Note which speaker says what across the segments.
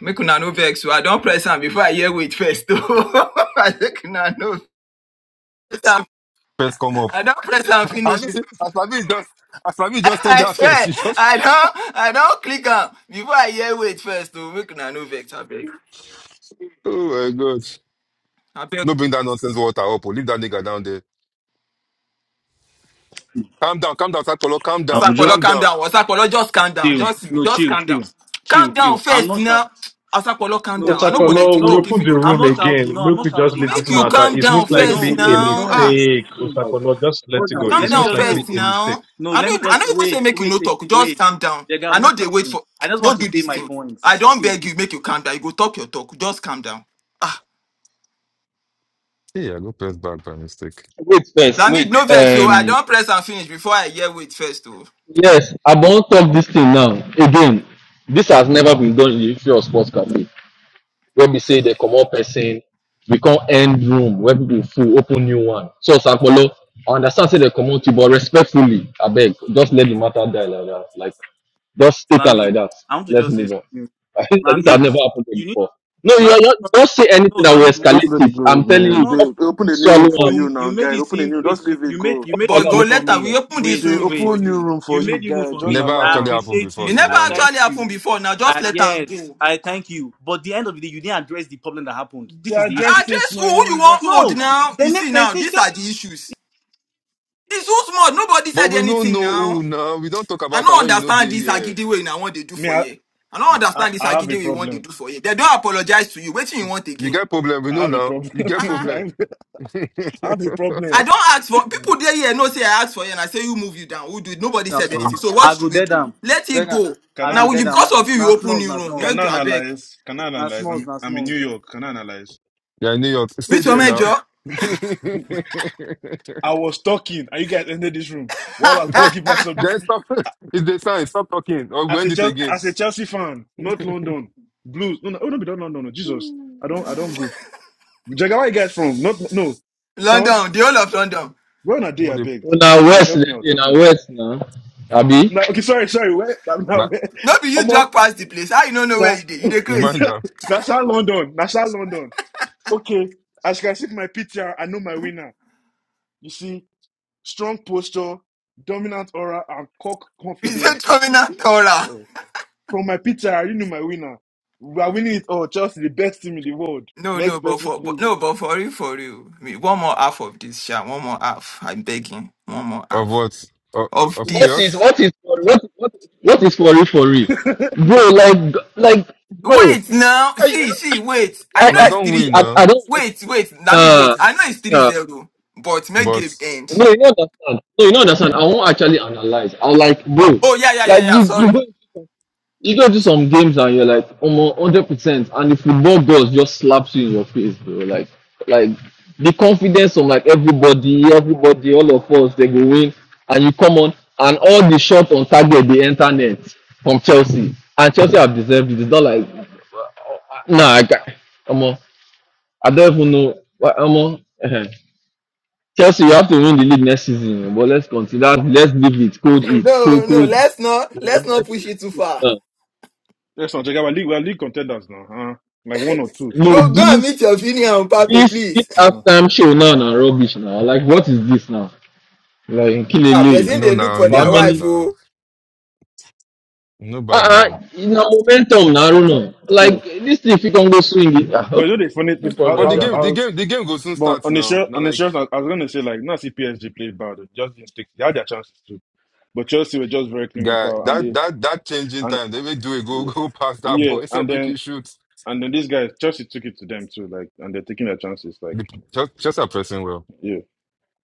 Speaker 1: Make una no vex. So I don't press am before I hear wait first. I make una no vex
Speaker 2: first come up.
Speaker 1: I don't press am
Speaker 2: I
Speaker 1: finish.
Speaker 2: know. See, Aslabi just Aslabi just talk
Speaker 1: I
Speaker 2: that first.
Speaker 1: swear,
Speaker 2: He just
Speaker 1: I don't, I don't click am before I hear wait first. So make una no vex. I beg,
Speaker 2: oh my god.
Speaker 1: I beg.
Speaker 2: No bring that nonsense water up. Or leave that nigga down there. Calm down, calm down, Sakpolo. Calm
Speaker 3: I
Speaker 2: down,
Speaker 3: will just
Speaker 1: Asakolo,
Speaker 2: calm
Speaker 1: calm
Speaker 2: down.
Speaker 1: down. Asakolo, just calm down.
Speaker 3: chill.
Speaker 1: Just,
Speaker 3: No,
Speaker 1: just
Speaker 3: chill,
Speaker 1: calm
Speaker 3: chill,
Speaker 1: down.
Speaker 3: chill,
Speaker 1: Calm down
Speaker 3: chill. I'm
Speaker 1: first
Speaker 3: not
Speaker 1: now.
Speaker 3: shouting.
Speaker 1: Asakolo, calm
Speaker 3: No,
Speaker 1: down. I no
Speaker 3: chill.
Speaker 1: go
Speaker 3: No,
Speaker 1: let
Speaker 4: Osakolo,
Speaker 1: you
Speaker 4: we
Speaker 1: talk
Speaker 3: no.
Speaker 1: if
Speaker 4: open
Speaker 1: you
Speaker 4: the
Speaker 1: don't
Speaker 3: I'm
Speaker 1: calm
Speaker 4: room
Speaker 3: not
Speaker 1: down.
Speaker 4: again.
Speaker 3: shouting. No, I'm
Speaker 4: Look,
Speaker 3: not
Speaker 4: we just
Speaker 3: shouting.
Speaker 4: leave
Speaker 3: I'm
Speaker 1: Make
Speaker 4: this
Speaker 1: you
Speaker 3: calm.
Speaker 4: matter.
Speaker 1: calm
Speaker 4: It's
Speaker 1: down
Speaker 4: most
Speaker 5: Yes,
Speaker 1: first
Speaker 4: likely
Speaker 3: No,
Speaker 4: a
Speaker 5: yes,
Speaker 1: now.
Speaker 3: no,
Speaker 1: Ah.
Speaker 5: yes.
Speaker 4: mistake.
Speaker 5: You know,
Speaker 4: Osakolo, just let
Speaker 5: we're
Speaker 4: it
Speaker 5: not,
Speaker 4: go.
Speaker 3: no.
Speaker 1: Calm
Speaker 3: Let
Speaker 4: It's
Speaker 3: me
Speaker 1: down
Speaker 4: most
Speaker 3: just
Speaker 4: likely
Speaker 1: first
Speaker 3: no,
Speaker 4: a mistake.
Speaker 1: now.
Speaker 3: no.
Speaker 1: I know
Speaker 3: Let me
Speaker 1: I know
Speaker 3: just
Speaker 1: even say
Speaker 3: wait,
Speaker 1: make you
Speaker 3: wait,
Speaker 1: no
Speaker 3: wait.
Speaker 1: talk. Just
Speaker 3: wait.
Speaker 1: calm down.
Speaker 3: Jega,
Speaker 1: I
Speaker 3: I'm
Speaker 1: know
Speaker 3: not
Speaker 1: they wait
Speaker 3: shouting.
Speaker 1: for
Speaker 3: I just want
Speaker 1: don't
Speaker 3: to
Speaker 1: do
Speaker 3: say
Speaker 1: this
Speaker 3: my
Speaker 1: thing. I
Speaker 3: points.
Speaker 1: don't
Speaker 3: Chill.
Speaker 1: beg you, make you calm down. You go talk your talk. Just calm down. Ah.
Speaker 2: Yeah, I go press back by mistake.
Speaker 6: wait first
Speaker 1: Lamid, no
Speaker 6: wait
Speaker 1: vex, so I
Speaker 6: um
Speaker 1: don't press and finish before I hear wait first. Oh.
Speaker 6: yes i won't talk this thing now again this has never been done in the history of sports cafe wey we say they comot person we come end room where people full open new one so sankpolo i understand say they comot you but respectfully I beg, just let the matter die like that like just take am
Speaker 3: Lamid,
Speaker 6: like that
Speaker 3: I want to
Speaker 6: let's
Speaker 3: just say
Speaker 6: move on
Speaker 3: something.
Speaker 6: this has
Speaker 3: Lamid,
Speaker 6: never happened
Speaker 3: you need
Speaker 6: before no you
Speaker 3: Lamid.
Speaker 6: are not. don't say anything
Speaker 3: No,
Speaker 6: that will
Speaker 3: Lamid,
Speaker 7: Just
Speaker 3: wait.
Speaker 6: escalate
Speaker 7: let it
Speaker 6: it
Speaker 7: go,
Speaker 6: i'm telling
Speaker 3: Do
Speaker 6: you
Speaker 7: man. They
Speaker 3: not.
Speaker 6: just
Speaker 7: open a new
Speaker 6: swallow
Speaker 7: room for
Speaker 6: am
Speaker 7: you
Speaker 3: you you
Speaker 7: now,
Speaker 3: made
Speaker 7: guy.
Speaker 3: it
Speaker 7: Open a
Speaker 3: seem
Speaker 7: new.
Speaker 3: wait
Speaker 7: Just
Speaker 3: you,
Speaker 7: leave
Speaker 3: you
Speaker 7: it
Speaker 3: made
Speaker 7: go.
Speaker 3: you
Speaker 6: just
Speaker 3: made the
Speaker 1: But
Speaker 6: swallow
Speaker 3: room
Speaker 1: go
Speaker 3: for
Speaker 1: later.
Speaker 6: am
Speaker 1: We
Speaker 3: me
Speaker 1: open this
Speaker 3: wait
Speaker 7: They
Speaker 1: room
Speaker 3: wait
Speaker 1: for
Speaker 7: open new
Speaker 1: you.
Speaker 7: room for
Speaker 3: you
Speaker 7: you,
Speaker 3: made the room
Speaker 7: guy.
Speaker 3: for
Speaker 2: It
Speaker 7: Just
Speaker 3: me
Speaker 2: never
Speaker 3: i
Speaker 2: actually
Speaker 7: allow them.
Speaker 2: happened
Speaker 3: appreciate
Speaker 2: before,
Speaker 1: It
Speaker 3: you
Speaker 2: to
Speaker 1: never
Speaker 2: be
Speaker 3: i thank
Speaker 1: actually
Speaker 2: honest.
Speaker 3: you
Speaker 1: happened before. Now just
Speaker 3: I,
Speaker 1: let am
Speaker 3: yes
Speaker 1: go.
Speaker 3: i thank you but the end of the day you didn't address the problem that happened
Speaker 7: They
Speaker 3: this is the issue
Speaker 7: addressed it,
Speaker 1: Address who you
Speaker 7: man. That-
Speaker 1: want old
Speaker 3: no
Speaker 1: now.
Speaker 3: the
Speaker 1: You see
Speaker 3: next time you
Speaker 1: now,
Speaker 3: say
Speaker 1: these
Speaker 3: "Tell-"
Speaker 1: are the issues. It's who's small. Nobody
Speaker 2: But
Speaker 1: said
Speaker 2: we don't
Speaker 1: anything
Speaker 2: know who
Speaker 1: now.
Speaker 2: now. We don't talk
Speaker 1: I
Speaker 2: about
Speaker 1: don't
Speaker 2: them when you know
Speaker 1: understand
Speaker 2: they
Speaker 1: this
Speaker 2: here.
Speaker 1: agide way I want to do
Speaker 7: Me,
Speaker 1: for
Speaker 7: I,
Speaker 1: you. I don't
Speaker 7: I,
Speaker 1: understand this
Speaker 7: I have
Speaker 1: agide
Speaker 7: a
Speaker 1: way you want to
Speaker 7: problem.
Speaker 1: do for you. They don't apologize to you. Wait till you want
Speaker 2: You
Speaker 1: again.
Speaker 2: get problem, we
Speaker 7: I
Speaker 2: no
Speaker 7: have
Speaker 2: know
Speaker 7: a
Speaker 2: now.
Speaker 7: problem.
Speaker 2: You get
Speaker 1: Uh-uh.
Speaker 2: problem.
Speaker 7: I have a
Speaker 1: I
Speaker 7: problem.
Speaker 1: don't ask for people there here No, say I ask for you and I say you move you down. Who do it? Nobody
Speaker 3: Now,
Speaker 1: said
Speaker 2: We-
Speaker 1: anything.
Speaker 3: small.
Speaker 1: So what
Speaker 3: i go
Speaker 1: should we
Speaker 3: dead
Speaker 1: do?
Speaker 3: am
Speaker 1: Let it
Speaker 3: Dead am.
Speaker 1: go.
Speaker 7: Can
Speaker 3: i
Speaker 7: I,
Speaker 3: go
Speaker 1: Now you-
Speaker 3: dead
Speaker 1: because
Speaker 3: am
Speaker 1: of you, you
Speaker 3: na
Speaker 1: open
Speaker 3: smalls
Speaker 1: new
Speaker 3: na
Speaker 1: room.
Speaker 3: smalls
Speaker 7: can
Speaker 1: Make
Speaker 7: I
Speaker 1: I beg.
Speaker 7: analyze? Can I
Speaker 3: na
Speaker 7: analyze?
Speaker 3: smalls
Speaker 7: I'm,
Speaker 3: na
Speaker 7: I'm in New
Speaker 3: smalls
Speaker 7: York. Can I analyze?
Speaker 2: yeah, New York. Stay
Speaker 1: Which one
Speaker 2: there
Speaker 7: Yes.
Speaker 2: now.
Speaker 1: major?
Speaker 7: I was talking, and you guys entered this room while I was about to give my submission.
Speaker 2: then stop. It's the sign. Stop talking. Or we
Speaker 7: as a
Speaker 2: end it
Speaker 7: Chelsea,
Speaker 2: again.
Speaker 7: as a Chelsea fan, not London Blues. No, no, oh, no, be not London. No, no, Jesus, I don't, I don't go. Jaga, where you guys from? Not no South.
Speaker 1: London, the whole of London.
Speaker 7: Where on a day?
Speaker 2: What
Speaker 7: I
Speaker 2: the-
Speaker 7: beg,
Speaker 6: Now
Speaker 7: I beg,
Speaker 6: West,
Speaker 7: help me out,
Speaker 6: you
Speaker 7: help me
Speaker 6: know
Speaker 7: out.
Speaker 6: West now. Abi,
Speaker 7: No, okay, sorry, sorry. Where? I'm
Speaker 2: na-
Speaker 7: not where.
Speaker 1: No be you
Speaker 7: Omo,
Speaker 1: drag past the place. I you don't know where
Speaker 7: sir.
Speaker 1: you did. You the craze.
Speaker 2: reminder
Speaker 7: National London, National London. Okay, as you can see, from my PTR, I know my winner. You see, strong posture, dominant aura, and cock
Speaker 1: You say
Speaker 7: confidence.
Speaker 1: Chomina Tora.
Speaker 7: Uh, From my picture, I already knew my winner. We are winning it all. Chelsea, the best team in the world.
Speaker 1: No, no,
Speaker 7: Next
Speaker 1: but
Speaker 7: person,
Speaker 1: for but,
Speaker 7: please.
Speaker 1: no, but for you, for you. I mean, one more half of this, Sha. One more half. I'm begging. One more
Speaker 2: of
Speaker 1: half
Speaker 2: what? Of,
Speaker 1: of
Speaker 2: of
Speaker 6: what
Speaker 1: this.
Speaker 6: is
Speaker 2: chaos?
Speaker 6: what is for what what what is for real for real, bro? Like like bro,
Speaker 1: Wait now.
Speaker 6: I
Speaker 1: See, see, wait. I
Speaker 6: I,
Speaker 1: know
Speaker 2: Now,
Speaker 6: I
Speaker 1: it's
Speaker 2: don't
Speaker 1: three.
Speaker 6: see.
Speaker 2: win
Speaker 6: I, I
Speaker 2: now.
Speaker 6: don't watch-
Speaker 1: Wait, wait. Let me wait.
Speaker 6: nah
Speaker 1: I know it's three
Speaker 6: nah.
Speaker 1: zero, but make game
Speaker 2: But
Speaker 1: end.
Speaker 6: No, you don't understand. No, you don't understand. I won't actually analyze. I'll like bro,
Speaker 1: Oh yeah, yeah, yeah,
Speaker 6: like
Speaker 1: yeah.
Speaker 6: you you
Speaker 1: Sorry.
Speaker 6: go. You go to some games and you're like almost hundred percent, and the football gods just slaps you in your face, bro. Like, like the confidence of like everybody, everybody, all of us, they go win, and you come on, and all the shot on target the internet from Chelsea, and Chelsea have deserved it. It's not like, nah, I got, come on, I don't even know, what, come on. eh-heh. Chelsea, you have to win the league next season, but let's consider, let's leave it, cold it,
Speaker 1: No,
Speaker 6: cold,
Speaker 1: no,
Speaker 6: cold,
Speaker 1: let's not
Speaker 6: you
Speaker 1: let's
Speaker 6: know,
Speaker 1: not push
Speaker 6: everything
Speaker 1: it too
Speaker 6: is
Speaker 1: far.
Speaker 6: cold
Speaker 7: Let's not check out. we league, we're league contenders now. Uh, like one or two.
Speaker 6: now. No,
Speaker 1: Go go and
Speaker 6: this
Speaker 1: meet your Fini and Pape,
Speaker 6: This this
Speaker 1: please.
Speaker 7: Uh,
Speaker 6: halftime show now na rubbish now. Like what is this now? Like
Speaker 1: Ah,
Speaker 6: Nkilele.
Speaker 1: person
Speaker 2: no,
Speaker 1: they look
Speaker 2: now,
Speaker 1: for
Speaker 2: you
Speaker 6: For
Speaker 2: know
Speaker 6: how
Speaker 1: their
Speaker 2: bad
Speaker 1: wife,
Speaker 6: many
Speaker 2: now.
Speaker 1: oh.
Speaker 2: You know
Speaker 6: uh
Speaker 2: bad
Speaker 6: uh
Speaker 2: now.
Speaker 6: na momentum na Aruna.
Speaker 7: yeah.
Speaker 6: Like this thing fit come go swing it. Ah,
Speaker 7: But
Speaker 6: okay.
Speaker 7: you know the funny
Speaker 6: No
Speaker 7: thing, I,
Speaker 2: But
Speaker 6: problem,
Speaker 7: I,
Speaker 2: the
Speaker 6: yeah.
Speaker 2: game,
Speaker 7: I
Speaker 2: the
Speaker 7: was,
Speaker 2: game, the game goes soon
Speaker 7: but
Speaker 2: starts
Speaker 7: on the
Speaker 2: now.
Speaker 7: show,
Speaker 2: Now,
Speaker 7: on the
Speaker 2: like,
Speaker 7: show, I, I was gonna say like, not see PSG play bad. They just didn't take. They had their chances too, but Chelsea were just very
Speaker 2: guy,
Speaker 7: clinical, and
Speaker 2: that
Speaker 7: they
Speaker 2: that that changing
Speaker 7: and
Speaker 2: time, they will do it. Go
Speaker 7: yeah,
Speaker 2: go past that
Speaker 7: yeah,
Speaker 2: ball. Instead
Speaker 7: and
Speaker 2: of
Speaker 7: then
Speaker 2: making shoot,
Speaker 7: and then these guys Chelsea took it to them too, like, and they're taking their chances, like,
Speaker 2: The- just just are pressing well.
Speaker 7: yeah.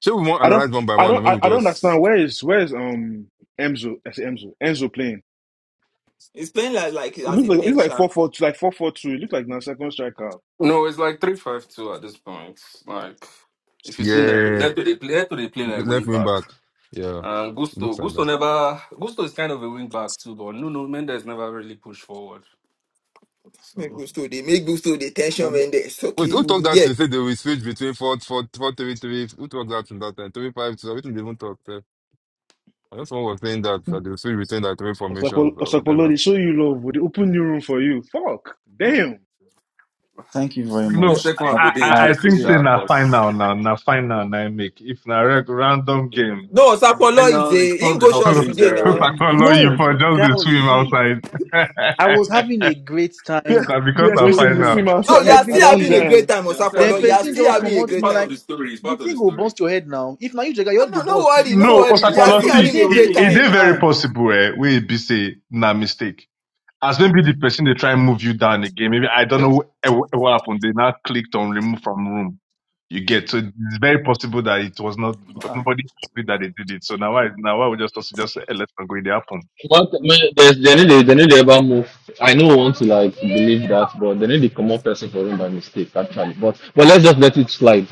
Speaker 2: So we want
Speaker 7: I don't,
Speaker 2: analyze one by
Speaker 7: I
Speaker 2: one. Or
Speaker 7: don't,
Speaker 2: maybe
Speaker 7: I,
Speaker 2: we
Speaker 7: I don't understand.
Speaker 2: just
Speaker 7: Where is where is um Enzo? I say Enzo. Enzo playing.
Speaker 1: It's playing like like
Speaker 7: It
Speaker 1: as
Speaker 7: looks
Speaker 1: a
Speaker 7: like it's
Speaker 1: tension.
Speaker 7: like four four two, like four four two. It looks like now second striker.
Speaker 8: No, it's like three five two at this point. Like if you see Neto,
Speaker 2: yeah.
Speaker 8: Neto they play Neto they play like
Speaker 2: Left
Speaker 8: wing
Speaker 2: wing
Speaker 8: back.
Speaker 2: back. Yeah.
Speaker 8: And Gusto
Speaker 2: Looks like
Speaker 8: Gusto
Speaker 2: that.
Speaker 8: never Gusto is kind of a wing back too, but Nuno Mendes never really pushed forward.
Speaker 1: Make
Speaker 8: So
Speaker 1: gusto, they make gusto the tension
Speaker 7: And
Speaker 1: when there's
Speaker 2: Wait, who talked that
Speaker 1: okay.
Speaker 2: thing? Say they will switch between 4, 4, 4, 3, 3. Who talked that in that time? Three, five, two. 5 2. I didn't even talk there. I know someone was saying that, that they will switch between that three formations
Speaker 7: Osakpo-
Speaker 2: or
Speaker 7: Osakpolo,
Speaker 2: whatever.
Speaker 7: they show you love. They open new room for you. Fuck, damn.
Speaker 3: Thank you very
Speaker 4: No,
Speaker 8: this
Speaker 3: much.
Speaker 8: second
Speaker 3: I,
Speaker 8: one
Speaker 4: I,
Speaker 8: would
Speaker 4: I,
Speaker 8: be
Speaker 3: I
Speaker 4: I
Speaker 8: interesting,
Speaker 4: think
Speaker 3: appreciate
Speaker 4: say
Speaker 3: it.
Speaker 8: Sha,
Speaker 4: na
Speaker 8: because
Speaker 4: final now, na final now I make. If na reg- random
Speaker 8: yeah.
Speaker 4: game,
Speaker 8: yeah.
Speaker 1: No,
Speaker 8: And The
Speaker 1: Osapolo is
Speaker 8: final his
Speaker 1: a in
Speaker 8: club is
Speaker 1: go
Speaker 8: up
Speaker 1: church
Speaker 8: three
Speaker 1: today
Speaker 4: Osakolo,
Speaker 8: zero. 0
Speaker 1: now.
Speaker 8: It's been
Speaker 4: you
Speaker 8: very
Speaker 3: No,
Speaker 4: for
Speaker 8: nice for
Speaker 4: just the
Speaker 8: now.
Speaker 3: girls,
Speaker 4: swim
Speaker 3: see,
Speaker 4: outside,
Speaker 3: I was having a great time,
Speaker 4: na because na
Speaker 7: BSP
Speaker 3: good
Speaker 7: says you see
Speaker 4: final.
Speaker 7: me
Speaker 3: mood,
Speaker 1: No, you
Speaker 7: outside.
Speaker 1: are
Speaker 7: I
Speaker 1: still
Speaker 7: don't
Speaker 1: having a
Speaker 3: everything.
Speaker 1: great
Speaker 7: die.
Speaker 1: time,
Speaker 8: Yeah, I'm still
Speaker 3: Then
Speaker 1: Osapolo. You
Speaker 8: having a
Speaker 1: are
Speaker 3: person
Speaker 8: great
Speaker 1: still
Speaker 3: just
Speaker 1: having
Speaker 8: time.
Speaker 1: a
Speaker 3: promotes
Speaker 8: It's
Speaker 1: great
Speaker 3: me
Speaker 8: part of
Speaker 3: like
Speaker 8: the
Speaker 1: time.
Speaker 8: story, it's
Speaker 3: the
Speaker 8: part of the
Speaker 3: thing go
Speaker 8: story.
Speaker 3: bounce your head now. If now you jagger, your
Speaker 1: No,
Speaker 3: head go
Speaker 1: no, no
Speaker 3: bounce too.
Speaker 1: worry, no
Speaker 4: No,
Speaker 1: worry.
Speaker 8: It's
Speaker 1: You are
Speaker 4: Osakolo,
Speaker 8: part of
Speaker 1: still
Speaker 8: the
Speaker 3: It,
Speaker 4: see,
Speaker 3: it
Speaker 1: having a
Speaker 3: didn't
Speaker 4: it,
Speaker 1: great
Speaker 3: to
Speaker 4: it
Speaker 3: say
Speaker 1: time.
Speaker 8: story.
Speaker 4: is very
Speaker 3: calm.
Speaker 4: possible eh, we be say na mistake. As maybe the person they try and move you down again. Maybe I don't know wh- wh- what happened. They now clicked on remove from room. You get so it's very possible that it was not because
Speaker 3: Ah,
Speaker 4: nobody agreed that they did it. So now I now I would just also just say, "Eh, let's not go in the happen.
Speaker 6: But man, there's they need to- they need to ever move. I know want to like believe that, but they need to come up person for him by mistake actually. But but let's just let it slide.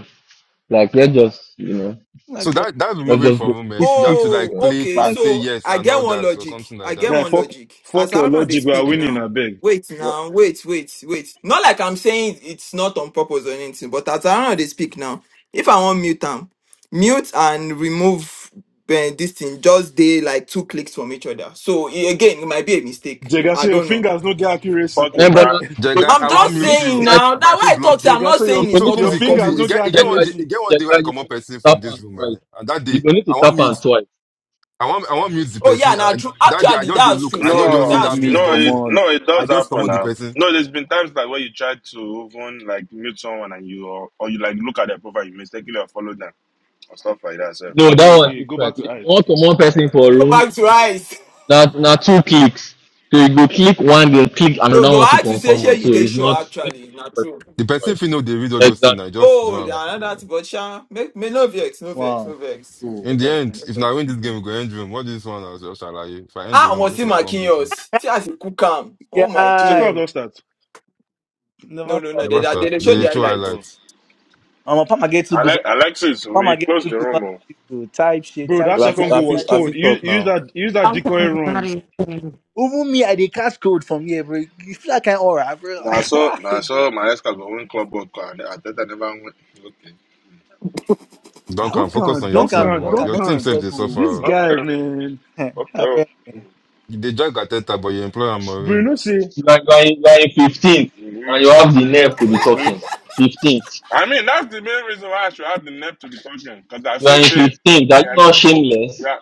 Speaker 6: Like let's just you know
Speaker 2: So
Speaker 3: like but
Speaker 2: that that's
Speaker 6: let's
Speaker 2: removing
Speaker 6: just
Speaker 2: from
Speaker 6: go.
Speaker 2: movement.
Speaker 3: if
Speaker 2: You have
Speaker 3: if
Speaker 2: to like
Speaker 1: Oh,
Speaker 2: click
Speaker 1: okay.
Speaker 2: and say
Speaker 3: like
Speaker 1: So
Speaker 2: yes
Speaker 1: I
Speaker 2: and
Speaker 1: get
Speaker 2: all
Speaker 1: one
Speaker 2: that or
Speaker 1: logic.
Speaker 2: something
Speaker 1: I
Speaker 2: like
Speaker 1: get
Speaker 2: that.
Speaker 7: Guy,
Speaker 1: one
Speaker 7: fuck,
Speaker 1: logic. As
Speaker 7: fuck your
Speaker 1: I know they
Speaker 7: logic. We are
Speaker 1: speak
Speaker 7: winning.
Speaker 1: now.
Speaker 7: I beg.
Speaker 1: Wait now, wait, wait, wait. Not like I'm saying it's not on purpose or anything, but as I know they speak now. If I want mute them, mute and remove eh, this thing, just they like two clicks from each other. So eh, again, it might be a mistake.
Speaker 7: Jega,
Speaker 1: I
Speaker 7: so your
Speaker 1: don't know.
Speaker 7: fingers no get accuracy.
Speaker 9: Fuck you,
Speaker 6: And but
Speaker 7: So
Speaker 9: bro.
Speaker 6: now, you
Speaker 2: The
Speaker 6: go
Speaker 2: guy,
Speaker 6: need
Speaker 1: I'm
Speaker 6: to
Speaker 2: I want
Speaker 1: just
Speaker 6: you go need
Speaker 2: mute
Speaker 6: to
Speaker 1: saying
Speaker 2: you,
Speaker 6: type
Speaker 1: now. That's
Speaker 2: but I
Speaker 1: why
Speaker 2: feel
Speaker 1: I
Speaker 6: you
Speaker 1: thought
Speaker 2: block
Speaker 1: say
Speaker 2: you.
Speaker 1: I'm
Speaker 7: Jega,
Speaker 1: not
Speaker 7: so your
Speaker 1: saying
Speaker 6: go
Speaker 1: it's
Speaker 2: So
Speaker 6: need to you go need
Speaker 1: not
Speaker 6: to
Speaker 7: your
Speaker 2: Kumzi,
Speaker 1: on
Speaker 7: fingers
Speaker 2: Kumzi, you
Speaker 7: no
Speaker 1: purpose.
Speaker 2: get
Speaker 7: get
Speaker 2: you get one
Speaker 6: jaga
Speaker 2: day,
Speaker 6: you
Speaker 2: you
Speaker 6: go
Speaker 7: accuracy.
Speaker 2: get one day
Speaker 6: jaga
Speaker 2: where I
Speaker 6: you
Speaker 2: come
Speaker 6: go
Speaker 2: up
Speaker 6: need to
Speaker 2: person
Speaker 6: tap
Speaker 2: from
Speaker 6: am
Speaker 2: this room,
Speaker 6: twice.
Speaker 2: right? And that
Speaker 6: you
Speaker 2: day,
Speaker 6: go need to
Speaker 2: I
Speaker 6: tap
Speaker 2: want
Speaker 6: am
Speaker 2: mute.
Speaker 6: twice.
Speaker 2: I want I want mute the
Speaker 1: Oh
Speaker 2: person.
Speaker 1: yeah, now
Speaker 2: And
Speaker 1: true.
Speaker 2: I, that day I
Speaker 1: Actually,
Speaker 2: just dey
Speaker 1: that's
Speaker 2: look.
Speaker 1: true,
Speaker 2: I know
Speaker 3: he
Speaker 1: Seth.
Speaker 2: just see
Speaker 9: No,
Speaker 3: move
Speaker 1: That's
Speaker 2: that
Speaker 3: me,
Speaker 2: mute
Speaker 1: true.
Speaker 9: no,
Speaker 3: come
Speaker 9: it
Speaker 2: button.
Speaker 3: on.
Speaker 9: no, it
Speaker 2: I
Speaker 9: does
Speaker 2: just come
Speaker 9: happen
Speaker 2: out the
Speaker 9: now.
Speaker 2: person.
Speaker 9: No, there's been times like where you try to even like mute someone and you or, or you like look at their profile, you mistakenly or follow them or stuff like that. So,
Speaker 6: No, that
Speaker 7: Hey,
Speaker 6: one
Speaker 7: hey, go
Speaker 6: different.
Speaker 7: back to
Speaker 6: If you
Speaker 7: ice.
Speaker 6: want comot person for
Speaker 1: Go
Speaker 6: room,
Speaker 1: back to eyes.
Speaker 6: that na two clicks. So you go click one, then click
Speaker 1: Well,
Speaker 6: another
Speaker 1: go
Speaker 6: one to
Speaker 1: ask you say
Speaker 6: confirm
Speaker 1: shey
Speaker 6: am. So
Speaker 1: you dey
Speaker 6: it's not
Speaker 1: sure
Speaker 6: you need
Speaker 1: actually, na
Speaker 6: to comot person
Speaker 1: true.
Speaker 2: The person
Speaker 6: twice.
Speaker 2: feel know they read all those things. I
Speaker 6: Exactly.
Speaker 2: just do
Speaker 1: Oh,
Speaker 6: Yes.
Speaker 2: am. Yeah.
Speaker 1: another thing, but sha, make me no vex, no vex,
Speaker 3: Wow.
Speaker 1: no vex.
Speaker 3: Cool.
Speaker 1: No
Speaker 2: In the
Speaker 1: vex, no
Speaker 2: end, if
Speaker 1: vex.
Speaker 2: I win this game, we go end room. What this one as just shall I? If I end the
Speaker 1: Ah,
Speaker 2: room,
Speaker 1: omo
Speaker 2: look
Speaker 1: see
Speaker 2: like
Speaker 1: my
Speaker 2: I can't beat me.
Speaker 1: kinyos. See as you cook am. Oh my
Speaker 7: Check out
Speaker 1: day.
Speaker 3: Guy.
Speaker 7: those stats.
Speaker 1: No,
Speaker 3: Never
Speaker 1: no,
Speaker 3: saw
Speaker 1: no, they,
Speaker 2: Never
Speaker 3: my
Speaker 1: they,
Speaker 2: start.
Speaker 1: they
Speaker 3: highlights in
Speaker 1: show
Speaker 2: They
Speaker 1: the
Speaker 2: show
Speaker 3: this.
Speaker 1: highlights.
Speaker 7: Oh.
Speaker 2: highlights.
Speaker 3: Um, Pama get two goals.
Speaker 9: Ale- Alexis,
Speaker 3: Pama
Speaker 9: we
Speaker 3: get
Speaker 9: close
Speaker 3: two
Speaker 9: the
Speaker 3: goals.
Speaker 9: room. Oh.
Speaker 3: To type shit,
Speaker 7: Bro,
Speaker 3: type
Speaker 10: I
Speaker 7: that
Speaker 3: shit,
Speaker 10: Rafi,
Speaker 7: second
Speaker 3: type
Speaker 7: goal
Speaker 3: shit,
Speaker 10: I
Speaker 7: was
Speaker 3: type shit.
Speaker 7: cold.
Speaker 10: Rafi
Speaker 7: Use,
Speaker 10: talk
Speaker 7: use
Speaker 10: now.
Speaker 7: that use that
Speaker 11: Okay,
Speaker 7: decoy run.
Speaker 11: everybody. um,
Speaker 3: Even me, I dey catch code from here, bro. You feel like an aura, bro.
Speaker 9: Nah, so nah,
Speaker 3: Like, God.
Speaker 9: so my ex got one club book and I thought I never went.
Speaker 2: Don't come. Focus
Speaker 7: Duncan,
Speaker 2: on your
Speaker 3: Don't can,
Speaker 2: team.
Speaker 9: Okay, okay,
Speaker 7: Duncan,
Speaker 2: Oh.
Speaker 3: don't can,
Speaker 2: Your
Speaker 3: not
Speaker 2: team
Speaker 7: Duncan.
Speaker 2: saves
Speaker 3: talk.
Speaker 2: they suffer.
Speaker 3: oh.
Speaker 7: This
Speaker 2: oh.
Speaker 7: guy,
Speaker 9: okay,
Speaker 7: man.
Speaker 3: Ah,
Speaker 9: okay.
Speaker 3: bro.
Speaker 2: They drag Ateta, but you employ Amorim.
Speaker 7: Bruno say,
Speaker 6: You are, you are in, you are in 15th, and you have
Speaker 9: Mm-hmm.
Speaker 6: the nerve to be
Speaker 9: Mm-hmm.
Speaker 6: talking. 15th.
Speaker 9: I mean, that's the main reason why I should have the nerve to be talking because I've
Speaker 6: You are
Speaker 9: seen
Speaker 6: in
Speaker 9: pain.
Speaker 6: 15th. Are you
Speaker 9: And
Speaker 6: not shameless?
Speaker 9: yeah,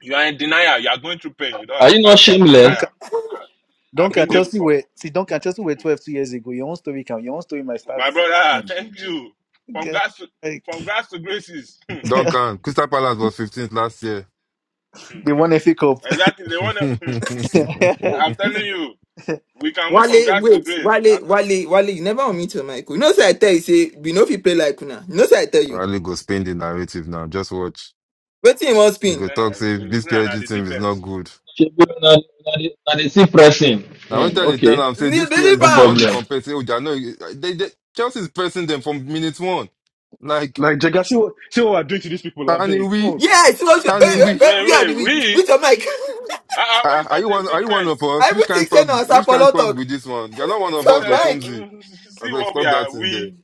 Speaker 9: You are in denial. You are going through pain. You don't
Speaker 6: Are you not
Speaker 9: understand. You are in
Speaker 6: shameless?
Speaker 9: denial. I, I've
Speaker 3: Dunk
Speaker 9: been
Speaker 3: and
Speaker 9: there
Speaker 3: Chelsea
Speaker 9: before.
Speaker 3: were see Dunk and Chelsea were twelve two years ago. Your own story can your own story might start.
Speaker 9: My brother, ah, thank you. From
Speaker 3: Girl,
Speaker 9: grass to,
Speaker 3: like,
Speaker 9: from grass to graces.
Speaker 2: Don't come. Crystal Palace was 15th last year.
Speaker 3: they won FA Cup.
Speaker 9: exactly. They want to. I'm telling you, we can move from
Speaker 1: Wale,
Speaker 9: grass to
Speaker 1: wait,
Speaker 9: grace.
Speaker 1: Wale,
Speaker 9: I-
Speaker 1: Wale, Wale, you never unmute your mic. You know say I tell you say we no fit play like una. You know say I tell you.
Speaker 2: Riley go spin the narrative now. Just watch.
Speaker 1: Wetin you wan
Speaker 9: It
Speaker 2: He
Speaker 9: was
Speaker 2: go
Speaker 1: spin?
Speaker 9: saying,
Speaker 2: talk
Speaker 9: I-
Speaker 2: say
Speaker 9: it was
Speaker 2: this
Speaker 9: saying I the
Speaker 2: PSG team is not
Speaker 9: defense.
Speaker 2: good.
Speaker 6: Shebu, na na the na the sick person.
Speaker 2: Now when
Speaker 6: Hmm,
Speaker 2: they tell
Speaker 6: okay,
Speaker 2: am say
Speaker 1: Need
Speaker 2: this
Speaker 1: believe
Speaker 2: PSG,
Speaker 6: no
Speaker 2: you want
Speaker 1: am.
Speaker 2: to
Speaker 6: problem.
Speaker 2: compare? Say oh, they are not. They, they, Chelsea is pressing them from minute one. Like
Speaker 7: like Jaga, see what see what I doing to these people, I
Speaker 2: Tani
Speaker 7: beg.
Speaker 2: we,
Speaker 7: Fuck.
Speaker 1: Yes, what you, eh,
Speaker 2: Tani
Speaker 1: eh,
Speaker 2: we.
Speaker 1: eh,
Speaker 9: Wait,
Speaker 1: we are the
Speaker 9: wait,
Speaker 1: weak.
Speaker 9: we?
Speaker 1: With your mic.
Speaker 9: Uh, when you
Speaker 2: Are are
Speaker 9: start
Speaker 2: you
Speaker 9: to
Speaker 2: one? Are
Speaker 9: speak
Speaker 2: you one
Speaker 9: French,
Speaker 2: of us? Which
Speaker 1: Everything
Speaker 2: kind
Speaker 1: say
Speaker 2: talk?
Speaker 1: na
Speaker 2: Which kind
Speaker 1: sapolo
Speaker 2: talk
Speaker 1: talk.
Speaker 2: with this one? You're not one
Speaker 1: With
Speaker 2: of
Speaker 9: Once
Speaker 2: us,
Speaker 1: your
Speaker 9: I-
Speaker 1: mic.
Speaker 2: Okumzi. I
Speaker 9: see
Speaker 2: like
Speaker 9: what we
Speaker 2: stop that
Speaker 9: are.
Speaker 2: in there.
Speaker 9: We?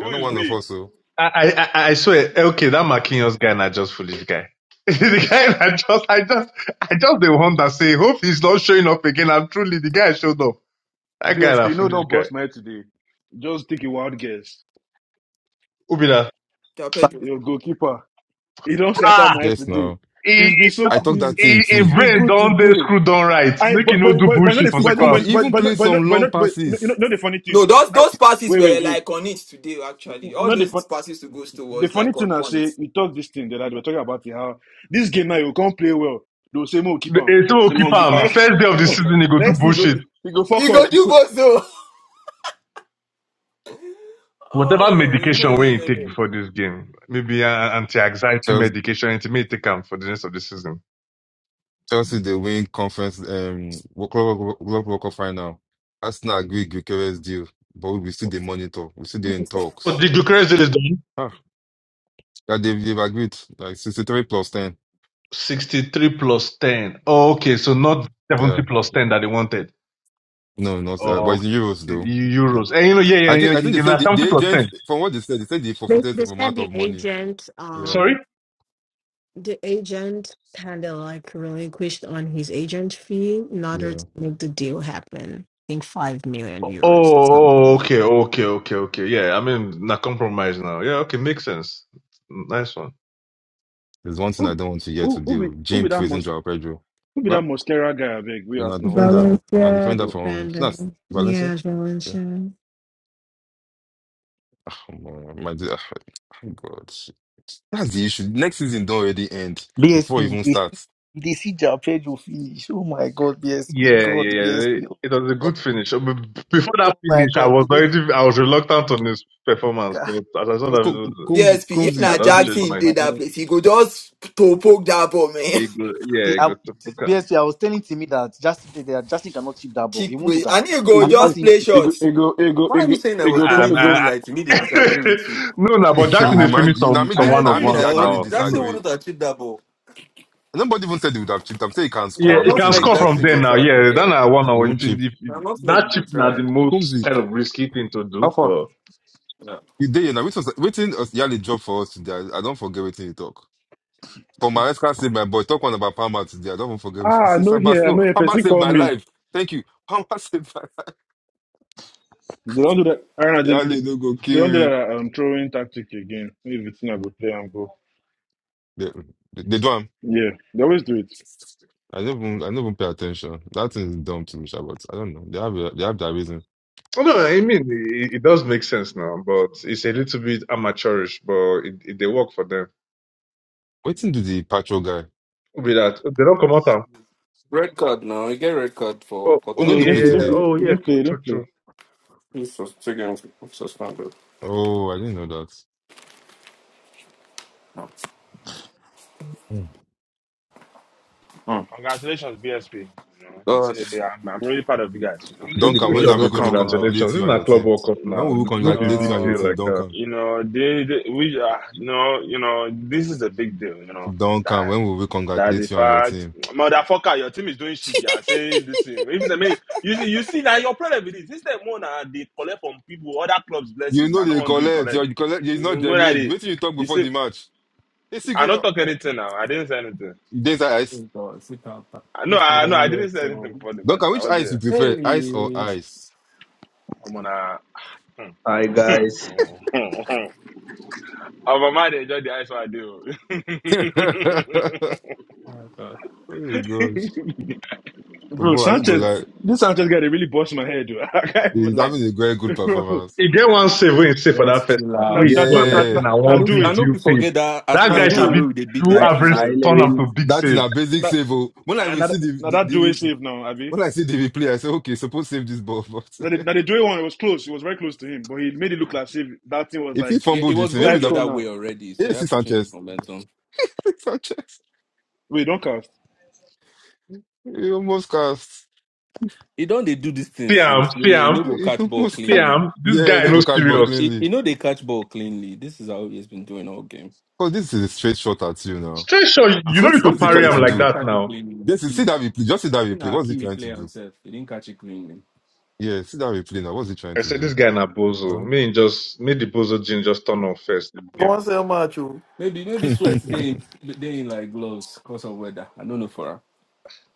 Speaker 2: You're not
Speaker 9: is
Speaker 2: one of
Speaker 9: we?
Speaker 2: us, so
Speaker 4: I I I I swear, okay, that Marquinhos guy not just foolish guy. the guy that just I just I just the one that say hope he's not showing up again. I'm truly the guy showed up. That guy
Speaker 7: BSP,
Speaker 4: that
Speaker 7: you know
Speaker 4: foolish
Speaker 7: don't
Speaker 4: guy.
Speaker 7: bust my head today. Just take a wild guess.
Speaker 4: Who be that?
Speaker 1: Your bedroom.
Speaker 7: Your goalkeeper. He don't scatter
Speaker 4: Ah,
Speaker 7: my head
Speaker 2: yes,
Speaker 7: today.
Speaker 2: no.
Speaker 4: he,
Speaker 7: He's been so
Speaker 2: I talk
Speaker 7: he's
Speaker 2: that thing
Speaker 4: he, he
Speaker 7: he's
Speaker 2: too.
Speaker 7: been
Speaker 4: brain
Speaker 7: good
Speaker 4: don't they
Speaker 7: today.
Speaker 4: screw down right.
Speaker 7: I
Speaker 4: Make you
Speaker 7: but
Speaker 4: no
Speaker 7: but
Speaker 4: do
Speaker 7: but but not
Speaker 4: bullshit
Speaker 7: the,
Speaker 4: for
Speaker 2: See,
Speaker 4: second
Speaker 7: but
Speaker 4: half.
Speaker 2: Kumzi
Speaker 7: but but
Speaker 2: even
Speaker 7: but not
Speaker 2: play
Speaker 7: but not
Speaker 2: some
Speaker 7: but
Speaker 2: long
Speaker 7: not but, you know, you know you
Speaker 2: passes.
Speaker 7: know the funny thing
Speaker 1: No,
Speaker 7: though.
Speaker 1: those
Speaker 7: Now,
Speaker 1: those passes
Speaker 7: wait
Speaker 1: were
Speaker 7: wait wait.
Speaker 1: like on it today. Actually, all
Speaker 7: Not the fun.
Speaker 1: those passes to Gusto
Speaker 7: The
Speaker 1: was
Speaker 7: funny
Speaker 1: like on
Speaker 7: thing I
Speaker 1: point.
Speaker 7: say, we talk this thing that we're talking about it, how this game now you can't play well. They'll say more keep
Speaker 4: The
Speaker 7: on.
Speaker 4: AC will keep
Speaker 9: Simon
Speaker 4: him.
Speaker 9: Gipa.
Speaker 7: Next
Speaker 4: First day of the season, he go do
Speaker 7: next thing go
Speaker 4: bullshit.
Speaker 7: you go fuck
Speaker 1: You
Speaker 7: up.
Speaker 1: go do both though.
Speaker 4: Whatever
Speaker 1: Oh no
Speaker 4: medication
Speaker 1: no
Speaker 4: wey he
Speaker 1: no
Speaker 4: take
Speaker 1: no.
Speaker 4: before this game, maybe an anti-anxiety medication, it may take him for the rest of the season.
Speaker 2: Chelsea they win conference um Wo- Club World Club World Cup final. Arsenal agreed Gyökeres deal, but we still dey monitor. We still dey in
Speaker 4: But
Speaker 2: talks.
Speaker 4: the Gyökeres deal is done.
Speaker 2: Ah, yeah, they've, they've agreed like sixty-three plus ten.
Speaker 4: 63 plus 10. Oh, okay, so not 70
Speaker 2: Yeah,
Speaker 4: plus 10 that they wanted.
Speaker 2: no, not uh, but
Speaker 4: Oh,
Speaker 2: it's in euros though. Yeah,
Speaker 4: euros. And you know, yeah, yeah,
Speaker 2: I think
Speaker 4: yeah,
Speaker 2: I think they
Speaker 4: yeah, na
Speaker 2: said the, the
Speaker 4: 70 plus
Speaker 2: agent
Speaker 4: 10.
Speaker 2: from what they said they said they
Speaker 11: They
Speaker 2: forfeited
Speaker 11: they
Speaker 2: some
Speaker 11: said
Speaker 2: amount
Speaker 11: the
Speaker 2: of money.
Speaker 11: agent,
Speaker 2: Yeah,
Speaker 4: Sorry?
Speaker 11: um, the agent kind of like relinquished on his agent fee in order
Speaker 2: yeah.
Speaker 11: to make the deal happen. I think five million
Speaker 4: Oh,
Speaker 11: euros,
Speaker 4: oh,
Speaker 11: something.
Speaker 4: okay, okay, okay, okay. Yeah, I mean, na compromise now. Yeah, okay, makes sense. Nice one.
Speaker 2: There's one thing I
Speaker 7: Who
Speaker 2: don't want to hear to
Speaker 7: who who be
Speaker 2: deal.
Speaker 7: who be
Speaker 2: Jim
Speaker 7: that
Speaker 2: praising
Speaker 7: mos
Speaker 2: Joao Pedro.
Speaker 7: who be that
Speaker 2: Well,
Speaker 7: mascara guy I beg? We
Speaker 2: we're
Speaker 7: ask
Speaker 2: not
Speaker 7: now one back.
Speaker 2: defender, we're not
Speaker 11: Valencia
Speaker 2: defender
Speaker 7: Oh.
Speaker 2: from Nas
Speaker 11: defending, yeah,
Speaker 2: Valencia. Yeah,
Speaker 11: Valencia
Speaker 2: come on, my dear. God. That's the issue. Next season don't already end before it
Speaker 3: BSP.
Speaker 2: even
Speaker 3: They see,
Speaker 2: starts.
Speaker 3: they see Jao Pedro finish. Oh my god, BSP.
Speaker 4: Yeah,
Speaker 3: God,
Speaker 4: yeah, yeah.
Speaker 3: BSP. Oh,
Speaker 4: It was a
Speaker 3: God.
Speaker 4: good finish. Uh, b- Before that
Speaker 3: Oh my
Speaker 4: finish, I
Speaker 3: god.
Speaker 4: was
Speaker 3: Today
Speaker 4: already I was reluctant on his performance,
Speaker 3: God,
Speaker 4: but as I saw that, it
Speaker 2: Co-
Speaker 3: Chelsea they,
Speaker 2: co-
Speaker 4: was-
Speaker 2: Comes,
Speaker 1: PSP.
Speaker 2: comes,
Speaker 1: If
Speaker 4: I
Speaker 1: na
Speaker 3: Chelsea
Speaker 4: don't
Speaker 3: they
Speaker 4: change
Speaker 3: lost
Speaker 1: Jackson
Speaker 4: my
Speaker 3: my
Speaker 1: did that
Speaker 3: head.
Speaker 1: place, he go just to poke that ball, man.
Speaker 4: ego.
Speaker 3: See,
Speaker 4: Yeah,
Speaker 3: I,
Speaker 4: ego to pick
Speaker 3: B S
Speaker 4: am.
Speaker 3: P. I was telling Timmy that just they are Justin cannot chip that ball. He
Speaker 1: Chick
Speaker 3: won't do
Speaker 1: way. and
Speaker 3: that.
Speaker 1: he go
Speaker 3: I've
Speaker 7: Ego
Speaker 3: never
Speaker 1: just
Speaker 3: seen
Speaker 1: play
Speaker 3: him.
Speaker 7: ego
Speaker 1: shots.
Speaker 7: ego ego
Speaker 8: Why are
Speaker 7: ego
Speaker 8: you saying I was
Speaker 7: ego
Speaker 8: telling
Speaker 4: Um,
Speaker 8: to me
Speaker 7: ego
Speaker 4: I,
Speaker 8: like to me
Speaker 4: I,
Speaker 8: they disagree with you?
Speaker 4: no, no, but Jackson
Speaker 2: you
Speaker 4: is
Speaker 2: mind?
Speaker 4: finished
Speaker 2: You know, what
Speaker 4: some
Speaker 2: I mean,
Speaker 4: some
Speaker 8: I
Speaker 2: they,
Speaker 4: one
Speaker 2: now I
Speaker 4: of
Speaker 8: agree
Speaker 2: mean, they
Speaker 4: ones
Speaker 8: now.
Speaker 2: actually
Speaker 4: now.
Speaker 8: Jackson
Speaker 4: No.
Speaker 2: disagree.
Speaker 8: wouldn't achieve that goal.
Speaker 2: Nobody even said they would have chipped. I'm saying he can
Speaker 4: Yeah,
Speaker 2: score.
Speaker 8: Now,
Speaker 2: I'm
Speaker 4: he
Speaker 2: not
Speaker 8: not
Speaker 4: can
Speaker 2: saying he will
Speaker 8: make
Speaker 4: score
Speaker 2: chip
Speaker 4: from
Speaker 8: Jackson
Speaker 2: it.
Speaker 4: there
Speaker 8: go
Speaker 4: now.
Speaker 8: try for
Speaker 4: Yeah, then
Speaker 8: there.
Speaker 4: I one
Speaker 2: He
Speaker 4: or if,
Speaker 2: won't chip.
Speaker 4: if if
Speaker 8: Now, not make
Speaker 4: that
Speaker 8: him go
Speaker 4: chip now the
Speaker 8: try.
Speaker 2: Comes,
Speaker 4: most kind
Speaker 2: you
Speaker 4: of risky thing to do,
Speaker 7: alpha.
Speaker 4: but.
Speaker 8: No.
Speaker 2: day now. Waiting, waiting. Yali job for us today. I, I don't forget waiting you talk. For my ex said my boy talk one about Palmer today. I don't even forget. He
Speaker 7: Ah, I
Speaker 2: says
Speaker 7: know
Speaker 2: Palmer,
Speaker 7: here, I
Speaker 2: no,
Speaker 7: know here
Speaker 2: Palmer
Speaker 7: person
Speaker 2: saved
Speaker 7: call
Speaker 2: my
Speaker 7: me.
Speaker 2: life. Thank you. Palmer saved my life.
Speaker 7: They don't do that I don't know, they, they
Speaker 2: Yali don't go
Speaker 7: they
Speaker 2: kill
Speaker 7: don't do
Speaker 2: me.
Speaker 7: that um throwing tactic again. Maybe it's not go play and go.
Speaker 2: They, they do.
Speaker 7: Yeah, they always do it.
Speaker 2: I don't even, I don't even pay attention. That thing is dumb to me, sha, but I don't know. They have a- they have their reason.
Speaker 4: No, I mean it, it does make sense now, but it's a little bit amateurish, but it, it they work for them.
Speaker 2: Waiting to the patrol guy.
Speaker 4: Who Be that they don't come out. am,
Speaker 8: Red card now. You get red card for
Speaker 4: Oh,
Speaker 2: Oh no,
Speaker 7: They
Speaker 4: okay,
Speaker 8: quarters
Speaker 4: yeah,
Speaker 2: no
Speaker 8: or
Speaker 7: didn't
Speaker 2: play
Speaker 7: play,
Speaker 4: yeah,
Speaker 7: he
Speaker 4: yeah.
Speaker 8: so.
Speaker 7: didn't, he
Speaker 2: today.
Speaker 7: didn't
Speaker 4: Oh, yeah,
Speaker 7: play,
Speaker 4: true,
Speaker 7: he
Speaker 4: true,
Speaker 7: didn't play.
Speaker 4: true.
Speaker 8: He's sus- taken suspended.
Speaker 2: Oh, I didn't know that. Mm.
Speaker 8: Hmm.
Speaker 9: Congratulations, BSP. You know, it's, uh,
Speaker 8: God.
Speaker 9: I'm, I'm really proud of you guys, you know.
Speaker 8: Hey, the
Speaker 2: Duncan,
Speaker 4: True,
Speaker 2: when
Speaker 8: boys,
Speaker 2: are
Speaker 4: true,
Speaker 2: we
Speaker 4: be
Speaker 8: look
Speaker 2: going to
Speaker 9: You
Speaker 8: him.
Speaker 9: know.
Speaker 4: congratulations. This
Speaker 2: congratulate you
Speaker 4: is
Speaker 2: and your
Speaker 4: not club
Speaker 2: team?
Speaker 4: World Cup
Speaker 2: When
Speaker 4: now.
Speaker 2: will we
Speaker 4: No be
Speaker 2: congratulate you
Speaker 4: big
Speaker 2: and your
Speaker 4: deal
Speaker 9: No,
Speaker 2: team,
Speaker 4: like that.
Speaker 2: Duncan?
Speaker 9: you know, they, they we uh, no, you know, this is a big deal, you know,
Speaker 2: Duncan,
Speaker 9: that
Speaker 2: when will we
Speaker 9: that the
Speaker 2: congratulate you and your
Speaker 9: fact
Speaker 2: team?
Speaker 9: motherfucker, your team is doing shit, you are saying this thing. If the mean you see you see now your problem with this, this the more now they collect from people, other clubs
Speaker 2: You
Speaker 9: blessings,
Speaker 2: know
Speaker 9: and
Speaker 2: they
Speaker 9: no agree
Speaker 2: collect. You
Speaker 9: collect.
Speaker 2: collect. It's not
Speaker 9: When I
Speaker 2: genuine.
Speaker 9: they
Speaker 2: Wait till you talk
Speaker 9: you
Speaker 2: before
Speaker 9: see
Speaker 2: the match. It's
Speaker 9: I
Speaker 2: equal
Speaker 9: not
Speaker 2: now.
Speaker 9: talk anything now. I didn't say anything.
Speaker 2: There's ice.
Speaker 8: Oh, God. Sit down.
Speaker 9: I no
Speaker 8: He's the
Speaker 9: I no I
Speaker 8: long way
Speaker 9: didn't say anything
Speaker 8: to-
Speaker 9: before the match.
Speaker 2: Duncan,
Speaker 9: now. I
Speaker 2: which
Speaker 9: was
Speaker 2: ice you
Speaker 9: here.
Speaker 2: prefer, ice or
Speaker 8: Hey.
Speaker 2: ice?
Speaker 9: Come on uh,
Speaker 12: Hi guys.
Speaker 9: Oh, my mind enjoy the ice I do.
Speaker 2: oh
Speaker 8: Oh, God.
Speaker 2: my gosh,
Speaker 7: Bro,
Speaker 2: but I don't go lie.
Speaker 7: Sanchez, this Sanchez guy, they really bust my head, dude. I can't
Speaker 2: He's
Speaker 7: even
Speaker 2: having a very good
Speaker 7: lie. Bro,
Speaker 2: performance.
Speaker 4: He get one save when he save for that
Speaker 8: Just
Speaker 4: first
Speaker 8: chill
Speaker 4: half.
Speaker 7: now,
Speaker 4: Where
Speaker 8: out.
Speaker 4: he
Speaker 7: now
Speaker 4: do
Speaker 7: do,
Speaker 4: and like
Speaker 7: now,
Speaker 4: say
Speaker 2: Yeah,
Speaker 7: now,
Speaker 4: na
Speaker 8: I
Speaker 7: now
Speaker 4: one
Speaker 8: know,
Speaker 7: do
Speaker 4: big
Speaker 7: it.
Speaker 8: I know
Speaker 4: deal
Speaker 8: people
Speaker 4: save.
Speaker 8: forget that
Speaker 4: That
Speaker 7: Now
Speaker 4: guy
Speaker 8: Arsenal
Speaker 7: do
Speaker 8: game
Speaker 4: sabi
Speaker 7: it.
Speaker 8: where they beat
Speaker 4: do
Speaker 12: Hi
Speaker 8: them two
Speaker 4: average
Speaker 12: hi
Speaker 8: zero.
Speaker 4: turn am
Speaker 12: Levin.
Speaker 4: to big
Speaker 2: that's in
Speaker 4: save.
Speaker 2: a basic
Speaker 7: Now,
Speaker 2: save. oh. When I
Speaker 7: and
Speaker 2: will
Speaker 7: now, that-
Speaker 2: see the,
Speaker 7: now that
Speaker 2: the,
Speaker 7: do it
Speaker 2: the-
Speaker 7: save now, Abby.
Speaker 2: when I see the replay, I say, okay, suppose save this ball. But
Speaker 7: Now the, now the do it one, it was close. It was very close to him, but he made it look like save. That thing was
Speaker 2: if he
Speaker 7: like,
Speaker 8: Yeah, it
Speaker 2: fumbled it,
Speaker 8: was going
Speaker 2: maybe
Speaker 7: tight
Speaker 8: the
Speaker 2: not.
Speaker 8: other
Speaker 7: corner.
Speaker 8: way already, so
Speaker 2: Yeah,
Speaker 8: they had
Speaker 2: see
Speaker 8: to change the
Speaker 2: Sanchez.
Speaker 8: momentum.
Speaker 2: Sanchez,
Speaker 7: Wait, don't cast.
Speaker 2: he almost cast.
Speaker 8: He don't they do these
Speaker 4: See
Speaker 8: things
Speaker 4: am,
Speaker 8: since
Speaker 4: see
Speaker 8: we you
Speaker 4: am,
Speaker 8: know go
Speaker 2: He
Speaker 8: catch ball
Speaker 2: almost
Speaker 4: see
Speaker 2: cast.
Speaker 8: cleanly.
Speaker 4: am. This
Speaker 2: Yeah, he
Speaker 4: guy
Speaker 2: no
Speaker 4: no
Speaker 2: go catch ball
Speaker 8: It,
Speaker 4: serious.
Speaker 8: it,
Speaker 2: cleanly.
Speaker 8: you know they catch ball cleanly. This is how he's been doing all game.
Speaker 2: Cause this is a straight shot at you now.
Speaker 4: Straight shot, you
Speaker 2: It's
Speaker 8: Uh-uh.
Speaker 4: no
Speaker 2: what
Speaker 4: need
Speaker 8: You
Speaker 4: to
Speaker 2: what's he
Speaker 4: parry
Speaker 8: doing
Speaker 2: trying
Speaker 4: am
Speaker 2: to
Speaker 8: one, he
Speaker 4: like
Speaker 2: do?
Speaker 8: didn't
Speaker 4: that
Speaker 8: catch it
Speaker 4: now.
Speaker 8: cleanly.
Speaker 2: Just see
Speaker 8: He
Speaker 2: that replay. Just see that
Speaker 8: in
Speaker 2: replay.
Speaker 8: our
Speaker 2: What's he
Speaker 8: Kiwi
Speaker 2: trying to do?
Speaker 8: himself, he didn't catch it cleanly.
Speaker 2: Yeah, see that replay now. What's he trying
Speaker 4: I
Speaker 2: to
Speaker 4: said this
Speaker 2: do,
Speaker 4: guy na bozo.
Speaker 2: bro?
Speaker 4: Me just me the bozo gene just turn on first. This
Speaker 13: Go
Speaker 4: game.
Speaker 13: sell match. oh.
Speaker 8: Maybe maybe sweat they in, they in like gloves because of weather. I don't know for her.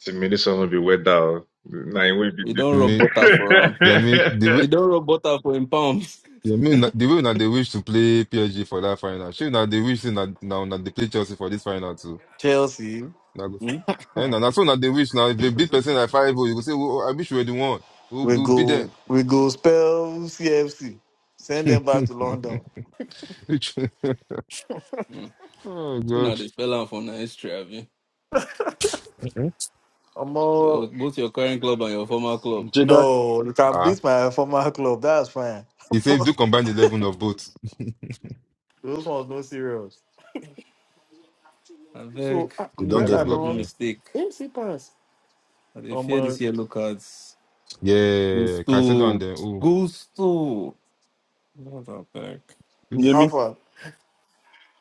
Speaker 4: Intimidation no be weather. O. Na him wey be
Speaker 8: He don't rub
Speaker 2: me,
Speaker 8: butter for him.
Speaker 2: yeah, me. The way.
Speaker 8: He don't rub butter for him palms.
Speaker 2: Yeah, me na- the way that they wish to play PSG for that final. Sure, that they wish that now that they play Chelsea for this final too.
Speaker 13: Chelsea,
Speaker 2: Now,
Speaker 8: Hmm?
Speaker 2: and that's what that they wish now. If they beat person like five, oh, you go say, oh, I wish we were the one who
Speaker 13: we
Speaker 2: who beat them.
Speaker 13: go we go spell CFC. Send them back to London.
Speaker 2: Which-
Speaker 8: Hmm.
Speaker 2: oh
Speaker 8: So now
Speaker 2: God!
Speaker 8: they spell out for the history, have you?
Speaker 2: Mhm.
Speaker 13: I'm
Speaker 8: Your,
Speaker 13: all,
Speaker 8: both your current club and your former club.
Speaker 7: Jigga,
Speaker 13: no, you can
Speaker 2: Ah,
Speaker 13: beat my former club. That's fine.
Speaker 2: he said do combine the eleven of both.
Speaker 13: Those ones no serious.
Speaker 8: I
Speaker 13: So
Speaker 8: beg,
Speaker 13: ah,
Speaker 8: you
Speaker 2: They
Speaker 8: know,
Speaker 2: don't get
Speaker 8: just
Speaker 13: Cucurella
Speaker 8: not
Speaker 2: blocked
Speaker 8: do
Speaker 13: don't
Speaker 2: now.
Speaker 8: mistake.
Speaker 13: MC pass.
Speaker 8: They
Speaker 13: Um,
Speaker 8: fear
Speaker 13: uh,
Speaker 8: this yellow cards.
Speaker 2: Yeah, Caicedo and
Speaker 8: Gusto.
Speaker 2: then oh,
Speaker 8: Gusto. Not that back.
Speaker 7: you hear
Speaker 2: this.
Speaker 7: me?
Speaker 13: Alpha.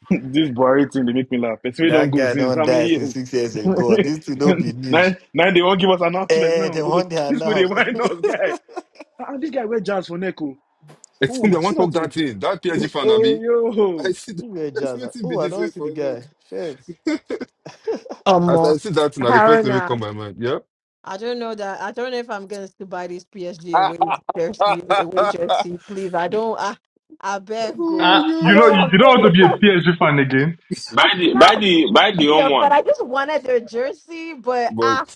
Speaker 7: this Buhari thing, they make me laugh. It's we don't
Speaker 13: That
Speaker 7: go
Speaker 13: guy
Speaker 7: since
Speaker 13: don't
Speaker 7: how many
Speaker 13: die since
Speaker 7: years?
Speaker 13: six years ago. This should not be news.
Speaker 7: Now, now they won't give us announcement.
Speaker 13: Eh,
Speaker 7: No,
Speaker 13: the
Speaker 7: they,
Speaker 13: one
Speaker 7: they-
Speaker 13: they
Speaker 7: this way they
Speaker 13: announced.
Speaker 7: wind us, guy. Ah, ah, this guy wear jazz for neck. oh.
Speaker 2: It's I
Speaker 13: Who?
Speaker 2: want
Speaker 7: Machina
Speaker 2: talk that
Speaker 7: to
Speaker 2: thing. That PSG fan, Abi.
Speaker 7: oh
Speaker 2: I
Speaker 7: yo
Speaker 2: see. that-
Speaker 13: Who were
Speaker 2: I see
Speaker 13: jazz?
Speaker 2: what it be
Speaker 13: Oh, I
Speaker 2: this
Speaker 13: don't
Speaker 2: way
Speaker 13: see
Speaker 2: for
Speaker 13: the guy.
Speaker 2: like.
Speaker 13: Shit.
Speaker 11: or
Speaker 2: As I
Speaker 11: more.
Speaker 2: see that, now the first thing will come
Speaker 11: Harina,
Speaker 2: my mind. Yup.
Speaker 11: I don't know that. I don't know if I'm going to buy this PSG away jersey. Away
Speaker 2: oh
Speaker 11: jersey, please. I don't. I I beg
Speaker 4: Ah,
Speaker 2: my
Speaker 11: go. I
Speaker 4: you know,
Speaker 11: don't
Speaker 2: gosh.
Speaker 4: you,
Speaker 11: want
Speaker 4: you don't want to be a
Speaker 11: to.
Speaker 4: PSG fan again.
Speaker 9: buy the buy the buy the home
Speaker 11: Yeah, but
Speaker 9: one.
Speaker 11: I just wanted their jersey, but
Speaker 2: But
Speaker 11: ah,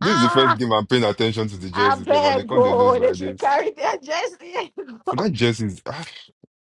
Speaker 2: this is the first
Speaker 11: ah,
Speaker 2: game I'm paying attention to the
Speaker 11: I
Speaker 2: jerseys ever. They
Speaker 11: bet
Speaker 2: can't they lose
Speaker 11: go. They
Speaker 2: like
Speaker 11: should
Speaker 2: this.
Speaker 11: carry their jersey.
Speaker 2: But that jersey is ah,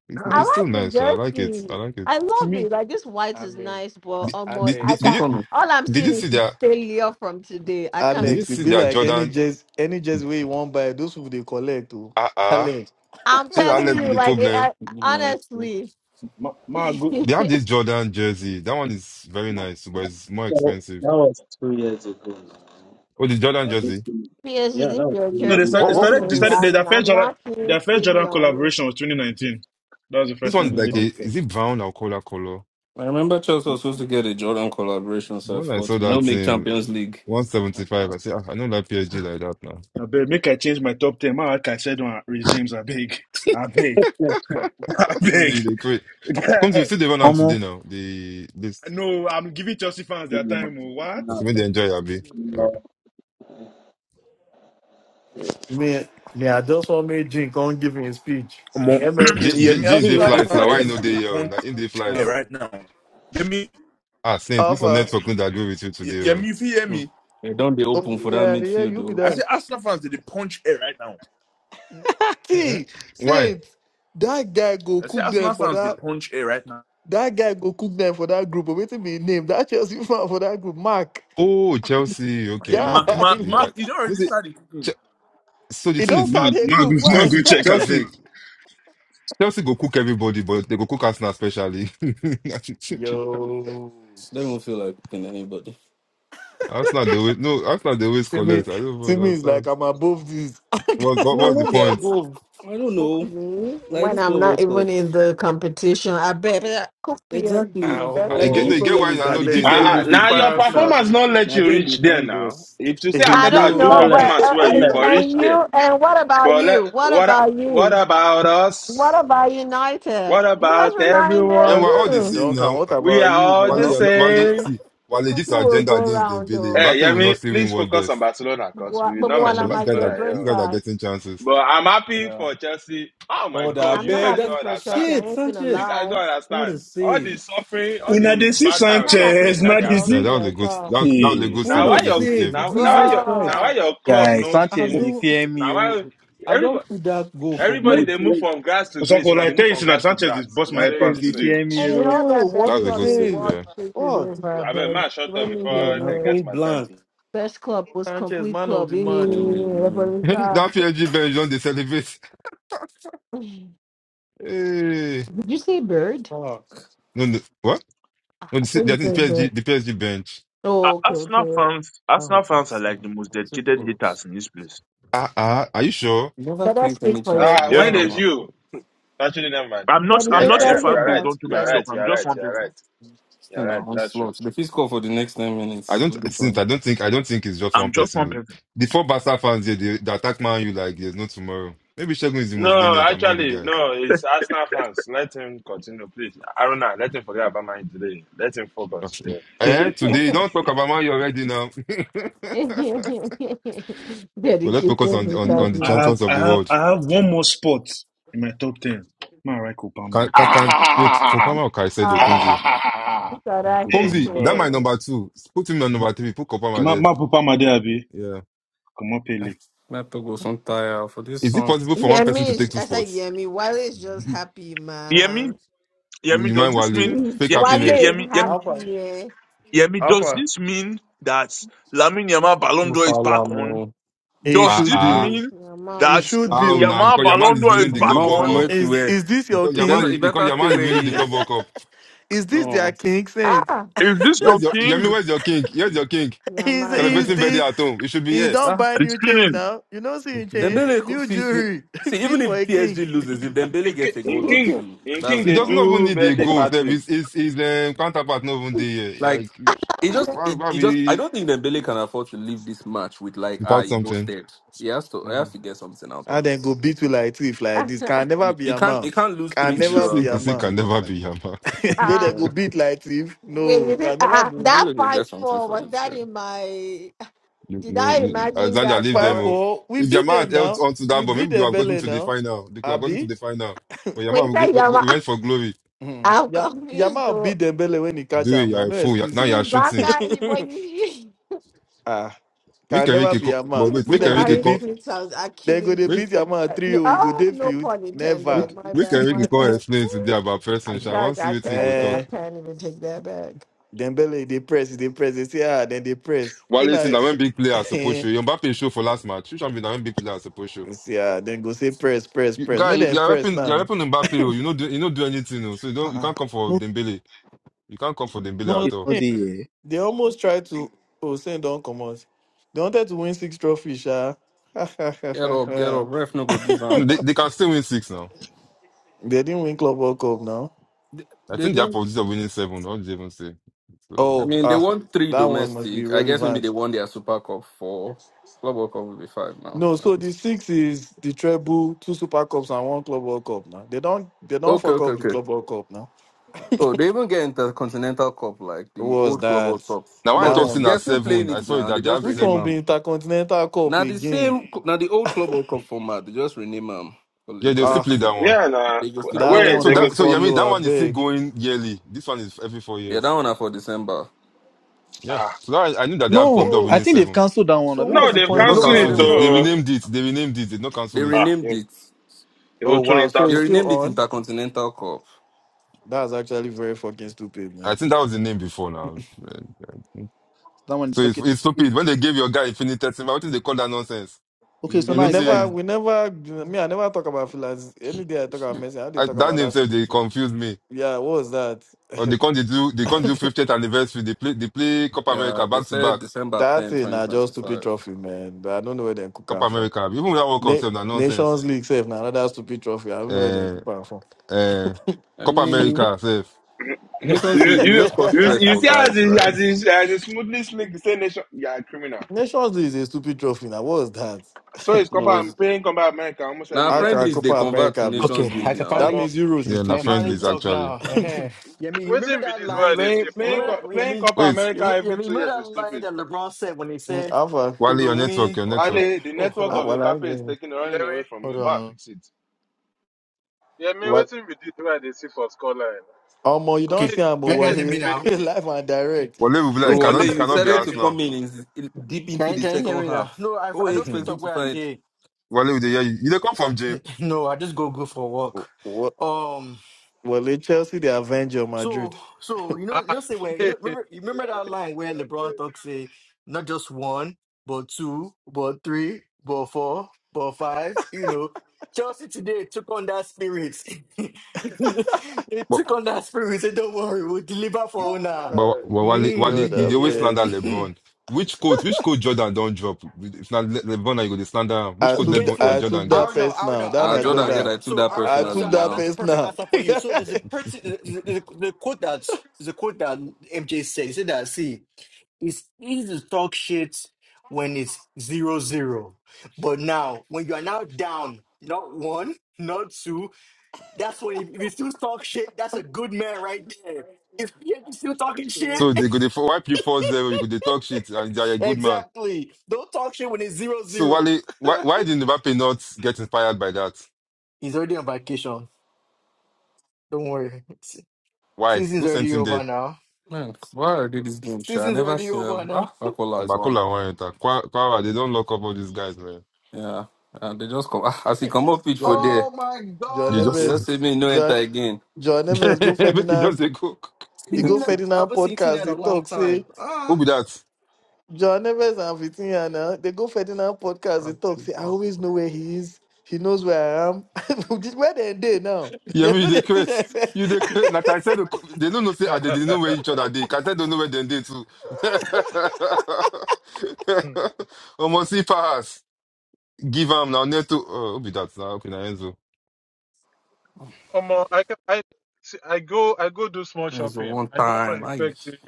Speaker 2: it's,
Speaker 11: I
Speaker 7: Ah,
Speaker 2: it's still
Speaker 11: like the
Speaker 2: nice. I like it. I
Speaker 11: jersey.
Speaker 2: like it.
Speaker 11: I
Speaker 7: to
Speaker 11: love
Speaker 7: me
Speaker 11: it. Like this white is
Speaker 13: Alex.
Speaker 11: nice, but
Speaker 2: Did,
Speaker 11: um,
Speaker 2: did,
Speaker 11: I
Speaker 2: did,
Speaker 8: I
Speaker 13: Alex.
Speaker 11: can
Speaker 2: did
Speaker 8: think
Speaker 2: you
Speaker 11: not
Speaker 8: on
Speaker 11: All I'm
Speaker 2: did
Speaker 11: seeing
Speaker 2: you
Speaker 11: is
Speaker 2: see
Speaker 11: the
Speaker 2: their
Speaker 11: failure from today. I
Speaker 2: did
Speaker 11: can't.
Speaker 2: you
Speaker 13: Alex, it
Speaker 2: see
Speaker 13: be
Speaker 2: their
Speaker 13: like any
Speaker 2: Jordan
Speaker 13: jazz, any jazz way you want buy, those people they collect. Oh.
Speaker 2: ah ah?
Speaker 13: Alex,
Speaker 11: I'm
Speaker 2: Say that let's
Speaker 11: telling
Speaker 2: be
Speaker 11: you,
Speaker 2: the
Speaker 11: like it,
Speaker 2: problem.
Speaker 11: I,
Speaker 8: mm
Speaker 11: honestly,
Speaker 7: my, my good
Speaker 11: PSG,
Speaker 2: They have this Jordan jersey. That one is very
Speaker 7: my,
Speaker 2: nice, but it's more
Speaker 5: that,
Speaker 2: expensive.
Speaker 5: was two years ago now.
Speaker 2: Oh, the Jordan
Speaker 5: Uh, this
Speaker 2: jersey.
Speaker 5: is-
Speaker 11: this
Speaker 5: yeah, that was
Speaker 11: your
Speaker 5: two
Speaker 7: no
Speaker 11: jersey.
Speaker 7: they
Speaker 5: years
Speaker 7: started, they
Speaker 2: What
Speaker 11: I
Speaker 2: what
Speaker 11: don't
Speaker 7: started
Speaker 5: ago.
Speaker 7: they
Speaker 11: know.
Speaker 7: started
Speaker 2: it's
Speaker 7: their
Speaker 11: I'm
Speaker 7: first
Speaker 11: I'm
Speaker 7: Jordan
Speaker 11: not seeing
Speaker 7: their first Jordan
Speaker 11: failure on it.
Speaker 7: collaboration was 2019 that was the
Speaker 2: this
Speaker 7: first
Speaker 2: one
Speaker 7: time
Speaker 2: is
Speaker 7: they
Speaker 2: like
Speaker 7: did
Speaker 2: a
Speaker 7: it
Speaker 5: Okay.
Speaker 2: is it brown or color color?
Speaker 8: I remember Chelsea was supposed to get a Jordan collaboration, sir,
Speaker 2: When I
Speaker 8: but
Speaker 2: saw
Speaker 8: we
Speaker 7: huh?
Speaker 8: no
Speaker 2: that
Speaker 8: make
Speaker 2: thing,
Speaker 8: Champions League.
Speaker 2: 175. I say, ah, I don't like PSG like that now.
Speaker 7: I beg make I change my top 10 my I said one Rich James I beg I beg
Speaker 5: Yes, yes,
Speaker 7: I
Speaker 2: Of course, they,
Speaker 7: beg
Speaker 2: they create. Come to
Speaker 7: guy
Speaker 2: see the one i am today
Speaker 3: Omo.
Speaker 2: now. They this
Speaker 7: no I'm giving Chelsea fans
Speaker 5: you
Speaker 7: their
Speaker 5: know,
Speaker 7: time oh,
Speaker 5: you
Speaker 7: what
Speaker 5: know,
Speaker 2: okay, make they
Speaker 5: like,
Speaker 2: enjoy
Speaker 5: you
Speaker 2: Abi. Uh,
Speaker 5: know, eh,
Speaker 13: me, me, I just want me drink. Can't give him a speech. He
Speaker 14: Omo,
Speaker 13: MLK
Speaker 2: Jane
Speaker 14: hear me
Speaker 13: speech.
Speaker 8: We
Speaker 2: day
Speaker 8: no
Speaker 14: Arsenal
Speaker 8: day
Speaker 2: flights now. Why
Speaker 14: fans
Speaker 2: no know
Speaker 8: flights.
Speaker 14: they
Speaker 2: they uh,
Speaker 14: punch
Speaker 2: na in day
Speaker 14: air
Speaker 8: Nah.
Speaker 2: flights?
Speaker 14: right now. Hear me,
Speaker 2: Ah, since this on
Speaker 13: Alpha,
Speaker 2: network, no, agree with you today.
Speaker 14: hear
Speaker 2: Oh.
Speaker 14: me, if you hear
Speaker 8: Mm.
Speaker 14: me.
Speaker 8: They don't be
Speaker 13: oh,
Speaker 8: open for that
Speaker 13: yeah, yeah,
Speaker 8: midfield,
Speaker 13: you be
Speaker 8: though.
Speaker 14: I say
Speaker 13: there.
Speaker 14: Arsenal fans they, they punch air right now.
Speaker 2: Mm-mm.
Speaker 13: See,
Speaker 2: Why?
Speaker 13: say that guy go
Speaker 14: I say
Speaker 13: cook them
Speaker 14: Arsenal
Speaker 13: for
Speaker 14: fans they
Speaker 13: that.
Speaker 14: punch air right now.
Speaker 13: That guy go cook them for that group. Wait till me name that Chelsea fan for that group. Mark,
Speaker 2: Oh, Chelsea. Okay,
Speaker 14: Hey,
Speaker 2: okay, I
Speaker 13: guy,
Speaker 14: Mark,
Speaker 2: get
Speaker 14: Mark,
Speaker 2: the guy.
Speaker 14: Mark,
Speaker 13: Mark.
Speaker 14: you don't
Speaker 2: You
Speaker 14: already
Speaker 2: see,
Speaker 14: start the cooking.
Speaker 2: Che- so the
Speaker 13: he
Speaker 2: thing
Speaker 13: don't
Speaker 2: is,
Speaker 13: start
Speaker 7: man
Speaker 13: here
Speaker 7: man go
Speaker 13: cook.
Speaker 7: man
Speaker 13: Man,
Speaker 7: go
Speaker 2: Chelsea,
Speaker 13: start
Speaker 7: check I
Speaker 13: here.
Speaker 2: Chelsea,
Speaker 7: beg
Speaker 2: Chelsea go cook everybody, but they go cook Arsenal especially.
Speaker 13: Yo,
Speaker 8: They don't feel like picking anybody.
Speaker 2: Arsenal, they will, no, Arsenal, they always
Speaker 13: to me,
Speaker 2: collect. I
Speaker 13: to
Speaker 2: don't
Speaker 13: me, it's like
Speaker 2: understand.
Speaker 13: I'm above this.
Speaker 2: What, what,
Speaker 8: No, we
Speaker 2: what's the
Speaker 8: no be
Speaker 2: point?
Speaker 8: above. I don't
Speaker 11: Cook
Speaker 8: know.
Speaker 11: me
Speaker 8: Like
Speaker 11: when
Speaker 8: this
Speaker 11: I'm
Speaker 8: for
Speaker 11: not
Speaker 8: World
Speaker 11: even
Speaker 8: Cup.
Speaker 11: in the competition. I bet cook
Speaker 8: Exactly.
Speaker 11: PSG.
Speaker 2: Ah, You
Speaker 8: Like the
Speaker 2: get, no,
Speaker 8: only
Speaker 2: you
Speaker 13: Almo.
Speaker 2: get
Speaker 8: problem
Speaker 2: why
Speaker 8: is
Speaker 2: you're
Speaker 8: that
Speaker 2: not
Speaker 8: the
Speaker 2: there
Speaker 9: Uh,
Speaker 13: Alex,
Speaker 8: people
Speaker 13: they
Speaker 8: we
Speaker 2: now.
Speaker 8: no
Speaker 13: go
Speaker 9: uh,
Speaker 13: see
Speaker 8: did the
Speaker 9: now your
Speaker 13: fire
Speaker 8: competition.
Speaker 9: performance
Speaker 13: snazzles.
Speaker 9: not let
Speaker 8: Now
Speaker 9: you
Speaker 8: then they
Speaker 9: reach there
Speaker 8: find
Speaker 9: now.
Speaker 8: us.
Speaker 9: If you say
Speaker 13: Hey,
Speaker 9: I
Speaker 11: I
Speaker 9: think I
Speaker 11: don't
Speaker 9: do
Speaker 11: know,
Speaker 13: yo.
Speaker 5: Alex,
Speaker 11: but
Speaker 9: performance
Speaker 11: uh,
Speaker 9: well, you
Speaker 11: and,
Speaker 9: for
Speaker 5: Alex,
Speaker 9: reach
Speaker 11: and
Speaker 9: there.
Speaker 11: you and what about
Speaker 9: But
Speaker 11: you?
Speaker 9: let,
Speaker 11: What
Speaker 9: what a-
Speaker 11: about
Speaker 9: what
Speaker 11: you?
Speaker 9: about
Speaker 11: What
Speaker 9: us?
Speaker 11: about United?
Speaker 9: What
Speaker 11: You guys
Speaker 9: about
Speaker 11: were not in there
Speaker 2: And
Speaker 9: everyone?
Speaker 2: we're all the
Speaker 13: Man,
Speaker 11: too.
Speaker 2: same
Speaker 13: Duncan,
Speaker 2: now.
Speaker 13: what
Speaker 9: We
Speaker 13: about
Speaker 9: are
Speaker 13: you
Speaker 9: all
Speaker 2: Wale,
Speaker 9: the
Speaker 13: now?
Speaker 2: you're not, Wale,
Speaker 9: same.
Speaker 2: see,
Speaker 11: The
Speaker 2: Wale, this
Speaker 11: cookie will
Speaker 2: agenda
Speaker 11: go
Speaker 2: against
Speaker 11: round
Speaker 2: Dembele.
Speaker 11: though.
Speaker 9: Hey,
Speaker 2: Mbappe will
Speaker 9: Yemi,
Speaker 2: not still
Speaker 9: please
Speaker 2: win world
Speaker 9: focus on
Speaker 2: best.
Speaker 9: Barcelona because we
Speaker 11: But
Speaker 9: will not
Speaker 2: Ah,
Speaker 11: while
Speaker 9: mention
Speaker 11: I
Speaker 2: Omo, these
Speaker 11: might
Speaker 2: guys are,
Speaker 11: get
Speaker 9: Barcelona here.
Speaker 2: these
Speaker 9: oh.
Speaker 2: guys are
Speaker 11: breakfast,
Speaker 2: getting chances.
Speaker 9: But I'm happy
Speaker 8: Nah.
Speaker 9: for Chelsea. Oh my
Speaker 8: Lord, I
Speaker 9: God,
Speaker 11: I'm
Speaker 9: you
Speaker 11: not
Speaker 8: beg
Speaker 9: guys
Speaker 11: happy
Speaker 8: that
Speaker 9: don't
Speaker 11: for
Speaker 9: understand.
Speaker 11: Chelsea. I
Speaker 8: shit,
Speaker 11: ain't finna
Speaker 9: You
Speaker 8: Sanchez.
Speaker 9: guys
Speaker 11: lie.
Speaker 9: don't
Speaker 8: What a
Speaker 9: understand all
Speaker 8: save!
Speaker 9: the suffering, all
Speaker 7: una
Speaker 9: the
Speaker 7: dey see
Speaker 9: banter
Speaker 11: I'm
Speaker 9: and
Speaker 11: not happy
Speaker 9: suffering
Speaker 7: Sanchez
Speaker 11: for
Speaker 9: that
Speaker 7: not
Speaker 9: they
Speaker 7: dey
Speaker 9: have shown.
Speaker 2: Yeah,
Speaker 7: see
Speaker 2: that
Speaker 11: Chelsea
Speaker 2: was a
Speaker 11: at
Speaker 2: good,
Speaker 11: all,
Speaker 2: that, that was a
Speaker 7: hey.
Speaker 2: good save.
Speaker 8: What
Speaker 9: Now
Speaker 2: That
Speaker 9: why
Speaker 8: a
Speaker 2: was a
Speaker 9: your
Speaker 2: good save.
Speaker 8: save!
Speaker 9: now now why
Speaker 8: Jesus
Speaker 9: your now
Speaker 8: Christ!
Speaker 9: why
Speaker 11: bro.
Speaker 9: your club
Speaker 3: Guy,
Speaker 9: no
Speaker 8: I
Speaker 3: Sanchez,
Speaker 9: move?
Speaker 3: they
Speaker 8: don't,
Speaker 3: fear
Speaker 9: Now
Speaker 3: me.
Speaker 9: why
Speaker 3: oh.
Speaker 8: I
Speaker 9: everybody
Speaker 8: don't put that goal for
Speaker 9: everybody
Speaker 5: wait,
Speaker 8: board.
Speaker 9: they move
Speaker 5: wait,
Speaker 9: from grass to grass.
Speaker 7: Osako,
Speaker 9: Now
Speaker 7: like,
Speaker 9: they
Speaker 7: I tell
Speaker 9: move
Speaker 7: you,
Speaker 9: from
Speaker 7: say that
Speaker 9: grass to
Speaker 7: Sanchez is
Speaker 9: grass.
Speaker 7: bust
Speaker 9: You
Speaker 7: my head
Speaker 9: say
Speaker 7: pass
Speaker 3: Sanchez,
Speaker 9: this
Speaker 3: they
Speaker 9: thing.
Speaker 7: today.
Speaker 3: fear me.
Speaker 11: Any
Speaker 3: oh.
Speaker 11: other
Speaker 13: Yo,
Speaker 2: That
Speaker 11: best
Speaker 13: what
Speaker 2: was
Speaker 13: a
Speaker 2: a
Speaker 11: club
Speaker 2: good
Speaker 11: in the
Speaker 2: save,
Speaker 13: save.
Speaker 11: world
Speaker 2: yeah.
Speaker 11: space is
Speaker 13: What?
Speaker 11: over,
Speaker 9: I mean,
Speaker 11: bro.
Speaker 9: man, shut
Speaker 11: Let
Speaker 9: up
Speaker 11: me hear
Speaker 8: Oh,
Speaker 9: before
Speaker 8: now
Speaker 9: they
Speaker 11: word.
Speaker 9: get
Speaker 8: point
Speaker 9: my time
Speaker 8: blank.
Speaker 9: to.
Speaker 11: Best club was
Speaker 13: Sanchez,
Speaker 11: complete
Speaker 13: man of
Speaker 11: club.
Speaker 13: the
Speaker 8: Pick
Speaker 13: match.
Speaker 8: on
Speaker 13: Oh.
Speaker 8: you, man.
Speaker 2: that PSG bench, don't they celebrate?
Speaker 11: Did
Speaker 2: Hey.
Speaker 11: you say bird?
Speaker 8: Fuck.
Speaker 2: No, no, what?
Speaker 11: Ah,
Speaker 2: No,
Speaker 11: I think
Speaker 2: the, I
Speaker 11: you
Speaker 2: think the
Speaker 11: said that.
Speaker 2: PSG, the PSG bench.
Speaker 15: Uh,
Speaker 11: Oh, okay,
Speaker 15: Arsenal
Speaker 11: okay.
Speaker 15: fans,
Speaker 8: That
Speaker 15: Arsenal
Speaker 8: was
Speaker 15: fans are like the
Speaker 8: insane.
Speaker 15: most
Speaker 8: That's too
Speaker 15: dedicated
Speaker 8: close.
Speaker 15: haters in this place.
Speaker 2: Ah, ah, are you sure?
Speaker 8: You never
Speaker 11: Better
Speaker 8: create
Speaker 11: speak
Speaker 8: any
Speaker 11: for
Speaker 8: chance for
Speaker 9: Ah,
Speaker 8: this
Speaker 15: Yes,
Speaker 9: when
Speaker 11: yourself.
Speaker 15: no.
Speaker 8: second
Speaker 9: is
Speaker 8: half.
Speaker 9: you?
Speaker 8: bro.
Speaker 9: Actually, never mind.
Speaker 15: I'm not.
Speaker 9: Yeah,
Speaker 15: I'm
Speaker 11: Dedicated
Speaker 9: yeah,
Speaker 15: not a
Speaker 9: yeah. You are
Speaker 15: fan based
Speaker 11: haters,
Speaker 9: right.
Speaker 15: onto
Speaker 9: You are
Speaker 11: yeah.
Speaker 15: myself.
Speaker 9: right. You
Speaker 15: I'm
Speaker 9: are
Speaker 15: just
Speaker 9: right.
Speaker 15: one
Speaker 9: You are
Speaker 15: person.
Speaker 9: right. You
Speaker 8: Still
Speaker 9: are right.
Speaker 8: now on
Speaker 9: That's true.
Speaker 8: slot. The first call for the next ten
Speaker 2: I
Speaker 8: minutes.
Speaker 2: don't since I don't think I don't think it's just
Speaker 15: I'm
Speaker 2: one
Speaker 15: just
Speaker 2: person.
Speaker 15: one
Speaker 2: oh.
Speaker 15: person.
Speaker 2: The four Barca fans here, they, they attack man you like there's no tomorrow. Maybe Shegun is the most
Speaker 9: No,
Speaker 2: lenient among you
Speaker 9: actually,
Speaker 2: guys.
Speaker 9: no, it's Arsenal fans. Let him continue, please. I Let him forget about mine today. Let him focus. Yeah.
Speaker 2: Eh, today you don't talk about man you already now. well, let's
Speaker 11: Dedicated
Speaker 2: focus on the
Speaker 7: No
Speaker 2: on,
Speaker 11: haters,
Speaker 7: more.
Speaker 2: on the
Speaker 11: you
Speaker 7: I have
Speaker 11: know.
Speaker 2: champions of
Speaker 7: I
Speaker 2: the
Speaker 7: have
Speaker 2: world.
Speaker 7: I have one more spot in my top ten. My right Kupama
Speaker 2: Can can,
Speaker 7: big.
Speaker 2: can wait Kopama or Caicedo
Speaker 11: Ah,
Speaker 2: Kumzi?
Speaker 9: Ah, ah,
Speaker 11: look at that
Speaker 2: Kumzi,
Speaker 7: Kupama.
Speaker 11: hating,
Speaker 2: that
Speaker 9: God.
Speaker 2: my
Speaker 11: man.
Speaker 2: number two. Put him on number three. Put Kopama
Speaker 7: My
Speaker 2: there.
Speaker 7: my Kupama there be.
Speaker 2: Yeah.
Speaker 7: Come on, Pele.
Speaker 8: Let to go some tire for this
Speaker 2: Is it
Speaker 8: song.
Speaker 2: possible for one person
Speaker 11: Yemi,
Speaker 2: to take
Speaker 11: is-
Speaker 2: two
Speaker 11: I said
Speaker 2: spots?
Speaker 11: Yemi. Wale is just happy,
Speaker 15: Yemi,
Speaker 11: man.
Speaker 2: You,
Speaker 15: Yemi,
Speaker 2: you
Speaker 15: does
Speaker 2: mind
Speaker 15: this
Speaker 2: Wally?
Speaker 15: mean?
Speaker 11: Mm,
Speaker 2: Fake
Speaker 15: Ye- Ye- Ye-
Speaker 2: happiness.
Speaker 11: Wale is
Speaker 15: Yemi, Yemi,
Speaker 13: Alpha.
Speaker 11: happy, eh?
Speaker 15: Yemi, does
Speaker 13: Alpha.
Speaker 15: this mean that Lamine Yamal Ballon
Speaker 8: No
Speaker 15: d'Or is
Speaker 8: Salah,
Speaker 15: back on?
Speaker 8: mo.
Speaker 13: It
Speaker 15: Does
Speaker 2: Ah
Speaker 15: this
Speaker 13: should be.
Speaker 2: ah.
Speaker 13: Oh.
Speaker 15: mean
Speaker 13: It
Speaker 11: Yamalu.
Speaker 15: that
Speaker 13: should be.
Speaker 2: Oh now
Speaker 13: Oh.
Speaker 15: Yamal
Speaker 2: because your man
Speaker 15: Ballon
Speaker 2: is
Speaker 15: d'Or
Speaker 2: winning
Speaker 13: Is
Speaker 15: is
Speaker 2: the
Speaker 13: this
Speaker 15: back
Speaker 2: club
Speaker 8: No,
Speaker 2: World
Speaker 8: from
Speaker 2: Cup.
Speaker 15: on?
Speaker 8: where to
Speaker 13: is
Speaker 8: where.
Speaker 13: is this your
Speaker 2: Because
Speaker 8: He better,
Speaker 13: king?
Speaker 2: Yamal is
Speaker 8: he
Speaker 2: because
Speaker 8: better stay
Speaker 2: Yamal is
Speaker 8: where
Speaker 2: winning the
Speaker 8: he
Speaker 2: club World
Speaker 8: is.
Speaker 2: Cup.
Speaker 13: Is this their
Speaker 8: No.
Speaker 13: king saint?
Speaker 11: Ah,
Speaker 15: Is this your
Speaker 2: Where's your
Speaker 15: king?
Speaker 2: Yami? Where's your king? Here's your king
Speaker 13: Is is
Speaker 11: Yamalu.
Speaker 2: celebrating birthday
Speaker 13: the
Speaker 2: at home. It should be
Speaker 13: he
Speaker 2: here.
Speaker 13: don't
Speaker 8: Ah.
Speaker 13: buy
Speaker 15: It's
Speaker 13: new chain
Speaker 15: killing.
Speaker 13: now? You know see him chain?
Speaker 8: Dembele could-
Speaker 13: New
Speaker 8: see, see
Speaker 13: jewelry.
Speaker 8: see even
Speaker 13: Fit for
Speaker 8: if
Speaker 13: a king.
Speaker 8: PSG loses, if Dembele
Speaker 9: In King,
Speaker 8: gets a
Speaker 9: in
Speaker 8: goal or
Speaker 9: King,
Speaker 8: two,
Speaker 9: in King
Speaker 8: that's
Speaker 2: He
Speaker 9: they
Speaker 2: doesn't
Speaker 8: enough.
Speaker 2: even
Speaker 9: do
Speaker 2: need the
Speaker 9: birthday
Speaker 2: goal. Sef.
Speaker 9: party.
Speaker 2: His his his um, counterpart not even there.
Speaker 8: Like
Speaker 2: Like
Speaker 8: it
Speaker 2: ah,
Speaker 8: just
Speaker 2: why
Speaker 8: it,
Speaker 2: why
Speaker 8: it just I
Speaker 2: be
Speaker 8: don't think Dembele can afford to leave this match with like ah
Speaker 2: without
Speaker 8: he
Speaker 2: something?
Speaker 8: ghosted. He has to I have to get something out
Speaker 13: And
Speaker 8: of it.
Speaker 13: then go beat you like thief like this. Can never
Speaker 8: You
Speaker 13: be
Speaker 8: you
Speaker 13: a
Speaker 8: can't you
Speaker 13: man.
Speaker 8: can't lose three
Speaker 13: Can
Speaker 2: you
Speaker 13: never
Speaker 8: zero
Speaker 13: be
Speaker 8: and
Speaker 2: see,
Speaker 13: a
Speaker 2: you see,
Speaker 13: man.
Speaker 8: contribute
Speaker 2: can never
Speaker 8: nothing.
Speaker 2: be Yamal.
Speaker 13: then they go
Speaker 8: Yeah.
Speaker 13: beat like thief.
Speaker 11: Wait,
Speaker 13: No,
Speaker 11: is it,
Speaker 13: can never
Speaker 11: uh,
Speaker 13: be.
Speaker 11: that
Speaker 8: Dembele will
Speaker 11: five
Speaker 8: get something
Speaker 11: four
Speaker 8: for
Speaker 11: was
Speaker 8: this
Speaker 11: that
Speaker 8: game.
Speaker 11: in my?
Speaker 2: You, you
Speaker 11: Did
Speaker 2: know,
Speaker 11: I
Speaker 2: you-
Speaker 11: imagine
Speaker 2: Alexandra
Speaker 11: that
Speaker 2: leave
Speaker 13: Five
Speaker 2: them.
Speaker 11: or
Speaker 2: oh.
Speaker 13: four. We
Speaker 2: If
Speaker 13: beat
Speaker 2: Yamal
Speaker 13: them
Speaker 2: had held
Speaker 13: now.
Speaker 2: on to that
Speaker 13: We
Speaker 2: ball,
Speaker 13: beat
Speaker 2: maybe they would
Speaker 13: them
Speaker 2: have gotten
Speaker 13: belly
Speaker 2: to the
Speaker 13: now.
Speaker 2: final. They could have gotten to
Speaker 13: Abi.
Speaker 2: the final. But
Speaker 11: when you
Speaker 2: Yamal go,
Speaker 11: say
Speaker 2: go, go-
Speaker 11: Yama?
Speaker 2: he went for glory.
Speaker 13: Hmm.
Speaker 11: I'm
Speaker 13: Yeah, Yama
Speaker 11: confused
Speaker 13: will
Speaker 11: though.
Speaker 13: beat them belly when he catch
Speaker 2: Do it,
Speaker 13: him now.
Speaker 2: you're a
Speaker 13: No
Speaker 2: fool. You're- now
Speaker 13: excuses.
Speaker 2: you're shooting.
Speaker 11: Ibaka, Iboyi, these
Speaker 13: Ah,
Speaker 2: Make
Speaker 13: can never
Speaker 2: Enrique,
Speaker 13: be
Speaker 2: co-
Speaker 13: a
Speaker 2: but
Speaker 13: man.
Speaker 2: wait,
Speaker 13: We
Speaker 2: make
Speaker 13: then go they
Speaker 2: Enrique
Speaker 11: Buhari
Speaker 2: come.
Speaker 13: beat.
Speaker 11: tweets are, are
Speaker 13: Then go they
Speaker 11: killing me.
Speaker 13: beat
Speaker 11: But
Speaker 13: Yama three
Speaker 11: no,
Speaker 13: o. He go
Speaker 11: oh,
Speaker 13: they
Speaker 11: no
Speaker 13: field.
Speaker 11: pun
Speaker 13: Never.
Speaker 11: intended.
Speaker 2: Make
Speaker 11: My
Speaker 2: make
Speaker 11: bad,
Speaker 2: Eric
Speaker 11: my
Speaker 2: come
Speaker 11: bad.
Speaker 2: explain today
Speaker 11: Ooh,
Speaker 2: about
Speaker 11: I,
Speaker 2: person. sha. I
Speaker 11: guys,
Speaker 2: want to see
Speaker 11: I, ca-
Speaker 2: wetin he
Speaker 11: I,
Speaker 2: go
Speaker 11: ca- I
Speaker 13: eh.
Speaker 2: talk.
Speaker 11: can't even take that back.
Speaker 13: Dembele, they press, they press, they say ah, then they press.
Speaker 2: While
Speaker 13: Then
Speaker 2: it's
Speaker 13: I
Speaker 2: that when big player suppose show. Your Mbappe show for last match. Which one be that when big player suppose show?
Speaker 13: See, ah, then go say press, press,
Speaker 2: You,
Speaker 13: press.
Speaker 2: guy,
Speaker 13: Make
Speaker 2: you,
Speaker 13: them
Speaker 2: you're
Speaker 13: press
Speaker 2: repping
Speaker 13: now.
Speaker 2: you're
Speaker 13: no.
Speaker 2: repping Mbappe. oh. You know do you know do anything. oh. So you don't you
Speaker 3: Uh-uh.
Speaker 2: can't come for
Speaker 3: No,
Speaker 2: Dembele. You can't come for
Speaker 3: no
Speaker 2: Dembele at
Speaker 3: face
Speaker 2: all.
Speaker 3: no
Speaker 13: Hussein,
Speaker 3: day.
Speaker 13: They almost tried to. Oh, saying don't come out. They wanted to win six trophies, ah. they
Speaker 8: Get up, get up. Ref no go give
Speaker 2: No,
Speaker 8: out.
Speaker 2: they they can still win six now.
Speaker 13: didn't win Club World Cup now.
Speaker 8: They,
Speaker 2: I
Speaker 8: they
Speaker 2: think they are
Speaker 8: didn't
Speaker 2: position of winning seven. What did they even say?
Speaker 8: I
Speaker 2: So
Speaker 13: Oh,
Speaker 8: mean they
Speaker 13: ah,
Speaker 8: won three
Speaker 13: that one must be
Speaker 8: domestic. I guess maybe they
Speaker 13: relevant.
Speaker 8: won their Super Cup four. Club World Cup will be five now.
Speaker 13: No, so the six is the treble, two Super Cups, and one Club World Cup now. They don't, they don't
Speaker 8: Okay,
Speaker 13: fuck
Speaker 8: okay,
Speaker 13: up the
Speaker 8: okay.
Speaker 13: Club World Cup now.
Speaker 8: Oh, they even get into the Continental Cup, like
Speaker 13: It
Speaker 8: the
Speaker 13: was
Speaker 8: old Club
Speaker 13: that,
Speaker 8: World Cup.
Speaker 2: now when I
Speaker 8: No,
Speaker 13: that
Speaker 8: they
Speaker 2: talk saying
Speaker 13: one.
Speaker 8: they
Speaker 2: that
Speaker 8: are still playing
Speaker 2: seven, I
Speaker 8: it
Speaker 2: saw it
Speaker 8: now.
Speaker 2: that
Speaker 8: They
Speaker 2: they have
Speaker 8: just
Speaker 13: Which
Speaker 8: rename
Speaker 13: one
Speaker 2: seven.
Speaker 13: be
Speaker 8: them.
Speaker 13: Intercontinental Cup
Speaker 8: Now the
Speaker 13: again?
Speaker 8: same, now the old Club World Cup format. They just rename them. They
Speaker 2: Yeah, they'll still
Speaker 13: Ah,
Speaker 8: collect
Speaker 2: play that
Speaker 8: money.
Speaker 2: one.
Speaker 9: Yeah, nah.
Speaker 8: They go still
Speaker 13: that
Speaker 8: play that
Speaker 9: Wait,
Speaker 13: one
Speaker 2: So
Speaker 9: they
Speaker 8: one.
Speaker 13: no
Speaker 9: go.
Speaker 2: that so
Speaker 9: St-
Speaker 2: yeah, I mean that
Speaker 13: follow, I
Speaker 2: one is still
Speaker 13: beg.
Speaker 2: going yearly. This one is every four
Speaker 8: Yeah,
Speaker 2: years.
Speaker 8: that one are for December.
Speaker 2: Yeah.
Speaker 9: ah.
Speaker 2: So that I, I knew that they have
Speaker 3: No,
Speaker 2: problem of
Speaker 13: So,
Speaker 3: I
Speaker 2: winning
Speaker 3: think they've
Speaker 2: seven.
Speaker 3: cancelled that one.
Speaker 13: so
Speaker 3: Have you not
Speaker 9: No,
Speaker 13: what's the
Speaker 3: cancelled
Speaker 9: they've
Speaker 2: They've
Speaker 13: point
Speaker 2: not
Speaker 8: No,
Speaker 13: of
Speaker 9: cancelled
Speaker 8: no,
Speaker 13: that
Speaker 9: it.
Speaker 2: cancelled
Speaker 8: they've
Speaker 13: one?
Speaker 2: it.
Speaker 8: not.
Speaker 2: They
Speaker 9: Oh.
Speaker 8: oh.
Speaker 2: renamed it. They renamed it. They've not
Speaker 8: They
Speaker 2: cancelled it.
Speaker 9: Ah,
Speaker 8: renamed
Speaker 9: you,
Speaker 8: it.
Speaker 9: you
Speaker 13: Oh
Speaker 9: will tune
Speaker 13: wow!
Speaker 9: in
Speaker 13: So
Speaker 8: They
Speaker 13: it's
Speaker 9: taco.
Speaker 13: still
Speaker 8: renamed it
Speaker 13: on.
Speaker 8: Intercontinental Cup.
Speaker 13: That's actually very fucking stupid,
Speaker 2: I
Speaker 13: man.
Speaker 2: think that was the name before now. Eh,
Speaker 3: that one?
Speaker 2: So
Speaker 3: It's
Speaker 2: it's,
Speaker 3: okay.
Speaker 2: it's stupid. When they gave your guy Infinite Testing, what did they call that nonsense? You,
Speaker 3: Okay, so
Speaker 2: you
Speaker 3: now
Speaker 13: We
Speaker 2: know,
Speaker 3: it's like
Speaker 13: never,
Speaker 2: say
Speaker 13: we never. Me, I never talk about freelance. Any day I talk about Messi, I only
Speaker 2: I,
Speaker 13: talk
Speaker 2: that
Speaker 13: about
Speaker 2: name
Speaker 13: that
Speaker 2: says
Speaker 13: stupid
Speaker 2: they
Speaker 13: trophy.
Speaker 2: confused me.
Speaker 13: Yeah, what was that?
Speaker 2: Or they can't do they can't do 50th anniversary. They play they play Copa America
Speaker 8: Yeah, they
Speaker 2: back to
Speaker 8: said
Speaker 2: back.
Speaker 8: December
Speaker 13: That
Speaker 8: 10,
Speaker 13: thing, I just stupid
Speaker 8: 2025.
Speaker 13: trophy, man. But I don't know where they cook
Speaker 2: Copa
Speaker 13: am from.
Speaker 2: America. Even without World Cup
Speaker 13: Na-
Speaker 2: self, na nonsense.
Speaker 13: Nations League, safe now. Another stupid trophy. I don't know where they
Speaker 2: Uh,
Speaker 13: cook am from.
Speaker 2: uh,
Speaker 8: I
Speaker 2: Copa
Speaker 8: mean,
Speaker 2: America self.
Speaker 8: Nations
Speaker 9: You,
Speaker 8: League, they
Speaker 9: you,
Speaker 8: just cause
Speaker 9: you,
Speaker 8: stress
Speaker 9: you
Speaker 8: for
Speaker 9: see as
Speaker 8: guys,
Speaker 9: he, as
Speaker 8: right?
Speaker 9: he, as he smoothly slick the same nation. Yeah, criminal.
Speaker 13: Nations League is a stupid trophy. Now, what was
Speaker 9: So
Speaker 13: that?
Speaker 9: it's Copa,
Speaker 8: No,
Speaker 9: I'm
Speaker 8: it's,
Speaker 9: paying Copa America almost
Speaker 8: now
Speaker 9: every
Speaker 13: How can
Speaker 9: year.
Speaker 8: friendlies,
Speaker 13: Copa
Speaker 8: they convert to
Speaker 13: America be
Speaker 8: Nations
Speaker 16: Okay, I
Speaker 8: League
Speaker 13: stupid?
Speaker 16: can
Speaker 8: now.
Speaker 13: That
Speaker 16: finally,
Speaker 17: Omo,
Speaker 13: means Euros is
Speaker 2: Yeah,
Speaker 16: I
Speaker 2: na
Speaker 16: can
Speaker 13: stupid
Speaker 16: finally
Speaker 2: friendlies
Speaker 13: too.
Speaker 16: talk
Speaker 2: actually.
Speaker 16: now.
Speaker 13: Now.
Speaker 16: Ehem. Yemi, you remember
Speaker 17: wetin be
Speaker 16: that
Speaker 17: dis wey I
Speaker 16: line?
Speaker 17: dey
Speaker 9: Playing
Speaker 17: see
Speaker 16: You
Speaker 9: playing
Speaker 16: remember
Speaker 17: for
Speaker 16: that,
Speaker 9: co- playing
Speaker 16: Yemi?
Speaker 9: Copa
Speaker 2: Wait,
Speaker 16: You
Speaker 9: America
Speaker 16: remember,
Speaker 9: every
Speaker 16: Yemi,
Speaker 9: two
Speaker 16: remember
Speaker 9: years
Speaker 16: that
Speaker 9: is
Speaker 16: line
Speaker 9: stupid.
Speaker 16: that LeBron said when he
Speaker 13: Mm,
Speaker 16: said
Speaker 13: Alpha,
Speaker 16: they
Speaker 2: Wale, your
Speaker 16: go
Speaker 2: network,
Speaker 16: win?
Speaker 2: your
Speaker 16: Remember
Speaker 2: network.
Speaker 9: Wale,
Speaker 16: that?
Speaker 9: the
Speaker 16: Oh, hold
Speaker 9: network
Speaker 13: ah,
Speaker 16: on,
Speaker 9: of
Speaker 13: well, I
Speaker 9: Mbappe is
Speaker 13: mean,
Speaker 9: taking running
Speaker 17: Yemi?
Speaker 9: away from you.
Speaker 16: hold
Speaker 9: Go
Speaker 16: on.
Speaker 9: and
Speaker 16: no.
Speaker 9: fix it.
Speaker 17: Yemi,
Speaker 13: what?
Speaker 17: wetin be dis wey I dey see for scoreline?
Speaker 13: Omo, you
Speaker 17: My
Speaker 13: don't
Speaker 16: Okay,
Speaker 17: eyes,
Speaker 13: see I'm a
Speaker 17: my
Speaker 16: can you guys
Speaker 17: eyes
Speaker 16: hear
Speaker 17: dey
Speaker 16: me
Speaker 13: Wale
Speaker 16: now?
Speaker 17: pain me.
Speaker 13: live and direct.
Speaker 2: Wale will be
Speaker 8: So
Speaker 2: like,
Speaker 17: My
Speaker 8: Wale,
Speaker 2: cannot it
Speaker 17: eyes
Speaker 8: you
Speaker 17: dey
Speaker 2: cannot be
Speaker 8: decided
Speaker 17: pain
Speaker 8: to
Speaker 2: us now.
Speaker 17: me.
Speaker 8: come in, is- deep into
Speaker 16: Can you,
Speaker 8: the
Speaker 16: can you hear
Speaker 8: second
Speaker 16: me now?
Speaker 8: half.
Speaker 16: No, I
Speaker 8: What were
Speaker 16: I
Speaker 8: you
Speaker 16: know if you
Speaker 8: expecting
Speaker 16: talk
Speaker 8: to
Speaker 16: where I
Speaker 8: find?
Speaker 16: did.
Speaker 2: Wale, will dey hear you. You dey come from gym.
Speaker 16: No, I just go go for a walk.
Speaker 13: What?
Speaker 16: Um.
Speaker 13: Wale Chelsea, the Avenger Madrid.
Speaker 16: So, so you know,
Speaker 17: Ah,
Speaker 16: you know, say where you
Speaker 17: hey,
Speaker 16: know,
Speaker 17: hey,
Speaker 16: remember, you
Speaker 17: hey,
Speaker 16: remember that
Speaker 17: hey,
Speaker 16: line where LeBron
Speaker 17: God
Speaker 16: talks say not just one, but two, but three, but four, but five. You know, Chelsea today took on that spirit. they
Speaker 2: But
Speaker 16: took on that spirit. Say, don't worry, we'll deliver for Ona.
Speaker 2: but,
Speaker 13: Ah,
Speaker 2: but Wale,
Speaker 16: Mm,
Speaker 2: Wale,
Speaker 16: we
Speaker 13: God,
Speaker 2: you
Speaker 13: I
Speaker 2: they always
Speaker 16: did,
Speaker 2: slander
Speaker 13: beg.
Speaker 16: yeah.
Speaker 2: LeBron. Which code? Which code Jordan don't drop? If not Le- LeBron, now you go to slander. am. Which
Speaker 13: I
Speaker 2: code
Speaker 13: took th-
Speaker 16: Guess
Speaker 2: LeBron
Speaker 16: what?
Speaker 13: I
Speaker 2: and
Speaker 13: took
Speaker 2: Jordan get?
Speaker 16: I
Speaker 13: that
Speaker 16: don't know.
Speaker 13: pace
Speaker 16: I don't
Speaker 13: now.
Speaker 16: know. I
Speaker 13: That
Speaker 8: Uh,
Speaker 16: don't
Speaker 13: na
Speaker 16: know. I
Speaker 8: Jordan,
Speaker 16: don't
Speaker 8: get
Speaker 13: Jordan.
Speaker 16: know.
Speaker 8: I took
Speaker 16: So
Speaker 8: that
Speaker 16: I don't
Speaker 13: I I
Speaker 16: know.
Speaker 8: personally
Speaker 13: took
Speaker 16: So I
Speaker 13: that
Speaker 16: got
Speaker 8: now.
Speaker 16: the
Speaker 13: pace
Speaker 16: perfect
Speaker 13: now.
Speaker 16: answer for you. So there's a person. There's a, there's a there's a quote that's there's a quote that MJ said. He said that. See. It's easy to talk shit when it's zero zero, but now when you are now down, not one, not two, that's when if if you still talk shit, that's a good man right there. If you're still talking shit,
Speaker 2: So they go they for- wipe you four zero. You go they talk shit, and they are a good man.
Speaker 16: exactly. Don't talk shit when it's zero
Speaker 2: So
Speaker 16: zero.
Speaker 2: Wale, why why did Mbappe not get inspired by that?
Speaker 16: He's already on vacation. Don't worry.
Speaker 2: Why?
Speaker 16: Season's
Speaker 2: Who sent
Speaker 16: already
Speaker 2: him
Speaker 16: over
Speaker 2: there?
Speaker 16: now.
Speaker 8: Man, why I did this game, sure. I
Speaker 16: Season's
Speaker 8: never
Speaker 16: already
Speaker 8: seen
Speaker 16: over
Speaker 8: him.
Speaker 16: now.
Speaker 8: Ah, Akola is on.
Speaker 2: Bakula Wanyata. Kwa- Kwawa, they don't lock up all these guys, man.
Speaker 8: Yeah, and they just come. Ah, as he come up pitch for
Speaker 13: John
Speaker 8: there,
Speaker 16: Oh my
Speaker 13: John
Speaker 2: They
Speaker 16: god,
Speaker 8: you
Speaker 2: just
Speaker 8: just see
Speaker 13: Evans
Speaker 8: me no
Speaker 13: John
Speaker 8: enter again.
Speaker 13: John
Speaker 2: make
Speaker 13: Evans go
Speaker 2: it just
Speaker 13: Ferdinand.
Speaker 2: a cook.
Speaker 13: He go
Speaker 16: Tina!
Speaker 8: That's
Speaker 16: I
Speaker 13: Ferdinand
Speaker 16: haven't seen Tina
Speaker 13: podcast.
Speaker 16: in a
Speaker 13: He
Speaker 16: long
Speaker 13: talk say.
Speaker 16: time.
Speaker 2: Who
Speaker 16: Ah.
Speaker 2: be that?
Speaker 13: John Neves and Vitinha they go Ferdinand podcast, they talk, say, I always know where he is. He knows where I am. where they they now? They
Speaker 2: Yemi, you
Speaker 13: know
Speaker 2: dey
Speaker 13: they see
Speaker 2: create.
Speaker 13: that.
Speaker 2: You dey create. Like I said, they don't know say ah, they didn't know where
Speaker 17: abeg.
Speaker 2: each other dey. Like I said, don't know where they dey too.
Speaker 17: Hmm.
Speaker 2: Almost see pass. Give am now. Neto. Oh, who be that now. Okay, now Enzo.
Speaker 17: Omo, I ca- I see, I go I go do small shopping.
Speaker 8: one
Speaker 17: I don't
Speaker 8: time. I
Speaker 17: expect it.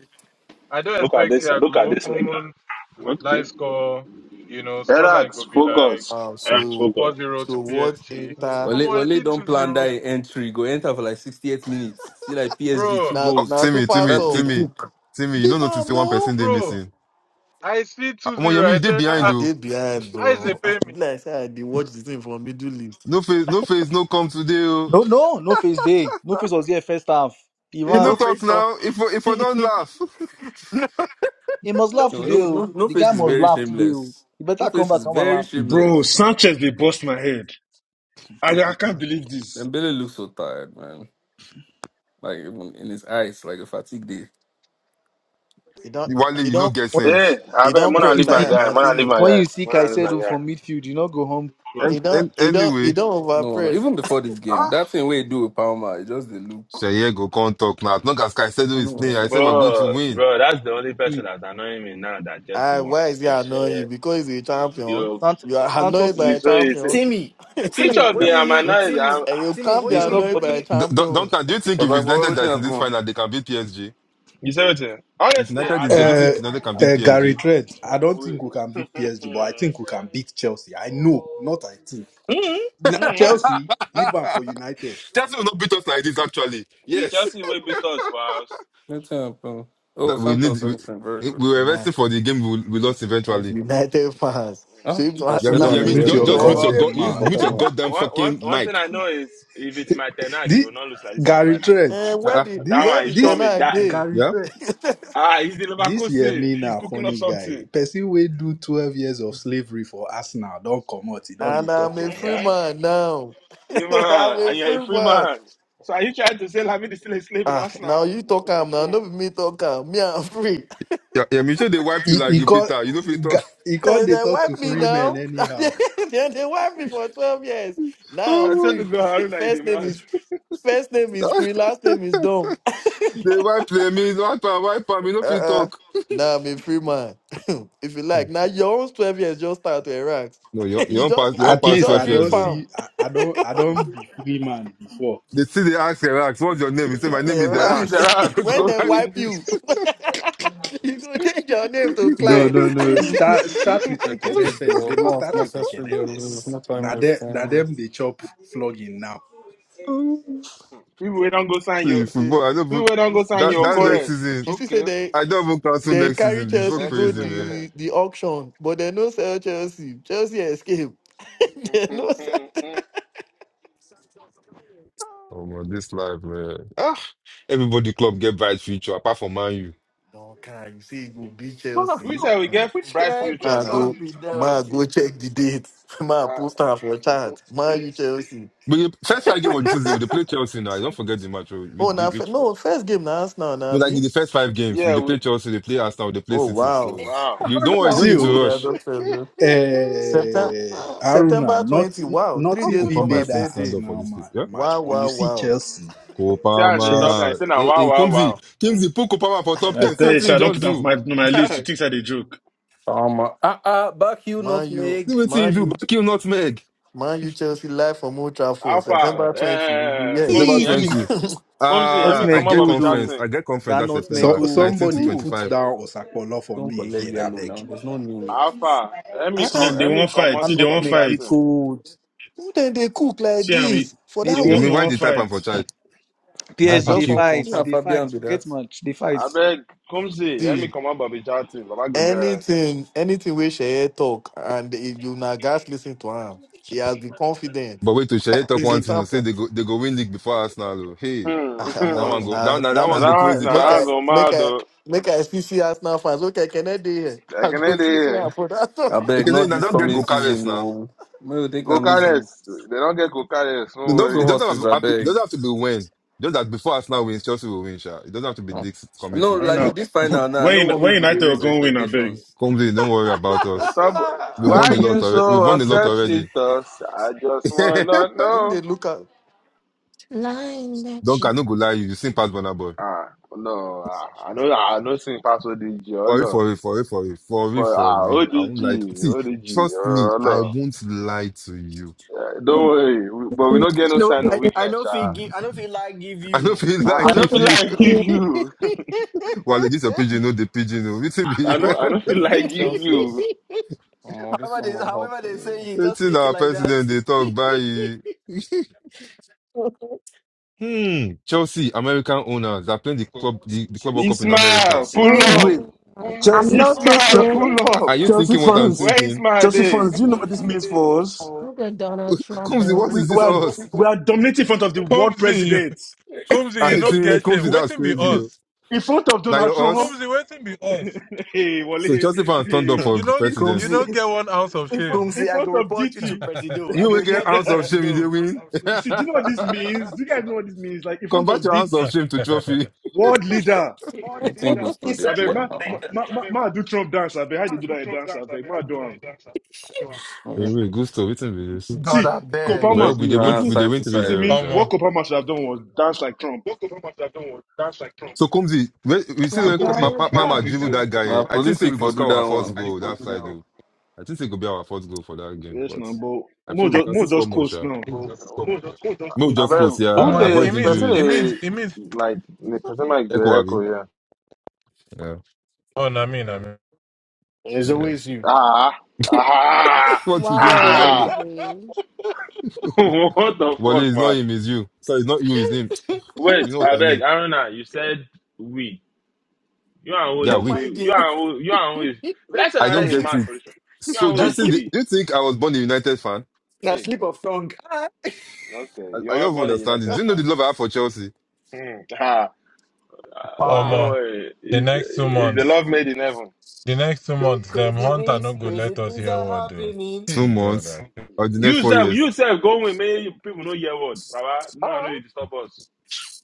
Speaker 17: I don't
Speaker 9: Look at
Speaker 17: expect it.
Speaker 9: this.
Speaker 17: I
Speaker 9: Look at
Speaker 17: go
Speaker 9: this nigga.
Speaker 17: open
Speaker 9: Okay.
Speaker 17: live score. You know, scoreline
Speaker 9: Relax.
Speaker 17: go be like
Speaker 9: Focus.
Speaker 13: Um,
Speaker 9: Relax.
Speaker 13: so,
Speaker 17: four
Speaker 9: Focus.
Speaker 17: zero
Speaker 13: so
Speaker 17: to
Speaker 13: what
Speaker 17: PSG.
Speaker 13: inter?
Speaker 8: Wale,
Speaker 17: Omo, I
Speaker 8: Wale
Speaker 17: see
Speaker 8: don't plan that
Speaker 17: 2-0.
Speaker 8: entry. Go enter for like 68 minutes. See like PSG two
Speaker 17: Bro,
Speaker 13: Now,
Speaker 2: Oh,
Speaker 13: now
Speaker 8: goals.
Speaker 2: Timmy,
Speaker 13: super
Speaker 2: Timmy,
Speaker 8: Start to the
Speaker 13: so
Speaker 2: Timmy,
Speaker 8: cook.
Speaker 2: Timmy. You don't
Speaker 13: give
Speaker 2: notice
Speaker 13: up
Speaker 2: the one
Speaker 13: now.
Speaker 2: person they
Speaker 17: bro.
Speaker 2: missing.
Speaker 17: I see
Speaker 2: Ah,
Speaker 17: two
Speaker 2: Omo
Speaker 17: zero.
Speaker 2: Yemi, you
Speaker 17: I
Speaker 2: dey
Speaker 17: say,
Speaker 2: behind
Speaker 13: I
Speaker 17: ah,
Speaker 2: though.
Speaker 13: did behind,
Speaker 17: how is they
Speaker 13: bro. I
Speaker 17: pay me?
Speaker 13: like I said, I did watch the thing from Middle East.
Speaker 2: No face, no face, no come today. Oh,
Speaker 3: no, no, no face day. No face was here first half. He
Speaker 2: you no
Speaker 16: No
Speaker 3: ran.
Speaker 2: talk
Speaker 16: face off.
Speaker 2: now. If I- if I don't laugh,
Speaker 16: no,
Speaker 3: He must
Speaker 16: no
Speaker 3: laugh
Speaker 8: No,
Speaker 3: today.
Speaker 16: face
Speaker 8: no,
Speaker 3: Oh.
Speaker 16: off.
Speaker 8: no, no
Speaker 3: The
Speaker 8: face
Speaker 3: guy
Speaker 8: is
Speaker 3: must
Speaker 8: very
Speaker 3: laugh today. Oh.
Speaker 8: shameless.
Speaker 3: He
Speaker 8: No
Speaker 3: better come
Speaker 8: face
Speaker 3: back
Speaker 8: is
Speaker 3: come and
Speaker 8: very
Speaker 3: laugh.
Speaker 7: Bro,
Speaker 8: shameless.
Speaker 7: Sanchez they bust my head. I, I can't believe this.
Speaker 8: And Billy looks so tired, man. Like even in his eyes, like a fatigue day.
Speaker 13: He don't,
Speaker 2: Wale,
Speaker 13: he
Speaker 2: you no
Speaker 13: don't,
Speaker 2: get
Speaker 3: When,
Speaker 9: Hey,
Speaker 2: sense.
Speaker 9: I
Speaker 13: he
Speaker 9: bet
Speaker 13: don't
Speaker 3: when
Speaker 9: Mona
Speaker 13: press
Speaker 3: you
Speaker 9: leave my
Speaker 13: tire
Speaker 3: see
Speaker 9: guy.
Speaker 13: now. See
Speaker 9: Mona leave
Speaker 13: me.
Speaker 9: my
Speaker 3: when
Speaker 9: guy.
Speaker 3: you see
Speaker 9: Mona leave my
Speaker 3: Caicedo
Speaker 9: guy.
Speaker 3: from midfield, you not go home.
Speaker 9: Focus.
Speaker 2: And
Speaker 13: He don't,
Speaker 2: and
Speaker 13: he don't, he
Speaker 2: anyway.
Speaker 13: don't over
Speaker 8: No, no.
Speaker 13: press.
Speaker 8: Even before this game,
Speaker 2: Ah,
Speaker 8: that thing where he do with Palmer, it just the look.
Speaker 2: Sheye go come talk now. As long as Caicedo
Speaker 8: I
Speaker 2: is
Speaker 8: don't know
Speaker 2: playing, I
Speaker 8: sure.
Speaker 2: said we're going to
Speaker 9: Bro,
Speaker 2: win.
Speaker 9: bro, that's the only
Speaker 3: Hey,
Speaker 9: person that's annoying me now that Jesse
Speaker 13: Ah,
Speaker 9: won.
Speaker 13: why is he
Speaker 9: It's
Speaker 13: annoying
Speaker 9: Shere.
Speaker 13: you? Because he's a champion.
Speaker 9: You,
Speaker 3: Santos
Speaker 13: You are annoyed
Speaker 3: Santos is
Speaker 13: by
Speaker 9: we
Speaker 13: a
Speaker 9: saw you say,
Speaker 13: champion.
Speaker 16: Timmy,
Speaker 9: which
Speaker 16: Timmy,
Speaker 9: of
Speaker 16: what
Speaker 8: I
Speaker 9: me
Speaker 16: do you
Speaker 9: am
Speaker 16: mean,
Speaker 9: annoyed?
Speaker 16: Timmy?
Speaker 9: I'm,
Speaker 13: And you
Speaker 16: Timmy,
Speaker 13: can't be
Speaker 16: what
Speaker 3: they
Speaker 16: do you
Speaker 9: There we
Speaker 16: mean?
Speaker 3: stopped
Speaker 13: annoyed
Speaker 9: go.
Speaker 16: What
Speaker 3: up.
Speaker 16: do
Speaker 13: by
Speaker 16: you?
Speaker 2: D- don't,
Speaker 13: champions.
Speaker 2: don't, do you think
Speaker 8: was
Speaker 2: if it's
Speaker 8: like, well,
Speaker 2: United
Speaker 8: what
Speaker 2: that is in this
Speaker 8: happened?
Speaker 2: final, they can beat PSG?
Speaker 9: You say what? you-
Speaker 2: If
Speaker 9: Honestly,
Speaker 2: United
Speaker 9: I,
Speaker 2: is there, do you
Speaker 9: I,
Speaker 18: Uh,
Speaker 2: think United can beat
Speaker 18: uh, Gary
Speaker 2: PSG?
Speaker 18: Trent, I don't
Speaker 9: We,
Speaker 18: think we can beat PSG, but I think we can beat Chelsea. I know, not I think.
Speaker 16: Mm?
Speaker 18: Na-
Speaker 9: hmm
Speaker 18: Chelsea, leave am for United.
Speaker 2: Chelsea will not beat us like this, actually.
Speaker 9: The
Speaker 2: Yes.
Speaker 9: Chelsea way beat us for us.
Speaker 8: What happened?
Speaker 2: That
Speaker 8: Oh,
Speaker 2: we need,
Speaker 8: Santos Henson, very
Speaker 2: we,
Speaker 8: good.
Speaker 2: we were
Speaker 13: United,
Speaker 2: resting for the game we, we lost
Speaker 8: Yes,
Speaker 2: eventually.
Speaker 8: sir.
Speaker 13: United fans. So
Speaker 8: Ah,
Speaker 13: if
Speaker 8: I
Speaker 13: una
Speaker 2: Yemi,
Speaker 8: said
Speaker 9: Okay.
Speaker 13: una
Speaker 8: on a
Speaker 13: fit
Speaker 2: Yemi,
Speaker 18: Mute
Speaker 13: still
Speaker 2: just,
Speaker 8: yellow
Speaker 18: your
Speaker 2: just
Speaker 13: talk,
Speaker 2: mute your
Speaker 8: man.
Speaker 9: But
Speaker 18: goddamn
Speaker 2: god,
Speaker 8: They
Speaker 2: you
Speaker 18: mouth.
Speaker 2: mute
Speaker 8: bother
Speaker 2: your
Speaker 8: me.
Speaker 2: goddamn
Speaker 9: one, one,
Speaker 2: fucking
Speaker 9: one thing
Speaker 2: mic.
Speaker 9: I know is if it's my Tenag, he
Speaker 18: This
Speaker 9: will not lose like this in the
Speaker 18: Gary
Speaker 9: final.
Speaker 18: Trent,
Speaker 9: Hmm.
Speaker 13: and where
Speaker 2: Uh-uh.
Speaker 13: the
Speaker 9: That
Speaker 18: this
Speaker 13: where
Speaker 9: one, he
Speaker 13: the
Speaker 9: sure
Speaker 13: ten
Speaker 18: this
Speaker 9: me
Speaker 13: hag
Speaker 9: die.
Speaker 13: day?
Speaker 18: Gary
Speaker 2: Yeah?
Speaker 18: Trent,
Speaker 9: Ah, he's the
Speaker 18: this
Speaker 9: Leverkusen. He's
Speaker 18: Yemina
Speaker 9: cooking up
Speaker 18: funny guy.
Speaker 9: something.
Speaker 18: Person wey do twelve years of slavery for Arsenal don comot. He don dey
Speaker 13: And I'm
Speaker 18: talk
Speaker 13: a free
Speaker 18: anyhow.
Speaker 9: Mm-mm.
Speaker 13: man now.
Speaker 9: Me
Speaker 13: I'm
Speaker 9: man,
Speaker 13: a
Speaker 9: and you're a
Speaker 13: free
Speaker 9: free
Speaker 13: man.
Speaker 9: man. So are you trying to say Lamid is still a slave in
Speaker 13: Ah, now
Speaker 9: Arsenal?
Speaker 13: you talk am now.
Speaker 9: Hmm.
Speaker 13: No be me talk am. Me I'm free.
Speaker 2: Yeah, Yemi, sure they wipe
Speaker 18: He
Speaker 2: you like
Speaker 18: he
Speaker 2: Lupita.
Speaker 18: con
Speaker 2: You don't feel talk.
Speaker 18: he con
Speaker 13: And
Speaker 18: dey
Speaker 13: they
Speaker 18: talk to
Speaker 13: wipe me
Speaker 18: free men
Speaker 13: now.
Speaker 18: anyhow.
Speaker 13: then they wipe me for twelve years. Now I'm
Speaker 9: I said to
Speaker 2: Oh,
Speaker 13: free.
Speaker 9: go Haruna, you the
Speaker 13: First name
Speaker 9: mad.
Speaker 13: is first name is
Speaker 2: that-
Speaker 13: free. Last name is dumb.
Speaker 2: they wipe me, wipe, am, wipe, am, you know if you
Speaker 13: Uh-uh.
Speaker 2: talk.
Speaker 13: Now I'm a free man. if you
Speaker 2: Hmm.
Speaker 13: like, now your own 12 years just start to erect.
Speaker 2: No, you you
Speaker 13: you
Speaker 2: don't
Speaker 13: just
Speaker 2: pass, you don't
Speaker 18: At
Speaker 13: you
Speaker 2: pass
Speaker 18: least I
Speaker 13: just
Speaker 2: 12
Speaker 13: reach
Speaker 18: don't
Speaker 2: years old.
Speaker 13: farm.
Speaker 18: see I, I don't I don't be free man before.
Speaker 2: They see the ask relax. What's your name? He said, My name is the
Speaker 9: My name is
Speaker 2: racks.
Speaker 13: Erect.
Speaker 2: They
Speaker 9: Arax.
Speaker 2: go
Speaker 13: when they
Speaker 9: Okay.
Speaker 2: wipe.
Speaker 13: wipe you, you go change your name to
Speaker 18: No
Speaker 13: Clyde.
Speaker 18: no no. Start start with
Speaker 9: People,
Speaker 18: Ekene
Speaker 8: Thirteen
Speaker 18: first.
Speaker 8: goal,
Speaker 18: They go
Speaker 8: not
Speaker 18: start with
Speaker 8: necessary
Speaker 18: Ekene
Speaker 8: yellows.
Speaker 18: first.
Speaker 8: No time
Speaker 18: Now them now
Speaker 8: wasting.
Speaker 18: them they chop flogging now.
Speaker 9: we don't go sign
Speaker 13: You
Speaker 9: you.
Speaker 2: see,
Speaker 13: see, say,
Speaker 2: football, I don't
Speaker 9: We
Speaker 2: even,
Speaker 9: wait not
Speaker 13: you
Speaker 9: go sign
Speaker 13: you
Speaker 2: that
Speaker 9: your
Speaker 13: see,
Speaker 2: that
Speaker 13: say,
Speaker 2: next
Speaker 9: chorus.
Speaker 2: season,
Speaker 13: you see, say
Speaker 9: Okay.
Speaker 13: they
Speaker 2: I don't even cancel
Speaker 13: they
Speaker 2: next
Speaker 13: carry
Speaker 2: season. It's so
Speaker 13: Chelsea
Speaker 9: Next
Speaker 13: go
Speaker 2: crazy,
Speaker 9: season
Speaker 2: man.
Speaker 9: care.
Speaker 13: the the auction, but they no sell Chelsea. Chelsea escape. they no sell.
Speaker 2: Oh my this life, man. Ah, everybody club get bright future apart from Man U.
Speaker 13: No, can you see? it Go beat
Speaker 16: What the
Speaker 9: we
Speaker 13: Chelsea.
Speaker 16: fuck?
Speaker 9: say we get
Speaker 16: Which
Speaker 9: bright
Speaker 16: kind
Speaker 9: future
Speaker 13: Ma
Speaker 9: now.
Speaker 13: go,
Speaker 16: dog be that?
Speaker 13: ma go check the date. Ma
Speaker 9: Uh,
Speaker 13: post am for chat. Ma you Chelsea.
Speaker 2: But the first five games of the season, we they play Chelsea now. I Don't forget the match. oh,
Speaker 13: Oh
Speaker 2: Which,
Speaker 13: na fir-
Speaker 2: which,
Speaker 13: no first game na Arsenal na
Speaker 2: no, like
Speaker 13: be.
Speaker 2: in the first five games, we
Speaker 9: yeah,
Speaker 2: they
Speaker 9: we
Speaker 2: play Chelsea, they play Arsenal, they play
Speaker 13: Oh
Speaker 2: City.
Speaker 13: wow.
Speaker 2: So
Speaker 9: wow.
Speaker 16: I
Speaker 2: you
Speaker 16: heard
Speaker 2: don't
Speaker 16: that
Speaker 2: worry, you
Speaker 16: out
Speaker 2: don't
Speaker 18: See
Speaker 2: need
Speaker 16: fool.
Speaker 2: to
Speaker 18: you
Speaker 13: Yeah,
Speaker 2: rush.
Speaker 13: that's fair. September
Speaker 18: uh, Aruna,
Speaker 13: September
Speaker 18: not
Speaker 13: twenty. Wow, three
Speaker 18: not
Speaker 2: How
Speaker 18: if
Speaker 13: days
Speaker 2: could
Speaker 18: he
Speaker 13: before
Speaker 2: Palmer
Speaker 13: my
Speaker 18: did
Speaker 2: still
Speaker 18: that
Speaker 2: stand
Speaker 13: birthday.
Speaker 2: up for
Speaker 18: Arsenal
Speaker 2: this
Speaker 18: ma-
Speaker 2: place? Yeah.
Speaker 18: match,
Speaker 13: Wow,
Speaker 18: but you
Speaker 13: wow,
Speaker 18: see
Speaker 13: wow.
Speaker 18: Chelsea.
Speaker 9: See how they talk
Speaker 18: Chelsea.
Speaker 9: and
Speaker 2: Kopama.
Speaker 9: say now
Speaker 2: Hey,
Speaker 9: wow
Speaker 2: hey,
Speaker 9: wow
Speaker 2: Kumzi.
Speaker 9: wow. Hmm.
Speaker 2: Kumzi, put Kopama for top
Speaker 7: I
Speaker 2: 10. See
Speaker 7: tell
Speaker 2: what
Speaker 7: you,
Speaker 2: he
Speaker 7: so I don't put
Speaker 2: just
Speaker 7: them for
Speaker 2: do.
Speaker 7: my on my list. You
Speaker 2: Die.
Speaker 7: think that they joke.
Speaker 8: Palmer, ah ah, back you
Speaker 13: Man,
Speaker 8: not
Speaker 13: you,
Speaker 2: See
Speaker 8: make.
Speaker 2: what he
Speaker 13: man
Speaker 2: do.
Speaker 13: you,
Speaker 2: Back you not Meg.
Speaker 13: man you Chelsea live from Old Trafford.
Speaker 8: That's
Speaker 9: Alpha,
Speaker 13: September
Speaker 8: sad.
Speaker 13: twenty. will be
Speaker 9: eh
Speaker 13: here.
Speaker 9: comes
Speaker 2: September
Speaker 9: in, Emmy.
Speaker 3: Hey,
Speaker 2: 20.
Speaker 9: Comes in,
Speaker 3: not
Speaker 9: Emmy
Speaker 2: Ah, I
Speaker 3: make
Speaker 9: come up
Speaker 2: get
Speaker 9: Bobby
Speaker 3: cold oh.
Speaker 2: conference.
Speaker 9: Charlton.
Speaker 2: I get conference
Speaker 3: That
Speaker 2: that
Speaker 3: not make
Speaker 18: So
Speaker 2: September
Speaker 3: cold.
Speaker 2: 19 to
Speaker 18: somebody
Speaker 3: Ooh.
Speaker 18: put
Speaker 2: 25.
Speaker 18: down Osakpolo for
Speaker 8: Don't
Speaker 18: me
Speaker 8: collect
Speaker 18: again, I
Speaker 8: yellow
Speaker 18: beg.
Speaker 8: now. There's no need.
Speaker 9: Alpha,
Speaker 13: Ah,
Speaker 9: Emmy
Speaker 7: See
Speaker 13: uh-uh.
Speaker 9: come
Speaker 7: them, they
Speaker 9: Emmy
Speaker 7: won't
Speaker 9: come
Speaker 7: fight.
Speaker 9: out
Speaker 3: That
Speaker 7: See, they
Speaker 3: not
Speaker 7: won't
Speaker 9: Bobby
Speaker 3: make the
Speaker 7: fight.
Speaker 9: Charlton.
Speaker 3: cold.
Speaker 13: who then they cook like
Speaker 7: See him, he,
Speaker 13: this for
Speaker 7: he
Speaker 13: that
Speaker 2: I
Speaker 3: Maybe
Speaker 7: won't he
Speaker 2: mean,
Speaker 13: win?
Speaker 2: why
Speaker 7: won't
Speaker 2: they type
Speaker 7: fight.
Speaker 2: am for child?
Speaker 13: I
Speaker 2: That
Speaker 3: PSG
Speaker 2: back
Speaker 3: they
Speaker 13: just
Speaker 2: you.
Speaker 13: want
Speaker 3: fight.
Speaker 8: You know,
Speaker 13: confirm.
Speaker 3: They
Speaker 8: Fabian
Speaker 3: fight.
Speaker 8: be
Speaker 3: Forget
Speaker 8: that.
Speaker 3: match. They fight.
Speaker 9: I beg comes in,
Speaker 13: See.
Speaker 9: Emmy come out Bobby Charlton. Baba go there.
Speaker 13: Anything, anything we share talk, and if you na guys listen to him, he has been confident.
Speaker 2: But wait to share talk
Speaker 13: He's
Speaker 2: one
Speaker 13: a
Speaker 2: thing. oh, Say
Speaker 13: champion.
Speaker 2: they go they go win league before Arsenal. oh. Hey,
Speaker 13: Ah, I'm
Speaker 2: that
Speaker 13: a,
Speaker 9: Hmm.
Speaker 2: one go
Speaker 13: nah,
Speaker 2: that, that,
Speaker 13: nah,
Speaker 2: that
Speaker 9: Now
Speaker 2: one
Speaker 13: nah.
Speaker 2: go
Speaker 9: now
Speaker 2: crazy
Speaker 13: Make
Speaker 9: now
Speaker 13: I
Speaker 2: pass.
Speaker 9: go
Speaker 13: make
Speaker 9: mad
Speaker 13: I
Speaker 9: though.
Speaker 13: make I see see Arsenal fans. Okay, can I do here?
Speaker 9: Like
Speaker 13: I
Speaker 9: an
Speaker 13: go see see
Speaker 9: idea.
Speaker 13: am for that.
Speaker 8: I beg,
Speaker 2: Okay, then
Speaker 8: not
Speaker 2: now
Speaker 8: this
Speaker 2: don't get
Speaker 8: coming
Speaker 2: go careless
Speaker 8: season.
Speaker 2: now.
Speaker 8: No, maybe they can miss the
Speaker 9: Gokares. They don't get Gokares. Don't
Speaker 2: No, no,
Speaker 8: little
Speaker 2: it
Speaker 9: worry.
Speaker 2: doesn't have,
Speaker 8: horses. I
Speaker 2: have to, it doesn't
Speaker 8: beg.
Speaker 2: have to be when. Just that before Arsenal wins, Chelsea will win. Sha. It doesn't have to be
Speaker 8: Oh.
Speaker 2: this coming
Speaker 8: No,
Speaker 7: I
Speaker 2: season.
Speaker 7: don't
Speaker 8: like with
Speaker 7: know.
Speaker 8: this final now, no
Speaker 7: when
Speaker 8: one
Speaker 7: when
Speaker 8: people they
Speaker 7: United will
Speaker 2: Oh.
Speaker 8: raise
Speaker 7: go win, I beg.
Speaker 8: expectations.
Speaker 2: Comedy, don't worry about us.
Speaker 9: Stop.
Speaker 8: It's,
Speaker 13: Ah,
Speaker 2: We've won
Speaker 9: Why
Speaker 2: a lot
Speaker 9: you
Speaker 2: already. We've
Speaker 9: so
Speaker 2: won a lot
Speaker 9: obsessed
Speaker 2: already.
Speaker 9: with us? I just wanna
Speaker 13: In the
Speaker 9: know.
Speaker 13: look at
Speaker 11: Lying that
Speaker 2: Don't I no go lie you. You sing past Burna Boy.
Speaker 9: Ah, no. Ah, I know. I know. Sing past ODG.
Speaker 2: For real,
Speaker 9: no.
Speaker 2: for real, for real, for real, for real,
Speaker 9: But
Speaker 2: for
Speaker 9: ah,
Speaker 2: real. I won't lie. To,
Speaker 9: ODG,
Speaker 2: see,
Speaker 9: ODG.
Speaker 2: trust me,
Speaker 9: Uh,
Speaker 2: I
Speaker 9: hello.
Speaker 2: won't lie to you.
Speaker 9: Uh, don't worry. We, but we
Speaker 11: you.
Speaker 9: don't get no
Speaker 16: no,
Speaker 9: sign of
Speaker 16: I, I know
Speaker 9: weakness.
Speaker 16: if he
Speaker 9: Ah.
Speaker 16: give, I know if he like give
Speaker 2: I don't
Speaker 16: you.
Speaker 2: feel
Speaker 9: I, I
Speaker 2: like
Speaker 9: don't
Speaker 2: if
Speaker 9: feel
Speaker 2: you
Speaker 9: like give you.
Speaker 2: well this a pigeon, no the pigeon. No.
Speaker 8: it's,
Speaker 2: It's be
Speaker 9: I do
Speaker 8: huh?
Speaker 9: I don't feel like
Speaker 8: 32
Speaker 9: give you.
Speaker 8: Celsius. Oh, this
Speaker 16: however they,
Speaker 8: summer hot.
Speaker 16: however they
Speaker 8: eh.
Speaker 16: say you
Speaker 2: it's
Speaker 16: just
Speaker 2: in
Speaker 16: make it
Speaker 2: our
Speaker 16: like that.
Speaker 2: president they talk by Hmm. Chelsea, American owners are playing the club the, the
Speaker 17: Come
Speaker 2: Club World
Speaker 9: He
Speaker 2: Cup
Speaker 17: up
Speaker 2: in
Speaker 17: in
Speaker 2: America.
Speaker 9: smile,
Speaker 17: America.
Speaker 9: pull
Speaker 7: Wait,
Speaker 9: up.
Speaker 11: I'm
Speaker 9: He
Speaker 7: Chelsea.
Speaker 9: smile,
Speaker 7: Ch-
Speaker 9: pull
Speaker 11: noticing.
Speaker 2: Are,
Speaker 9: up.
Speaker 2: are you
Speaker 7: Chelsea
Speaker 2: thinking what I'm
Speaker 7: fans,
Speaker 9: Where is
Speaker 2: thinking?
Speaker 9: my
Speaker 7: Chelsea
Speaker 9: day?
Speaker 7: fans, do you know what this means for us?
Speaker 11: Look at Donald Trump
Speaker 2: Comes
Speaker 7: We,
Speaker 2: what
Speaker 11: and
Speaker 7: we,
Speaker 2: is
Speaker 7: we
Speaker 2: this
Speaker 7: are
Speaker 2: us?
Speaker 7: we are dominating in front of the world
Speaker 17: Kumzi, you-
Speaker 7: president,
Speaker 17: Kumzi, you
Speaker 2: I
Speaker 17: no
Speaker 2: think
Speaker 17: get
Speaker 2: Comes
Speaker 17: shame.
Speaker 7: in
Speaker 2: that's
Speaker 17: Waiting be
Speaker 2: crazy. oh.
Speaker 17: us.
Speaker 7: front of
Speaker 2: Now
Speaker 7: Donald
Speaker 2: you're
Speaker 7: Trump,
Speaker 2: us.
Speaker 17: Kumzi, waiting be us.
Speaker 7: hey, Wale,
Speaker 2: So
Speaker 7: hey,
Speaker 2: Chelsea fans turned
Speaker 17: You,
Speaker 2: up
Speaker 16: Hmm.
Speaker 2: for
Speaker 17: you
Speaker 2: the
Speaker 17: know,
Speaker 7: in,
Speaker 17: you
Speaker 2: president.
Speaker 16: Kumsi,
Speaker 17: don't get one ounce of
Speaker 7: in, fr-
Speaker 17: shame.
Speaker 7: in
Speaker 16: Kumsi, I
Speaker 7: front
Speaker 16: go
Speaker 7: of
Speaker 16: report
Speaker 7: DT.
Speaker 16: you to Presido. I
Speaker 2: You
Speaker 16: go
Speaker 2: will get
Speaker 16: report you to
Speaker 2: ounce of shame, if they
Speaker 16: Presido.
Speaker 17: that?
Speaker 2: win.
Speaker 7: See, do you know what this means? Do you guys know what this means? Like in front of
Speaker 2: Convert your
Speaker 7: DT,
Speaker 2: ounce of shame to trophy.
Speaker 8: So,
Speaker 7: world leader.
Speaker 8: anything goes
Speaker 16: He
Speaker 8: to the
Speaker 7: I
Speaker 16: said,
Speaker 7: beg,
Speaker 8: play
Speaker 7: ma,
Speaker 17: Man,
Speaker 7: ma,
Speaker 16: "Well,
Speaker 8: now.
Speaker 7: ma, ma,
Speaker 17: Why-
Speaker 7: ma
Speaker 17: why
Speaker 7: do Trump dance. I beg, how they
Speaker 17: I
Speaker 7: do
Speaker 17: do
Speaker 7: that
Speaker 17: Trump
Speaker 7: dance? I
Speaker 17: dance, I mean,
Speaker 7: beg,
Speaker 17: how
Speaker 7: ma
Speaker 17: you
Speaker 7: do
Speaker 17: do that
Speaker 7: am.
Speaker 17: in dance, I mean? I
Speaker 8: Okay.
Speaker 2: Anyway, good stuff. It's in this.
Speaker 16: God,
Speaker 7: See,
Speaker 16: I
Speaker 17: don't know.
Speaker 16: beg.
Speaker 8: But
Speaker 7: Kopama,
Speaker 8: they
Speaker 2: Well,
Speaker 8: do
Speaker 2: we they
Speaker 8: your
Speaker 2: win
Speaker 8: hands
Speaker 2: we
Speaker 7: waiting.
Speaker 2: they
Speaker 8: side
Speaker 2: win
Speaker 8: to
Speaker 2: three
Speaker 7: See
Speaker 8: side.
Speaker 2: zero.
Speaker 7: me,
Speaker 2: sure.
Speaker 7: what
Speaker 17: Omo,
Speaker 7: Kopama should have done was dance like Trump.
Speaker 17: What could Obama have done was dance like Trump.
Speaker 2: So Kumzi, when, we see
Speaker 17: So
Speaker 11: like
Speaker 2: when Co- Pa-
Speaker 17: Kumzi,
Speaker 11: Donald
Speaker 16: I
Speaker 2: Pa-
Speaker 16: do
Speaker 17: when-
Speaker 2: Palmer
Speaker 11: Trump.
Speaker 17: you
Speaker 16: beg.
Speaker 2: dribble
Speaker 17: see when
Speaker 2: that guy.
Speaker 17: Obama-
Speaker 2: eh,
Speaker 8: Now,
Speaker 17: come
Speaker 2: I think say
Speaker 17: and
Speaker 8: Polisic
Speaker 2: we
Speaker 17: take,
Speaker 2: go
Speaker 8: for do
Speaker 2: score
Speaker 17: uh,
Speaker 2: our
Speaker 8: that
Speaker 17: I
Speaker 2: fourth
Speaker 8: one.
Speaker 17: think,
Speaker 2: goal
Speaker 17: uh, I-
Speaker 2: that side though. I think it could be our fourth goal for that game,
Speaker 7: Yes,
Speaker 2: but
Speaker 7: no, but
Speaker 2: I
Speaker 7: more
Speaker 2: feel we
Speaker 7: just
Speaker 2: can
Speaker 7: more
Speaker 2: still score
Speaker 7: just
Speaker 2: more,
Speaker 7: coast
Speaker 2: sure.
Speaker 7: now.
Speaker 2: Maybe we just coast,
Speaker 9: abeg who
Speaker 2: yeah,
Speaker 17: omo. It it
Speaker 9: the
Speaker 2: avoid
Speaker 17: means,
Speaker 9: person
Speaker 17: it
Speaker 2: injuries.
Speaker 9: dey
Speaker 17: means, it means.
Speaker 9: like the person mic
Speaker 2: Echo
Speaker 9: dey echo
Speaker 2: Abi.
Speaker 9: here
Speaker 2: Yeah,
Speaker 17: Oh, I mean, I mean.
Speaker 16: It's
Speaker 2: yeah.
Speaker 16: always you.
Speaker 9: ah ah
Speaker 2: What
Speaker 11: Why
Speaker 2: did you mean,
Speaker 11: always
Speaker 2: Wale?
Speaker 9: ah
Speaker 11: me?
Speaker 9: what the
Speaker 2: Wale
Speaker 9: fuck,
Speaker 2: is not
Speaker 9: man?
Speaker 2: him, it's you. So it's not you, it's him.
Speaker 9: Wait,
Speaker 2: You know what
Speaker 9: I
Speaker 2: I mean?
Speaker 9: beg, Aruna, you said we. You are
Speaker 2: Yeah,
Speaker 9: always
Speaker 16: Don't
Speaker 2: we.
Speaker 16: mind
Speaker 9: we. You
Speaker 16: him.
Speaker 9: are always, you are always. But I said
Speaker 2: I
Speaker 9: I
Speaker 16: Now
Speaker 2: don't
Speaker 9: ain't
Speaker 2: get
Speaker 16: sleep,
Speaker 9: mad
Speaker 2: it.
Speaker 9: for this one. You are
Speaker 2: So do
Speaker 16: now
Speaker 2: you
Speaker 9: always
Speaker 2: think
Speaker 16: sleep,
Speaker 2: the,
Speaker 9: we.
Speaker 2: do you think I was born a United fan?
Speaker 16: now
Speaker 9: Hey
Speaker 16: sleep
Speaker 9: God.
Speaker 16: of tongue. Ah.
Speaker 2: I,
Speaker 9: Okay, you
Speaker 2: I
Speaker 9: are
Speaker 2: don't
Speaker 9: born a United
Speaker 2: understand it. Do you know the love
Speaker 9: fan.
Speaker 2: I have for Chelsea?
Speaker 9: Hmm. Ah, ah,
Speaker 16: Wow.
Speaker 9: no
Speaker 17: Omo,
Speaker 9: way.
Speaker 17: the
Speaker 9: Is
Speaker 17: next two
Speaker 9: is the
Speaker 17: months,
Speaker 9: love made in heaven?
Speaker 17: the next two
Speaker 16: Cra-
Speaker 17: months, them
Speaker 16: Crazy
Speaker 17: hunter no
Speaker 16: things,
Speaker 17: go
Speaker 16: crazy
Speaker 17: let us
Speaker 16: things
Speaker 17: hear
Speaker 16: are
Speaker 17: what do.
Speaker 16: happening.
Speaker 2: Two
Speaker 17: Hey God,
Speaker 2: months
Speaker 17: I-
Speaker 2: or the next
Speaker 9: You
Speaker 2: four
Speaker 9: self, you
Speaker 2: years.
Speaker 9: self, go with me. People know your word, Baba. No, I know
Speaker 16: Ah,
Speaker 9: you disturb us.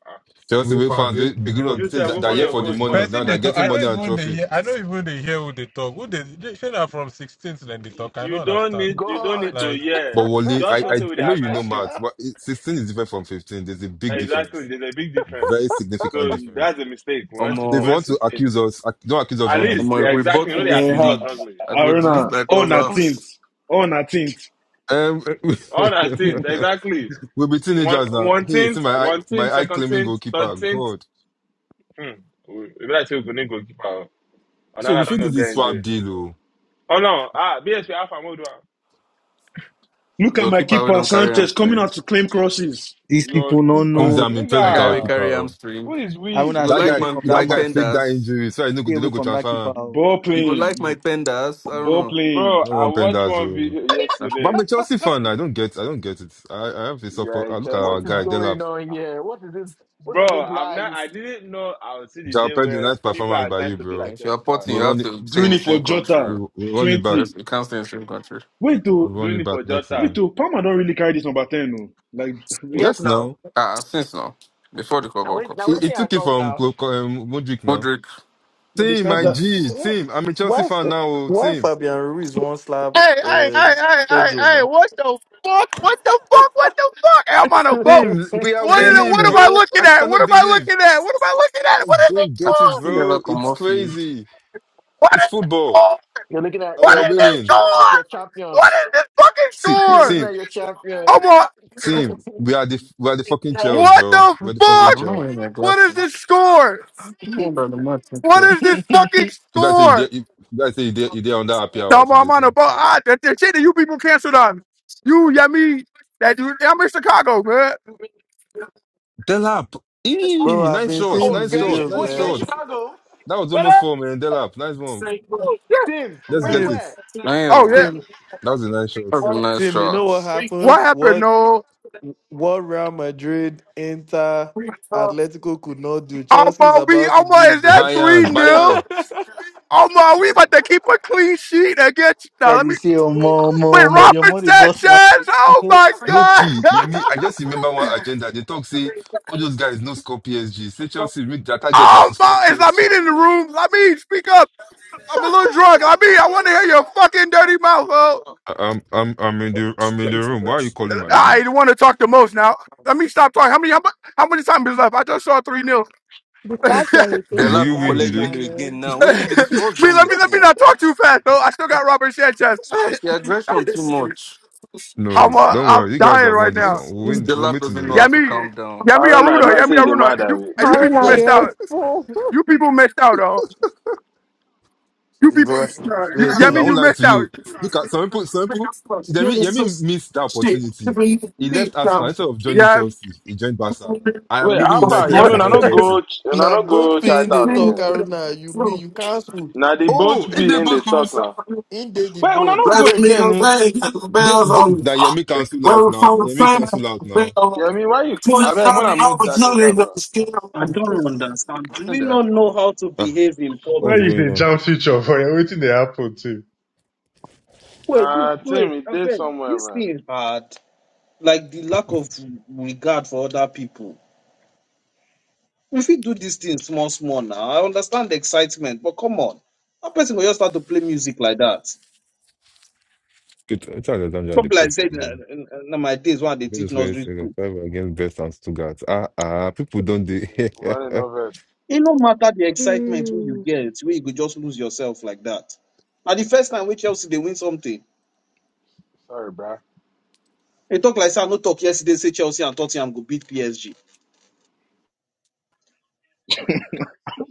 Speaker 9: Ah,
Speaker 17: So
Speaker 2: Chelsea
Speaker 17: we
Speaker 2: will
Speaker 17: found
Speaker 2: fans
Speaker 17: the
Speaker 2: they beginning
Speaker 17: beginning of
Speaker 2: of
Speaker 9: You
Speaker 2: the
Speaker 17: the
Speaker 9: said
Speaker 2: season
Speaker 17: thing
Speaker 2: that,
Speaker 9: go
Speaker 17: that
Speaker 2: that
Speaker 17: I
Speaker 9: follow
Speaker 2: year
Speaker 9: your
Speaker 2: for
Speaker 17: for
Speaker 2: the
Speaker 17: the
Speaker 9: coach
Speaker 17: month.
Speaker 2: money.
Speaker 9: talk.
Speaker 2: Now
Speaker 17: person
Speaker 2: they're
Speaker 17: they talk.
Speaker 9: May
Speaker 2: getting
Speaker 17: I
Speaker 2: money
Speaker 17: don't
Speaker 2: and
Speaker 17: even they
Speaker 2: trophy.
Speaker 17: hear. I don't even they hear who they talk. Who they? they say that from 16th then they
Speaker 9: you
Speaker 17: talk. I
Speaker 9: you
Speaker 17: don't
Speaker 9: don't
Speaker 17: understand.
Speaker 9: need you don't need
Speaker 16: God.
Speaker 9: to
Speaker 17: Like
Speaker 2: But
Speaker 9: hear.
Speaker 2: Wally, I,
Speaker 9: Just know say
Speaker 2: I
Speaker 9: we
Speaker 2: I
Speaker 9: dey
Speaker 2: know you know
Speaker 9: advise you.
Speaker 2: maths. But it- sixteen is different from fifteen. There's a big
Speaker 9: Exactly,
Speaker 2: difference,
Speaker 9: there's a big difference.
Speaker 2: very
Speaker 9: So
Speaker 2: significant
Speaker 9: you-
Speaker 2: difference.
Speaker 9: that's a mistake. We went to
Speaker 2: So
Speaker 9: we
Speaker 2: if you
Speaker 8: Omo,
Speaker 9: went
Speaker 2: want to
Speaker 9: sixteenth.
Speaker 2: accuse us, ac- don't accuse us
Speaker 9: At
Speaker 2: wrongly.
Speaker 9: least
Speaker 8: omo,
Speaker 9: they
Speaker 8: if we
Speaker 9: exactly you know
Speaker 8: bottle
Speaker 9: they
Speaker 8: this
Speaker 7: Eh,
Speaker 9: accuse
Speaker 7: ha-
Speaker 9: us
Speaker 8: lead,
Speaker 9: wrongly.
Speaker 8: I go delete
Speaker 7: Arena
Speaker 8: my
Speaker 7: on a
Speaker 8: clubhouse.
Speaker 7: tint, on a tint.
Speaker 2: Um,
Speaker 9: On our tenth, exactly.
Speaker 2: we'll be
Speaker 9: One
Speaker 2: teenagers now.
Speaker 9: one
Speaker 2: Hey, see
Speaker 9: tenth,
Speaker 2: my eye-
Speaker 9: one
Speaker 2: my
Speaker 9: tenth,
Speaker 2: eye
Speaker 9: second
Speaker 2: claiming
Speaker 9: tenth,
Speaker 2: goalkeeper.
Speaker 9: third tenth.
Speaker 2: God.
Speaker 9: Hmm. We we be like say we go need goalkeeper.
Speaker 2: So we
Speaker 9: Another don't
Speaker 2: fit do
Speaker 9: go
Speaker 2: this
Speaker 9: get
Speaker 2: swap
Speaker 9: injury.
Speaker 2: deal, oh.
Speaker 9: Oh no, ah BSP Alpha Modua.
Speaker 7: Look at
Speaker 8: Your
Speaker 7: my
Speaker 8: keeper we
Speaker 7: keeper
Speaker 8: don't carry
Speaker 7: Sanchez coming
Speaker 8: hamstring.
Speaker 7: out to claim crosses.
Speaker 3: These
Speaker 9: Your
Speaker 3: people no
Speaker 2: Comes
Speaker 9: keeper,
Speaker 2: I'm
Speaker 3: know.
Speaker 2: impressed
Speaker 8: I
Speaker 2: with our
Speaker 8: carry
Speaker 9: nigga.
Speaker 2: keeper.
Speaker 8: carry
Speaker 2: oh.
Speaker 9: Who
Speaker 8: hamstring.
Speaker 9: is
Speaker 3: I
Speaker 9: we?
Speaker 8: You
Speaker 3: wanna
Speaker 8: go
Speaker 2: That
Speaker 3: stay
Speaker 8: like
Speaker 2: guy,
Speaker 3: away
Speaker 8: my
Speaker 3: from that
Speaker 2: that
Speaker 8: my
Speaker 2: guy
Speaker 3: man.
Speaker 2: faked that
Speaker 8: penders.
Speaker 2: injury, so I know
Speaker 3: Stay
Speaker 2: they don't
Speaker 3: away
Speaker 2: go
Speaker 3: from that
Speaker 2: transfer
Speaker 3: keeper.
Speaker 2: him.
Speaker 3: oh.
Speaker 7: Ball
Speaker 8: You go like my
Speaker 7: playing,
Speaker 8: penders. I don't
Speaker 7: ball
Speaker 8: know.
Speaker 7: playing,
Speaker 9: Bro,
Speaker 2: I don't
Speaker 9: I
Speaker 2: want
Speaker 9: watched
Speaker 2: Pendas.
Speaker 9: one
Speaker 2: Oh.
Speaker 9: video
Speaker 8: Ah.
Speaker 2: But
Speaker 9: yesterday.
Speaker 2: I'm a Chelsea fan. I don't get, I don't get it. I, I have a
Speaker 9: You
Speaker 2: soft.
Speaker 9: are a
Speaker 2: I look at
Speaker 9: Chelsea
Speaker 2: our guy
Speaker 9: fan.
Speaker 2: Delap.
Speaker 9: Bro, I'm not I didn't know I would see the
Speaker 2: Jao
Speaker 9: day
Speaker 2: Pedro,
Speaker 9: where
Speaker 2: nice
Speaker 9: people
Speaker 2: performance
Speaker 9: are
Speaker 2: by
Speaker 9: trying
Speaker 2: you,
Speaker 9: to be
Speaker 2: bro.
Speaker 9: like
Speaker 8: If you're
Speaker 9: Chelsea fans.
Speaker 8: potting,
Speaker 2: We
Speaker 8: you have
Speaker 2: run it,
Speaker 8: to stay
Speaker 7: doing
Speaker 8: in the
Speaker 7: it for
Speaker 8: same country.
Speaker 7: Jota.
Speaker 2: we,
Speaker 8: oh.
Speaker 2: we run it back.
Speaker 7: Twenty.
Speaker 8: Yes, you can't stay in the same country.
Speaker 7: Wait
Speaker 2: We
Speaker 7: to
Speaker 2: run
Speaker 9: Doing
Speaker 2: it
Speaker 9: it for
Speaker 2: back next
Speaker 9: Jota.
Speaker 7: wait
Speaker 2: season.
Speaker 7: to Palmer don't really carry this number ten no. Like wait,
Speaker 2: Yes, now
Speaker 8: Ah, since now, before the Club World Cup
Speaker 2: it,
Speaker 8: stuff.
Speaker 2: it
Speaker 7: but
Speaker 2: took it from Klo- um, Modric now.
Speaker 8: Modric.
Speaker 7: they
Speaker 2: Team,
Speaker 7: snatch
Speaker 2: my
Speaker 7: that.
Speaker 2: G,
Speaker 8: Yes.
Speaker 2: team. I'm a Chelsea
Speaker 13: why
Speaker 2: fan now. Oh,
Speaker 13: why
Speaker 2: team,
Speaker 13: Fabian Ruiz won't slap
Speaker 19: Hey, hey,
Speaker 13: uh,
Speaker 19: hey, hey, hey,
Speaker 13: Pedro
Speaker 19: hey,
Speaker 13: now,
Speaker 19: what the fuck? What the fuck? What the fuck? Hey, I'm on a boat.
Speaker 2: team. We are
Speaker 19: What is
Speaker 5: wait,
Speaker 19: it?
Speaker 2: winning,
Speaker 19: What am
Speaker 5: wait.
Speaker 19: I
Speaker 2: bro.
Speaker 19: looking
Speaker 2: I
Speaker 19: at? What
Speaker 2: cannot
Speaker 19: am I
Speaker 2: believe.
Speaker 19: looking at? What am I looking at?
Speaker 2: I
Speaker 19: What is it
Speaker 2: don't
Speaker 8: Ah,
Speaker 2: get it,
Speaker 8: he
Speaker 19: going?
Speaker 8: never
Speaker 2: bro.
Speaker 8: come
Speaker 2: It's
Speaker 8: off you.
Speaker 2: crazy.
Speaker 19: What
Speaker 2: It's
Speaker 19: is it
Speaker 2: football,
Speaker 19: going?
Speaker 16: You're looking at
Speaker 2: and
Speaker 19: What
Speaker 16: you're
Speaker 2: we are
Speaker 19: is
Speaker 16: looking at your
Speaker 19: this
Speaker 2: winning.
Speaker 16: champion
Speaker 19: going?
Speaker 16: your
Speaker 19: What
Speaker 16: champions.
Speaker 19: is this fucking
Speaker 2: See,
Speaker 16: You're
Speaker 19: score?
Speaker 16: looking
Speaker 2: team,
Speaker 16: at your champion.
Speaker 19: I'm on.
Speaker 2: team, we are the we are the fucking Chels,
Speaker 19: What
Speaker 2: bro.
Speaker 19: the
Speaker 2: We're
Speaker 8: What
Speaker 2: the fucking
Speaker 8: do?
Speaker 19: fuck?
Speaker 8: I'm not
Speaker 2: Chels.
Speaker 8: wearing my
Speaker 19: What is this
Speaker 8: glasses.
Speaker 19: score?
Speaker 8: No wonder the match is
Speaker 19: What
Speaker 8: clear.
Speaker 19: is this fucking
Speaker 2: You guys say you
Speaker 19: score?
Speaker 2: did. You guys say you did. You did on that happy
Speaker 19: No,
Speaker 2: hour
Speaker 19: I'm, I'm
Speaker 2: today,
Speaker 19: on a
Speaker 2: team.
Speaker 19: boat. Ah, that, that shit that you people canceled on. You, yeah, me. That dude, yeah, I'm in Chicago, man.
Speaker 2: Delap,
Speaker 13: bro.
Speaker 2: eee,
Speaker 13: I've
Speaker 2: nice
Speaker 13: been
Speaker 2: shots,
Speaker 13: seeing
Speaker 16: Oh,
Speaker 13: the
Speaker 2: nice
Speaker 16: you're in
Speaker 2: shots,
Speaker 16: Chi-
Speaker 13: videos,
Speaker 2: nice
Speaker 16: wait, you're
Speaker 13: man.
Speaker 16: in
Speaker 2: shots.
Speaker 16: Chicago.
Speaker 2: That was almost four, man. Delap, nice one.
Speaker 16: Tim,
Speaker 2: Let's
Speaker 16: where
Speaker 2: get
Speaker 16: you
Speaker 13: Tim,
Speaker 2: it.
Speaker 16: at?
Speaker 19: Oh, yeah.
Speaker 8: Damn.
Speaker 13: Tim,
Speaker 2: That was a nice shot.
Speaker 8: That's a nice
Speaker 13: Tim. You know what
Speaker 8: shot.
Speaker 19: What
Speaker 13: happened?
Speaker 19: happened?
Speaker 13: What
Speaker 19: No.
Speaker 13: What Real Madrid, Inter, Atletico could not do, Chelsea is
Speaker 19: Omar, we
Speaker 13: about to
Speaker 19: Omar,
Speaker 13: do,
Speaker 19: is that
Speaker 13: bro.
Speaker 19: three
Speaker 2: Bayern,
Speaker 19: nil?
Speaker 2: Bayern.
Speaker 19: Omar, we about to keep a clean sheet against now.
Speaker 3: Then
Speaker 19: Let
Speaker 3: you
Speaker 19: me
Speaker 3: say, oh, more,
Speaker 19: wait,
Speaker 3: more, more. The
Speaker 19: Robert
Speaker 3: more the boss man.
Speaker 19: Sanchez. Oh
Speaker 2: Omo,
Speaker 19: my
Speaker 2: low
Speaker 19: god.
Speaker 2: key. Yeah, me. I just remember one agenda. They talk say all those guys no score PSG. Say Chelsea, make their target not to score
Speaker 19: Omar, is I
Speaker 2: PSG.
Speaker 19: mean in the room. I mean, speak up. I'm a little drunk. I mean, I want to hear your fucking dirty mouth, ho.
Speaker 2: I- I'm I'm I'm in the I'm in the room. Why are you calling my name?
Speaker 19: I want to talk the most now. Let me stop talking. How many how, mu- how many times is left? I just saw three nil.
Speaker 11: The
Speaker 19: me,
Speaker 11: fact that he
Speaker 8: The
Speaker 11: thinks
Speaker 2: Will
Speaker 8: lab
Speaker 11: that
Speaker 2: you
Speaker 8: will
Speaker 11: that
Speaker 2: win
Speaker 11: is
Speaker 2: the
Speaker 8: collect yellow
Speaker 2: league?
Speaker 8: again
Speaker 11: landed.
Speaker 8: now. What's be
Speaker 19: let
Speaker 8: this? What's wrong with
Speaker 19: me let me
Speaker 8: him?
Speaker 19: not talk too fast, though. I still got Robert Sanchez.
Speaker 8: Yeah, aggression too much.
Speaker 2: No,
Speaker 19: I'm uh,
Speaker 2: don't
Speaker 19: I'm
Speaker 2: worry. You guys
Speaker 19: dying
Speaker 2: have
Speaker 19: right
Speaker 2: won this
Speaker 19: now.
Speaker 2: one.
Speaker 8: This
Speaker 2: We'll
Speaker 8: this
Speaker 2: win.
Speaker 8: the
Speaker 2: We'll
Speaker 8: lab
Speaker 2: meet in the
Speaker 8: doesn't know how
Speaker 2: league.
Speaker 19: Yami,
Speaker 8: to calm down.
Speaker 9: I
Speaker 19: Yami
Speaker 9: don't know, I be
Speaker 19: Aruna,
Speaker 9: like
Speaker 19: Yami
Speaker 9: say they mad
Speaker 19: Aruna,
Speaker 9: that
Speaker 19: you
Speaker 9: way.
Speaker 19: uh, you
Speaker 11: How
Speaker 19: people
Speaker 11: now
Speaker 13: Yeah.
Speaker 19: messed
Speaker 11: you're a
Speaker 19: out.
Speaker 11: fool?
Speaker 19: You people messed out, oh. You people,
Speaker 13: Bro,
Speaker 19: uh,
Speaker 13: late,
Speaker 2: Steve, I
Speaker 19: Yami,
Speaker 13: man.
Speaker 2: won't
Speaker 19: you
Speaker 2: lie to
Speaker 19: messed out.
Speaker 2: you. Look at some people. Some people. Yemi, Yemi missed that opportunity. He left Arsenal instead of joining
Speaker 19: Yami,
Speaker 2: Chelsea. He joined Barca. I am
Speaker 9: Wait,
Speaker 2: leaving
Speaker 9: how far? Yeah,
Speaker 2: United
Speaker 9: me,
Speaker 2: to
Speaker 9: I
Speaker 2: join
Speaker 9: not go
Speaker 2: Chelsea.
Speaker 9: and I
Speaker 13: Now
Speaker 9: not
Speaker 13: both
Speaker 9: go
Speaker 13: being the
Speaker 9: Chinatown
Speaker 13: talk,
Speaker 9: again.
Speaker 13: Aruna, you me, you cancel.
Speaker 9: Now they both
Speaker 2: Oh, in
Speaker 9: be
Speaker 2: the
Speaker 9: in the
Speaker 2: both
Speaker 9: talk
Speaker 2: clubs.
Speaker 9: now.
Speaker 13: In they the
Speaker 9: Wait, when I
Speaker 13: boat.
Speaker 9: not go again, eh?
Speaker 2: Then then- that Yemi cancel out now. That Yemi cancel out now.
Speaker 9: Yeah, I mean why you I mean when I moved that nigga bro.
Speaker 5: I don't understand. Do
Speaker 8: Nothing
Speaker 5: we
Speaker 8: they
Speaker 5: not
Speaker 8: happen.
Speaker 5: know how to
Speaker 2: Ah,
Speaker 5: behave in
Speaker 4: Why
Speaker 2: what's
Speaker 4: you
Speaker 5: public?
Speaker 4: the
Speaker 2: going on?
Speaker 4: jam switch off? Why waiting they happen too?
Speaker 5: Wait, this-
Speaker 9: Nah Tim,
Speaker 5: wait,
Speaker 9: he
Speaker 5: I
Speaker 9: did
Speaker 5: beg,
Speaker 9: somewhere
Speaker 5: this
Speaker 9: man.
Speaker 5: thing is hard. Like the lack of regard for other people. We fit do this thing small, small now. I understand the excitement, but come on. How person will just start to play music like that?
Speaker 2: Good. It's at the time they
Speaker 5: Probably like
Speaker 2: post
Speaker 5: said na
Speaker 2: again.
Speaker 5: na- na my days when they teach
Speaker 2: Minutes going
Speaker 5: nursery
Speaker 2: second,
Speaker 5: school.
Speaker 2: five against Best and Stuttgart. Ah, ah, people don't do.
Speaker 9: Running no verse.
Speaker 5: It no matter the excitement when you get, where you could just lose yourself like that. Now the first time when Chelsea they win something,
Speaker 9: Sorry, bro.
Speaker 5: they talk like say I no talk yesterday, say Chelsea and Tottenham go beat PSG.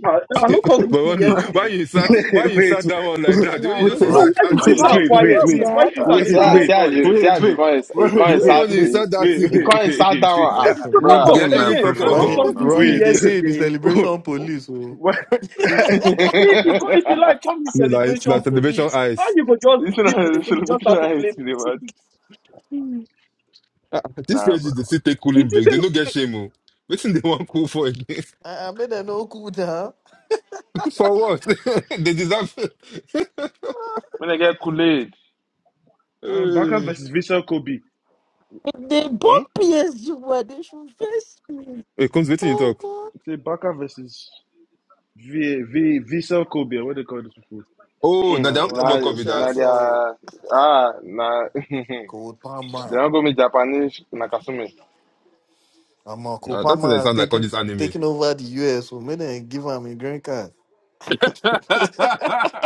Speaker 5: I, I no talk this
Speaker 2: but
Speaker 5: thing
Speaker 2: only why
Speaker 5: yesterday.
Speaker 2: you sat,
Speaker 7: wait,
Speaker 2: why
Speaker 7: wait,
Speaker 2: you
Speaker 7: wait,
Speaker 2: sat that one like
Speaker 7: wait,
Speaker 2: that? The way
Speaker 11: no,
Speaker 2: you
Speaker 7: wait,
Speaker 11: this
Speaker 2: just
Speaker 5: So
Speaker 11: Ro-
Speaker 13: Run,
Speaker 2: insert
Speaker 5: why the
Speaker 2: that thing,
Speaker 5: things
Speaker 7: wait, wait, wait, wait,
Speaker 5: are
Speaker 13: run,
Speaker 11: Ronnie,
Speaker 7: wait, wait, wait,
Speaker 11: did you
Speaker 5: quiet? Since?
Speaker 7: wait,
Speaker 5: Why
Speaker 11: bet?
Speaker 5: things
Speaker 9: Uh,
Speaker 5: are need
Speaker 9: see
Speaker 5: to
Speaker 9: how
Speaker 5: make
Speaker 11: Because
Speaker 9: see how
Speaker 5: noise?
Speaker 9: you see how you call it he call
Speaker 2: the
Speaker 9: it
Speaker 2: way
Speaker 7: wait,
Speaker 9: sat
Speaker 2: when you
Speaker 9: he,
Speaker 2: insert that
Speaker 7: wait,
Speaker 9: he
Speaker 2: thing,
Speaker 9: call it sat down
Speaker 7: wait,
Speaker 9: ah
Speaker 5: No, no,
Speaker 8: Mid
Speaker 2: but you
Speaker 9: bruh.
Speaker 8: game
Speaker 5: no.
Speaker 8: now
Speaker 2: actually
Speaker 5: Again,
Speaker 8: free
Speaker 2: talk
Speaker 5: I
Speaker 13: run
Speaker 8: for
Speaker 5: no
Speaker 2: about
Speaker 8: all
Speaker 13: it,
Speaker 5: talk this
Speaker 8: now.
Speaker 13: run
Speaker 5: thing
Speaker 13: it.
Speaker 7: wait,
Speaker 13: They say it be
Speaker 5: yesterday.
Speaker 7: wait.
Speaker 13: celebration police. Oh.
Speaker 7: What?
Speaker 9: this
Speaker 5: If you go, if you like, come the
Speaker 2: no, like it's not
Speaker 5: celebration
Speaker 2: celebration
Speaker 5: police. How
Speaker 2: ice.
Speaker 5: you go
Speaker 9: is
Speaker 5: just
Speaker 9: not
Speaker 5: people they
Speaker 9: a
Speaker 5: think just
Speaker 9: celebration
Speaker 5: have to
Speaker 9: I
Speaker 5: play
Speaker 9: see the
Speaker 5: music?
Speaker 9: word.
Speaker 2: Mm. Ah, ah, this
Speaker 9: Nah
Speaker 2: page
Speaker 9: bro.
Speaker 2: is the city
Speaker 5: It
Speaker 2: cooling break. They
Speaker 5: isn't
Speaker 2: no get
Speaker 5: okay.
Speaker 2: shame. Oh. Waiting they want cool for again.
Speaker 13: I, I made them no cool down.
Speaker 2: for what? they deserve.
Speaker 9: When I get Kool Aid,
Speaker 7: Um, Baka
Speaker 2: Hey,
Speaker 7: versus Vissel Kobe.
Speaker 11: if they
Speaker 9: hmm?
Speaker 11: both PSG were, they should face me.
Speaker 2: hey comes waiting you talk.
Speaker 11: Oh
Speaker 7: Say Baka versus V V Vissel Kobe. What they call this people?
Speaker 2: Oh, now they don't
Speaker 13: Now,
Speaker 2: talk
Speaker 13: uh,
Speaker 9: Nah
Speaker 2: about
Speaker 13: you
Speaker 2: copy that.
Speaker 9: nah
Speaker 13: shout
Speaker 9: they
Speaker 13: out
Speaker 9: are ah nah they
Speaker 13: Cole Palmer.
Speaker 9: don't go me Japanese Nakasumi.
Speaker 13: I'm a Cole
Speaker 2: Nah, that thing they
Speaker 13: has
Speaker 2: sound like all
Speaker 13: taken
Speaker 2: this anime.
Speaker 13: taken over the US. So made them give him a green card.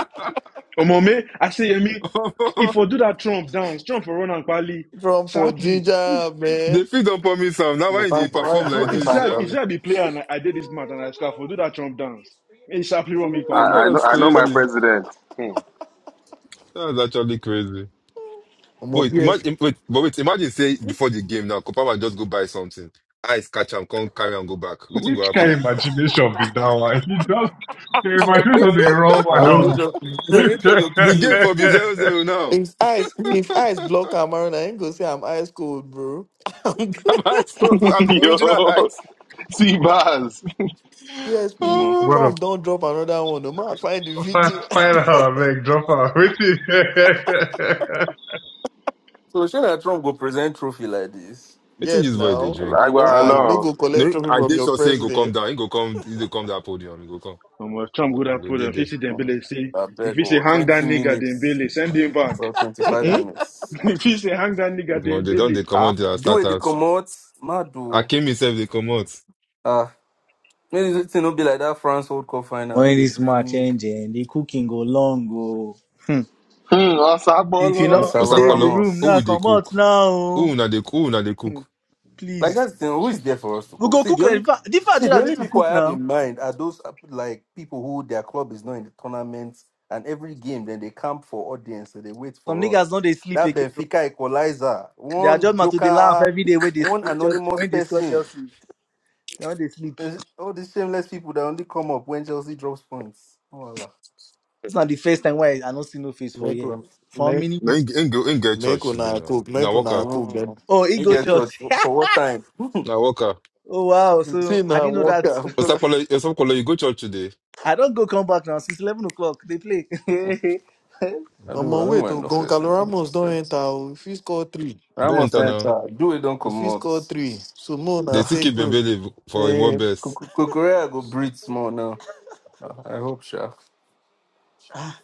Speaker 7: Omome, I say Yemi. If I do that Trump dance, Trump for run and quali
Speaker 13: From for
Speaker 7: sharply,
Speaker 13: ginger, man.
Speaker 2: the fit don't promise am. Now
Speaker 8: They
Speaker 2: why they
Speaker 8: find for right
Speaker 2: perform
Speaker 7: bro.
Speaker 2: like
Speaker 8: because they
Speaker 7: If you
Speaker 2: this?
Speaker 8: find
Speaker 7: say
Speaker 8: for
Speaker 2: Yeah?
Speaker 7: if you say
Speaker 8: all.
Speaker 7: I be player and I, I did this match and I score, for do that Trump dance, and sharply run me
Speaker 2: Oh,
Speaker 9: I,
Speaker 7: quali.
Speaker 9: I know
Speaker 2: that's
Speaker 9: I know my
Speaker 2: crazy.
Speaker 9: president. Hmm.
Speaker 2: That's actually crazy.
Speaker 13: I'm a
Speaker 2: Wait, ima- im- wait, but wait, imagine say before the game now, Kopama just go buy something. Eyes catch am, come carry am go back. Wetin go
Speaker 4: Which kind
Speaker 2: happen?
Speaker 4: of imagination be that one? He just the imagination of the wrong
Speaker 3: I
Speaker 8: The
Speaker 4: one.
Speaker 3: wanna.
Speaker 8: nature the nature go
Speaker 2: The game
Speaker 8: kill
Speaker 2: for be zero zero now.
Speaker 13: B S. If eyes,
Speaker 8: you.
Speaker 13: if eyes block Cameroon, I ain't gonna say I'm ice cold, bro.
Speaker 2: I'm ice. I'm the original
Speaker 9: Yo
Speaker 2: ice.
Speaker 9: see bars.
Speaker 7: Come on.
Speaker 13: BSP,
Speaker 2: Oh,
Speaker 4: what a
Speaker 13: Trump don't drop another one. No man, find the video.
Speaker 4: fast fire her, make drop her. Waiting.
Speaker 8: So sure that Trump go present trophy like this.
Speaker 2: wetin
Speaker 13: yes,
Speaker 2: this boy they
Speaker 13: now.
Speaker 2: drink?
Speaker 8: We
Speaker 9: Like we
Speaker 8: don't
Speaker 9: are
Speaker 13: Ah, you
Speaker 8: promote.
Speaker 13: no
Speaker 9: alone.
Speaker 13: go collect
Speaker 2: No,
Speaker 13: trophy
Speaker 2: I
Speaker 13: from
Speaker 2: did
Speaker 13: your
Speaker 2: sure say he go come
Speaker 13: president.
Speaker 2: down. He go come. He go come that podium. He go come.
Speaker 7: Omo, if Trump would
Speaker 2: He
Speaker 7: have
Speaker 2: go
Speaker 7: put
Speaker 2: dey
Speaker 7: him, if he
Speaker 2: there.
Speaker 7: see
Speaker 8: out. Hmm.
Speaker 7: Dembele, say,
Speaker 8: I
Speaker 7: if
Speaker 8: beg
Speaker 7: he say
Speaker 8: oh,
Speaker 7: hang that
Speaker 8: twenty
Speaker 7: nigga
Speaker 8: minutes
Speaker 7: Dembele, send him back.
Speaker 8: or twenty five
Speaker 2: Mm-mm.
Speaker 8: minutes.
Speaker 7: if he say hang that nigga
Speaker 2: Oh, they don't.
Speaker 7: Dembele,
Speaker 2: They come
Speaker 8: Ah,
Speaker 2: out. They
Speaker 8: do
Speaker 2: start
Speaker 8: it they
Speaker 2: out.
Speaker 8: come Madu.
Speaker 2: Akim himself. They come out.
Speaker 8: Ah, maybe it no be like that France World Cup final. Wey
Speaker 3: When
Speaker 8: They
Speaker 3: this match
Speaker 8: bring
Speaker 3: engine, the cooking go long go.
Speaker 9: Hmm,
Speaker 3: If you not
Speaker 9: Osabolo.
Speaker 3: feel
Speaker 8: Gonzalo
Speaker 3: dead the
Speaker 2: Osapalo,
Speaker 3: room
Speaker 2: who
Speaker 3: now,
Speaker 2: will
Speaker 8: Ramos.
Speaker 2: they
Speaker 3: come out
Speaker 2: cook?
Speaker 3: now, oh.
Speaker 2: Who na they who na they cook?
Speaker 8: Like
Speaker 3: please.
Speaker 8: that's the thing. Who is there for us to
Speaker 3: We
Speaker 8: cook?
Speaker 3: go
Speaker 8: See,
Speaker 3: cook.
Speaker 8: the
Speaker 3: eh,
Speaker 8: only
Speaker 3: in fact- The fact
Speaker 8: see the
Speaker 3: Jordan said
Speaker 8: only
Speaker 3: to
Speaker 8: people
Speaker 3: cook
Speaker 8: I have
Speaker 3: now.
Speaker 8: in mind are those uh, like people who their club is not in the tournament, and every game then they camp for audience and they wait
Speaker 3: Some
Speaker 8: for
Speaker 3: niggas
Speaker 8: us.
Speaker 3: don't they sleep
Speaker 8: That
Speaker 3: again. oh.
Speaker 8: Benfica equalizer,
Speaker 3: They are
Speaker 8: one
Speaker 3: just man to the laugh
Speaker 8: joker,
Speaker 3: every day when they sc-
Speaker 8: one
Speaker 3: when Chelsea,
Speaker 8: anonymous
Speaker 3: when they score
Speaker 8: person.
Speaker 3: Chelsea. They don't they sleep.
Speaker 8: There's all these shameless people that only come up when Chelsea drops points. Oh Allah.
Speaker 3: It's not the first time why I don't see no face for
Speaker 13: Make
Speaker 3: here.
Speaker 13: one,
Speaker 3: For how
Speaker 13: make,
Speaker 3: many
Speaker 2: No,
Speaker 3: weeks?
Speaker 2: in, in, go- in get
Speaker 13: make
Speaker 2: church today
Speaker 13: una
Speaker 2: now.
Speaker 13: cook,
Speaker 2: na
Speaker 13: make
Speaker 2: worker,
Speaker 13: una cook, then.
Speaker 8: Mm.
Speaker 3: Oh, he
Speaker 8: You
Speaker 3: go
Speaker 8: get yours
Speaker 3: church.
Speaker 8: for what time? yeah.
Speaker 2: una worker.
Speaker 3: Oh wow!
Speaker 13: See
Speaker 3: So I
Speaker 13: now,
Speaker 3: didn't know
Speaker 13: walk
Speaker 3: that.
Speaker 13: out, bro.
Speaker 2: Osapalo, Osapalo, you go church today.
Speaker 3: I don't go come back now since eleven o'clock. They play.
Speaker 8: I
Speaker 13: I'm
Speaker 8: don't I
Speaker 13: on way
Speaker 8: don't mind
Speaker 13: to
Speaker 8: no
Speaker 13: Goncalo
Speaker 8: faces.
Speaker 13: Ramos. Don't enter. oh. If he score three,
Speaker 8: I
Speaker 2: Don't
Speaker 8: must
Speaker 2: enter now.
Speaker 8: enter. Do it, don't
Speaker 13: if
Speaker 8: come
Speaker 13: he
Speaker 8: out.
Speaker 13: score three, so more now
Speaker 2: They still
Speaker 8: Ah,
Speaker 13: stay
Speaker 2: keep
Speaker 13: close.
Speaker 2: Mbele for him what
Speaker 8: Eh,
Speaker 2: best.
Speaker 8: Korea go breathe small now. Ah, I hope, sure.
Speaker 13: Ah,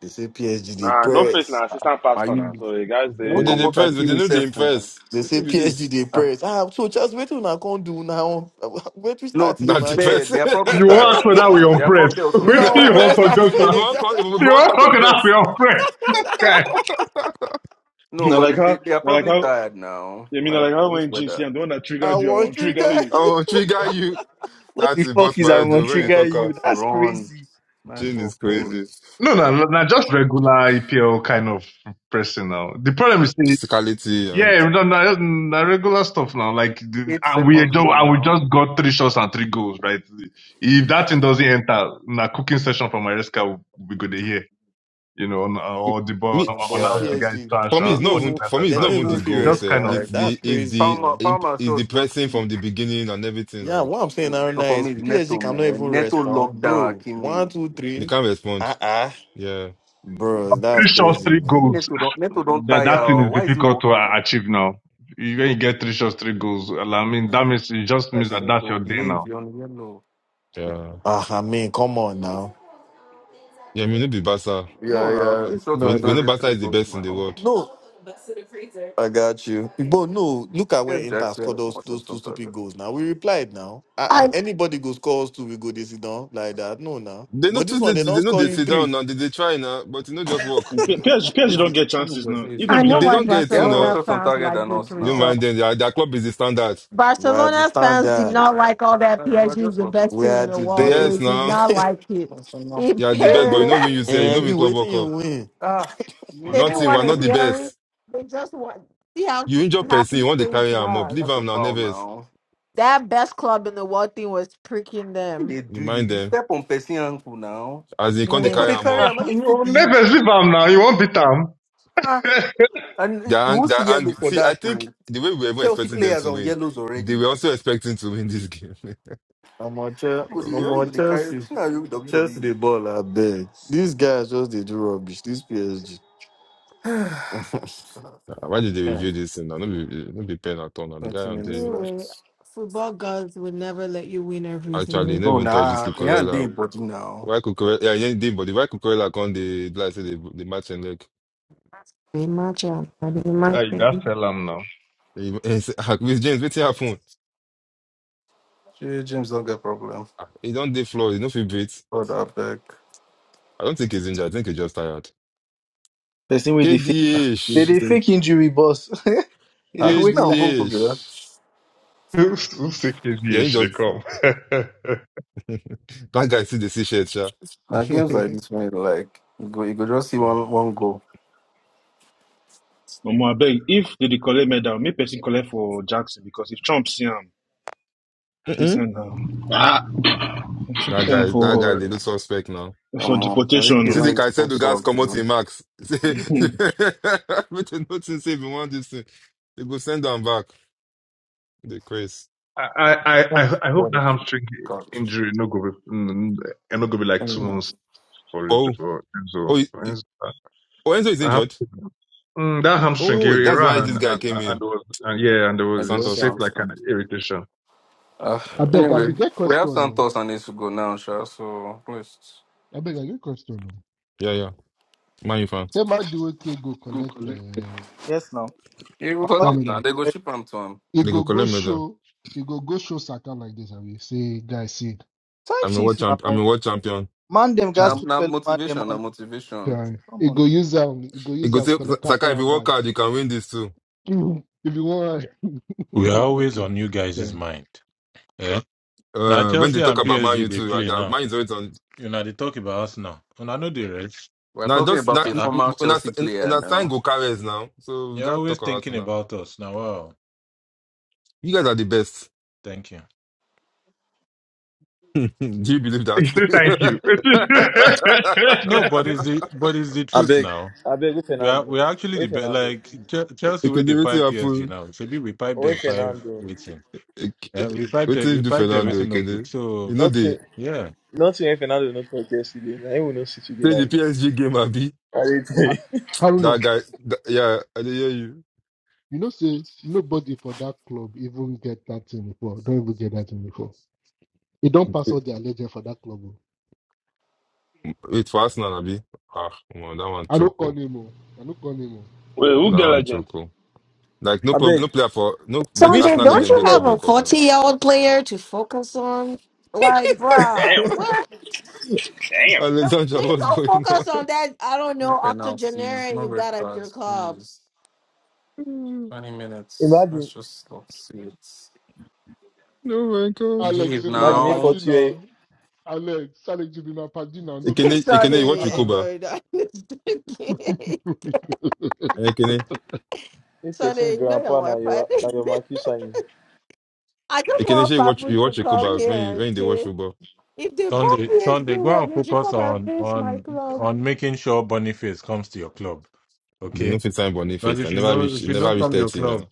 Speaker 13: they say PSG they
Speaker 9: Nah, no face
Speaker 13: press.
Speaker 9: now. Assistant
Speaker 8: Are
Speaker 9: pastor
Speaker 8: you?
Speaker 9: now. So the guys
Speaker 8: They
Speaker 2: But
Speaker 8: don't
Speaker 2: they
Speaker 8: come
Speaker 9: they
Speaker 8: out and
Speaker 2: depressed, but
Speaker 8: kill
Speaker 2: they
Speaker 9: fifty-one.
Speaker 2: know they
Speaker 8: yourself now.
Speaker 2: impress.
Speaker 13: They
Speaker 2: What
Speaker 13: say
Speaker 2: be
Speaker 13: PSG
Speaker 2: this?
Speaker 13: they
Speaker 8: Ah,
Speaker 13: press. Ah, so just wait till I can't do now. Wait till
Speaker 8: No,
Speaker 13: start
Speaker 8: to
Speaker 13: is
Speaker 8: be
Speaker 2: Not
Speaker 13: now you.
Speaker 8: fair,
Speaker 2: depressed.
Speaker 8: they are probably
Speaker 4: you
Speaker 2: if
Speaker 4: want ask for
Speaker 8: tired.
Speaker 4: that we
Speaker 8: They
Speaker 4: on
Speaker 8: are
Speaker 4: press.
Speaker 8: probably also
Speaker 13: You now
Speaker 4: Waiting you
Speaker 8: tired.
Speaker 4: want
Speaker 13: press,
Speaker 4: to
Speaker 13: I
Speaker 4: just
Speaker 13: swear.
Speaker 2: you
Speaker 4: now.
Speaker 2: want to, if you
Speaker 4: You
Speaker 2: want
Speaker 4: want
Speaker 2: to
Speaker 4: talk that we
Speaker 2: confess,
Speaker 4: on press.
Speaker 8: No,
Speaker 7: now
Speaker 8: but
Speaker 7: like
Speaker 8: they, they,
Speaker 7: how,
Speaker 8: they are
Speaker 7: now like
Speaker 8: probably
Speaker 7: how,
Speaker 8: tired now.
Speaker 7: I mean, na
Speaker 8: Like
Speaker 7: like how
Speaker 8: what is
Speaker 7: when GC,
Speaker 8: weather?
Speaker 7: I'm the one that
Speaker 13: I
Speaker 7: triggered you, I
Speaker 13: want
Speaker 7: want to
Speaker 13: you
Speaker 7: trigger
Speaker 13: guys.
Speaker 2: I
Speaker 7: you.
Speaker 2: will trigger you.
Speaker 3: what
Speaker 2: That's
Speaker 3: the
Speaker 2: it,
Speaker 3: fuck
Speaker 2: boss my
Speaker 3: is I'm
Speaker 2: head. though,
Speaker 3: gonna
Speaker 2: When you
Speaker 3: trigger
Speaker 2: talk,
Speaker 3: you?
Speaker 8: What's
Speaker 3: That's
Speaker 8: wrong?
Speaker 3: crazy.
Speaker 8: Nice
Speaker 2: Jane
Speaker 8: for
Speaker 2: is
Speaker 8: four.
Speaker 2: crazy.
Speaker 4: No, no, no, no, just regular EPL kind of pressing now. The problem is
Speaker 2: Physicality and
Speaker 4: Yeah, no, done that's the regular stuff now. Like, the-
Speaker 8: Eight
Speaker 4: and we
Speaker 8: second
Speaker 4: do,
Speaker 8: rule
Speaker 4: and we
Speaker 8: now.
Speaker 4: just got three shots and three goals, right? If that thing doesn't enter, na cooking session from Maresca, we go to hear, you know, on, or the ball,
Speaker 2: me.
Speaker 13: and
Speaker 4: on
Speaker 13: but
Speaker 8: Yeah,
Speaker 4: how the
Speaker 8: yeah.
Speaker 4: guys
Speaker 13: PSG,
Speaker 4: trash,
Speaker 2: For me,
Speaker 13: they
Speaker 4: and
Speaker 2: it's
Speaker 13: no
Speaker 2: not
Speaker 4: all the
Speaker 2: even
Speaker 13: even
Speaker 4: players
Speaker 2: for
Speaker 4: are
Speaker 2: me, it's
Speaker 13: they no
Speaker 4: trash.
Speaker 2: not even
Speaker 4: So
Speaker 13: even
Speaker 2: the
Speaker 13: feel
Speaker 4: it's
Speaker 2: goal
Speaker 4: just
Speaker 2: itself.
Speaker 4: kind of
Speaker 2: It's
Speaker 13: respond.
Speaker 8: Like
Speaker 13: That's
Speaker 2: the
Speaker 4: lucky.
Speaker 2: it's
Speaker 13: crazy,
Speaker 2: the
Speaker 8: Palmer,
Speaker 13: man.
Speaker 2: imp-
Speaker 8: Palmer
Speaker 2: it's the
Speaker 8: shows just
Speaker 2: person
Speaker 8: click.
Speaker 2: from the beginning and everything.
Speaker 13: Yeah,
Speaker 2: Like
Speaker 13: what I'm saying
Speaker 8: And
Speaker 13: right
Speaker 8: so
Speaker 13: now
Speaker 8: for me,
Speaker 13: is
Speaker 8: it's Neto
Speaker 13: PSG cannot even
Speaker 8: man. Neto
Speaker 13: respond,
Speaker 8: lockdown
Speaker 13: bro. One,
Speaker 8: Akimi.
Speaker 13: two,
Speaker 2: they
Speaker 13: three.
Speaker 2: can't
Speaker 13: Uh
Speaker 2: respond.
Speaker 13: uh
Speaker 2: Yeah,
Speaker 13: Bro, that's
Speaker 4: Three shots,
Speaker 13: crazy,
Speaker 4: three goals.
Speaker 13: man.
Speaker 8: Neto don't, Neto don't
Speaker 4: that
Speaker 8: tire.
Speaker 4: that thing
Speaker 8: oh.
Speaker 4: is
Speaker 8: Why is he
Speaker 4: difficult to
Speaker 8: walking?
Speaker 4: a- achieve now. You- When you get three shots, three goals, well, I mean, that means it just
Speaker 8: I
Speaker 4: means that
Speaker 8: said,
Speaker 4: that's
Speaker 8: no,
Speaker 4: your day
Speaker 8: behave,
Speaker 4: now.
Speaker 8: you're on yellow.
Speaker 2: yeah,
Speaker 13: Ah, I mean, come on now.
Speaker 2: yeah. We know the Barca.
Speaker 13: Yeah,
Speaker 8: No, no,
Speaker 13: yeah.
Speaker 8: three shots
Speaker 13: No,
Speaker 8: on
Speaker 13: I
Speaker 2: We we
Speaker 13: do.
Speaker 2: know
Speaker 8: target,
Speaker 2: Barca
Speaker 8: three
Speaker 2: is the
Speaker 8: goals
Speaker 2: best in the
Speaker 8: now.
Speaker 2: world.
Speaker 13: No, I got you. But no, look at when
Speaker 8: Yes,
Speaker 13: Inter
Speaker 8: Jackson
Speaker 13: scored
Speaker 8: has
Speaker 13: those,
Speaker 8: more
Speaker 13: those
Speaker 8: shots
Speaker 13: two
Speaker 8: on
Speaker 13: stupid
Speaker 8: target.
Speaker 13: goals. Now we replied. Now uh,
Speaker 11: I
Speaker 13: anybody go scores two, we go this down like that. No, now.
Speaker 2: They know
Speaker 13: But this
Speaker 2: too. They,
Speaker 13: one they
Speaker 2: they
Speaker 13: don't
Speaker 2: know
Speaker 13: score
Speaker 2: they
Speaker 13: you
Speaker 2: sit down
Speaker 13: three.
Speaker 2: now. They, they try now, but you know just work.
Speaker 7: PSG, PSG
Speaker 2: it,
Speaker 7: don't
Speaker 8: No,
Speaker 7: get
Speaker 8: One of
Speaker 7: chances
Speaker 8: your
Speaker 7: now.
Speaker 8: days,
Speaker 7: If
Speaker 8: your
Speaker 7: not
Speaker 11: I
Speaker 7: be
Speaker 8: day.
Speaker 11: know
Speaker 2: it,
Speaker 7: just
Speaker 2: they
Speaker 11: why
Speaker 7: those
Speaker 2: don't
Speaker 7: two,
Speaker 2: get it
Speaker 8: They
Speaker 2: too
Speaker 7: PSG
Speaker 8: have
Speaker 7: don't
Speaker 8: more
Speaker 7: get.
Speaker 2: now.
Speaker 11: Barcelona
Speaker 8: shots on
Speaker 11: fans
Speaker 8: target
Speaker 11: like
Speaker 8: than
Speaker 11: this
Speaker 7: Yeah.
Speaker 8: us
Speaker 2: You
Speaker 8: now.
Speaker 2: mind
Speaker 11: result.
Speaker 2: them. Their, their club is the standard.
Speaker 13: We are the
Speaker 11: Barcelona fans did
Speaker 13: standard.
Speaker 11: not like all that
Speaker 8: Like, we're
Speaker 11: PSG is
Speaker 8: just
Speaker 11: the
Speaker 8: lucky
Speaker 11: best
Speaker 13: We
Speaker 11: team
Speaker 8: today.
Speaker 13: are
Speaker 11: in the
Speaker 13: the
Speaker 11: world. They
Speaker 2: Yes,
Speaker 11: did
Speaker 2: now
Speaker 11: not
Speaker 13: best.
Speaker 11: like it.
Speaker 8: That's enough.
Speaker 2: you
Speaker 11: It
Speaker 2: are the
Speaker 11: paid.
Speaker 2: best, but you
Speaker 11: them.
Speaker 2: know when you say you know
Speaker 13: and
Speaker 8: Hey!
Speaker 2: when
Speaker 13: you
Speaker 2: club World
Speaker 13: waiting, you
Speaker 2: Cup.
Speaker 13: win.
Speaker 8: Ah, you miss
Speaker 11: they didn't
Speaker 2: Nothing.
Speaker 8: one,
Speaker 11: want
Speaker 2: We're
Speaker 11: to
Speaker 2: not
Speaker 8: oh.
Speaker 2: the
Speaker 11: hear it.
Speaker 2: best.
Speaker 11: They just want see how
Speaker 2: You injure
Speaker 8: Yeah,
Speaker 2: person.
Speaker 11: happy
Speaker 2: You want to
Speaker 11: things
Speaker 2: carry them up. Leave
Speaker 8: that's
Speaker 11: was.
Speaker 8: a
Speaker 2: them now.
Speaker 8: foul
Speaker 2: Never.
Speaker 8: now.
Speaker 11: That best club in the world thing was pricking
Speaker 8: What
Speaker 11: them.
Speaker 8: they
Speaker 2: You
Speaker 8: do
Speaker 2: mind
Speaker 8: you? You
Speaker 2: them.
Speaker 8: step on person ankle now.
Speaker 2: As they come
Speaker 8: Why
Speaker 2: to
Speaker 8: you
Speaker 11: Wait,
Speaker 8: go
Speaker 2: carry
Speaker 8: to
Speaker 2: them
Speaker 8: carry
Speaker 2: up,
Speaker 8: him? Are you stupid?
Speaker 4: Never sleep am now. You won't beat am.
Speaker 8: Ah,
Speaker 2: they're,
Speaker 8: and you
Speaker 2: ang-
Speaker 8: won't see
Speaker 2: they're
Speaker 8: yellow
Speaker 2: angry.
Speaker 8: for
Speaker 2: See, I
Speaker 8: that,
Speaker 2: think
Speaker 8: too.
Speaker 2: the way we were even
Speaker 8: Chelsea
Speaker 2: expecting them
Speaker 8: players
Speaker 2: to
Speaker 8: on
Speaker 2: win,
Speaker 8: yellows
Speaker 2: they were
Speaker 8: already.
Speaker 2: also expecting to win this game.
Speaker 13: I'm on Chelsea.
Speaker 8: Good, they
Speaker 13: I'm
Speaker 2: Oh,
Speaker 8: only
Speaker 13: on
Speaker 8: going to carry.
Speaker 13: Chelsea.
Speaker 8: See how you
Speaker 13: Chelsea the
Speaker 8: WWE.
Speaker 13: ball. I beg. These guys just they do rubbish. This PSG.
Speaker 2: well. Why did they review
Speaker 13: Chance.
Speaker 2: this thing now? not be, don't be paying at all now. The guy
Speaker 8: Twenty
Speaker 2: on
Speaker 8: minutes
Speaker 2: the
Speaker 11: anyway,
Speaker 8: left.
Speaker 11: football gods will never let you win
Speaker 2: actually
Speaker 11: everything.
Speaker 2: never
Speaker 8: No,
Speaker 2: even touched this
Speaker 8: nah, he ain't
Speaker 2: Cucurella.
Speaker 8: dead body now.
Speaker 2: Why Cucurella? Yeah, he did, but why Cucurella on the like say the the match and like
Speaker 11: They match up. That is my
Speaker 4: Hey,
Speaker 11: thing.
Speaker 4: that's Elam now.
Speaker 2: he, he say, "Ah, with James, what's happened?
Speaker 8: Shey, James don't get problem.
Speaker 2: Ah, He don't dey floor. He no fit breathe.
Speaker 8: God, I beg.
Speaker 2: I don't think he's injured. I think he's just tired.
Speaker 3: Person with the fake. They
Speaker 2: KDH,
Speaker 3: they
Speaker 8: Mhm.
Speaker 3: fake injury, boss. they dey
Speaker 8: Ah, she
Speaker 3: waste
Speaker 8: now
Speaker 3: time.
Speaker 8: come cook
Speaker 2: KDH.
Speaker 8: it.
Speaker 4: Who sick is
Speaker 2: Yeah,
Speaker 4: here
Speaker 2: he
Speaker 4: should they
Speaker 2: just.
Speaker 4: come?
Speaker 2: That guy see the C-shirt, yeah.
Speaker 8: Now games like
Speaker 2: that
Speaker 8: this one, like you go, you go just see one one goal.
Speaker 7: Omo, I beg, if they dey collect medal, make person collect for Jackson because if Trump see him, if he
Speaker 2: Mm-mm.
Speaker 7: send him,
Speaker 9: Ah,
Speaker 7: he should
Speaker 2: guy,
Speaker 7: put him
Speaker 2: that guy,
Speaker 7: for
Speaker 2: they look suspect now.
Speaker 7: for
Speaker 8: Come on, Enrique
Speaker 2: You
Speaker 8: Ricky
Speaker 2: see,
Speaker 7: deportation.
Speaker 2: the
Speaker 8: don't use
Speaker 2: guy said
Speaker 8: four
Speaker 2: the guys
Speaker 8: subs,
Speaker 2: come out
Speaker 8: man.
Speaker 2: in Max. Say,
Speaker 7: No.
Speaker 2: with the notice, say, if you want this thing, they go send them back. The craze.
Speaker 4: I, I, I,
Speaker 8: Oh,
Speaker 4: I hope
Speaker 8: what a
Speaker 4: that
Speaker 8: kid.
Speaker 4: hamstring
Speaker 8: God,
Speaker 4: injury no go be mm, and no go be like
Speaker 8: ten
Speaker 4: two
Speaker 20: I
Speaker 8: minutes.
Speaker 4: months for
Speaker 2: Oh,
Speaker 4: for Enzo.
Speaker 2: oh, he-
Speaker 4: For
Speaker 2: he-
Speaker 4: Enzo.
Speaker 2: oh, Enzo is
Speaker 4: That
Speaker 2: injured.
Speaker 4: hamstring, mm, that hamstring he,
Speaker 2: Oh,
Speaker 4: he
Speaker 2: that's
Speaker 4: ran
Speaker 2: why this
Speaker 4: and
Speaker 2: guy
Speaker 4: and,
Speaker 2: came
Speaker 4: and,
Speaker 2: in.
Speaker 4: there was, and yeah and there
Speaker 8: I
Speaker 4: was it
Speaker 8: do say
Speaker 2: Santos.
Speaker 4: shaped
Speaker 8: I'm
Speaker 4: like an
Speaker 8: strong.
Speaker 4: irritation.
Speaker 8: Ah,
Speaker 2: Uh,
Speaker 20: beg, I be
Speaker 8: anyway,
Speaker 20: get
Speaker 8: we have
Speaker 20: question no.
Speaker 8: Santos and this to go now, sure. So please.
Speaker 20: I beg, I get question o.
Speaker 2: yeah, yeah. Man, you fan.
Speaker 20: Tell my do okay go
Speaker 8: Go
Speaker 20: collect
Speaker 8: collect.
Speaker 20: uh,
Speaker 3: Yes, now.
Speaker 8: You will
Speaker 3: I'm
Speaker 20: that
Speaker 8: follow it
Speaker 3: sorry.
Speaker 8: now.
Speaker 20: medal.
Speaker 8: They go ship him to him.
Speaker 20: He
Speaker 2: They go
Speaker 20: go go
Speaker 2: collect medal.
Speaker 20: show, he go go show Saka like this. I will say, guys, see,
Speaker 3: Time
Speaker 2: I'm a world
Speaker 3: sheets
Speaker 2: champ. I'm
Speaker 3: now.
Speaker 2: a world champion.
Speaker 3: Man them
Speaker 8: Now,
Speaker 3: guys
Speaker 20: try,
Speaker 3: to
Speaker 8: now
Speaker 3: fellow man them
Speaker 8: motivation, now
Speaker 3: on.
Speaker 8: motivation.
Speaker 20: try.
Speaker 3: Come
Speaker 20: He
Speaker 3: on.
Speaker 20: go use um, he go
Speaker 2: He
Speaker 20: use
Speaker 2: go
Speaker 20: um,
Speaker 2: say,
Speaker 20: collect happy
Speaker 2: Saka, if you work
Speaker 20: handbag.
Speaker 2: hard, you can win this too.
Speaker 20: if you want,
Speaker 17: We are always
Speaker 20: okay,
Speaker 17: on you guys'
Speaker 20: sorry.
Speaker 17: mind. Eh? Now
Speaker 2: Uh, when they
Speaker 17: Chelsea
Speaker 2: talk
Speaker 17: and
Speaker 2: about Man U
Speaker 17: PSG they
Speaker 2: too, uh,
Speaker 17: play
Speaker 2: that
Speaker 17: now.
Speaker 2: Man U is always on.
Speaker 17: You know they talk about us now. And I know the rest.
Speaker 8: We're
Speaker 2: Now
Speaker 8: talking
Speaker 2: just
Speaker 8: about
Speaker 2: that
Speaker 17: Uh
Speaker 8: a
Speaker 17: uh.
Speaker 8: former
Speaker 2: una
Speaker 8: Chelsea player
Speaker 2: una sign
Speaker 8: now.
Speaker 2: go carriers now. So we
Speaker 17: You're
Speaker 2: gotta
Speaker 17: always
Speaker 2: talk about it
Speaker 17: thinking
Speaker 2: now.
Speaker 17: about us now. Wow.
Speaker 2: You guys are the best.
Speaker 17: Thank you.
Speaker 2: Do you believe
Speaker 4: He
Speaker 2: that?
Speaker 4: said thank you.
Speaker 17: No, but it's the but it's the
Speaker 10: I
Speaker 17: truth
Speaker 10: beg,
Speaker 17: now.
Speaker 10: I beg with
Speaker 17: We are
Speaker 10: Fernando.
Speaker 17: we are actually the
Speaker 10: With
Speaker 17: best.
Speaker 10: Fernando.
Speaker 17: Like Che- Chelsea, where
Speaker 2: Ekene,
Speaker 17: they
Speaker 2: wetin
Speaker 17: pipe PSG
Speaker 2: happen?
Speaker 17: now. So Maybe we pipe
Speaker 10: With
Speaker 17: them five
Speaker 10: Fernando.
Speaker 17: waiting.
Speaker 2: Ek-
Speaker 17: Uh,
Speaker 2: eh,
Speaker 17: we pipe them.
Speaker 2: Wetin
Speaker 17: We
Speaker 2: do
Speaker 17: pipe them
Speaker 2: Fernando
Speaker 17: waiting no good.
Speaker 2: Ekene? You
Speaker 17: So
Speaker 2: know
Speaker 10: Nothing,
Speaker 2: the
Speaker 17: yeah,
Speaker 10: nothing if Fernando not talk yesterday. Now he will not see today
Speaker 2: say the
Speaker 10: like this.
Speaker 2: PSG game abi
Speaker 10: I dey tell
Speaker 20: Ha-
Speaker 10: you.
Speaker 20: Haruna,
Speaker 2: that guy. That, yeah, I dey hear you.
Speaker 20: you know, say nobody for that club even get that thing before. Don't even get that thing before. He don't pass all their legend for that club. I
Speaker 2: Wait for Arsenal abi. Ah, come on, that one
Speaker 20: I
Speaker 2: choke.
Speaker 20: don't call
Speaker 2: oh.
Speaker 20: him. I I don't call him. o.
Speaker 9: Wait,
Speaker 20: Na
Speaker 9: who
Speaker 20: you
Speaker 2: That
Speaker 9: get
Speaker 20: call
Speaker 2: one
Speaker 20: him.
Speaker 9: legend?
Speaker 2: choke. oh. Like no
Speaker 10: I
Speaker 2: club,
Speaker 10: beg.
Speaker 2: no player for no leg-
Speaker 10: Which,
Speaker 11: Sunday,
Speaker 2: Arsenal
Speaker 11: don't
Speaker 2: legend
Speaker 10: which
Speaker 11: you
Speaker 2: get
Speaker 11: have
Speaker 10: club?
Speaker 2: club
Speaker 11: a
Speaker 2: World Cup
Speaker 11: 40
Speaker 2: now.
Speaker 11: year old player to focus on? Like, bruh,
Speaker 9: damn,
Speaker 11: what?
Speaker 9: damn.
Speaker 11: Don't,
Speaker 2: Alexandra,
Speaker 11: there's
Speaker 2: what's
Speaker 11: no
Speaker 2: going on?
Speaker 11: focus on that. I don't know,
Speaker 8: No penalties,
Speaker 11: octogenarian
Speaker 8: no
Speaker 11: you
Speaker 8: red
Speaker 11: got at your
Speaker 8: cards,
Speaker 11: club.
Speaker 8: please. 20 minutes. Let's
Speaker 10: Imagine,
Speaker 8: just not see it.
Speaker 2: Oh my god.
Speaker 20: Alex,
Speaker 8: Behave
Speaker 20: you be my
Speaker 10: imagine me
Speaker 8: now.
Speaker 20: paddy
Speaker 10: 40 year,
Speaker 20: now. Alex, Alex, you be my paddy now. No
Speaker 2: Ekene,
Speaker 20: vex
Speaker 2: Ekene, you
Speaker 20: now.
Speaker 2: watch
Speaker 11: Sunday,
Speaker 2: Yukoba.
Speaker 20: Uh-uh.
Speaker 11: no, no.
Speaker 2: Eh, Ekene,
Speaker 10: me
Speaker 11: Sunday,
Speaker 10: person
Speaker 11: you know your
Speaker 10: grandpa na
Speaker 11: wife, right?
Speaker 10: your, na your marquee sign.
Speaker 11: I just
Speaker 2: Ekene,
Speaker 11: want
Speaker 2: say you watch
Speaker 11: Papu
Speaker 2: you
Speaker 11: to
Speaker 2: watch
Speaker 11: come
Speaker 2: Yukoba when
Speaker 11: here
Speaker 2: you
Speaker 11: and
Speaker 2: when they watch
Speaker 11: say,
Speaker 2: football.
Speaker 11: if they bought
Speaker 17: Sunday
Speaker 11: PSG,
Speaker 17: Sunday go
Speaker 11: well,
Speaker 17: and
Speaker 11: they should
Speaker 17: focus
Speaker 11: come and
Speaker 17: on
Speaker 11: face my
Speaker 17: on
Speaker 11: club.
Speaker 17: on making sure Boniface comes to your club.
Speaker 2: They no
Speaker 17: Okay,
Speaker 2: fit sign
Speaker 17: but
Speaker 2: Boniface. I
Speaker 17: if you
Speaker 2: never
Speaker 17: know
Speaker 2: reach, he
Speaker 17: if you know
Speaker 2: never reach
Speaker 17: come your
Speaker 2: thirty
Speaker 17: club,
Speaker 2: now.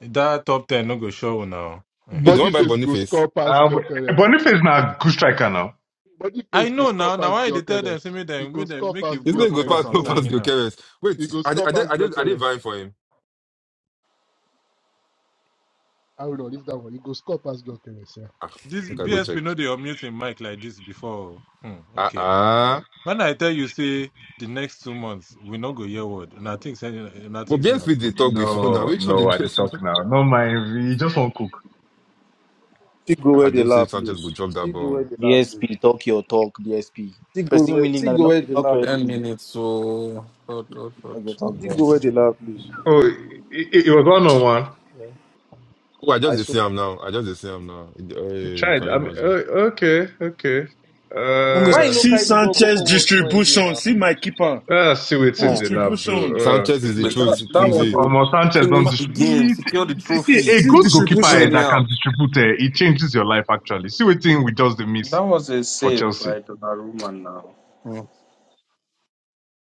Speaker 17: that top ten no go show now.
Speaker 2: Wait, the
Speaker 17: uh
Speaker 20: Body
Speaker 2: one by
Speaker 20: face go
Speaker 2: Boniface.
Speaker 20: score past
Speaker 4: um,
Speaker 20: Gyökeres.
Speaker 4: Boniface now good striker now.
Speaker 20: Body
Speaker 17: I
Speaker 20: face go
Speaker 17: know
Speaker 20: score
Speaker 17: now. Now
Speaker 20: past
Speaker 17: why they tell them say
Speaker 20: Gyökeres.
Speaker 17: make
Speaker 20: He
Speaker 17: them
Speaker 20: go
Speaker 17: make them
Speaker 20: score
Speaker 17: make
Speaker 20: past
Speaker 17: it
Speaker 2: This
Speaker 17: go
Speaker 2: nigga go
Speaker 17: focus
Speaker 2: pass,
Speaker 20: Gyökeres.
Speaker 17: on
Speaker 2: no
Speaker 20: No
Speaker 2: pass,
Speaker 20: worry.
Speaker 17: signing
Speaker 2: go
Speaker 17: now.
Speaker 2: careless.
Speaker 20: He
Speaker 2: Wait,
Speaker 20: go
Speaker 2: I did,
Speaker 20: score
Speaker 2: I did,
Speaker 20: past
Speaker 2: I did, I did
Speaker 20: Gyökeres.
Speaker 2: vying for him.
Speaker 20: I will not leave that one. He go score past Gyökeres. Yeah.
Speaker 2: Ah,
Speaker 17: This
Speaker 2: make I
Speaker 20: yeah.
Speaker 2: go check.
Speaker 17: BSP know they unmute him mic like this before. Hmm,
Speaker 2: Ah,
Speaker 17: okay.
Speaker 2: ah.
Speaker 17: When I tell you, say the next two months we not go hear word. Nothing saying,
Speaker 2: But
Speaker 17: nothing saying.
Speaker 2: BSP they talk before now.
Speaker 4: No,
Speaker 2: Which one be
Speaker 4: no, I dey talk
Speaker 2: BSP?
Speaker 4: now. No mind, he just won't cook.
Speaker 10: Still go
Speaker 2: Ah,
Speaker 10: where
Speaker 2: they
Speaker 10: the
Speaker 2: don't say
Speaker 10: lap
Speaker 2: Sanchez go
Speaker 10: loose.
Speaker 2: drop that
Speaker 10: Still go where
Speaker 2: ball.
Speaker 10: the lap loose.
Speaker 3: BSP talk your talk. BSP.
Speaker 10: Still go
Speaker 3: Person
Speaker 10: where,
Speaker 3: winning
Speaker 10: still
Speaker 3: now. They
Speaker 10: go
Speaker 3: not
Speaker 10: where
Speaker 3: dey
Speaker 10: the
Speaker 3: talk
Speaker 10: lap
Speaker 3: for every
Speaker 10: loose.
Speaker 8: 10
Speaker 3: day.
Speaker 8: minutes. So, God, God, God.
Speaker 3: Talk your talk,
Speaker 10: Still
Speaker 3: Joe.
Speaker 10: go where the lap loose.
Speaker 4: Oh, it, it, it was one on one.
Speaker 10: Yeah.
Speaker 2: Oh, I
Speaker 10: I
Speaker 2: just dey
Speaker 10: swear.
Speaker 2: see him now. I just dey see him now.
Speaker 4: You
Speaker 2: Hey,
Speaker 4: tried.
Speaker 2: can you
Speaker 4: I mean,
Speaker 2: imagine?
Speaker 4: uh, okay, okay.
Speaker 3: Who miss
Speaker 10: Why
Speaker 3: one?
Speaker 4: Uh,
Speaker 10: you no
Speaker 7: See
Speaker 10: carry the ball go
Speaker 7: Sanchez
Speaker 10: forward small again
Speaker 7: distribution.
Speaker 10: now?
Speaker 7: See my keeper
Speaker 4: uh, see what's in
Speaker 8: Hmm.
Speaker 4: the
Speaker 9: Hmm.
Speaker 4: lab,
Speaker 7: distribution.
Speaker 4: though. Uh,
Speaker 2: Sanchez is
Speaker 8: See
Speaker 2: the
Speaker 4: crazy.
Speaker 8: what
Speaker 2: truth.
Speaker 5: That,
Speaker 8: things
Speaker 5: that was
Speaker 2: Kumzi.
Speaker 5: a
Speaker 4: Almost Sanchez don't
Speaker 8: Finish the game,
Speaker 4: distribute.
Speaker 8: secure the
Speaker 4: See,
Speaker 8: trophy.
Speaker 4: a
Speaker 7: See
Speaker 4: good
Speaker 8: You're
Speaker 4: goalkeeper eh,
Speaker 8: doing
Speaker 7: distribution.
Speaker 4: that can
Speaker 8: well.
Speaker 4: distribute, eh, it changes your life actually. See what thing we just the miss
Speaker 5: that was a
Speaker 4: for
Speaker 5: save
Speaker 4: Chelsea.
Speaker 5: by Donnarumma now.
Speaker 8: Hmm.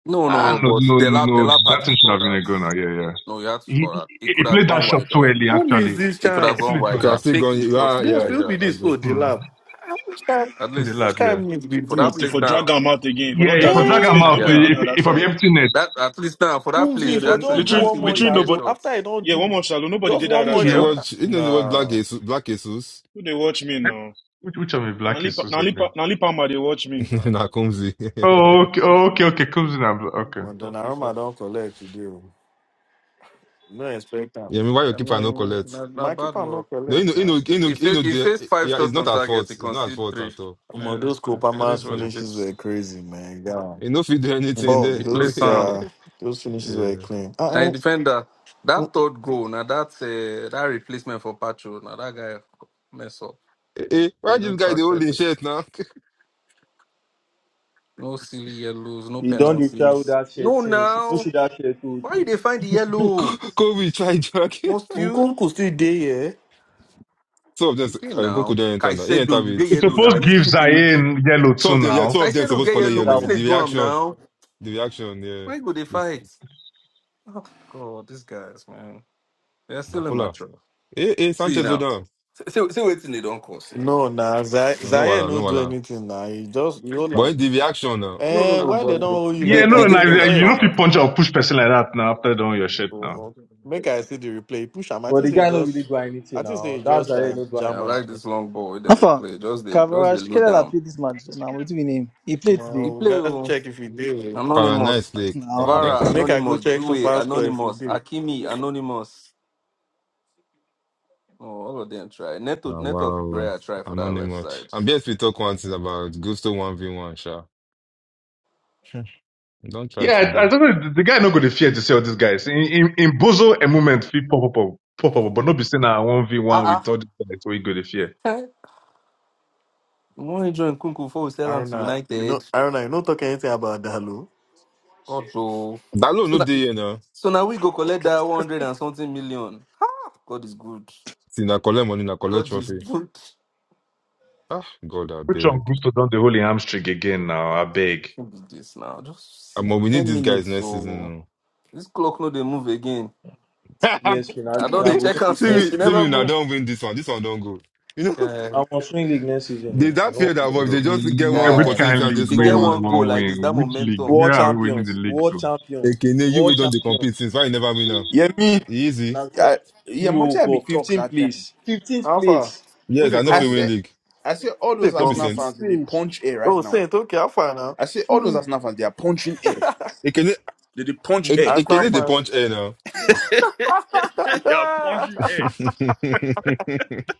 Speaker 8: No, no,
Speaker 4: Ah,
Speaker 8: no,
Speaker 4: no,
Speaker 8: but
Speaker 4: no,
Speaker 8: Delap,
Speaker 4: no.
Speaker 8: Delap had
Speaker 4: That
Speaker 8: to
Speaker 4: thing should
Speaker 8: score
Speaker 4: have been
Speaker 8: that.
Speaker 4: a goal now. Yeah, yeah.
Speaker 8: No, you had to
Speaker 4: He,
Speaker 8: score
Speaker 4: he
Speaker 8: that. It
Speaker 4: he
Speaker 8: could have
Speaker 4: played that
Speaker 8: gone
Speaker 4: shot too
Speaker 8: wider.
Speaker 4: early
Speaker 13: Who missed
Speaker 4: actually.
Speaker 13: this
Speaker 8: It could have
Speaker 4: He
Speaker 13: chance?
Speaker 8: gone
Speaker 4: played too
Speaker 2: I
Speaker 8: right
Speaker 2: could
Speaker 8: there.
Speaker 4: early.
Speaker 2: have still
Speaker 8: Pick
Speaker 2: gone.
Speaker 8: the shot
Speaker 2: Yeah,
Speaker 8: go
Speaker 2: yeah,
Speaker 13: Yes,
Speaker 8: right
Speaker 13: will
Speaker 2: yeah.
Speaker 13: be
Speaker 8: there.
Speaker 2: I
Speaker 13: this.
Speaker 2: agree.
Speaker 13: Oh, the
Speaker 4: Mm.
Speaker 13: lab. Ah, Which kind?
Speaker 8: At
Speaker 4: In the lab,
Speaker 13: Which
Speaker 8: least
Speaker 4: yeah.
Speaker 13: kind means be
Speaker 8: for
Speaker 7: For
Speaker 8: that
Speaker 13: this?
Speaker 8: place
Speaker 7: for
Speaker 8: now.
Speaker 7: drag him out again. For
Speaker 4: Yeah,
Speaker 7: don't
Speaker 4: if
Speaker 7: drag
Speaker 4: I
Speaker 7: him out.
Speaker 4: drag him
Speaker 13: Eh,
Speaker 7: Space.
Speaker 13: ah,
Speaker 4: out,
Speaker 7: Nobody
Speaker 8: Yeah.
Speaker 4: eh,
Speaker 7: did
Speaker 4: if
Speaker 7: the other
Speaker 4: if I be
Speaker 7: side.
Speaker 4: empty net,
Speaker 8: That at least now for that place,
Speaker 7: Yeah,
Speaker 13: Whoopsie
Speaker 7: there's
Speaker 13: for just
Speaker 8: Jackson.
Speaker 13: do
Speaker 7: literally
Speaker 13: one
Speaker 8: Jackson where
Speaker 13: more
Speaker 8: they
Speaker 7: literally
Speaker 13: shot.
Speaker 8: fair
Speaker 13: No,
Speaker 7: nobody.
Speaker 13: after I
Speaker 8: shots.
Speaker 13: don't
Speaker 7: Yeah, one
Speaker 13: do,
Speaker 7: more shallow. Nobody
Speaker 13: just
Speaker 7: did the
Speaker 13: one
Speaker 2: You
Speaker 7: other
Speaker 2: know
Speaker 13: more
Speaker 2: the
Speaker 4: yeah.
Speaker 7: side
Speaker 13: shot.
Speaker 7: now.
Speaker 2: word. You know the word. Black
Speaker 13: Nah,
Speaker 2: Jesus. Black Jesus.
Speaker 7: Who they watch me now?
Speaker 4: Which, which of my black
Speaker 7: Nali
Speaker 4: is
Speaker 7: Nali
Speaker 4: Susan?
Speaker 7: Nali Palmer they watch me.
Speaker 8: Nah,
Speaker 2: na Kumzi.
Speaker 8: nah,
Speaker 4: Oh, okay,
Speaker 8: Because
Speaker 4: okay, okay. Comes in and bl- okay.
Speaker 13: but
Speaker 8: of
Speaker 13: Donnarumma
Speaker 8: FIFA.
Speaker 13: don't collect today. oh. No expect that.
Speaker 2: yeah, I mean, why you
Speaker 8: I
Speaker 2: keep no
Speaker 8: mean,
Speaker 2: collect?
Speaker 8: not,
Speaker 13: My
Speaker 8: not bad
Speaker 13: keeper no
Speaker 8: luck.
Speaker 2: No, you
Speaker 13: collect
Speaker 2: know, you know,
Speaker 13: now.
Speaker 2: you know,
Speaker 8: He
Speaker 2: you
Speaker 8: fa-
Speaker 2: know.
Speaker 8: he faced
Speaker 2: The,
Speaker 8: five
Speaker 2: yeah, it's
Speaker 8: shots
Speaker 2: not
Speaker 8: on
Speaker 2: at fault.
Speaker 8: target. He
Speaker 2: It's not at
Speaker 8: conceded
Speaker 2: fault
Speaker 8: three.
Speaker 2: at all.
Speaker 13: Omo,
Speaker 8: Yeah,
Speaker 13: those
Speaker 8: yeah,
Speaker 13: Copa
Speaker 8: it
Speaker 13: Mas
Speaker 8: is what
Speaker 2: Yeah.
Speaker 8: it
Speaker 13: finishes
Speaker 8: is.
Speaker 13: were crazy, man. Yeah.
Speaker 2: You know if you do
Speaker 8: Mm.
Speaker 2: anything
Speaker 13: Fuck,
Speaker 2: there.
Speaker 8: He plays
Speaker 13: those
Speaker 8: some.
Speaker 13: yeah, those finishes were
Speaker 2: yeah.
Speaker 13: clean.
Speaker 8: And he
Speaker 13: Uh
Speaker 8: defender,
Speaker 13: oh,
Speaker 8: that third goal, now that's uh, that replacement for Pacho. Now that guy mess up.
Speaker 2: Hey, why
Speaker 8: You
Speaker 2: this guy the holding
Speaker 8: know,
Speaker 2: shirt now?
Speaker 8: No silly yellows, no
Speaker 10: You don't dey try with
Speaker 8: penalties.
Speaker 10: that shirt
Speaker 8: No
Speaker 10: since. No
Speaker 8: now.
Speaker 10: see that shirt too.
Speaker 8: Why did they find the yellow?
Speaker 2: Kobe try drag.
Speaker 8: Must you?
Speaker 13: Nkunku still there, yeah.
Speaker 2: Some of them,
Speaker 8: You did
Speaker 2: um, Coco
Speaker 8: now.
Speaker 2: don't enter now. He enter
Speaker 8: Caicedo, you get
Speaker 2: with
Speaker 4: It's
Speaker 8: yellow
Speaker 2: listen.
Speaker 8: now.
Speaker 4: supposed to
Speaker 8: You
Speaker 4: give
Speaker 8: stupid.
Speaker 4: Zayn yellow
Speaker 2: Some
Speaker 4: too
Speaker 2: of them, yeah,
Speaker 4: now.
Speaker 2: some of them
Speaker 8: Caicedo
Speaker 2: supposed to
Speaker 8: get
Speaker 2: color
Speaker 8: yellow.
Speaker 10: Wetin that
Speaker 2: yellow.
Speaker 8: What's
Speaker 10: one
Speaker 8: in the
Speaker 10: do?
Speaker 2: The
Speaker 8: drum
Speaker 2: reaction,
Speaker 8: now?
Speaker 2: the reaction, yeah.
Speaker 8: Why go they
Speaker 2: This
Speaker 8: fight? Oh god, these guys, man. They're still immature.
Speaker 2: Bakula. Hey, hey,
Speaker 8: See
Speaker 2: Sanchez, hold
Speaker 8: now.
Speaker 2: on.
Speaker 8: See, see waiting in the don't cost now.
Speaker 13: No, nah, Zay-
Speaker 2: No no
Speaker 13: Zaire
Speaker 2: wala,
Speaker 13: no
Speaker 2: no
Speaker 13: do
Speaker 2: wala.
Speaker 13: anything Nah. He just roll
Speaker 2: But in
Speaker 13: on.
Speaker 2: the aksyon nou.
Speaker 8: No, no,
Speaker 13: Eh,
Speaker 2: Ah,
Speaker 8: no,
Speaker 13: why they don't
Speaker 8: but
Speaker 13: hold you
Speaker 4: Yeah,
Speaker 8: they
Speaker 13: like
Speaker 4: no,
Speaker 8: they
Speaker 13: that? You
Speaker 4: and I,
Speaker 13: no
Speaker 8: give
Speaker 13: go
Speaker 8: them
Speaker 4: I-
Speaker 8: that
Speaker 4: you know,
Speaker 13: first
Speaker 4: if you
Speaker 8: comfort.
Speaker 4: punch or push person like that now after doing your shit
Speaker 13: Oh,
Speaker 4: now.
Speaker 13: oh. Make I see the replay. Push him. I
Speaker 10: But
Speaker 13: think
Speaker 10: the
Speaker 13: say he
Speaker 10: guy no really
Speaker 13: just.
Speaker 10: do
Speaker 13: I
Speaker 10: anything
Speaker 13: think say
Speaker 10: now.
Speaker 13: he
Speaker 10: That
Speaker 13: just
Speaker 10: Zaire
Speaker 13: like
Speaker 10: no do
Speaker 8: I
Speaker 13: jam am.
Speaker 8: like
Speaker 10: anything.
Speaker 8: this long ball then they
Speaker 3: Alpha.
Speaker 8: play. Just the just the
Speaker 3: Cavaras.
Speaker 8: low
Speaker 3: Kelala
Speaker 8: down.
Speaker 3: played this match. So now what's his name? He played
Speaker 13: Ma,
Speaker 8: He
Speaker 3: today.
Speaker 13: we
Speaker 8: play.
Speaker 13: gotta
Speaker 8: oh.
Speaker 13: check if he did.
Speaker 2: Kwa nice
Speaker 8: Anonymous,
Speaker 2: play,
Speaker 3: Now, wow.
Speaker 13: Make
Speaker 2: nice
Speaker 8: Vara,
Speaker 13: make I go
Speaker 8: Anonymous,
Speaker 13: check so
Speaker 8: Dewey,
Speaker 13: fast score if he
Speaker 8: Anonymous,
Speaker 13: did.
Speaker 8: Akimi, Anonymous. Oh, all of them try. Neto,
Speaker 2: Ah,
Speaker 8: Neto
Speaker 2: wow,
Speaker 8: Kukurea try for that left
Speaker 2: anonymous.
Speaker 8: side.
Speaker 2: And BS we talk one thing about Gusto 1v1, sha. Hmm. Don't try
Speaker 4: Yeah, I, I
Speaker 2: today.
Speaker 4: don't know. The the guy not going to fear to see all these guys. In in, in Bozo, a moment fit pop up, up, pop up, but not be saying now one v one with
Speaker 8: Ah
Speaker 4: all these guys. So he go to fear.
Speaker 8: ah. When you join Kunku before we sell them to
Speaker 13: Aruna, you know,
Speaker 8: United,
Speaker 13: Aruna, you not talk anything about Dalo.
Speaker 8: God oh.
Speaker 2: that Dalo
Speaker 8: So
Speaker 2: no
Speaker 8: that,
Speaker 2: dey here now.
Speaker 8: so now we go collect
Speaker 13: Okay.
Speaker 8: that one hundred and something million. God is good.
Speaker 2: See, na collect money, na collect
Speaker 8: God is
Speaker 2: trophy.
Speaker 8: good.
Speaker 2: Ah, God, I
Speaker 4: Which one
Speaker 2: beg.
Speaker 4: Gusto done the holy hamstring again now? I beg.
Speaker 8: What is this now? Just
Speaker 2: Um,
Speaker 8: see
Speaker 2: but we need
Speaker 8: ten
Speaker 2: these guys
Speaker 8: minutes.
Speaker 2: next season.
Speaker 8: So
Speaker 2: No.
Speaker 8: this clock no they move again.
Speaker 10: BSP na
Speaker 8: I don't
Speaker 10: na
Speaker 8: they
Speaker 10: go win
Speaker 8: check and
Speaker 10: league
Speaker 2: see
Speaker 8: see
Speaker 10: next
Speaker 2: me,
Speaker 8: she
Speaker 10: season.
Speaker 2: see
Speaker 8: never
Speaker 2: me, now
Speaker 8: move.
Speaker 2: don't win this one. This one don't go. You know,
Speaker 8: Yeah.
Speaker 10: I must win league next season
Speaker 2: they
Speaker 10: o. I
Speaker 2: that
Speaker 10: no wan
Speaker 2: fear that
Speaker 10: do
Speaker 2: but if they
Speaker 10: anything.
Speaker 2: just get
Speaker 4: Uh,
Speaker 2: one
Speaker 4: Which
Speaker 8: Guy,
Speaker 4: kind
Speaker 2: opportunity
Speaker 4: of
Speaker 2: and they
Speaker 8: if
Speaker 4: league
Speaker 8: they
Speaker 4: we
Speaker 2: score
Speaker 8: get one
Speaker 2: one,
Speaker 8: goal
Speaker 4: will
Speaker 8: like this,
Speaker 4: win?
Speaker 8: that
Speaker 4: Which league?
Speaker 8: momentum,
Speaker 4: Where
Speaker 10: World
Speaker 4: are we winning the
Speaker 10: champions,
Speaker 4: league to?
Speaker 10: world champions,
Speaker 2: Ekene, you will
Speaker 10: world
Speaker 2: don't they compete
Speaker 10: champions.
Speaker 2: since why you never win now?
Speaker 14: Yeah, me,
Speaker 2: Easy.
Speaker 10: Na so-
Speaker 14: I, yeah, much
Speaker 10: you
Speaker 14: I
Speaker 10: go
Speaker 14: be talk
Speaker 10: fifteenth
Speaker 14: that time.
Speaker 10: place, fifteenth
Speaker 13: Alpha,
Speaker 10: place,
Speaker 13: who
Speaker 2: Yes,
Speaker 13: they
Speaker 2: I know
Speaker 13: call
Speaker 14: I
Speaker 13: me?
Speaker 2: Premier
Speaker 14: say,
Speaker 2: League.
Speaker 14: I say all
Speaker 13: Who they
Speaker 14: those
Speaker 2: No be
Speaker 13: call
Speaker 14: Arsenal
Speaker 13: me?
Speaker 10: fifteenth
Speaker 2: sense.
Speaker 14: fans they, they
Speaker 10: place.
Speaker 14: punch air right
Speaker 13: Oh,
Speaker 14: now.
Speaker 13: Saint, okay, Alpha now.
Speaker 14: I say all those
Speaker 8: Hmm.
Speaker 14: Arsenal fans they are punching air.
Speaker 2: Ekene,
Speaker 14: They, they punch
Speaker 10: Mhm.
Speaker 2: Ek-
Speaker 14: air
Speaker 13: That's not
Speaker 2: Ekene, they
Speaker 14: currently.
Speaker 13: fun.
Speaker 2: punch air now.
Speaker 14: they are punching air.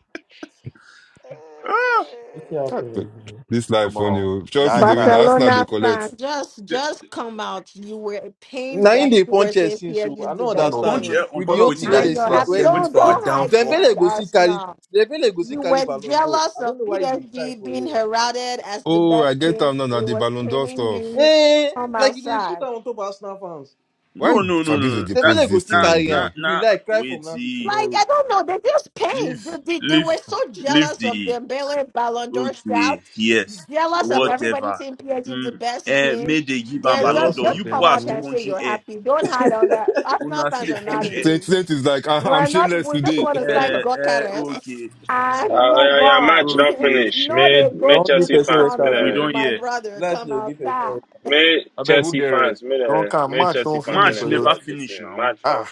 Speaker 14: Ah,
Speaker 10: Wetin happen again?
Speaker 2: this life
Speaker 13: Come
Speaker 2: funny.
Speaker 13: on,
Speaker 2: oh. Chelsea
Speaker 13: that
Speaker 2: they win.
Speaker 13: charge.
Speaker 2: Arsenal they
Speaker 11: Barcelona fan,
Speaker 2: collect.
Speaker 11: just
Speaker 14: they-
Speaker 11: just come out. You were pained
Speaker 10: Na him
Speaker 11: that
Speaker 10: dey
Speaker 11: people were
Speaker 10: punch us
Speaker 11: saying
Speaker 10: since
Speaker 11: PSG
Speaker 10: o. I
Speaker 11: is the
Speaker 10: no
Speaker 11: best
Speaker 8: all of
Speaker 10: understand.
Speaker 14: punch
Speaker 11: team.
Speaker 8: you,
Speaker 14: air on
Speaker 10: With the
Speaker 8: all
Speaker 14: top
Speaker 8: of you
Speaker 10: OT
Speaker 14: waiting.
Speaker 10: wey
Speaker 8: that
Speaker 11: And
Speaker 10: dey
Speaker 8: used
Speaker 11: you're
Speaker 8: to
Speaker 11: happy.
Speaker 10: see,
Speaker 8: assemble
Speaker 14: Wait,
Speaker 11: Don't
Speaker 8: for our
Speaker 14: wait.
Speaker 11: don't hide
Speaker 8: downfall.
Speaker 10: Dembele
Speaker 11: behind
Speaker 10: go see carry
Speaker 11: Arsenal.
Speaker 10: Dembele go see
Speaker 11: You
Speaker 10: carry
Speaker 11: were
Speaker 10: Ballon d'Or.
Speaker 11: jealous
Speaker 10: I
Speaker 11: of
Speaker 10: don't know why you dey cry
Speaker 11: PSG
Speaker 10: for
Speaker 11: being
Speaker 10: here.
Speaker 11: heralded as the
Speaker 2: Oh,
Speaker 11: best
Speaker 2: I get
Speaker 11: team.
Speaker 2: them now. Now
Speaker 11: It
Speaker 2: the
Speaker 11: was
Speaker 2: Ballon d'Or
Speaker 11: paining
Speaker 2: stuff.
Speaker 11: you
Speaker 10: Eh,
Speaker 11: from
Speaker 10: like you dey put
Speaker 11: outside.
Speaker 10: am on top Arsenal fans.
Speaker 2: Why
Speaker 14: No, no, no, no.
Speaker 2: Fabrizio
Speaker 14: no.
Speaker 2: they
Speaker 14: That,
Speaker 10: Dembele
Speaker 2: post
Speaker 10: go
Speaker 2: this
Speaker 10: still
Speaker 2: thing
Speaker 14: nah,
Speaker 10: carry
Speaker 14: nah,
Speaker 10: am.
Speaker 2: again?
Speaker 10: If you
Speaker 14: nah.
Speaker 10: like, cry from
Speaker 14: Wait,
Speaker 10: now till
Speaker 14: see.
Speaker 11: Like
Speaker 10: tomorrow.
Speaker 11: I don't know, they just pain.
Speaker 14: Leave,
Speaker 11: They, they, they
Speaker 14: leave,
Speaker 11: were so
Speaker 14: leave
Speaker 11: jealous of
Speaker 14: the.
Speaker 11: Dembele Ballon d'Or
Speaker 14: Okay,
Speaker 11: shouts,
Speaker 14: yes,
Speaker 11: jealous of
Speaker 13: jealous,
Speaker 11: everybody
Speaker 14: whatever.
Speaker 11: saying PSG is the
Speaker 14: Mm,
Speaker 11: best
Speaker 14: eh,
Speaker 11: team.
Speaker 14: may they give am
Speaker 11: They're
Speaker 14: ballon
Speaker 11: just
Speaker 13: jealous
Speaker 14: d'or.
Speaker 11: just
Speaker 13: of
Speaker 14: You people
Speaker 11: come
Speaker 13: them,
Speaker 14: are
Speaker 11: out
Speaker 14: still
Speaker 11: and say
Speaker 14: punching
Speaker 11: you're
Speaker 14: air.
Speaker 11: happy. Don't hide on that. Arsenal
Speaker 14: Una see
Speaker 11: fans
Speaker 14: the
Speaker 11: are not
Speaker 14: punch
Speaker 11: in
Speaker 14: air.
Speaker 13: boo.
Speaker 2: Saint
Speaker 11: this.
Speaker 2: Saint is like I- I'm
Speaker 11: We're not,
Speaker 2: shameless
Speaker 11: we just
Speaker 2: today.
Speaker 11: want to thank
Speaker 14: Eh,
Speaker 11: God
Speaker 14: eh,
Speaker 11: Gokares
Speaker 14: okay,
Speaker 11: and
Speaker 9: Uh, yeah,
Speaker 11: move
Speaker 9: yeah, match
Speaker 11: on.
Speaker 9: don't
Speaker 14: okay.
Speaker 9: finish.
Speaker 11: no,
Speaker 9: May
Speaker 11: they
Speaker 10: They
Speaker 9: may
Speaker 11: go
Speaker 10: won't
Speaker 11: through
Speaker 10: give
Speaker 9: Chelsea
Speaker 11: the
Speaker 10: person red
Speaker 9: fans, may
Speaker 10: card
Speaker 14: We
Speaker 10: though.
Speaker 11: corners.
Speaker 9: the
Speaker 14: don't
Speaker 11: My
Speaker 14: hear.
Speaker 11: brother,
Speaker 10: Life
Speaker 11: come
Speaker 10: they will give person
Speaker 11: outside.
Speaker 10: red.
Speaker 9: may
Speaker 8: I beg we'll
Speaker 9: Chelsea
Speaker 8: get red.
Speaker 9: fans, may
Speaker 13: Don't
Speaker 9: the
Speaker 13: come
Speaker 9: may
Speaker 13: match,
Speaker 9: Chelsea
Speaker 13: don't
Speaker 9: fans, may
Speaker 13: finish
Speaker 9: they
Speaker 14: Match
Speaker 13: for
Speaker 9: do
Speaker 13: your
Speaker 14: never
Speaker 9: their this
Speaker 14: finish
Speaker 9: thing.
Speaker 14: now.
Speaker 9: Match don't
Speaker 13: ah.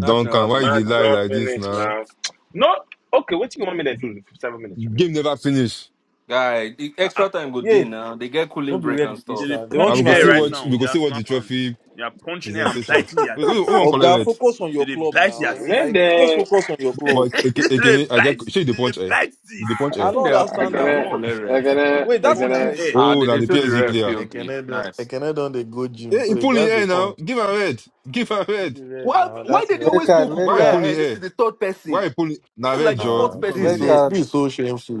Speaker 8: Nothing
Speaker 2: Duncan,
Speaker 8: ever
Speaker 2: why you dey
Speaker 8: finish
Speaker 9: match
Speaker 2: lie
Speaker 8: now.
Speaker 9: don't
Speaker 2: like this
Speaker 9: finish
Speaker 2: now?
Speaker 9: now. No, okay. What you want me to do? Seven minutes remaining.
Speaker 2: Game never finish.
Speaker 8: Guy, the
Speaker 14: uh
Speaker 8: extra time go
Speaker 10: Yeah,
Speaker 8: day now. They get
Speaker 10: no
Speaker 8: cooling
Speaker 10: be
Speaker 8: break
Speaker 10: red
Speaker 8: and
Speaker 10: be this
Speaker 14: They,
Speaker 8: stuff.
Speaker 14: they
Speaker 10: now. They
Speaker 2: I
Speaker 10: won't
Speaker 14: punch
Speaker 2: will
Speaker 10: give
Speaker 2: go
Speaker 10: am
Speaker 14: air
Speaker 2: see
Speaker 10: red
Speaker 14: right
Speaker 10: though.
Speaker 2: watch.
Speaker 14: now.
Speaker 2: we go
Speaker 14: The
Speaker 2: see watch
Speaker 14: Arsenal
Speaker 2: the
Speaker 14: fans.
Speaker 2: trophy
Speaker 14: They are punching air and
Speaker 2: presentation.
Speaker 14: biting their
Speaker 2: Wait, who who
Speaker 14: teeth.
Speaker 2: won't
Speaker 10: Oga,
Speaker 2: collect it?
Speaker 10: focus on
Speaker 14: They,
Speaker 10: your
Speaker 14: they
Speaker 10: club
Speaker 14: bite their
Speaker 10: now.
Speaker 14: teeth.
Speaker 9: May
Speaker 10: Like just
Speaker 9: then
Speaker 10: focus on your club.
Speaker 2: But
Speaker 14: they
Speaker 2: Eke-
Speaker 14: dey
Speaker 2: Ekene, I get
Speaker 14: bite.
Speaker 2: shake the
Speaker 14: They
Speaker 2: punch
Speaker 14: dey
Speaker 2: air.
Speaker 14: bite
Speaker 2: the
Speaker 14: teeth.
Speaker 2: punch
Speaker 8: What
Speaker 10: I
Speaker 2: air.
Speaker 8: think they
Speaker 10: don't
Speaker 9: I
Speaker 8: happen
Speaker 10: understand that
Speaker 8: now? We
Speaker 9: gonna
Speaker 14: God,
Speaker 10: more.
Speaker 8: collect
Speaker 9: I
Speaker 8: rest.
Speaker 9: gonna
Speaker 10: Wait,
Speaker 9: I
Speaker 10: that's in a
Speaker 14: punching
Speaker 9: gonna.
Speaker 10: red.
Speaker 14: air.
Speaker 8: Ah,
Speaker 2: Oh,
Speaker 8: they,
Speaker 2: now
Speaker 8: they
Speaker 13: You
Speaker 2: the
Speaker 8: show
Speaker 13: know,
Speaker 8: the
Speaker 2: PSG
Speaker 13: say
Speaker 8: ref
Speaker 2: player.
Speaker 8: POV.
Speaker 13: Ekene don
Speaker 8: Nice.
Speaker 13: Ekene don dey go gym,
Speaker 2: Hey,
Speaker 13: so
Speaker 2: he
Speaker 13: he
Speaker 2: pulling
Speaker 13: get
Speaker 2: in
Speaker 13: the
Speaker 2: air now.
Speaker 13: point.
Speaker 2: Give her red. Give her
Speaker 10: No
Speaker 2: red.
Speaker 10: be red
Speaker 8: Why,
Speaker 10: now.
Speaker 8: why
Speaker 10: That's in
Speaker 8: did
Speaker 10: a
Speaker 8: they
Speaker 3: Red
Speaker 8: always
Speaker 10: red.
Speaker 3: card.
Speaker 8: pull
Speaker 3: Red
Speaker 2: Why he
Speaker 8: Kukurea
Speaker 3: card.
Speaker 2: pulling
Speaker 8: ahead?
Speaker 2: in
Speaker 8: This is
Speaker 2: air?
Speaker 8: the third
Speaker 2: Why
Speaker 8: person.
Speaker 2: he pulling? in na
Speaker 8: This is
Speaker 2: red
Speaker 8: like the
Speaker 2: jaw?
Speaker 13: Ah,
Speaker 8: fourth
Speaker 2: Which one
Speaker 8: person
Speaker 13: this
Speaker 3: Red
Speaker 2: be
Speaker 13: so
Speaker 8: safe.
Speaker 3: card.
Speaker 13: this so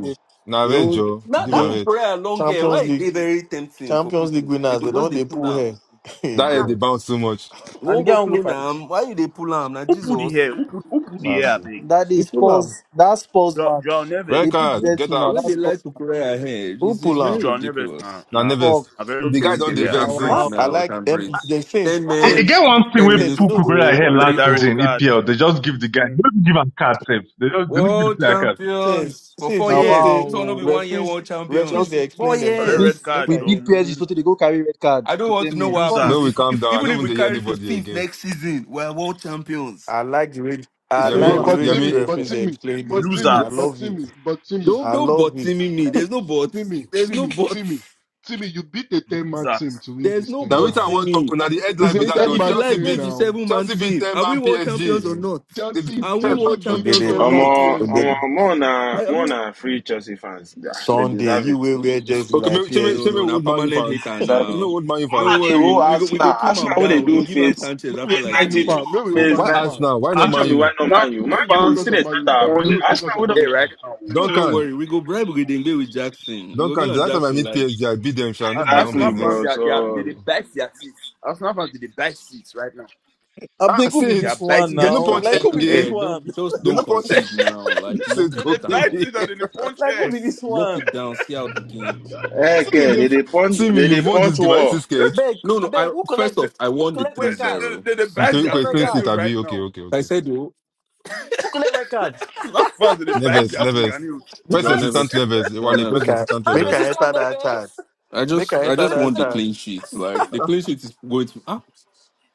Speaker 3: They-
Speaker 2: na
Speaker 13: The
Speaker 2: red
Speaker 13: whole
Speaker 2: jaw?
Speaker 8: Now
Speaker 2: Give
Speaker 8: that
Speaker 2: her
Speaker 13: yeah,
Speaker 2: red.
Speaker 8: Kukurea long hair, why
Speaker 13: Champions
Speaker 8: it
Speaker 13: League
Speaker 8: they very tempting for
Speaker 13: Champions League
Speaker 8: people? They
Speaker 13: winners they
Speaker 8: could just
Speaker 13: don't
Speaker 8: they
Speaker 13: they
Speaker 8: pull
Speaker 13: pull
Speaker 8: them.
Speaker 13: hair. hey
Speaker 2: That head they
Speaker 13: God,
Speaker 2: bounce too much.
Speaker 8: We
Speaker 10: And the
Speaker 8: won't go
Speaker 10: guy will go
Speaker 8: clone
Speaker 10: fight.
Speaker 8: am. Why you they pull am? Now
Speaker 14: Who put the
Speaker 8: Jesus.
Speaker 14: hair? Who put, who put the hair
Speaker 13: mercy.
Speaker 14: big?
Speaker 3: That
Speaker 13: You
Speaker 3: is
Speaker 13: pull am,
Speaker 3: Spurs. That Spurs
Speaker 14: Joao Joao
Speaker 3: match.
Speaker 2: Red
Speaker 14: Neves.
Speaker 3: They put Z
Speaker 2: card, get
Speaker 3: two
Speaker 8: The
Speaker 3: now.
Speaker 2: out.
Speaker 8: way
Speaker 3: That's
Speaker 8: they
Speaker 3: Spurs.
Speaker 8: like to cry ahead
Speaker 13: who
Speaker 8: is is
Speaker 13: pull
Speaker 14: This
Speaker 8: very
Speaker 13: am?
Speaker 14: Joao Neves na
Speaker 8: ridiculous.
Speaker 2: Now
Speaker 14: na
Speaker 3: Fuck.
Speaker 2: nervous.
Speaker 14: a very
Speaker 2: The
Speaker 8: Okay,
Speaker 2: guy
Speaker 14: stupid
Speaker 2: don't
Speaker 8: okay.
Speaker 2: the
Speaker 8: We
Speaker 14: player.
Speaker 8: can
Speaker 2: vex
Speaker 3: Now
Speaker 8: breathe
Speaker 13: Ah,
Speaker 3: wow.
Speaker 2: since.
Speaker 13: I
Speaker 8: now. We
Speaker 13: like
Speaker 8: can breathe.
Speaker 13: and the
Speaker 8: Ten
Speaker 13: Saints
Speaker 3: Ah,
Speaker 4: It, it
Speaker 3: ah.
Speaker 8: men,
Speaker 4: get
Speaker 13: Saints
Speaker 4: one thing
Speaker 8: ten
Speaker 4: where
Speaker 13: Saints. You
Speaker 8: minutes
Speaker 4: people
Speaker 8: to
Speaker 13: know
Speaker 4: Puku
Speaker 13: say-
Speaker 4: I
Speaker 8: go.
Speaker 4: had
Speaker 14: Collect
Speaker 8: Three
Speaker 4: last
Speaker 14: that red
Speaker 8: O.
Speaker 4: season,
Speaker 14: card.
Speaker 4: EPL, they just give the guy,
Speaker 14: Mumu.
Speaker 4: they don't give him card safe. They don't, they don't give the
Speaker 8: World
Speaker 4: player card.
Speaker 13: Saints
Speaker 8: champions for
Speaker 13: Saints.
Speaker 8: four
Speaker 13: You
Speaker 3: now
Speaker 13: know
Speaker 8: years.
Speaker 13: say
Speaker 8: This one will be
Speaker 3: wow.
Speaker 8: one year
Speaker 13: referees
Speaker 8: world
Speaker 13: referees
Speaker 8: champions.
Speaker 13: they
Speaker 3: Chelsea
Speaker 8: Four
Speaker 13: explain
Speaker 3: beat. We
Speaker 14: Collect
Speaker 3: beat.
Speaker 13: themselves.
Speaker 14: red
Speaker 8: years.
Speaker 13: Make
Speaker 14: card,
Speaker 3: We
Speaker 13: I
Speaker 14: your
Speaker 13: hear.
Speaker 3: beat PSG.
Speaker 14: mumu.
Speaker 3: So they go carry red card
Speaker 8: I don't
Speaker 3: to
Speaker 8: want
Speaker 3: ten
Speaker 8: to know
Speaker 3: men.
Speaker 8: what
Speaker 3: Fuck.
Speaker 2: May
Speaker 8: happens.
Speaker 2: we
Speaker 14: Losers.
Speaker 8: If,
Speaker 2: calm
Speaker 8: if
Speaker 2: down. I
Speaker 8: even
Speaker 2: don't
Speaker 8: if
Speaker 2: even
Speaker 8: we
Speaker 2: dey hear
Speaker 8: carry
Speaker 2: anybody
Speaker 8: 15th
Speaker 2: again.
Speaker 8: next season, we're world champions.
Speaker 13: I like the way I
Speaker 10: I
Speaker 8: It's
Speaker 10: no
Speaker 2: Yemi,
Speaker 20: Wait,
Speaker 13: like
Speaker 8: over.
Speaker 10: dey
Speaker 13: the
Speaker 20: but
Speaker 13: way
Speaker 10: no dey
Speaker 13: this
Speaker 20: Timmy,
Speaker 10: hear
Speaker 2: Yemi.
Speaker 10: each
Speaker 20: but
Speaker 13: referees
Speaker 10: other.
Speaker 13: they
Speaker 20: Timmy,
Speaker 13: explain this
Speaker 20: but
Speaker 13: thing.
Speaker 2: Ye-
Speaker 20: Timmy,
Speaker 13: I
Speaker 20: but
Speaker 14: Losers.
Speaker 13: love it.
Speaker 20: Timmy, but Timmy,
Speaker 8: Don't
Speaker 13: I
Speaker 8: don't
Speaker 13: love
Speaker 8: butt
Speaker 13: it.
Speaker 8: me. There's no buts.
Speaker 20: Timmy,
Speaker 8: There's no
Speaker 20: Timmy, Timmy,
Speaker 8: buts.
Speaker 20: Timmy, you beat a 10 man
Speaker 14: Losers.
Speaker 20: team to win
Speaker 8: There's
Speaker 20: this
Speaker 8: no
Speaker 20: thing
Speaker 2: Now which
Speaker 20: now.
Speaker 2: I
Speaker 8: buts
Speaker 2: want
Speaker 8: in
Speaker 2: to
Speaker 8: me.
Speaker 2: talk on the
Speaker 20: It's
Speaker 2: headline
Speaker 20: a
Speaker 2: with
Speaker 8: If,
Speaker 2: that
Speaker 8: I-
Speaker 20: 10
Speaker 2: though.
Speaker 8: if you
Speaker 20: man
Speaker 2: Chelsea
Speaker 8: like,
Speaker 20: team
Speaker 2: beat
Speaker 8: maybe
Speaker 20: now.
Speaker 8: seven man
Speaker 2: Chelsea beat
Speaker 8: team.
Speaker 2: ten
Speaker 8: Are we
Speaker 2: man
Speaker 8: world
Speaker 13: Okay
Speaker 2: PSG.
Speaker 8: champions or
Speaker 13: then.
Speaker 8: not?
Speaker 2: They beat
Speaker 20: Chelsea
Speaker 8: Are
Speaker 2: ten
Speaker 8: we
Speaker 2: man
Speaker 20: Chelsea
Speaker 8: world
Speaker 2: PSG.
Speaker 13: Okay
Speaker 20: beat
Speaker 8: champions
Speaker 13: then.
Speaker 8: or
Speaker 20: ten
Speaker 9: Um, uh,
Speaker 20: man
Speaker 8: not?
Speaker 9: um,
Speaker 13: Okay
Speaker 20: PSG.
Speaker 9: uh, more na
Speaker 8: Are, are we?
Speaker 9: more na free Chelsea fans. Yeah, they
Speaker 13: Sunday,
Speaker 9: deserve
Speaker 13: you
Speaker 9: it.
Speaker 13: will wear jersey
Speaker 2: Okay,
Speaker 13: like
Speaker 2: me, show me,
Speaker 8: No,
Speaker 2: show
Speaker 13: PSG.
Speaker 2: me
Speaker 8: no, now
Speaker 2: old Man U
Speaker 8: permanent
Speaker 2: fans.
Speaker 8: hater
Speaker 9: deserve it.
Speaker 2: Show me
Speaker 8: now.
Speaker 2: old Man U
Speaker 9: One
Speaker 8: Don't
Speaker 9: of
Speaker 2: fans.
Speaker 9: the
Speaker 8: worry,
Speaker 9: whole
Speaker 8: we go we go
Speaker 9: Arsenal,
Speaker 8: calm him
Speaker 9: Arsenal, what they
Speaker 8: down. We go
Speaker 9: do
Speaker 8: give him
Speaker 9: phase,
Speaker 8: Sanchez
Speaker 20: Maybe
Speaker 8: after
Speaker 9: phase
Speaker 20: we
Speaker 8: like
Speaker 20: Man
Speaker 8: two
Speaker 20: U
Speaker 9: 92,
Speaker 20: fan.
Speaker 8: years.
Speaker 20: Maybe we
Speaker 9: phase
Speaker 2: Why
Speaker 20: Man U
Speaker 9: 90.
Speaker 2: us
Speaker 20: fan.
Speaker 2: now? Why not
Speaker 9: Which
Speaker 2: Man
Speaker 9: one be why
Speaker 2: U?
Speaker 9: not
Speaker 14: Arsenal
Speaker 9: Man U? Man
Speaker 20: Maybe we
Speaker 9: U, we
Speaker 14: fans
Speaker 9: see
Speaker 20: focus on
Speaker 9: they
Speaker 20: Man
Speaker 9: start
Speaker 20: U
Speaker 9: our
Speaker 20: fan.
Speaker 9: project.
Speaker 20: Maybe we
Speaker 14: on
Speaker 9: Arsenal,
Speaker 20: focus
Speaker 9: what
Speaker 20: on Man
Speaker 14: air
Speaker 20: U
Speaker 14: right
Speaker 20: fan.
Speaker 14: now.
Speaker 8: No, don't
Speaker 2: Duncan,
Speaker 9: the
Speaker 8: worry, we go bribe Udengbe with Jackson. We go give
Speaker 2: Duncan. The
Speaker 8: him
Speaker 2: last time I
Speaker 8: Jackson
Speaker 2: meet
Speaker 8: like
Speaker 2: PSG, I beat them. Shall not be my own
Speaker 9: Exactly,
Speaker 14: Arsenal fans,
Speaker 9: bro.
Speaker 14: they,
Speaker 2: business.
Speaker 14: are, they, are, they,
Speaker 9: So,
Speaker 14: they
Speaker 2: So,
Speaker 14: bite their teeth. Arsenal fans, they, they bite seats right now.
Speaker 10: I
Speaker 2: ah,
Speaker 10: beg, who
Speaker 2: see
Speaker 10: be
Speaker 14: They
Speaker 2: it.
Speaker 10: this
Speaker 14: are
Speaker 10: one
Speaker 14: biting
Speaker 2: They
Speaker 14: their
Speaker 2: no
Speaker 14: teeth
Speaker 10: now?
Speaker 14: and
Speaker 2: punch
Speaker 10: Like,
Speaker 2: air
Speaker 10: who
Speaker 8: I
Speaker 10: be
Speaker 14: punching
Speaker 10: this
Speaker 14: air.
Speaker 2: again.
Speaker 8: beg,
Speaker 10: one?
Speaker 8: don't just
Speaker 2: They
Speaker 8: don't
Speaker 2: no punch.
Speaker 8: concede now. Like
Speaker 2: See it
Speaker 8: lock
Speaker 14: They,
Speaker 8: it
Speaker 2: go
Speaker 14: they bite
Speaker 8: down.
Speaker 2: baby.
Speaker 14: teeth and then they punch
Speaker 10: Like, who
Speaker 14: air.
Speaker 10: be this
Speaker 8: Just lock
Speaker 10: one?
Speaker 8: it down. See out the game.
Speaker 2: See they,
Speaker 9: okay,
Speaker 2: they,
Speaker 9: they, they punch,
Speaker 2: see me.
Speaker 9: they, they
Speaker 2: You've won this
Speaker 9: punch
Speaker 2: game. Are you
Speaker 9: wall.
Speaker 2: still scared?
Speaker 16: Beg,
Speaker 8: No,
Speaker 16: I
Speaker 8: no.
Speaker 16: beg,
Speaker 8: I
Speaker 16: who collect
Speaker 8: first off, I
Speaker 16: who
Speaker 8: won the
Speaker 16: collect
Speaker 14: They,
Speaker 16: red
Speaker 14: they,
Speaker 16: card?
Speaker 14: they,
Speaker 8: three-zero.
Speaker 14: they, they
Speaker 2: You
Speaker 14: bite
Speaker 2: tell you
Speaker 16: Who
Speaker 14: their
Speaker 16: collect
Speaker 2: okay,
Speaker 16: red
Speaker 2: clean sheet.
Speaker 16: card?
Speaker 14: fingernails right
Speaker 2: Abi, okay,
Speaker 14: now.
Speaker 2: okay,
Speaker 8: I
Speaker 2: okay.
Speaker 8: said, oh,
Speaker 16: Who collect red card?
Speaker 14: It's Not fast, they bite
Speaker 2: Neves,
Speaker 14: their
Speaker 2: Neves.
Speaker 14: fingernails.
Speaker 2: First
Speaker 8: John
Speaker 2: assistant to
Speaker 16: What?
Speaker 2: Neves, Wale, first
Speaker 8: Evans,
Speaker 13: Make I
Speaker 2: assistant to
Speaker 16: First
Speaker 13: make
Speaker 2: Neves.
Speaker 13: I
Speaker 16: resistance,
Speaker 13: enter
Speaker 16: their
Speaker 13: that chat.
Speaker 16: best.
Speaker 8: I
Speaker 13: Make
Speaker 8: just
Speaker 13: I
Speaker 16: First
Speaker 8: I
Speaker 13: enter
Speaker 8: just
Speaker 13: that
Speaker 8: want the
Speaker 13: chat.
Speaker 16: resistance.
Speaker 8: clean sheets. Like the
Speaker 2: Ah,
Speaker 8: clean sheet is going to ah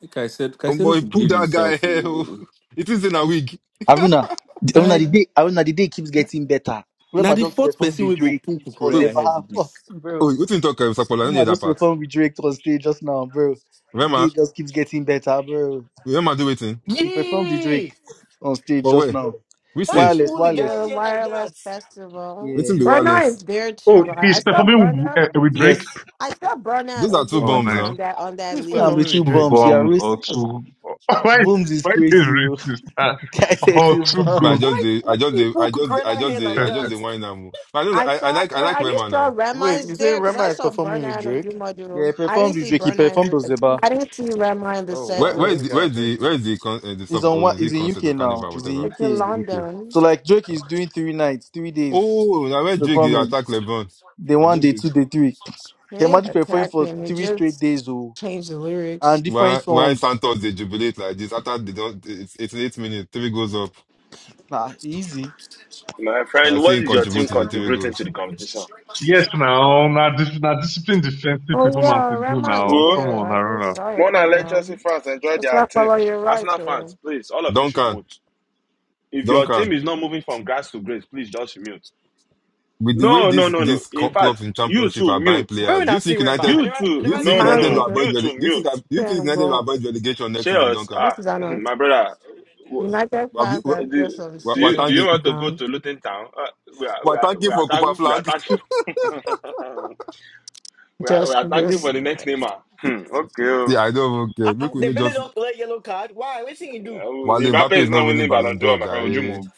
Speaker 8: like I said
Speaker 2: oh
Speaker 8: Caicedo
Speaker 2: boy,
Speaker 8: should
Speaker 2: pull
Speaker 8: believe
Speaker 2: that guy
Speaker 8: himself.
Speaker 2: here. oh.
Speaker 8: oh.
Speaker 2: It is in a
Speaker 8: Just,
Speaker 2: week.
Speaker 3: Aruna. The, Aruna
Speaker 8: Like
Speaker 3: the day. Aruna the day keeps getting better.
Speaker 8: now
Speaker 3: Rema
Speaker 8: the
Speaker 3: just
Speaker 8: fourth
Speaker 3: performed
Speaker 8: person
Speaker 3: with
Speaker 8: we go
Speaker 3: Drake
Speaker 8: pull
Speaker 3: or
Speaker 2: Wait,
Speaker 8: Kukurea ahead
Speaker 3: Zebaha.
Speaker 8: with
Speaker 3: Fuck,
Speaker 8: this.
Speaker 3: bro.
Speaker 2: oh, what you talk about? Sapola, I don't
Speaker 3: Rema
Speaker 2: hear that
Speaker 3: just
Speaker 2: part.
Speaker 3: performed with Drake on stage just now, bro. The day
Speaker 2: Rema,
Speaker 3: just keeps getting better, bro.
Speaker 2: Rema do waiting.
Speaker 3: He performed with
Speaker 16: Yeah.
Speaker 3: Drake on stage
Speaker 2: For
Speaker 3: just
Speaker 2: where?
Speaker 3: now.
Speaker 2: Which
Speaker 16: Why you
Speaker 2: stage?
Speaker 3: Wireless,
Speaker 16: pull the guy
Speaker 3: wireless.
Speaker 11: The
Speaker 16: hair like that?
Speaker 11: wireless festival.
Speaker 2: Waiting
Speaker 3: Yeah.
Speaker 2: be
Speaker 11: Burner is
Speaker 2: wireless.
Speaker 11: there
Speaker 4: Oh,
Speaker 11: too, right? I
Speaker 4: he's
Speaker 11: saw
Speaker 4: performing
Speaker 11: Burner.
Speaker 4: with, uh, with
Speaker 3: Yes.
Speaker 4: Drake.
Speaker 11: I saw Burner and
Speaker 2: Those are two
Speaker 4: Oh,
Speaker 2: bombs
Speaker 11: Odumadu
Speaker 4: nice.
Speaker 11: on
Speaker 2: now.
Speaker 11: that on
Speaker 13: Who
Speaker 11: that
Speaker 13: is
Speaker 3: Can
Speaker 16: Mm.
Speaker 11: list.
Speaker 3: be
Speaker 13: performing
Speaker 3: two
Speaker 13: with
Speaker 4: Two
Speaker 13: Drake?
Speaker 3: bumps. You are
Speaker 4: bombs
Speaker 3: racist.
Speaker 4: or
Speaker 3: That's-
Speaker 4: two. why,
Speaker 3: Booms is
Speaker 4: why is he
Speaker 3: crazy, you.
Speaker 4: racist? Uh,
Speaker 3: Can not say
Speaker 4: or
Speaker 3: two
Speaker 4: two
Speaker 2: But I
Speaker 4: goals.
Speaker 3: bumps?
Speaker 2: just
Speaker 16: Why
Speaker 2: the,
Speaker 16: why
Speaker 2: I just
Speaker 16: you
Speaker 2: the,
Speaker 16: pull
Speaker 2: I just the, I
Speaker 16: Kukurela
Speaker 2: just
Speaker 16: hair
Speaker 2: the,
Speaker 16: like
Speaker 2: I just the
Speaker 16: that?
Speaker 2: wine now. But I, know,
Speaker 11: I
Speaker 2: I, I
Speaker 11: saw.
Speaker 2: like, I
Speaker 11: Wait,
Speaker 2: like
Speaker 11: are you
Speaker 2: Rema
Speaker 11: sure
Speaker 2: now.
Speaker 11: Rema
Speaker 13: Wait, you
Speaker 11: is
Speaker 13: say
Speaker 11: there? Because
Speaker 13: Rema
Speaker 11: I
Speaker 13: is
Speaker 11: saw
Speaker 13: performing
Speaker 11: Burner
Speaker 13: with
Speaker 11: and
Speaker 13: Drake?
Speaker 3: Yeah, he
Speaker 11: Odumadu. I
Speaker 3: performed
Speaker 11: didn't
Speaker 3: with
Speaker 11: see
Speaker 3: Drake. He
Speaker 11: Burner in
Speaker 3: performed with
Speaker 11: the.
Speaker 3: Zeba.
Speaker 11: I didn't see Rema in the
Speaker 13: Oh
Speaker 2: Where,
Speaker 11: set
Speaker 13: wow,
Speaker 2: where
Speaker 13: let
Speaker 2: is
Speaker 11: list.
Speaker 13: me
Speaker 2: the,
Speaker 13: go
Speaker 2: where
Speaker 13: and
Speaker 2: is
Speaker 13: check
Speaker 2: the,
Speaker 13: this.
Speaker 2: where is the, con, uh, the
Speaker 3: He's
Speaker 2: sub,
Speaker 3: on
Speaker 2: or
Speaker 3: what?
Speaker 2: is
Speaker 3: He's
Speaker 2: it
Speaker 3: in UK
Speaker 2: concert or
Speaker 3: now.
Speaker 2: carnival,
Speaker 3: He's
Speaker 2: whatever?
Speaker 3: in
Speaker 11: It's in
Speaker 3: UK.
Speaker 2: UK.
Speaker 11: London.
Speaker 3: So like Drake is doing three nights, three days.
Speaker 2: Oh, now
Speaker 3: He's
Speaker 2: where Drake dey
Speaker 3: performing.
Speaker 2: attack
Speaker 3: Day one,
Speaker 2: LeBron?
Speaker 3: day two, day three.
Speaker 11: They
Speaker 3: Can
Speaker 11: didn't
Speaker 3: imagine performing
Speaker 11: attack
Speaker 3: for
Speaker 11: him. He
Speaker 3: three straight
Speaker 11: just
Speaker 3: days, oh,
Speaker 11: changed the lyrics.
Speaker 3: and different
Speaker 2: Why why
Speaker 3: songs.
Speaker 2: Santos they jubilate like this after they don't it's it's eight minutes, three goals up.
Speaker 3: Nah, easy.
Speaker 9: My
Speaker 2: I
Speaker 9: friend, what
Speaker 2: think
Speaker 9: is your
Speaker 2: contribute
Speaker 9: team
Speaker 2: to the three
Speaker 9: contributing to
Speaker 2: goals.
Speaker 9: the competition?
Speaker 4: yes, now, now, this, now discipline defensive
Speaker 11: Oh
Speaker 4: performance
Speaker 11: yeah,
Speaker 4: they do
Speaker 11: Rema is
Speaker 4: now.
Speaker 9: Who?
Speaker 4: Come
Speaker 11: there.
Speaker 4: on,
Speaker 11: I just
Speaker 4: Haruna.
Speaker 11: saw it
Speaker 9: More than let
Speaker 11: now.
Speaker 9: Chelsea fans enjoy
Speaker 11: So
Speaker 9: their
Speaker 11: I
Speaker 9: team.
Speaker 11: follow you right
Speaker 9: Arsenal
Speaker 11: though.
Speaker 9: fans, please, all of you should
Speaker 2: Duncan,
Speaker 9: mute. If your team
Speaker 2: Duncan.
Speaker 9: is not moving from grass to grace, please just mute.
Speaker 2: With the way
Speaker 9: No, no,
Speaker 2: this
Speaker 9: no, no.
Speaker 2: these co-
Speaker 9: In
Speaker 2: clubs
Speaker 9: fact,
Speaker 2: in
Speaker 9: you
Speaker 2: championship
Speaker 9: too,
Speaker 2: are buying
Speaker 9: mute.
Speaker 16: Why
Speaker 2: players,
Speaker 16: when
Speaker 2: do
Speaker 16: I
Speaker 2: you
Speaker 16: see
Speaker 2: think
Speaker 16: Rema?
Speaker 2: United
Speaker 16: I
Speaker 9: You
Speaker 16: never I
Speaker 2: do
Speaker 9: too.
Speaker 11: M-
Speaker 2: you
Speaker 16: never see
Speaker 2: think
Speaker 9: No, no, no,
Speaker 11: Mine
Speaker 16: Rema.
Speaker 2: United
Speaker 9: no.
Speaker 2: will
Speaker 11: is
Speaker 16: oh.
Speaker 11: a
Speaker 2: avoid
Speaker 9: You too.
Speaker 2: rele- do you think
Speaker 9: Mute.
Speaker 2: do you
Speaker 11: trying
Speaker 2: think United will
Speaker 11: go.
Speaker 2: avoid relegation next season,
Speaker 9: Cheers.
Speaker 2: Duncan?
Speaker 11: This
Speaker 9: Ah,
Speaker 11: is an
Speaker 9: my brother. w-
Speaker 11: United fans
Speaker 2: We're,
Speaker 11: are just
Speaker 9: Do,
Speaker 11: on
Speaker 2: we're,
Speaker 9: do
Speaker 2: we're
Speaker 9: you do
Speaker 11: serious
Speaker 9: you
Speaker 2: thanking
Speaker 9: want to go
Speaker 11: man.
Speaker 9: to Luton Town? Uh, we are we
Speaker 2: we're
Speaker 9: are we
Speaker 2: thanking
Speaker 9: are
Speaker 2: for Cooper
Speaker 9: talking we are
Speaker 2: flag.
Speaker 9: talking we are we
Speaker 11: Just
Speaker 9: are talking
Speaker 11: this.
Speaker 9: for the next name. ah. Hmm, okay.
Speaker 2: See,
Speaker 9: oh.
Speaker 2: I don't even
Speaker 16: Ah,
Speaker 2: care.
Speaker 16: ah,
Speaker 2: Make we
Speaker 16: the
Speaker 2: know
Speaker 16: belly
Speaker 2: just
Speaker 16: don't play yellow card. Why? What thing you do?
Speaker 9: Uh,
Speaker 2: while
Speaker 9: Mbappe
Speaker 2: Mbappe
Speaker 9: is
Speaker 2: is
Speaker 9: not
Speaker 2: not winning
Speaker 9: winning
Speaker 2: Ballon
Speaker 9: Ballon d'Or,
Speaker 2: d'Or,
Speaker 9: my friend. Would you
Speaker 2: Jare.
Speaker 9: move?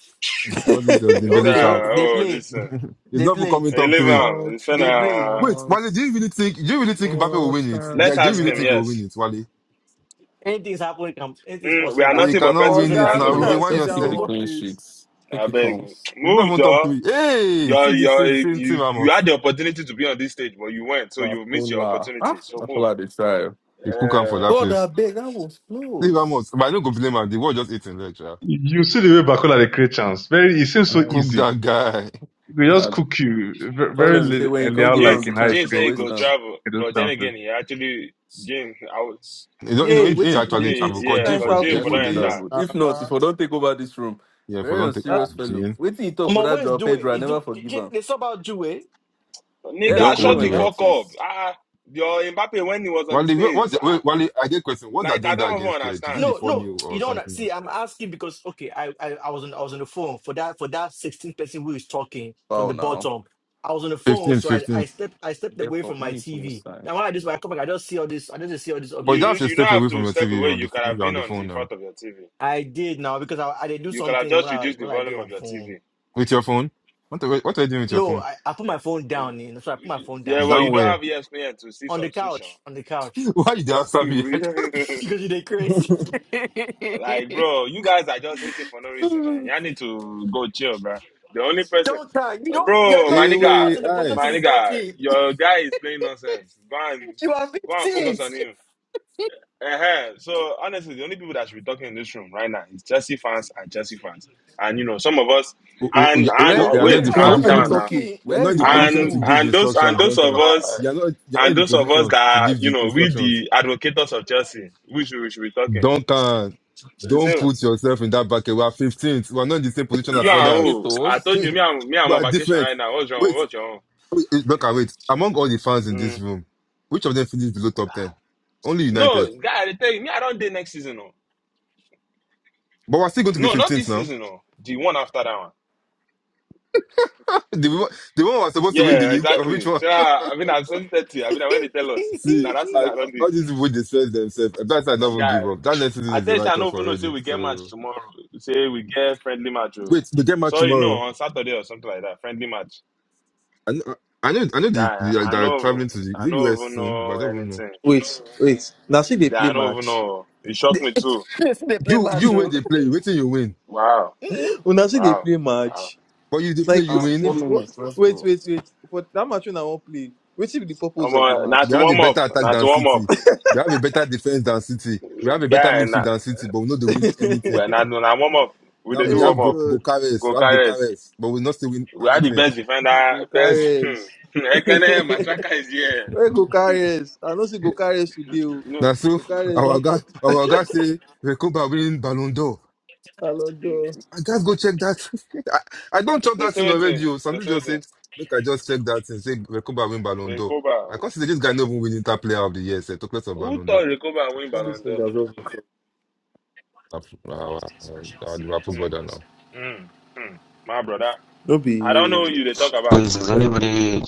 Speaker 2: All this uh,
Speaker 9: It's
Speaker 2: Dembele
Speaker 16: Okay,
Speaker 2: shout.
Speaker 9: uh
Speaker 16: they
Speaker 9: oh
Speaker 16: play.
Speaker 9: this. Uh,
Speaker 2: He's
Speaker 16: They
Speaker 2: not even
Speaker 16: play.
Speaker 2: coming
Speaker 9: hey,
Speaker 2: top
Speaker 9: leave
Speaker 2: three.
Speaker 9: him.
Speaker 8: World
Speaker 9: It's
Speaker 16: They play.
Speaker 9: uh,
Speaker 2: Wait, Wale, do you
Speaker 8: champions.
Speaker 2: really think do you really think Mbappe will
Speaker 8: World
Speaker 2: win it?
Speaker 9: let's
Speaker 2: Like, do you
Speaker 9: ask
Speaker 2: really
Speaker 9: him.
Speaker 2: think he will
Speaker 9: Yes.
Speaker 2: win
Speaker 8: champions.
Speaker 2: it, Wale?
Speaker 16: Anything's happening. Can, anything's
Speaker 9: Mm, we
Speaker 16: possible in
Speaker 9: are
Speaker 2: He
Speaker 9: nothing but
Speaker 16: basketball.
Speaker 2: cannot
Speaker 16: I
Speaker 10: oh,
Speaker 9: pencils
Speaker 2: win
Speaker 16: say
Speaker 9: in the
Speaker 2: it
Speaker 9: hands
Speaker 10: God,
Speaker 2: now.
Speaker 9: of
Speaker 2: You
Speaker 16: basketball.
Speaker 8: Please
Speaker 2: the
Speaker 9: God.
Speaker 2: one
Speaker 10: sit
Speaker 8: just keep
Speaker 10: down
Speaker 8: the
Speaker 2: yourself.
Speaker 10: one
Speaker 16: Football.
Speaker 8: clean
Speaker 10: place.
Speaker 8: sheets. Take
Speaker 9: I
Speaker 8: it
Speaker 9: beg.
Speaker 8: home.
Speaker 2: It's not
Speaker 9: Move,
Speaker 2: even top
Speaker 9: Joe.
Speaker 2: three. Hey,
Speaker 9: You're,
Speaker 2: see this,
Speaker 9: you're,
Speaker 2: see, see, see
Speaker 9: you you
Speaker 2: Ramos.
Speaker 9: had the opportunity to be on this stage, but you went, so you missed your
Speaker 8: Mapola.
Speaker 9: opportunity.
Speaker 8: Ah
Speaker 9: So move.
Speaker 8: Mapola the try.
Speaker 2: He cook him for that
Speaker 9: Uh,
Speaker 8: God
Speaker 2: place.
Speaker 8: I beg that was
Speaker 2: See
Speaker 8: close.
Speaker 2: Ramos, but I don't go blame him. The world just eating lecture.
Speaker 4: You you see the way Bakola they create chance. Very, it seems
Speaker 2: He
Speaker 4: so
Speaker 8: Like
Speaker 2: cook
Speaker 4: easy.
Speaker 2: that guy.
Speaker 4: They just
Speaker 8: uh,
Speaker 4: cook you Very, very,
Speaker 8: problem is say when you
Speaker 4: li-
Speaker 8: can't
Speaker 4: uh,
Speaker 8: give
Speaker 4: like
Speaker 8: him
Speaker 9: James
Speaker 8: the
Speaker 4: in how he
Speaker 8: chance
Speaker 9: James
Speaker 8: you
Speaker 9: said
Speaker 8: go
Speaker 4: creates
Speaker 9: he
Speaker 8: waste
Speaker 9: go
Speaker 4: those,
Speaker 8: time.
Speaker 9: travel,
Speaker 4: those
Speaker 9: but then
Speaker 4: chances.
Speaker 9: again, he actually James I was
Speaker 2: You don't, you know,
Speaker 10: Yay,
Speaker 2: he,
Speaker 10: what
Speaker 2: he
Speaker 10: be
Speaker 2: actually
Speaker 9: James,
Speaker 2: travel.
Speaker 10: this? Which
Speaker 2: Cause
Speaker 9: yeah,
Speaker 2: Jane
Speaker 10: kind of
Speaker 2: for
Speaker 9: cause
Speaker 10: talk
Speaker 8: They
Speaker 9: James
Speaker 10: will
Speaker 2: Jane
Speaker 9: for
Speaker 2: for
Speaker 10: be
Speaker 8: actually
Speaker 2: day
Speaker 9: that
Speaker 2: yeah,
Speaker 10: this?
Speaker 9: entire
Speaker 8: traveled.
Speaker 10: Nah.
Speaker 8: If not, if I don't take over this room,
Speaker 2: yeah for
Speaker 8: very
Speaker 2: don't take
Speaker 10: That-
Speaker 2: ah
Speaker 8: unserious fellow.
Speaker 2: Jane.
Speaker 8: Wait till you talk
Speaker 16: My
Speaker 8: for that
Speaker 16: West
Speaker 8: Joao
Speaker 16: do it.
Speaker 8: Pedro. I
Speaker 16: Is
Speaker 8: never
Speaker 16: do
Speaker 8: forgive
Speaker 16: they
Speaker 8: him.
Speaker 16: they somehow do it?
Speaker 8: Yeah,
Speaker 2: They don't
Speaker 8: now
Speaker 9: nigga
Speaker 2: come
Speaker 8: do it
Speaker 2: on
Speaker 9: shut
Speaker 2: the
Speaker 9: the
Speaker 8: went
Speaker 10: eh?
Speaker 2: way.
Speaker 8: out
Speaker 9: fuck up.
Speaker 8: since.
Speaker 9: Ah, your Mbappe when he was on the
Speaker 2: Wale, wh- what's
Speaker 9: stage,
Speaker 2: the,
Speaker 9: ah,
Speaker 2: wait, Wale? I get question. What's the
Speaker 9: like I
Speaker 2: agenda
Speaker 9: don't
Speaker 2: against
Speaker 9: even
Speaker 2: PSG? Is it
Speaker 9: understand.
Speaker 2: the
Speaker 16: No,
Speaker 2: four
Speaker 16: no,
Speaker 2: nil
Speaker 16: you
Speaker 2: or
Speaker 16: don't
Speaker 2: something
Speaker 16: see.
Speaker 2: else?
Speaker 16: I'm asking because okay, I, I I was on I was on the phone for that for that 16 person who is talking from
Speaker 8: Wow,
Speaker 16: the
Speaker 8: now
Speaker 16: bottom. I was on the phone,
Speaker 2: Fifteenth,
Speaker 16: so I I
Speaker 2: fifteenth.
Speaker 16: stepped I stepped
Speaker 8: get
Speaker 16: away
Speaker 8: up.
Speaker 16: from
Speaker 8: No
Speaker 16: my
Speaker 8: need to
Speaker 16: TV.
Speaker 8: waste time.
Speaker 16: Now when I just when I come back, I just see all this. I just see all these
Speaker 2: But
Speaker 9: You
Speaker 2: you don't
Speaker 9: you
Speaker 2: have to
Speaker 16: updates.
Speaker 9: you don't
Speaker 2: step
Speaker 9: have
Speaker 2: away from
Speaker 9: to
Speaker 2: your
Speaker 9: step away.
Speaker 2: TV on the
Speaker 9: You
Speaker 2: ph-
Speaker 9: could
Speaker 2: when
Speaker 9: have
Speaker 2: you're on
Speaker 9: been
Speaker 2: the
Speaker 9: on the
Speaker 2: phone now.
Speaker 9: front of your TV.
Speaker 16: I did now because I I did do
Speaker 9: You could have
Speaker 16: something when
Speaker 9: just
Speaker 16: I
Speaker 9: reduced the
Speaker 16: when I did
Speaker 9: volume of
Speaker 16: on
Speaker 9: your
Speaker 16: phone.
Speaker 9: TV.
Speaker 2: With your phone? What are, what are you doing with your
Speaker 16: No,
Speaker 2: phone?
Speaker 16: I, I put my phone down. You know, so I put my phone down.
Speaker 9: Yeah, well,
Speaker 2: Down
Speaker 9: you
Speaker 16: So
Speaker 9: don't
Speaker 2: where?
Speaker 9: have ESPN to see
Speaker 16: on the
Speaker 9: substitution.
Speaker 16: couch, on the couch,
Speaker 2: Why you dey answer me?
Speaker 16: because you did Chris.
Speaker 9: like, bro, you guys are just hating for no reason, man. Y'all need to go chill, bro. The only person,
Speaker 16: Don't cry. You don't. You are
Speaker 9: bro, my
Speaker 16: not.
Speaker 2: hey,
Speaker 16: You are
Speaker 9: nigga,
Speaker 16: not
Speaker 2: wait,
Speaker 16: in the position to
Speaker 9: my
Speaker 16: be
Speaker 2: eyes.
Speaker 9: nigga,
Speaker 16: talking.
Speaker 9: your guy is playing nonsense. Go and
Speaker 16: You are
Speaker 9: go and focus
Speaker 16: 15.
Speaker 9: on him. uh So honestly, the only people that should be talking in this room right now is Chelsea fans and Chelsea fans, and you know some of us.
Speaker 2: Oh, oh, oh,
Speaker 9: And
Speaker 2: yeah, oh,
Speaker 9: and
Speaker 2: oh,
Speaker 8: Where
Speaker 9: uh,
Speaker 2: you are not
Speaker 16: Then
Speaker 8: Where
Speaker 2: in
Speaker 9: wait,
Speaker 2: the
Speaker 8: is
Speaker 20: Then
Speaker 16: why are
Speaker 9: calm
Speaker 20: why are
Speaker 16: you
Speaker 2: position
Speaker 20: you
Speaker 9: down
Speaker 2: to.
Speaker 9: now.
Speaker 20: talking?
Speaker 8: Papoose?
Speaker 16: talking?
Speaker 2: You are not
Speaker 8: Where
Speaker 2: in
Speaker 8: is
Speaker 2: the
Speaker 20: Why are you
Speaker 2: position
Speaker 9: And
Speaker 2: to
Speaker 20: talking?
Speaker 2: give
Speaker 9: and
Speaker 8: Papoose?
Speaker 9: those and
Speaker 2: instructions,
Speaker 9: those of
Speaker 2: Duncan.
Speaker 9: us
Speaker 2: You are not. You are not
Speaker 9: and
Speaker 2: in the
Speaker 9: those of us
Speaker 2: position to
Speaker 9: that
Speaker 2: give
Speaker 9: you
Speaker 2: the
Speaker 9: know we
Speaker 2: instructions,
Speaker 9: the advocates of Chelsea, we should we should be talking.
Speaker 2: Duncan. Don't
Speaker 9: So
Speaker 8: Ad-
Speaker 2: put yourself in that bucket. We are 15th. We are not in the same position
Speaker 9: You
Speaker 2: as
Speaker 9: are
Speaker 2: others.
Speaker 9: who? I told
Speaker 8: Advocatos.
Speaker 9: you, me, I'm, me, I'm
Speaker 2: we
Speaker 9: on
Speaker 2: are
Speaker 9: vacation
Speaker 2: different.
Speaker 9: right now. What's wrong?
Speaker 2: Wait,
Speaker 9: What's wrong?
Speaker 2: wait, wait, Duncan. Wait. Among all the fans in this
Speaker 9: Mm.
Speaker 2: room, which of them finished below top 10? Only United.
Speaker 9: No, guy, I tell you, me, I don't date next season. Oh.
Speaker 2: But we are still going to be
Speaker 9: No, not this
Speaker 2: 15th now.
Speaker 9: season. No, The one after that one.
Speaker 2: The, one- the one who was supposed to win the
Speaker 9: Yeah,
Speaker 2: league, or which
Speaker 9: exactly.
Speaker 2: one?
Speaker 9: So, I I mean, I'm 2030. I mean, I when they tell us.
Speaker 2: See,
Speaker 9: Now, that season,
Speaker 2: I,
Speaker 9: I don't do.
Speaker 2: all these people they stress themselves. That's why I don't even
Speaker 9: Guy,
Speaker 2: give up. That next season
Speaker 9: I
Speaker 2: is
Speaker 9: tell
Speaker 2: a
Speaker 9: you,
Speaker 2: write
Speaker 9: I don't
Speaker 2: off
Speaker 9: even know, say
Speaker 2: already.
Speaker 9: we get match
Speaker 2: So
Speaker 9: tomorrow. Say we get friendly match. Oh.
Speaker 2: wait, we get match
Speaker 9: Sorry, no,
Speaker 2: tomorrow.
Speaker 9: on Saturday or something like that. Friendly match.
Speaker 2: I know, I know, I know the,
Speaker 9: Guy,
Speaker 2: the, like,
Speaker 9: I
Speaker 2: they're
Speaker 9: know,
Speaker 2: traveling to the, is
Speaker 9: I
Speaker 2: it
Speaker 9: don't
Speaker 2: US
Speaker 9: even
Speaker 2: soon, but I
Speaker 9: know
Speaker 2: don't even know.
Speaker 9: anything.
Speaker 10: Wait, wait. Now see they
Speaker 9: Guy,
Speaker 10: play
Speaker 9: I don't even
Speaker 10: match.
Speaker 9: know. It shocked me too.
Speaker 16: Simply
Speaker 2: You,
Speaker 16: my
Speaker 2: you wait
Speaker 16: truth.
Speaker 2: they play, waiting you win.
Speaker 9: Wow.
Speaker 16: Mm-mm.
Speaker 10: Una see they
Speaker 9: Wow.
Speaker 10: play
Speaker 9: Wow.
Speaker 10: match.
Speaker 2: But you they play,
Speaker 10: Like,
Speaker 2: you
Speaker 8: Uh,
Speaker 10: wait,
Speaker 2: win.
Speaker 8: four
Speaker 10: wait, what?
Speaker 8: minutes. Let's
Speaker 10: wait,
Speaker 8: go.
Speaker 10: wait, wait. For that match when I won't play, Which should be the purpose
Speaker 9: Um,
Speaker 10: of the
Speaker 9: uh, not
Speaker 10: match?
Speaker 2: We
Speaker 9: to
Speaker 2: have a
Speaker 9: warm
Speaker 2: better
Speaker 9: up.
Speaker 2: attack
Speaker 9: Not to
Speaker 2: than
Speaker 9: warm up.
Speaker 2: City. We have a better defense than City. We have a better
Speaker 9: Guy,
Speaker 2: midfield
Speaker 9: not,
Speaker 2: than City, but we know they win anything.
Speaker 9: well, not, no, not warm up. We
Speaker 2: Now
Speaker 9: dey
Speaker 2: we
Speaker 9: do
Speaker 10: hey,
Speaker 9: warm
Speaker 2: have go
Speaker 9: up.
Speaker 10: God.
Speaker 2: Gokares,
Speaker 9: Go
Speaker 2: we have
Speaker 9: carries.
Speaker 2: Gokares, but we not still win
Speaker 9: We are the
Speaker 2: anything.
Speaker 9: best defender.
Speaker 10: Go
Speaker 9: Best.
Speaker 10: carries.
Speaker 9: Ekene, Matraka is here.
Speaker 10: Where go carries? I know see go carries today. oh.
Speaker 9: no.
Speaker 2: Now, so
Speaker 10: Go carries.
Speaker 2: our guy, our guy say Recoba win Ballon d'Or.
Speaker 10: Alodo.
Speaker 2: I just go check that. I, I don't chop
Speaker 9: The
Speaker 2: that thing
Speaker 9: same
Speaker 2: already.
Speaker 9: thing.
Speaker 2: Oh.
Speaker 9: The
Speaker 2: Something
Speaker 9: same
Speaker 2: just
Speaker 9: thing.
Speaker 2: said, make I just check that and say Recoba win Ballon d'Or. I
Speaker 9: Recoba.
Speaker 2: consider this guy not even winning top player of the year. Say, took place of
Speaker 9: Who
Speaker 2: Ballon
Speaker 9: thought
Speaker 2: d'Or.
Speaker 9: Recoba win
Speaker 10: All these
Speaker 9: Ballon d'Or?
Speaker 10: niggas over.
Speaker 2: Our, our, our Liverpool brother
Speaker 9: Hmm.
Speaker 2: now.
Speaker 9: Hmm. Hmm. My brother.
Speaker 10: No
Speaker 9: I don't
Speaker 10: be
Speaker 9: know who you they talk about.
Speaker 21: Please, does anybody?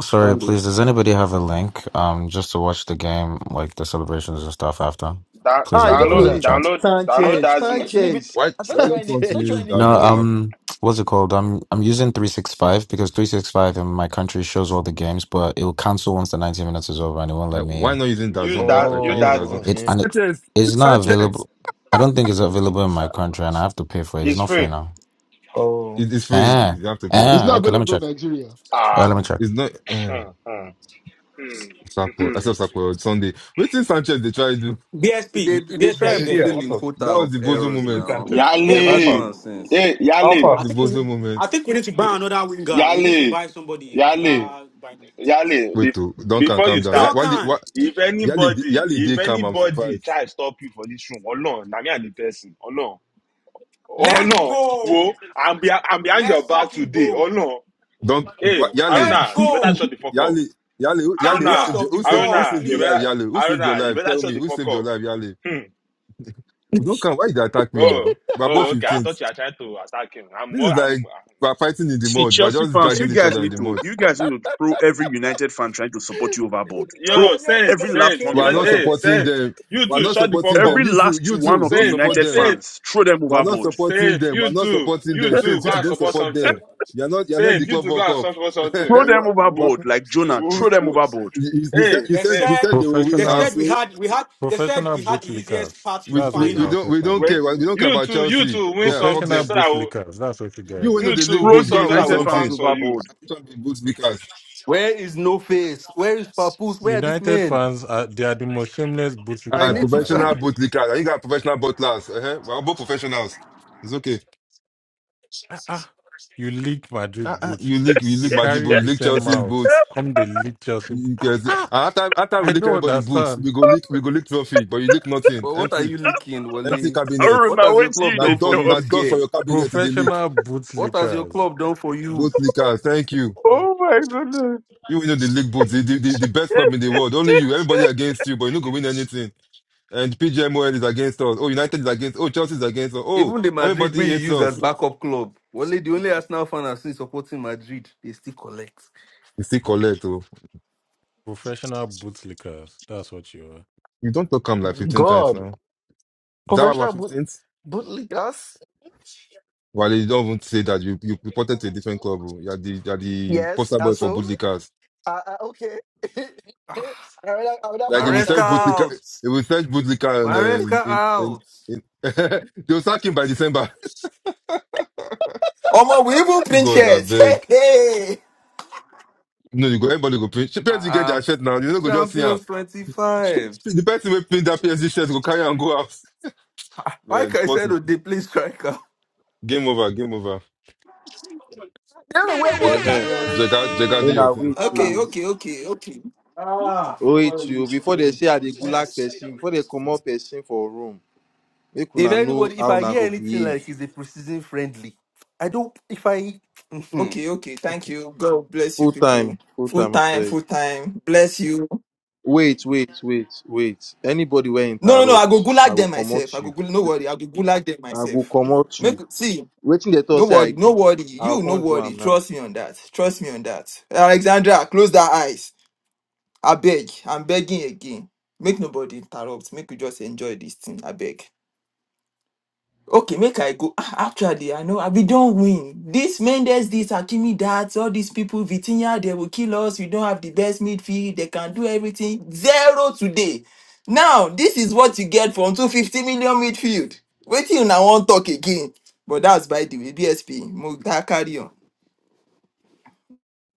Speaker 21: Sorry,
Speaker 10: Fernando.
Speaker 21: please, does anybody have a link? Um, just to watch the game, like the celebrations and stuff after.
Speaker 9: Da-
Speaker 21: Please,
Speaker 10: Ah,
Speaker 21: if you
Speaker 10: you
Speaker 21: can put
Speaker 10: don't
Speaker 21: it
Speaker 16: Who's
Speaker 21: in
Speaker 9: download,
Speaker 21: the
Speaker 16: that?
Speaker 10: really.
Speaker 21: chat.
Speaker 9: download,
Speaker 16: I
Speaker 9: download
Speaker 16: thought
Speaker 10: Sanchez,
Speaker 16: you. I
Speaker 9: Dazney.
Speaker 16: thought you live in.
Speaker 10: Sanchez,
Speaker 2: Why,
Speaker 16: I thought
Speaker 2: why
Speaker 16: you are
Speaker 2: don't
Speaker 16: in
Speaker 2: you
Speaker 16: the.
Speaker 2: want
Speaker 16: I
Speaker 2: to
Speaker 16: thought you are
Speaker 2: use
Speaker 10: Sanchez.
Speaker 16: in the
Speaker 2: that
Speaker 21: No,
Speaker 2: zone
Speaker 16: UK.
Speaker 2: app?
Speaker 21: um, what's it called? I'm I'm using three six five because three six five in my country shows all the games, but it will cancel once the ninety minutes is over, and it won't let
Speaker 2: Like, why
Speaker 21: me.
Speaker 2: not using that
Speaker 9: Use
Speaker 2: zone? That I
Speaker 9: that. Use
Speaker 2: can use that
Speaker 16: Oh,
Speaker 2: zone.
Speaker 9: Dazney.
Speaker 21: It
Speaker 16: okay.
Speaker 21: and it
Speaker 2: Sanchez,
Speaker 21: is not
Speaker 2: Sanchez.
Speaker 21: available. I don't think it's available in my country, and I have to pay for it. It's
Speaker 9: It's
Speaker 21: not free
Speaker 9: free.
Speaker 21: now.
Speaker 16: Oh,
Speaker 2: It, it's free.
Speaker 21: Ah,
Speaker 2: You have to pay.
Speaker 20: It's
Speaker 21: ah.
Speaker 20: not
Speaker 21: Okay, let me
Speaker 20: available in
Speaker 21: check.
Speaker 20: Nigeria.
Speaker 21: Uh,
Speaker 9: Ah,
Speaker 21: let
Speaker 20: Uh,
Speaker 21: me check.
Speaker 2: It's not.
Speaker 9: Hmm. hmm Hmm.
Speaker 2: Sakwa,
Speaker 9: hmm
Speaker 2: except Sakwa Sunday. Wait till Sanchez, they tried to.
Speaker 22: BSP,
Speaker 4: You,
Speaker 8: They They
Speaker 22: BSP,
Speaker 4: you
Speaker 22: are
Speaker 8: try
Speaker 22: you
Speaker 4: said,
Speaker 22: there?
Speaker 4: yeah,
Speaker 8: fulfilling
Speaker 4: also,
Speaker 8: quota
Speaker 2: That was
Speaker 8: of
Speaker 2: the bozo
Speaker 8: errors
Speaker 4: your
Speaker 2: moment.
Speaker 4: sister
Speaker 8: now.
Speaker 4: answered.
Speaker 8: Never do
Speaker 22: BSP,
Speaker 4: Alpha,
Speaker 9: Yali,
Speaker 8: one since.
Speaker 9: hey,
Speaker 2: That
Speaker 9: Yali,
Speaker 4: Alpha.
Speaker 2: was
Speaker 22: I
Speaker 2: the
Speaker 22: think we
Speaker 2: bozo
Speaker 22: need, I
Speaker 2: moment.
Speaker 22: think we need to buy another winger. We need to
Speaker 9: Yali,
Speaker 22: buy somebody after
Speaker 9: Yali,
Speaker 22: buying
Speaker 9: Yali.
Speaker 2: Wait,
Speaker 9: Bef-
Speaker 2: to Duncan,
Speaker 9: before you
Speaker 2: calm down. Ya-
Speaker 9: start,
Speaker 2: Wale, wa,
Speaker 22: Duncan.
Speaker 9: if
Speaker 2: Yali,
Speaker 9: anybody,
Speaker 2: Yali
Speaker 9: if
Speaker 2: did come. I'm
Speaker 9: anybody
Speaker 2: surprised.
Speaker 9: try to stop you for this room, Olorun, na me and the person, oh no, oh
Speaker 22: Let's
Speaker 9: no, wo,
Speaker 22: go.
Speaker 9: I'm, be- I'm behind
Speaker 22: Let's
Speaker 9: your back
Speaker 22: fucking
Speaker 9: today, oh
Speaker 22: go.
Speaker 9: no.
Speaker 2: Dunk,
Speaker 9: Hey,
Speaker 2: wa, Yali,
Speaker 22: Let's
Speaker 9: Aruna, you better
Speaker 22: go.
Speaker 9: shut the fuck up.
Speaker 2: Yali, Yali, who- Yali, who
Speaker 22: Champions
Speaker 9: Aruna,
Speaker 2: saved, your,
Speaker 22: of the
Speaker 2: who saved, who
Speaker 22: world,
Speaker 9: Aruna,
Speaker 2: saved your
Speaker 9: you
Speaker 2: life,
Speaker 22: please.
Speaker 9: better,
Speaker 2: Yali? Who saved your
Speaker 9: Aruna, you
Speaker 2: life?
Speaker 9: better
Speaker 2: Tell
Speaker 9: shut
Speaker 2: me,
Speaker 9: the
Speaker 2: who
Speaker 9: fuck
Speaker 2: saved your
Speaker 9: up.
Speaker 2: life, Yali?
Speaker 9: Hmm.
Speaker 2: Don't come. why did they attack me
Speaker 9: Oh,
Speaker 2: now? We're
Speaker 9: oh,
Speaker 2: both
Speaker 9: okay.
Speaker 16: Oh,
Speaker 9: I thought
Speaker 2: 15th.
Speaker 9: you were trying to attack him. I'm,
Speaker 2: This is
Speaker 9: I'm.
Speaker 2: like we're fighting in the
Speaker 15: See,
Speaker 2: mud. We're
Speaker 15: Chelsea
Speaker 2: just
Speaker 15: fans, you
Speaker 2: dragging each
Speaker 15: guys
Speaker 2: other in
Speaker 15: need
Speaker 2: the
Speaker 15: to
Speaker 2: mud.
Speaker 15: you guys need to throw every United fan trying to support you overboard.
Speaker 16: my
Speaker 15: Throw
Speaker 9: Yo,
Speaker 16: God, you're not
Speaker 9: Saint,
Speaker 16: gonna
Speaker 15: every
Speaker 16: go
Speaker 15: last
Speaker 9: Saint,
Speaker 16: kill
Speaker 15: one
Speaker 9: you
Speaker 15: of
Speaker 2: We're
Speaker 16: me.
Speaker 9: bet,
Speaker 16: Both
Speaker 2: not
Speaker 15: them.
Speaker 16: of you
Speaker 9: hey,
Speaker 16: are in
Speaker 2: supporting
Speaker 16: the.
Speaker 9: Saint,
Speaker 2: them.
Speaker 9: you
Speaker 2: We're
Speaker 9: too,
Speaker 2: not
Speaker 9: shut the
Speaker 2: supporting
Speaker 9: fuck
Speaker 2: them.
Speaker 9: up.
Speaker 15: Every
Speaker 2: You two,
Speaker 15: last
Speaker 2: you
Speaker 15: one
Speaker 2: 2
Speaker 15: of the
Speaker 2: Don't
Speaker 9: Saint,
Speaker 2: support
Speaker 15: United
Speaker 2: them.
Speaker 9: Saint,
Speaker 15: fans, throw them
Speaker 2: We're not
Speaker 15: overboard.
Speaker 2: supporting
Speaker 9: Saint,
Speaker 2: them.
Speaker 9: you
Speaker 2: We're not
Speaker 9: too,
Speaker 2: supporting
Speaker 9: you
Speaker 2: them.
Speaker 9: too,
Speaker 2: Since
Speaker 9: go
Speaker 2: you two
Speaker 9: and
Speaker 2: don't
Speaker 9: support
Speaker 2: support
Speaker 9: something.
Speaker 2: them, you're not you're not in
Speaker 9: Saint,
Speaker 2: the
Speaker 9: you
Speaker 2: club
Speaker 9: too,
Speaker 2: World
Speaker 9: go and
Speaker 2: Cup.
Speaker 9: support
Speaker 15: throw
Speaker 9: something.
Speaker 15: them
Speaker 9: Woo,
Speaker 2: but
Speaker 15: overboard like Jonah.
Speaker 9: woo,
Speaker 15: Throw them
Speaker 9: woo.
Speaker 15: overboard.
Speaker 2: you, you said
Speaker 9: Hey,
Speaker 2: you
Speaker 22: They
Speaker 2: said
Speaker 9: Saint,
Speaker 2: you
Speaker 22: said
Speaker 2: said they will win,
Speaker 22: they
Speaker 2: and
Speaker 17: Professional
Speaker 22: said we
Speaker 2: so
Speaker 22: had we had they said
Speaker 17: professional
Speaker 22: we had the easiest
Speaker 17: bootlickers.
Speaker 22: path to the
Speaker 2: we,
Speaker 17: That's
Speaker 2: we,
Speaker 17: what
Speaker 2: we
Speaker 22: final.
Speaker 2: don't
Speaker 17: United
Speaker 2: we
Speaker 17: fans
Speaker 2: don't
Speaker 17: are.
Speaker 9: wait,
Speaker 2: care. We don't care
Speaker 9: you
Speaker 2: about
Speaker 9: too, you
Speaker 2: Chelsea.
Speaker 9: too, win
Speaker 2: Yeah, fuck
Speaker 17: Professional
Speaker 9: something
Speaker 2: them.
Speaker 9: so that
Speaker 17: bootlickers. That's what you
Speaker 2: You
Speaker 17: guys
Speaker 2: win
Speaker 9: we,
Speaker 2: the
Speaker 9: you
Speaker 17: are.
Speaker 9: too,
Speaker 2: league
Speaker 15: Throw
Speaker 9: win
Speaker 2: boots.
Speaker 15: the
Speaker 2: Go and
Speaker 9: something so
Speaker 2: win
Speaker 9: that
Speaker 15: United
Speaker 9: we'll
Speaker 15: fans
Speaker 9: find
Speaker 2: something.
Speaker 9: for you.
Speaker 15: overboard.
Speaker 2: You can't be boot lickers.
Speaker 8: Where is No Face? Where is Papoose? Where are these
Speaker 17: United
Speaker 8: men?
Speaker 17: fans are they are the most shameless
Speaker 8: I
Speaker 2: Uh,
Speaker 8: need
Speaker 17: bootlickers out
Speaker 8: to.
Speaker 2: professional
Speaker 17: there.
Speaker 2: boot lickers. You got professional butlers. Uh-huh. We're both professionals. It's okay.
Speaker 17: Ah, ah, you leaked
Speaker 2: Uh,
Speaker 17: Madrid
Speaker 2: uh,
Speaker 17: boots.
Speaker 2: you leak you
Speaker 17: You
Speaker 2: leak
Speaker 15: I
Speaker 2: my boots.
Speaker 17: carry
Speaker 2: You
Speaker 17: the
Speaker 2: leak
Speaker 17: same
Speaker 2: Chelsea's
Speaker 17: mouth.
Speaker 2: boots.
Speaker 17: Come they leak Chelsea.
Speaker 2: You, you, guys- and after after we
Speaker 17: I
Speaker 2: leak
Speaker 17: don't
Speaker 2: everybody boots,
Speaker 17: understand.
Speaker 2: we go leak we go leak trophy, but you leak nothing
Speaker 8: But what are
Speaker 2: empty.
Speaker 8: you leaking,
Speaker 2: Empty
Speaker 8: Wally?
Speaker 2: cabinet.
Speaker 8: What
Speaker 15: remember
Speaker 8: has
Speaker 15: when
Speaker 8: your club
Speaker 15: you
Speaker 2: Now
Speaker 8: done
Speaker 15: did
Speaker 8: for
Speaker 2: dust,
Speaker 8: you
Speaker 2: now
Speaker 15: talk.
Speaker 8: this
Speaker 2: dust for
Speaker 8: year?
Speaker 2: your cabinet in the leak.
Speaker 17: Professional
Speaker 8: What has your
Speaker 17: bootlickers.
Speaker 8: club done for you?
Speaker 2: Both leakers, thank you.
Speaker 17: Eh,
Speaker 15: Oh my goodness.
Speaker 2: You will know the leak boots, the, the, the the best club in the world. Only you, everybody against you, but you no go win anything. And PGMOL is against us. Oh, United is against. Oh, Chelsea is against us. Oh,
Speaker 8: Even the Madrid
Speaker 2: everybody
Speaker 8: we you
Speaker 2: hates
Speaker 8: use as
Speaker 2: us.
Speaker 8: backup club. Wally, the only Arsenal fan I've seen supporting Madrid, they still collect.
Speaker 2: You still collect. Oh,
Speaker 17: Professional bootlickers. That's what you are.
Speaker 2: you don't talk him like fifteen times
Speaker 16: God,
Speaker 2: now. Is that why we're
Speaker 16: professional boot
Speaker 2: fifteenth?
Speaker 16: bootleggers.
Speaker 2: Well, you don't even say that. You you reported to a different club. Oh. You're the you're the
Speaker 16: Yes,
Speaker 2: poster
Speaker 16: and
Speaker 2: boy for
Speaker 16: so.
Speaker 2: bootlickers.
Speaker 16: Uh, uh, okay. I rather, I rather
Speaker 2: Like if we
Speaker 16: post
Speaker 8: Maresca
Speaker 16: and
Speaker 2: search
Speaker 16: say,
Speaker 2: Boutica,
Speaker 8: out!
Speaker 2: if we search Boutica and um,
Speaker 8: Maresca
Speaker 2: in, in,
Speaker 8: out!
Speaker 2: in they'll sack him by December.
Speaker 1: Omo, we even print
Speaker 2: God, I
Speaker 1: shirts. Hey
Speaker 2: beg.
Speaker 1: hey.
Speaker 2: No, you go, everybody go print. She parents will get
Speaker 8: Uh-uh.
Speaker 2: their shirt now. You don't go just see her.
Speaker 8: Champions 25.
Speaker 2: The person will print that PSG shirt, go carry and go out.
Speaker 8: Ah,
Speaker 2: Man,
Speaker 8: Like I
Speaker 2: sports
Speaker 8: said,
Speaker 2: is
Speaker 8: oh, they play striker.
Speaker 2: game over, game over.
Speaker 16: they're the world
Speaker 2: Jega,
Speaker 10: Uh-huh.
Speaker 16: champions.
Speaker 8: Yes.
Speaker 2: Jega, Jega, do
Speaker 10: In
Speaker 8: eh.
Speaker 2: your
Speaker 10: our way
Speaker 2: thing.
Speaker 1: Okay
Speaker 8: Ah,
Speaker 10: to
Speaker 1: okay okay okay
Speaker 8: ah.
Speaker 10: way
Speaker 8: What are
Speaker 10: to
Speaker 8: we
Speaker 10: you before they
Speaker 8: doing?
Speaker 10: say I dey gulag
Speaker 8: Yes.
Speaker 10: person, before they come up person for room, make
Speaker 8: If
Speaker 10: una know
Speaker 8: anybody, if
Speaker 10: how
Speaker 8: I
Speaker 10: una
Speaker 8: hear
Speaker 10: go
Speaker 8: anything
Speaker 10: behave.
Speaker 8: like is a precision friendly, I don't. If I, Mhm.
Speaker 1: okay okay. Thank
Speaker 8: okay,
Speaker 1: you. God bless you
Speaker 10: Full
Speaker 1: people.
Speaker 10: time, full
Speaker 1: Full
Speaker 10: time, I
Speaker 1: time
Speaker 10: beg.
Speaker 1: full time. Bless you.
Speaker 10: Wait, wait, wait, wait. Anybody will
Speaker 1: No, no, no. I go
Speaker 10: interrupt. I
Speaker 1: gulag
Speaker 10: will
Speaker 1: them
Speaker 10: come
Speaker 1: myself.
Speaker 10: out
Speaker 1: I go
Speaker 10: you.
Speaker 1: gulag. No worry. I go gulag them
Speaker 10: I will
Speaker 1: myself.
Speaker 10: come out you.
Speaker 1: Make see.
Speaker 10: Waiting the
Speaker 1: No
Speaker 10: thought say I
Speaker 1: worry. No
Speaker 10: do.
Speaker 1: worry.
Speaker 10: I
Speaker 1: You no
Speaker 10: can't do
Speaker 1: worry.
Speaker 10: am now.
Speaker 1: Trust me on that. Trust me on that. Alexandra, close that eyes. I beg. I'm begging again. Make nobody interrupt. Make you just enjoy this thing. I beg. Okay, make I go. Ah, Actually, I know ah, we don't win. This Mendes, this Hakimi, that all these people, Vitinha, they will kill us. We don't have the best midfield. They can do everything. Zero today. Now, this is what you get from 250 million midfield. Wait till now, one talk again. But that's by the way, BSP. Mo- that carry on.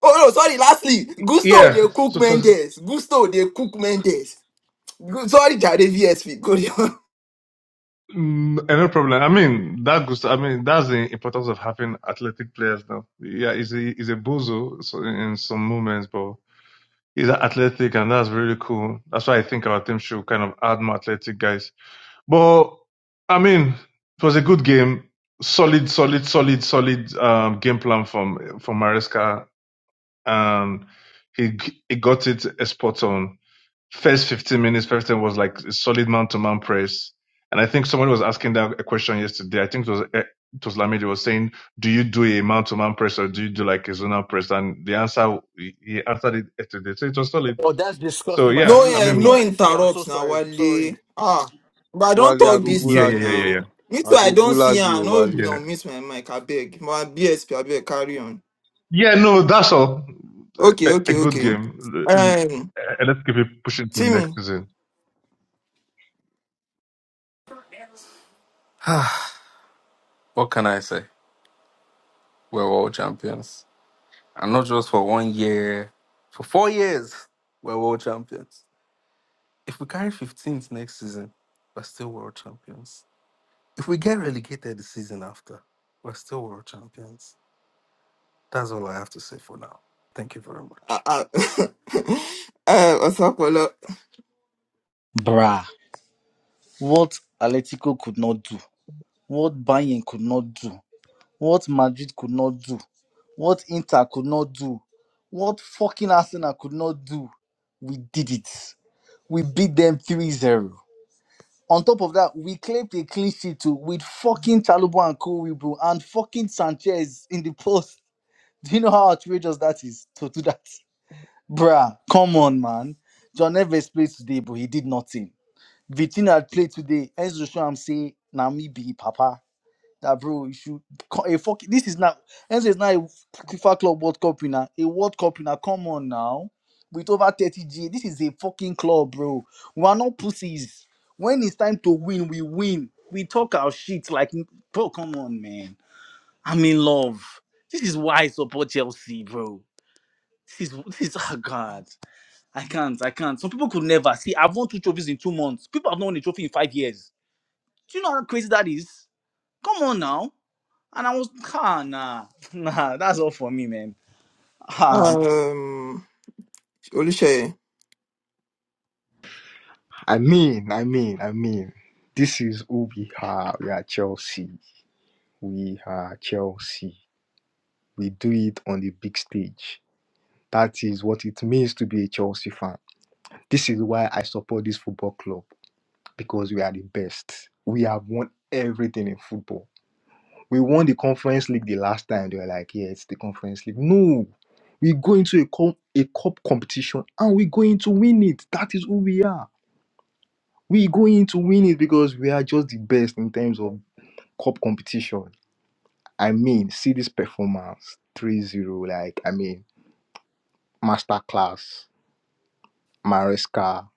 Speaker 1: Oh no, sorry. Lastly, Gusto they
Speaker 4: Yeah,
Speaker 1: cook
Speaker 4: so it was
Speaker 1: Mendes. Gusto they cook Mendes. Gu- Sorry, Jare VSP. Go there.
Speaker 4: mm, another problem. I mean, that goes. I mean, that's the importance of having athletic players now. Yeah, he's a he's a bozo so in some moments, but he's athletic, and that's really cool. That's why I think our team should kind of add more athletic guys. But I mean, it was a good game. Solid, solid, solid, solid um, game plan from from Maresca and he he got it a spot on. First 15 minutes, first time was like a solid man to man press. And I think someone was asking that a question yesterday. I think it was eh, it was Lamidi was saying, "Do you do a man to man press or do you do like a zonal press?" And the answer he he answered it yesterday, so it was solid.
Speaker 16: Oh, that's
Speaker 4: So
Speaker 16: disgusting by
Speaker 1: No,
Speaker 4: yeah, I
Speaker 16: Enrique.
Speaker 1: um,
Speaker 16: Do you
Speaker 1: no
Speaker 4: mean,
Speaker 16: guys see that? I'm so
Speaker 1: interrupts now,
Speaker 16: sorry. I'm
Speaker 1: Wale.
Speaker 16: sorry.
Speaker 1: Ah, but I don't
Speaker 10: Wally,
Speaker 4: y-
Speaker 10: I
Speaker 1: talk
Speaker 10: go
Speaker 4: y-
Speaker 1: this
Speaker 4: yeah,
Speaker 1: thing
Speaker 4: yeah,
Speaker 10: gulag
Speaker 4: yeah,
Speaker 10: you.
Speaker 1: now.
Speaker 4: yeah,
Speaker 1: Me too,
Speaker 10: I
Speaker 1: I
Speaker 10: go
Speaker 1: don't see
Speaker 10: gulag
Speaker 1: her.
Speaker 10: you,
Speaker 1: No,
Speaker 4: yeah,
Speaker 10: Wally.
Speaker 4: yeah.
Speaker 1: no, miss my mic, I beg. My BSP, I beg, carry on.
Speaker 4: Yeah, no, that's all.
Speaker 1: Okay,
Speaker 4: A, a
Speaker 1: okay,
Speaker 4: good
Speaker 1: okay.
Speaker 4: game. L-
Speaker 1: Um,
Speaker 4: l- eh, Let's keep it pushing to next
Speaker 1: Timmy,
Speaker 4: season.
Speaker 8: what can I say? We're world champions. And not just for one year, for four years, we're world champions. If we carry 15th next season, we're still world champions. If we get relegated the season after, we're still world champions. That's all I have to say for now. Thank you very much.
Speaker 1: uh, uh, uh, Osapolo,
Speaker 3: Bruh. What Atletico could not do. What Bayern could not do. What Madrid could not do, what Inter could not do, what fucking Arsenal could not do, we did it. We beat them 3 0. On top of that, we claimed a clean sheet too with fucking Chalubo and Kowibu and fucking Sanchez in the post. Do you know how outrageous that is to do that? Bruh, come on, man. John Neves played today, but he did nothing. Vitina played today. Enzo Sham say, Namibi, Papa that bro, you should co- a fuck. This is not Enzo is not a FIFA Club World Cup winner, a World Cup winner. Come on now, with over thirty G, this is a fucking club, bro. We are not pussies. When it's time to win, we win. We talk our shit like, bro. Come on, man. I'm in love. This is why I support Chelsea, bro. This is this is oh god. I can't, I can't. Some people could never see. I've won two trophies in two months. People have not won a trophy in five years. Do you know how crazy that is? Come on now. And I was, ah, nah, nah, that's all for me, man. Ah,
Speaker 1: um, Oluseye,
Speaker 23: I mean, I mean, I mean, this is who we are. We are Chelsea. We are Chelsea. We do it on the big stage. That is what it means to be a Chelsea fan. This is why I support this football club because we are the best. We have won everything in football. We won the Conference League the last time. They were like, yeah, it's the Conference League. No, we go into a cup, a cup competition and we go going to win it. That is who we are we going to win it because we are just the best in terms of cup competition. I mean, see this performance three zero. Like, I mean, masterclass, Maresca,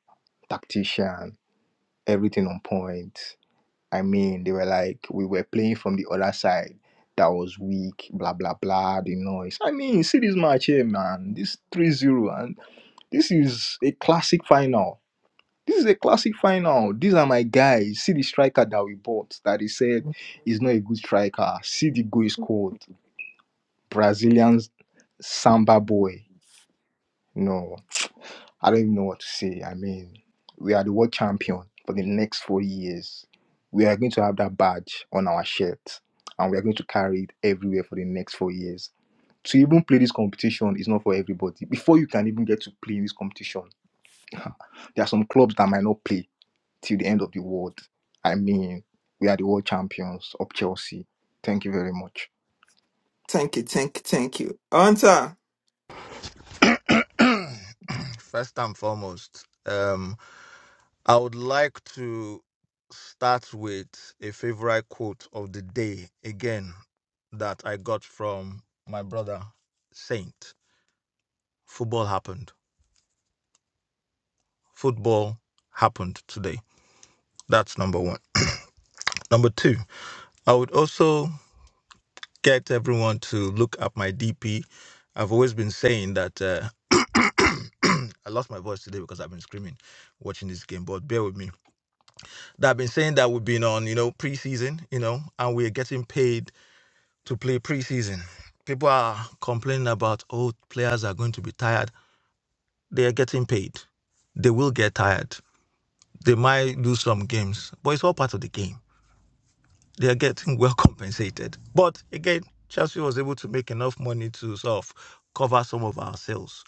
Speaker 23: tactician, everything on point. I mean, they were like, we were playing from the other side. That was weak, blah, blah, blah, the noise. I mean, see this match here, man. This three zero, and this is a classic final. This is a classic final. These are my guys. See the striker that we bought that he said is not a good striker. See the goal he scored. Brazilian Samba boy. No, I don't even know what to say. I mean, we are the world champion for the next four years. We are going to have that badge on our shirt and we are going to carry it everywhere for the next four years. To even play this competition is not for everybody. Before you can even get to play in this competition, there are some clubs that might not play till the end of the world. I mean, we are the world champions of Chelsea. Thank you very much.
Speaker 1: thank you, thank you, thank you. Hunter,
Speaker 24: First and foremost, um, I would like to start with a favorite quote of the day again that I got from my brother Saint. Football happened. Football happened today. That's number one. Number two, I would also get everyone to look at my DP. I've always been saying that. Uh, I lost my voice today because I've been screaming watching this game, but bear with me that have been saying that we've been on, you know, preseason, you know, and we're getting paid to play preseason. People are complaining about, oh, players are going to be tired. They are getting paid. They will get tired. They might lose some games, but it's all part of the game. They are getting well compensated. But again, Chelsea was able to make enough money to sort of cover some of our sales.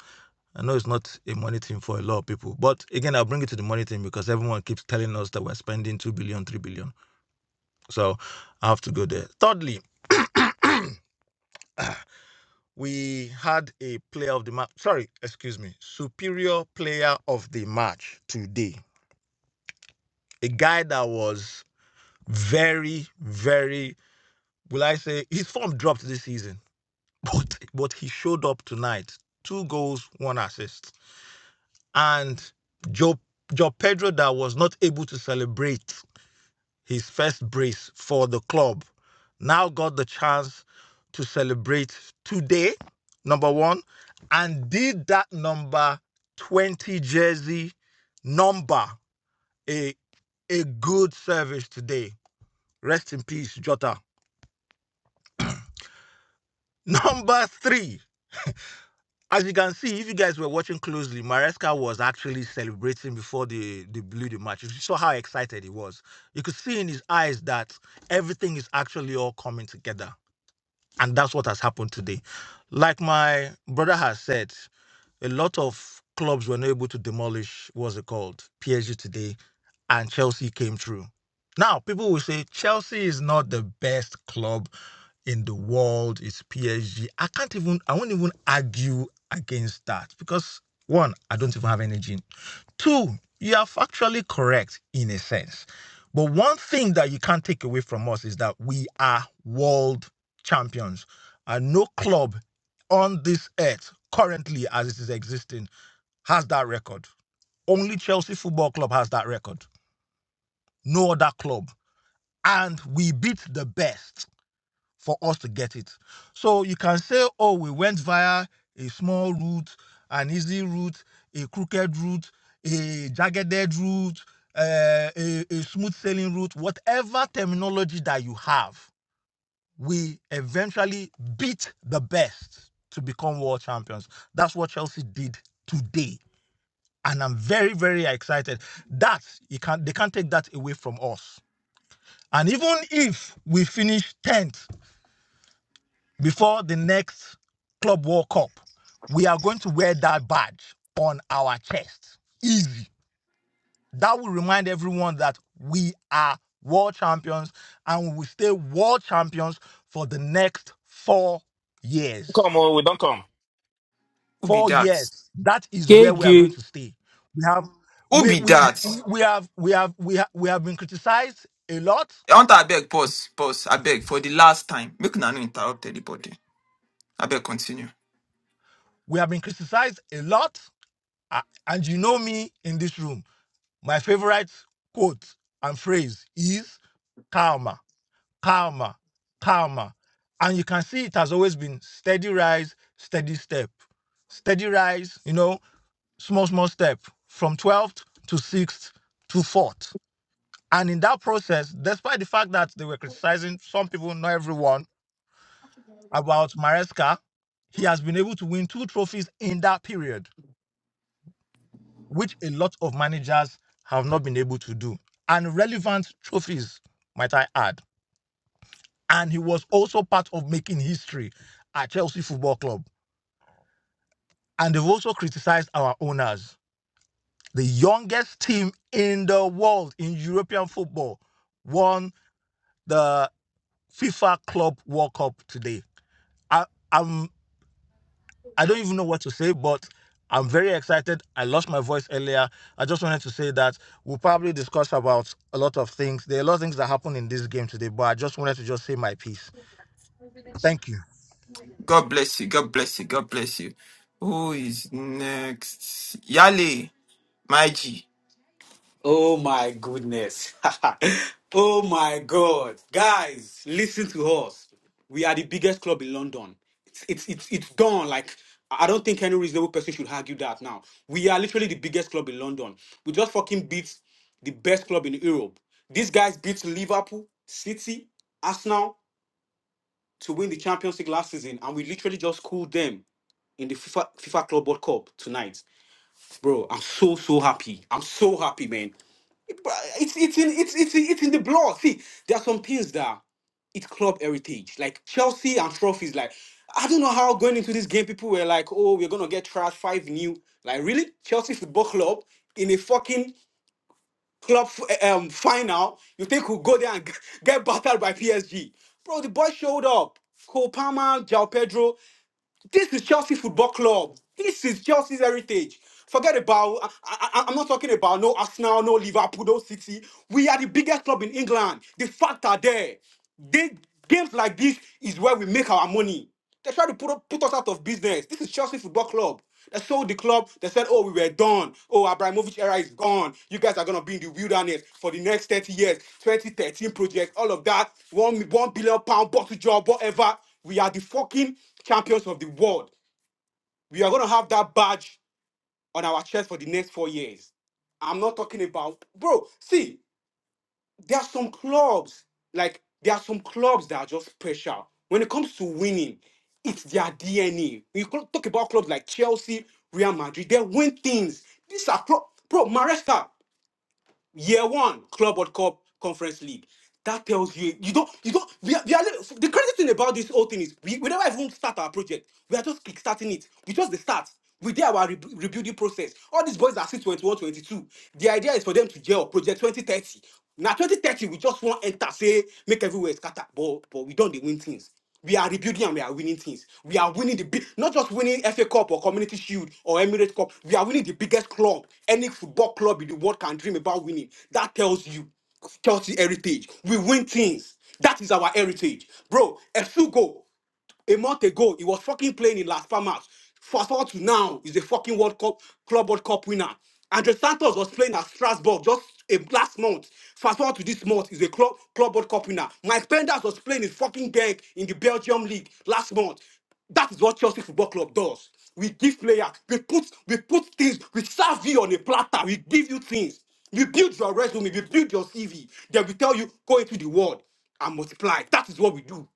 Speaker 24: I know it's not a money thing for a lot of people, but again, I'll bring it to the money thing because everyone keeps telling us that we're spending two billion, three billion. So I have to go there. Thirdly, we had a player of the match. Sorry, excuse me. Superior player of the match today. A guy that was very, very, will I say, his form dropped this season, but, but he showed up tonight. Two goals, one assist. And Joe, Joe Pedro that was not able to celebrate his first brace for the club. Now got the chance to celebrate today, number one, and did that number 20 jersey number a, a good service today. Rest in peace, Jota. Number three. As you can see, if you guys were watching closely, Maresca was actually celebrating before the, the blew the match. You saw how excited he was. You could see in his eyes that everything is actually all coming together. And that's what has happened today. Like my brother has said, a lot of clubs were not able to demolish what's it called PSG today, and Chelsea came through. Now people will say Chelsea is not the best club in the world. It's PSG. I can't even. I won't even argue against that because one, I don't even have energy. Two, you are factually correct in a sense. But one thing that you can't take away from us is that we are world champions. And no club on this earth currently as it is existing has that record. Only Chelsea Football Club has that record. No other club. And we beat the best for us to get it. So you can say, oh, we went via a small route, an easy route, a crooked route, a jagged route, uh, a, a smooth sailing route, whatever terminology that you have we eventually beat the best to become world champions. That's what Chelsea did today. And I'm very, very excited. That you can't they can't take that away from us. And even if we finish 10th before the next Club World Cup, we are going to wear that badge on our chest. Easy. That will remind everyone that we are world champions and we will stay world champions for the next four years.
Speaker 25: Come on, we don't come.
Speaker 1: who be
Speaker 24: four
Speaker 1: that?
Speaker 24: years that is where we are going
Speaker 26: Gege.
Speaker 24: to stay we have
Speaker 1: Who
Speaker 24: we
Speaker 1: be
Speaker 24: we,
Speaker 1: that?
Speaker 24: we, we have we have we have we have been criticized a lot
Speaker 1: Hunter, I beg, pause, pause, I beg, for the last time. Make una no interrupt anybody. I beg, continue.
Speaker 24: we have been criticized a lot A- and you know me in this room my favorite quote and phrase is karma karma karma and you can see it has always been steady rise steady step steady rise you know small small step from 12th to 6th to 4th And in that process, despite the fact that they were criticizing some people, not everyone, about Maresca, he has been able to win two trophies in that period, which a lot of managers have not been able to do. And relevant trophies, might I add. And he was also part of making history at Chelsea Football Club. And they've also criticized our owners. The youngest team in the world in European football won the FIFA Club World Cup today. I, am I don't even know what to say, but I'm very excited. I lost my voice earlier. I just wanted to say that we'll probably discuss about a lot of things. There are a lot of things that happened in this game today, but I just wanted to just say my piece. Thank you.
Speaker 1: God bless you. God bless you. God bless you. Who is next? Yale, my G.
Speaker 22: Oh my goodness. oh my God. Guys, listen to us. We are the biggest club in London. It's, it's, it's, it's gone. Like, I don't think any reasonable person should argue that now. We are literally the biggest club in London. We just fucking beat the best club in Europe. These guys beat Liverpool, City, Arsenal to win the Champions League last season, and we literally just cooled them in the FIFA, FIFA Club World Cup tonight. Bro, I'm so, so happy. I'm so happy, man. But uh, it's it's in it's it's it's in the blood. See, there are some things that it's club heritage, like Chelsea and trophies. Like I don't know how going into this game, people were like, "Oh, we're gonna get trash five new." Like really, Chelsea Football Club in a fucking club f- eh, um final, you think we'll go there and g- get battered by PSG? Bro, the boys showed up. Cole Palmer, Jao Pedro. This is Chelsea Football Club. This is Chelsea's heritage. Forget about, I, I, I'm not talking about no Arsenal, no Liverpool, no City. We are the biggest club in England. The facts are there. They, games like this is where we make our money. They try to put, put us out of business. This is Chelsea Football Club. They sold the club. They said, "Oh, we were done. Oh, Abramovich era is gone. You guys are gonna be in the wilderness for the next 30 years. 2013 project, all of that. One one billion pound bottle job, whatever. We are the fucking champions of the world. We are gonna have that badge on our chest for the next four years. I'm not talking about, bro. See, there are some clubs like there are some clubs that are just special when it comes to winning it's their dna we co- talk about clubs like chelsea real madrid they win things these are pro bro Maresca year one club world cup conference league that tells you you don't you don't we are, we are li- the crazy thing about this whole thing is we, we never even start our project we are just kickstarting it we just the start we did our rebu- rebuilding process all these boys are still 21 22 the idea is for them to gel project 2030 now 2030 we just want enter say make everywhere scatter but but we don't they win things we are rebuilding and we are winning things. We are winning the big, not just winning FA Cup or Community Shield or Emirates Cup. We are winning the biggest club any football club in the world can dream about winning. That tells you Chelsea heritage. We win things. That is our heritage, bro. A go. A month ago, he was fucking playing in Las Palmas. Fast forward to now, he's a fucking World Cup Club World Cup winner. Andre Santos was playing at Strasbourg just a, last month. Fast forward to this month, he's a club Club World Cup winner. Mike Penders was playing in fucking Genk in the Belgium league last month. That is what Chelsea Football Club does. We give players, we put we put things, we serve you on a platter, we give you things. We build your resume, we build your CV. Then we tell you, go into the world and multiply. That is what we do.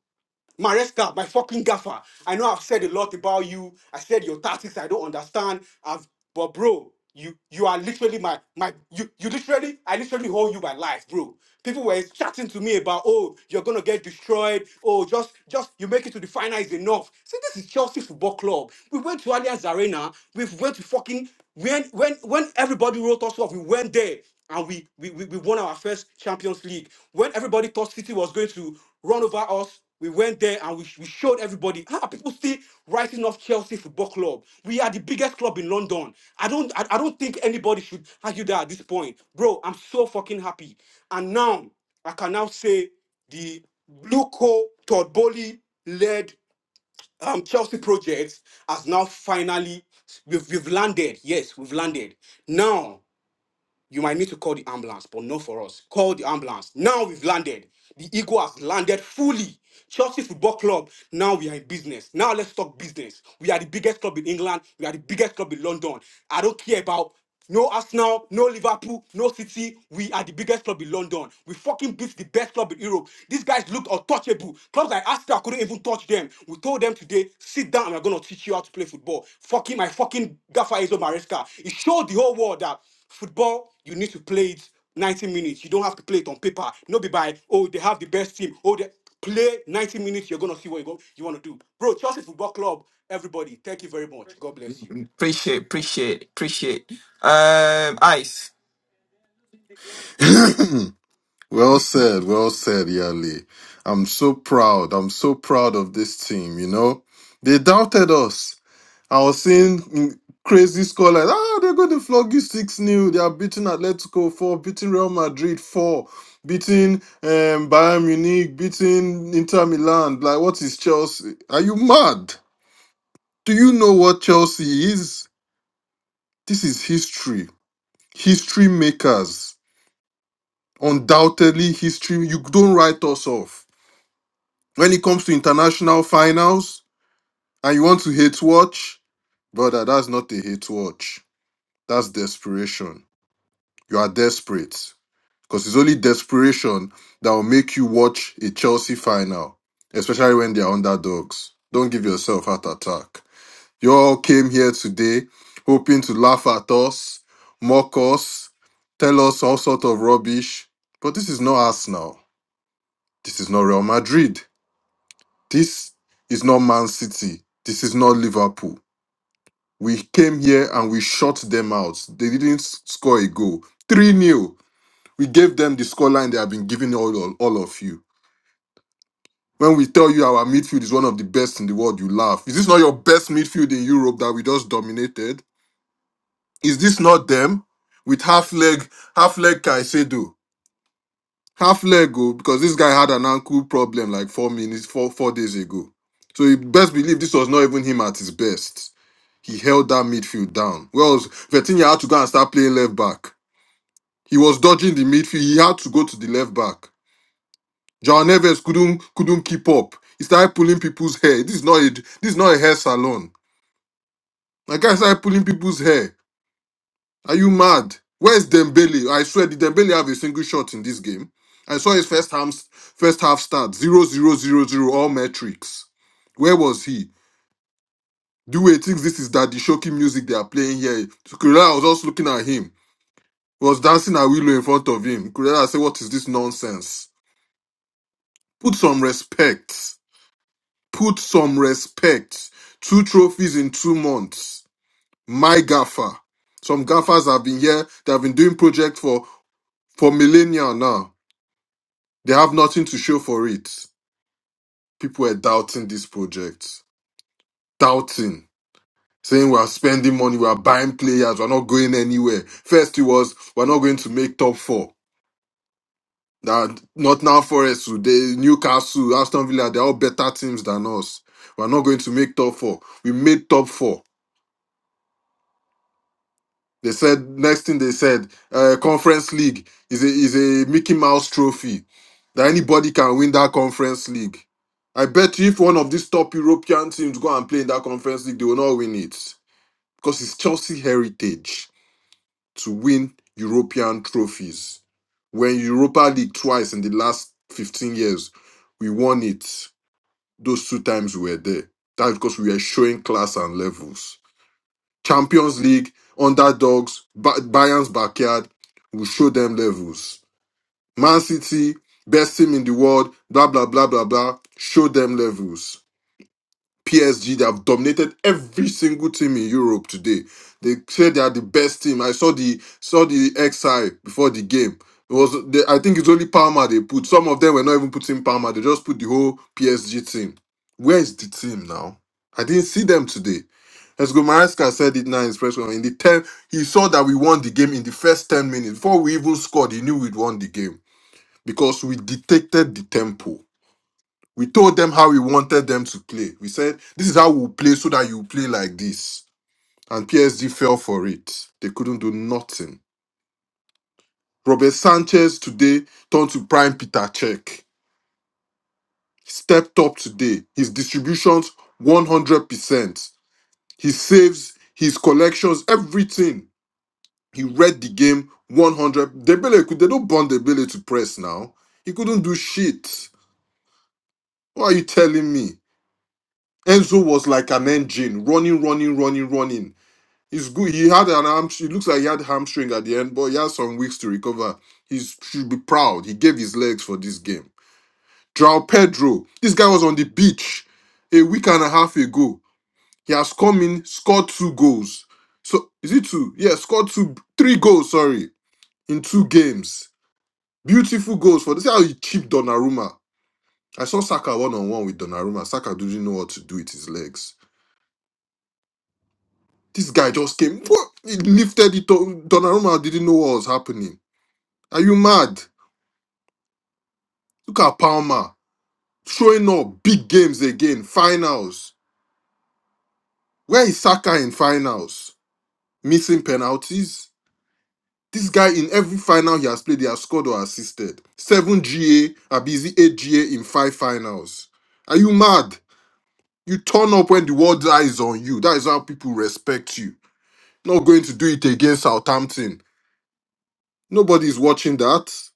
Speaker 22: My Mariska, my fucking gaffer. I know I've said a lot about you. I said your tactics I don't understand. I've but bro, you you are literally my my you you literally I literally hold you by life, bro. People were chatting to me about oh you're gonna get destroyed. Oh just just you make it to the final is enough. See this is Chelsea Football Club. We went to Allianz Arena. We went to fucking when when when everybody wrote us off, we went there and we we, we, we won our first Champions League. When everybody thought City was going to run over us, we went there and we, we showed everybody. How are people still writing off Chelsea Football Club? We are the biggest club in London. I don't I, I don't think anybody should argue that at this point. Bro, I'm so fucking happy. And now I can now say the Bluco Todd Bowley led um, Chelsea project has now finally we've, we've landed. Yes, we've landed. Now you might need to call the ambulance, but not for us. Call the ambulance. Now we've landed. The ego has landed fully. Chelsea Football Club, now we are in business. Now let's talk business. We are the biggest club in England. We are the biggest club in London. I don't care about no Arsenal, no Liverpool, no City. We are the biggest club in London. We fucking beat the best club in Europe. These guys looked untouchable. Clubs like Arsenal couldn't even touch them. We told them today, sit down and we're gonna teach you how to play football. Fucking my fucking gaffer Enzo Maresca. It showed the whole world that Football, you need to play it 90 minutes. You don't have to play it on paper. Not be by, oh, they have the best team. Oh, they play 90 minutes. You're going to see what you, go, you want to do. Bro, Chelsea Football Club, everybody, thank you very much. God bless you.
Speaker 1: Appreciate, appreciate, appreciate. Um, Ice.
Speaker 27: Well said, well said, Yali. I'm so proud. I'm so proud of this team, you know. They doubted us. I was seeing mm, crazy scholars. Ah, they're going to flog you 6 new. They are beating Atletico 4, beating Real Madrid 4, beating um, Bayern Munich, beating Inter Milan. Like, what is Chelsea? Are you mad? Do you know what Chelsea is? This is history. History makers. Undoubtedly, history. You don't write us off When it comes to international finals and you want to hate watch, brother, that's not a hate watch. That's desperation. You are desperate. Because it's only desperation that will make you watch a Chelsea final, especially when they are underdogs. Don't give yourself heart attack. You all came here today hoping to laugh at us, mock us, tell us all sort of rubbish. But this is not Arsenal. This is not Real Madrid. This is not Man City. This is not Liverpool. We came here and we shut them out. They didn't s- score a goal. 3 nil. We gave them the scoreline they have been giving all, all, all of you. When we tell you our midfield is one of the best in the world, you laugh. Is this not your best midfield in Europe that we just dominated? Is this not them with half leg, half leg Caicedo? half leg oh, because this guy had an ankle problem like four minutes, four four days ago. So you best believe this was not even him at his best. He held that midfield down. Well, Vertinha had to go and start playing left back. He was dodging the midfield. He had to go to the left back. John Neves couldn't couldn't keep up. He started pulling people's hair. This is not a this is not a hair salon. Like guy started pulling people's hair. Are you mad? Where's Dembele? I swear, did Dembele have a single shot in this game? I saw his first half first half start zero zero zero zero all metrics. Where was he? Do we think this is Daddy Shoki music they are playing here? So Kurela was just looking at him, He was dancing a willow in front of him. Kurela said, "What is this nonsense? Put some respect. Put some respect. Two trophies in two months. My gaffer. Some gaffers have been here. They have been doing project for for millennia now." They have nothing to show for it. People were doubting this project, doubting, saying we are spending money, we are buying players, we're not going anywhere. First, it was we're not going to make top four. That not now Forest, they Newcastle, Aston Villa, they're all better teams than us. We're not going to make top four. We made top four. They said next thing they said, uh, conference league is a is a Mickey Mouse trophy that anybody can win that conference league. I bet you if one of these top European teams go and play in that conference league, they will not win it because it's Chelsea heritage to win European trophies. When Europa League twice in the last fifteen years, we won it. Those two times we were there. That's because we were showing class and levels. Champions League, underdogs, ba- Bayern's backyard will show them levels. Man City, best team in the world, blah, blah, blah, blah, blah, show them levels. PSG, they have dominated every single team in Europe today. They said they are the best team. I saw the saw the XI before the game. It was the, I think it's only Palmer they put. Some of them were not even putting Palmer. They just put the whole PSG team. Where is the team now? I didn't see them today. As Gomareska said it now in his press conference, in the ten, he saw that we won the game in the first ten minutes before we even scored. He knew we'd won the game because we dictated the tempo we told them how we wanted them to play. We said, this is how we'll play so that you play like this. And PSG fell for it. They couldn't do nothing. Robert Sanchez today turned to prime Peter Cech. Stepped up today. His distributions 100%. His saves, his collections, everything. He read the game 100. Debele, could- they don't bond Debele to press now. He couldn't do shit. What are you telling me? Enzo was like an engine, running, running, running, running. He's good. He had an arm. It looks like he had hamstring at the end, but he has some weeks to recover. He should be proud. He gave his legs for this game. João Pedro. This guy was on the beach a week and a half ago. He has come in, scored two goals. So is it two? Yeah, scored two, three goals. Sorry, in two games. Beautiful goals for this. How he cheaped Donnarumma. I saw Saka one on one with Donnarumma. Saka didn't know what to do with his legs. This guy just came. Whoa, He lifted it. up. Donnarumma didn't know what was happening Are you mad? Look at Palmer showing up big games again, finals. Where is Saka in finals? Missing penalties. This guy in every final he has played, he has scored or assisted. Seven GA, Abizi eight GA in five finals. Are you mad? You turn up when the world eyes on you. That is how people respect you. Not going to do it against Southampton. Nobody's watching that.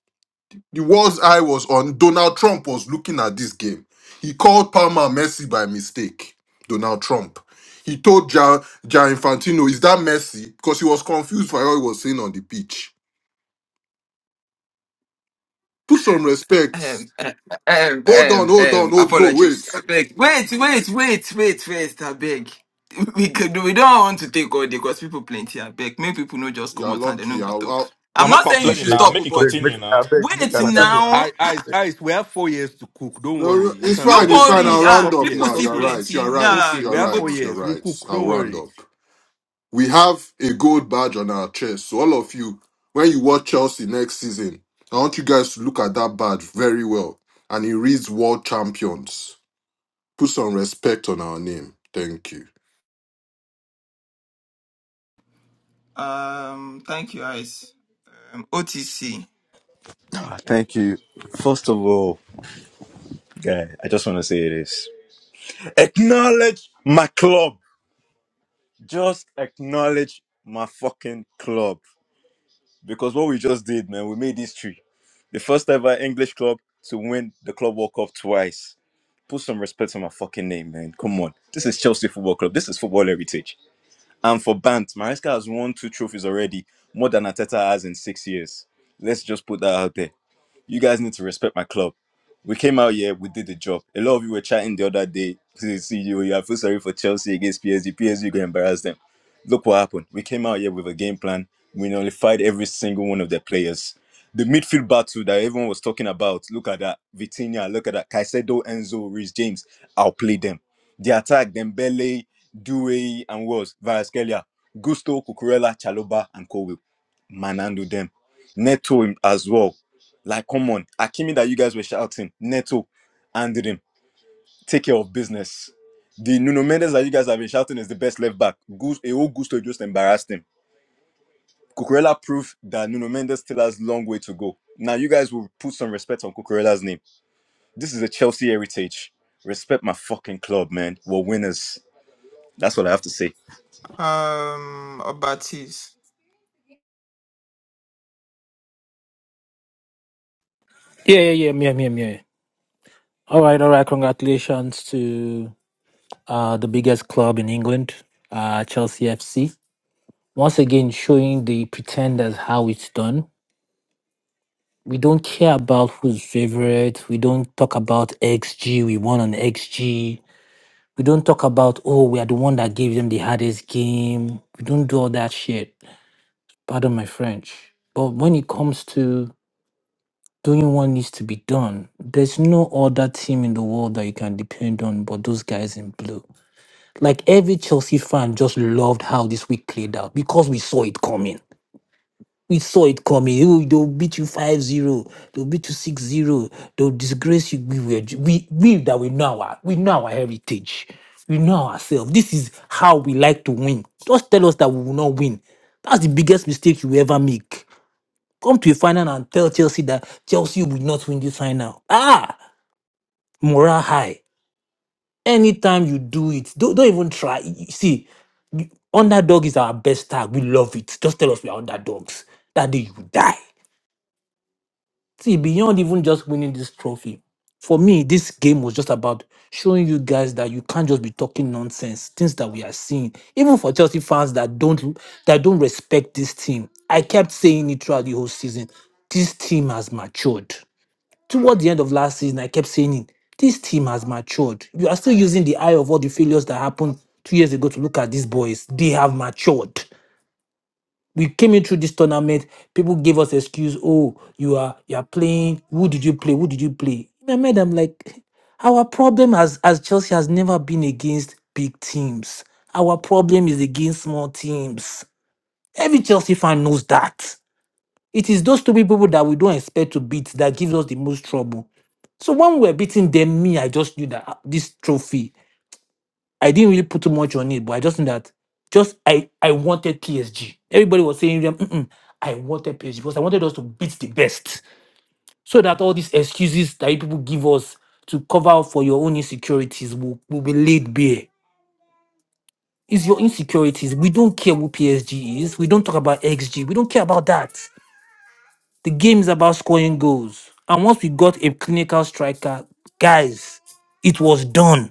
Speaker 27: The world's eye was on Donald Trump was looking at this game. He called Palmer Messi by mistake. Donald Trump. He told Gian, Gian Infantino, "Is that Messi?" Because he was confused by what he was saying on the pitch. Put some respect.
Speaker 1: Um, um, um,
Speaker 27: Hold on,
Speaker 1: um,
Speaker 27: hold on,
Speaker 1: um,
Speaker 27: hold no,
Speaker 1: apologies.
Speaker 27: wait.
Speaker 1: I beg. Wait, wait, wait, wait, wait. I beg. We could, we don't want to take all day because people plenty. I beg. Many people no just come
Speaker 27: You're
Speaker 1: out and they no
Speaker 27: lucky.
Speaker 1: go
Speaker 27: I'll,
Speaker 1: talk.
Speaker 27: I'll,
Speaker 25: We're
Speaker 1: I'm
Speaker 25: not
Speaker 1: not saying you
Speaker 28: I
Speaker 25: complaining
Speaker 1: should
Speaker 28: beg,
Speaker 25: now.
Speaker 1: stop,
Speaker 25: Make it
Speaker 1: but
Speaker 28: beg, make,
Speaker 25: continue
Speaker 28: I
Speaker 25: now.
Speaker 28: beg, make
Speaker 25: Make it
Speaker 1: wait
Speaker 28: another
Speaker 25: continue.
Speaker 28: person.
Speaker 1: now.
Speaker 8: I, I,
Speaker 28: Beg.
Speaker 8: I, we have four years to cook. Don't
Speaker 27: no,
Speaker 8: worry.
Speaker 27: no,
Speaker 8: You
Speaker 27: it's
Speaker 8: can,
Speaker 1: No
Speaker 8: you
Speaker 27: fine, it's
Speaker 8: can, you
Speaker 27: fine.
Speaker 1: worry.
Speaker 27: I'll
Speaker 8: can
Speaker 27: round
Speaker 1: Ah,
Speaker 8: stop
Speaker 27: up
Speaker 8: here.
Speaker 1: people
Speaker 27: now.
Speaker 1: see
Speaker 8: Stop
Speaker 27: You're
Speaker 8: here.
Speaker 27: right. You're
Speaker 1: plenty.
Speaker 8: It's
Speaker 27: right.
Speaker 1: Nah,
Speaker 8: okay. We
Speaker 27: You're
Speaker 1: you
Speaker 8: have four
Speaker 1: go.
Speaker 27: right. You're
Speaker 8: years. We'll cook.
Speaker 27: right. I'll
Speaker 8: Don't
Speaker 27: round
Speaker 8: worry.
Speaker 27: up. we have a gold badge on our chest. So all of you, when you watch Chelsea next season, I want you guys to look at that badge very well. And it reads World Champions. Put some respect on our name. Thank you.
Speaker 1: Um, thank you, Ice. Um, OTC.
Speaker 28: Ah, Thank you. First of all, guy, I just want to say this. Acknowledge my club. Just acknowledge my fucking club. Because what we just did, man, we made history. The first ever English club to win the Club World Cup twice. Put some respect on my fucking name, man. Come on. This is Chelsea Football Club. This is football heritage. And for Bant, Maresca has won two trophies already, more than Ateta has in six years. Let's just put that out there. you guys need to respect my club. We came out here, we did the job. A lot of you were chatting the other day to see you. You I feel sorry for Chelsea against PSG. PSG gonna embarrass them. Look what happened. We came out here with a game plan. We nullified every single one of their players. The midfield battle that everyone was talking about. Look at that. Vitinha, look at that. Caicedo, Enzo, Reece James. outplayed them. The attack, Dembele, Doue, and was Varaskelia, Gusto, Cucurella, Chaloba, and Kobe. Manando them. Neto him as well. Like, come on. Akimi that you guys were shouting, Neto, handle him. Take care of business. The Nuno Mendes that you guys have been shouting is the best left back. Gus, a whole Gusto just embarrassed him. Cucurella proved that Nuno Mendes still has long way to go. Now you guys will put some respect on Cucurella's name. This is a Chelsea heritage. Respect my fucking club, man. We're winners. That's what I have to say.
Speaker 1: Um, Obatis.
Speaker 26: Yeah, yeah, yeah, yeah, yeah, yeah. All right, all right. Congratulations to uh, the biggest club in England, uh, Chelsea FC. Once again, showing the pretenders how it's done. We don't care about who's favorite. We don't talk about XG. We won on XG. We don't talk about, oh, we are the one that gave them the hardest game. We don't do all that shit. Pardon my French. But when it comes to doing what needs to be done. There's no other team in the world that you can depend on but those guys in blue. Like every Chelsea fan just loved how this week played out because we saw it coming. We saw it coming. Oh, they'll beat you 5 0. They'll beat you 6 0. They'll disgrace you. We, were, we, we that we know our, we know our heritage. We know ourselves. This is how we like to win. Just tell us that we will not win. That's the biggest mistake you ever make Come to a final and tell Chelsea that Chelsea will not win this final. Ah, morale high. Anytime you do it, don't, don't even try. You- See, underdog is our best tag. We love it. Just tell us we are underdogs. That day you will die. See, beyond even just winning this trophy, for me, this game was just about showing you guys that you can't just be talking nonsense. Things that we are seeing, even for Chelsea fans that don't that don't respect this team. I kept saying it throughout the whole season. This team has matured. Toward the end of last season, I kept saying it. This team has matured. You are still using the eye of all the failures that happened two years ago to look at these boys. They have matured. We came in through this tournament. People gave us excuse. Oh, you are you are playing. Who did you play? Who did you play? In my mind, I'm like, our problem as as Chelsea has never been against big teams. Our problem is against small teams. Every Chelsea fan knows that. It is those two people that we don't expect to beat that gives us the most trouble. So when we were beating them, me, I just knew that ah, this trophy, I didn't really put too much on it, but I just knew that just I I wanted PSG. Everybody was saying them, "Mm-mm, I wanted PSG because I wanted us to beat the best. So that all these excuses that you people give us to cover up for your own insecurities will, will be laid bare. It's your insecurities. We don't care who PSG is. We don't talk about XG. We don't care about that. The game is about scoring goals. And once we got a clinical striker, guys, it was done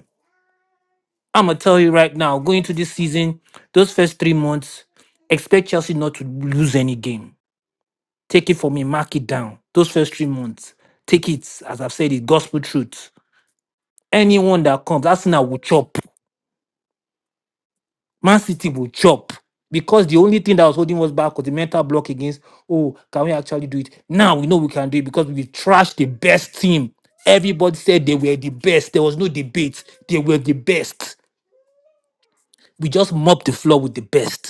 Speaker 26: I'm gonna tell you right now, going into this season, those first three months, expect Chelsea not to lose any game. Take it from me, mark it down. Those first three months, take it as I've said, it gospel truth. Anyone that comes, Arsenal will chop. Man City will chop because the only thing that was holding us back was the mental block against. Oh, can we actually do it? Now we know we can do it because we trashed the best team. Everybody said they were the best. There was no debate. They were the best. We just mopped the floor with the best.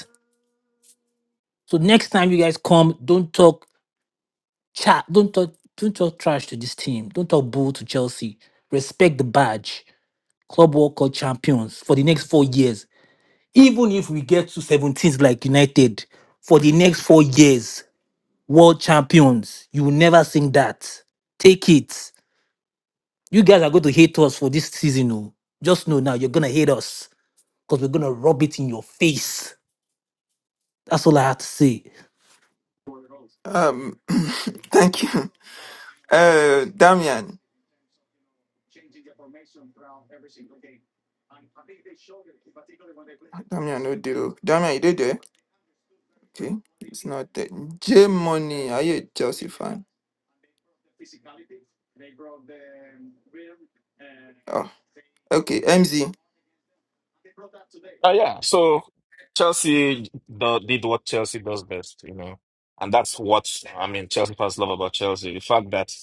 Speaker 26: So next time you guys come, don't talk chat, don't talk, don't talk trash to this team. Don't talk bull to Chelsea. Respect the badge. Club World Cup champions for the next four years. Even if we get to 17th like United for the next four years, world champions. You will never sing that. Take it. You guys are going to hate us for this season. Oh. Just know now you're gonna hate us because we're gonna rub it in your face. That's all I have to say.
Speaker 1: Um, thank you. Uh, Damian. Ah, Damian, no deal. Damian, you did there? Okay, it's not there. J Money, are you a Chelsea fan? Oh, okay. MZ,
Speaker 25: Uh, yeah. So Chelsea do- did what Chelsea does best, you know, and that's what I mean. Chelsea fans love about Chelsea: the fact that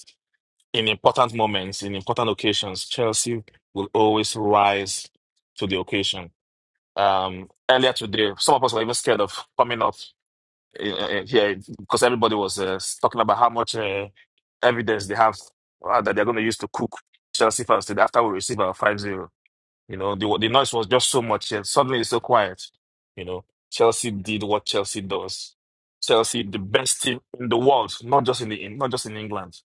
Speaker 25: in important moments, in important occasions, Chelsea will always rise to the occasion. Um, earlier today, some of us were even scared of coming up uh, uh, here because everybody was uh, talking about how much uh, evidence they have uh, that they're going to use to cook Chelsea fans today after we receive our five zero, You know, the, the noise was just so much. And suddenly it's so quiet. You know, Chelsea did what Chelsea does. Chelsea, the best team in the world, not just in the in- not just in England.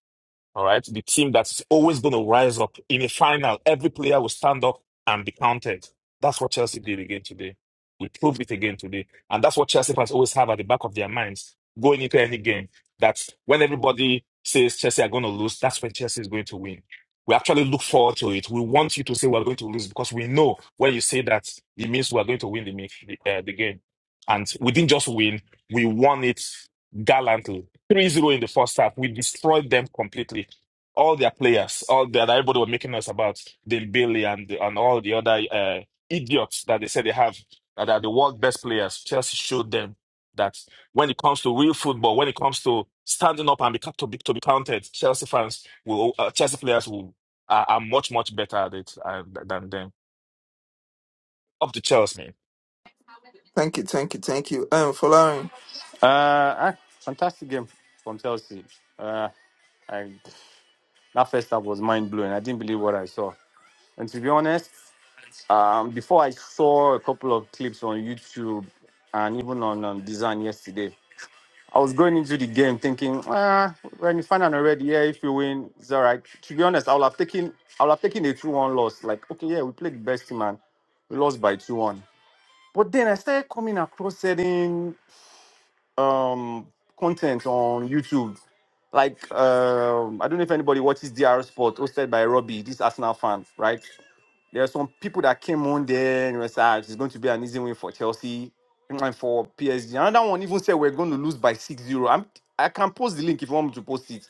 Speaker 25: All right. The team that's always going to rise up in a final, every player will stand up and be counted. That's what Chelsea did again today. We proved it again today. And that's what Chelsea fans always have at the back of their minds going into any game. That when everybody says Chelsea are going to lose, that's when Chelsea is going to win. We actually look forward to it. We want you to say we're going to lose because we know when you say that, it means we're going to win the, mi- the, uh, the game. And we didn't just win, we won it gallantly Three zero in the first half. We destroyed them completely. All their players, all that everybody were making us about Dale Bailey and and all the other uh, idiots that they said they have that are the world best players. Chelsea showed them that when it comes to real football, when it comes to standing up and be to be, to be counted, Chelsea fans will uh, Chelsea players will are, are much much better at it uh, than them. Up to Chelsea, man.
Speaker 1: thank you, thank you, thank you. Um, following.
Speaker 29: Uh, ah, fantastic game from Chelsea. Uh, I, that first half was mind blowing. I didn't believe what I saw. And to be honest, um, before I saw a couple of clips on YouTube and even on um, Design yesterday, I was going into the game thinking, ah, when you find out already, yeah, if you win, it's all right. To be honest, I would have taken, I would have taken a two-one loss. Like, okay, yeah, we played the best team and we lost by two-one. But then I started coming across certain um content on YouTube. Like um, I don't know if anybody watches DR Sport hosted by Robbie, this Arsenal fan, right? There are some people that came on there and was like, it's going to be an easy win for Chelsea and for PSG. Another one even said we're going to lose by six zero. I'm I can post the link if you want me to post it.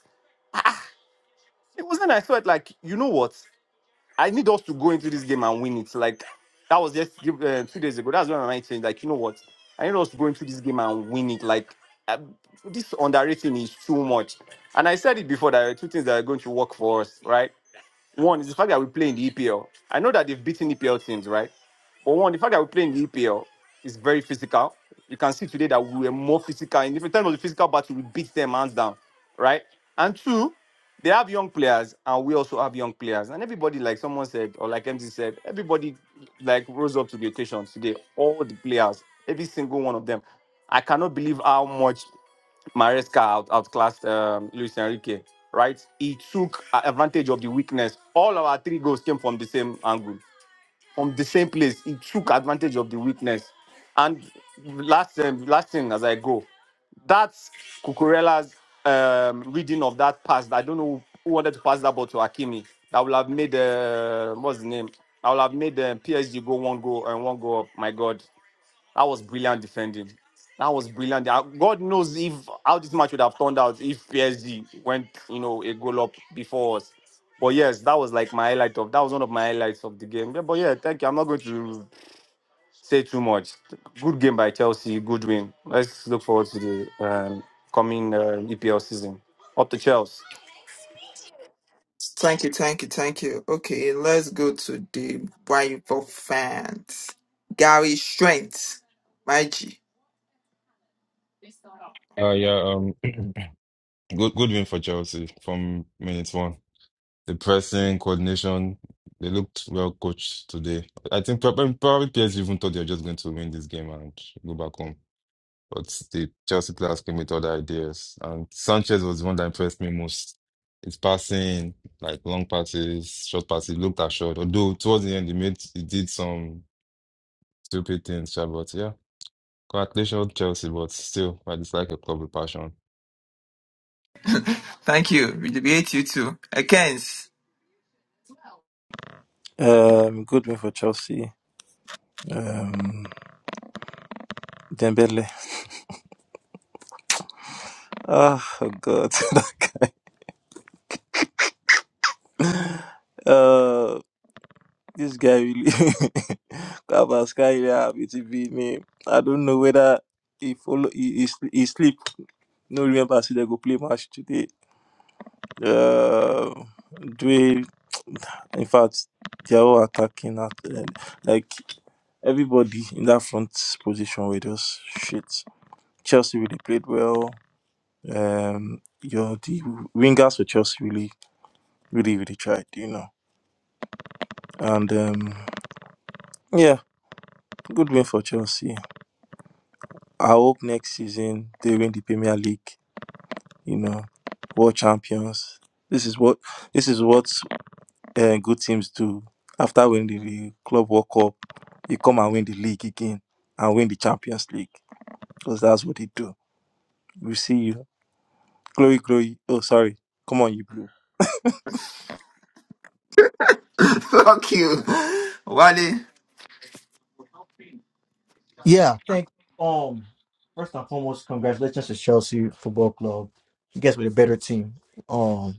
Speaker 29: It wasn't I thought like, you know what? I need us to go into this game and win it. Like that was just uh, two days ago. That's when my mind changed. Like you know what? I need us to go into this game and win it. Like uh, this underrating is too much. And I said it before that there are two things that are going to work for us, right? One is the fact that we play in the EPL. I know that they've beaten EPL teams, right? But one, the fact that we play in the EPL is very physical. You can see today that we were more physical. In different terms of the physical battle, we beat them hands down, right? And two, they have young players, and we also have young players. And everybody, like someone said, or like MZ said, everybody like rose up to the occasion today. All the players, every single one of them. I cannot believe how much. Maresca out, outclassed um, Luis Enrique, right? He took a- advantage of the weakness. All our three goals came from the same angle, from the same place. He took advantage of the weakness. And last, um, last thing as I go, that's Cucurella's um, reading of that pass. I don't know who wanted to pass that ball to Hakimi. That would have made uh, what's his name? I would have made um, PSG go one goal and one goal up. My God, that was brilliant defending. That was brilliant. Uh, God knows if how this match would have turned out if PSG went, you know, a goal up before us. But yes, that was like my highlight of that was one of my highlights of the game. Yeah, but yeah, thank you. I'm not going to say too much. Good game by Chelsea. Good win. Let's look forward to the um, coming uh, EPL season. Up to Chelsea.
Speaker 1: Thank you, thank you, thank you. Okay, let's go to the Bible fans. Gary Strength. My G.
Speaker 2: Uh, yeah, um, good, good win for Chelsea from minute one. The pressing, coordination, they looked well coached today. I think prob- probably PSG even thought they were just going to win this game and go back home. But the Chelsea players came with other ideas. And Sanchez was the one that impressed me most. His passing, like long passes, short passes, he looked assured. Although towards the end, he made he did some stupid things, sha, but yeah. Congratulations, Chelsea, but still, I dislike a club with passion.
Speaker 1: thank you. We debate you too. Akens.
Speaker 10: Um, good for Chelsea. Um, Dembele. Ah, oh God. uh, this guy really. Kabaskai, yeah, it's me. I don't know whether he follow he, he, sl- he sleep. No remember I see they go play match today. Uh, Dwayne. In fact, they are all attacking at uh, like everybody in that front position with us. Shit. Chelsea really played well. Um, you know, the wingers for Chelsea really, really, really tried, you know. And um, yeah, good win for Chelsea. I hope next season they win the Premier League, you know, world champions. This is what this is what uh, good teams do. After winning the Club World Cup, you come and win the league again and win the Champions League because that's what they do. We see you. Chloe. glory. Oh, sorry. Come on, you blue.
Speaker 1: Fuck you. Wale.
Speaker 16: Yeah, I think um first and foremost, congratulations to Chelsea Football Club. You guys were the better team. Um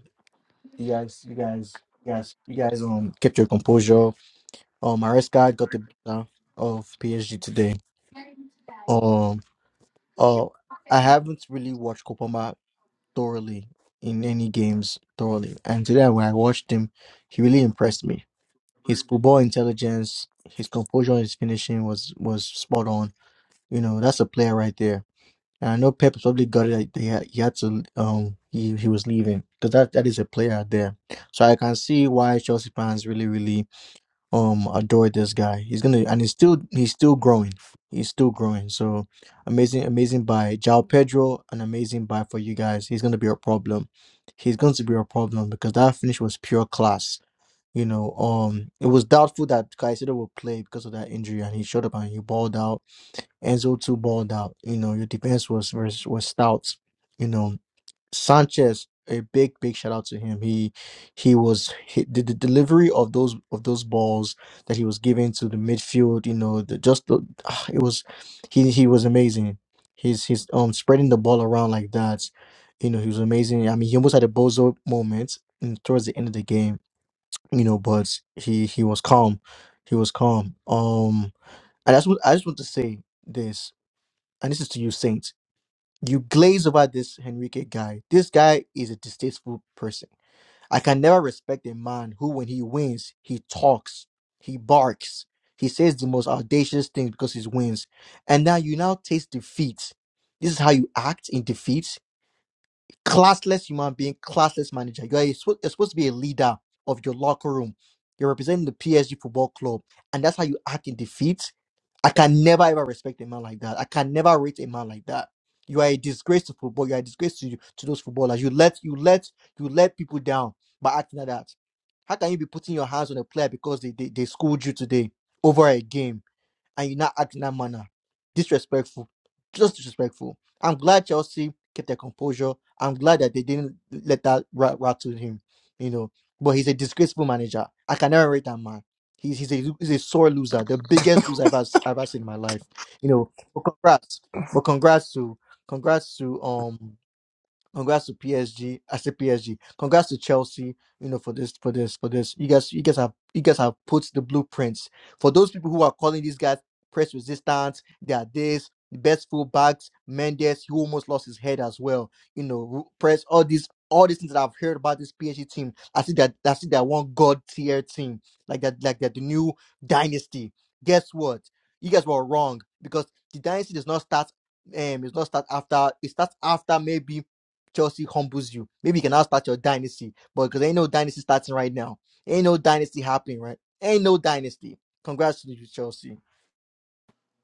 Speaker 16: you guys you guys you guys you guys um kept your composure. Um Maresca got the better of PSG today. Um oh I haven't really watched Kopama thoroughly in any games thoroughly. And today when I watched him, he really impressed me his football intelligence, his composure, his finishing was was spot on. You know, that's a player right there. And I know Pep probably got it that he had, he had to um he, he was leaving because that, that is a player out there. So I can see why Chelsea fans really really um adore this guy. He's gonna and he's still he's still growing. He's still growing. So amazing amazing buy. João Pedro an amazing buy for you guys. He's gonna be a problem. He's going to be a problem because that finish was pure class you know, um, it was doubtful that Caicedo would play because of that injury, and he showed up and he balled out. Enzo too balled out. You know, your defense was was, was stout. You know, Sanchez, a big big shout out to him. He he was he, the, the delivery of those of those balls that he was giving to the midfield. You know, the, just the, ah, it was he he was amazing. He's he's um spreading the ball around like that. You know, he was amazing. I mean, he almost had a bozo moment in, towards the end of the game you know but he he was calm he was calm um and that's what i just want to say this and this is to you Saint. you glaze over this henrique guy this guy is a distasteful person i can never respect a man who when he wins he talks he barks he says the most audacious things because he wins and now you now taste defeat this is how you act in defeat classless human being, classless manager. You are a spo- you're supposed to be a leader of your locker room. You're representing the PSG football club, and that's how you act in defeat. I can never ever respect a man like that. I can never rate a man like that. You are a disgrace to football. You are a disgrace to, to those footballers. You let you let you let people down by acting like that. How can you be putting your hands on a player because they they, they schooled you today over a game? and you not act in that manner. Disrespectful. Just disrespectful. I'm glad Chelsea kept their composure. I'm glad that they didn't let that rat rattle him, you know. But he's a disgraceful manager. I can never rate that man. He's, he's, a, he's a sore loser, the biggest loser I've ever, I've ever seen in my life. You know, but congrats. But congrats to congrats to um Congrats to PSG. I said PSG. Congrats to Chelsea. You know for this, for this, for this. You guys, you guys have, you guys have put the blueprints for those people who are calling these guys press resistance. They are this the best fullbacks. Mendes, who almost lost his head as well. You know, press all these, all these things that I've heard about this PSG team. I see that, I see that one god tier team like that, like that the new dynasty. Guess what? You guys were wrong because the dynasty does not start. Um, it does not start after. It starts after maybe Chelsea humbles you. Maybe you can now start your dynasty, but because ain't no dynasty starting right now. Ain't no dynasty happening, right? Ain't no dynasty. Congrats to you, Chelsea.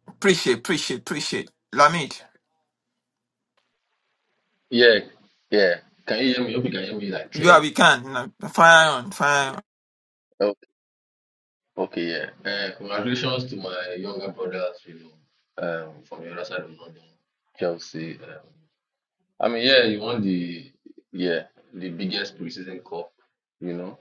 Speaker 1: Appreciate, appreciate, appreciate. Lamid.
Speaker 6: Yeah, yeah. Can you hear me? Hope you can hear me like
Speaker 1: You are
Speaker 6: clearly.
Speaker 1: we can. No, Fire on, fire on.
Speaker 6: Okay, yeah. Uh, congratulations to my younger brother, you know, um, from the other side of London, Chelsea. Um, I mean, yeah, he won the yeah the biggest preseason cup. You know,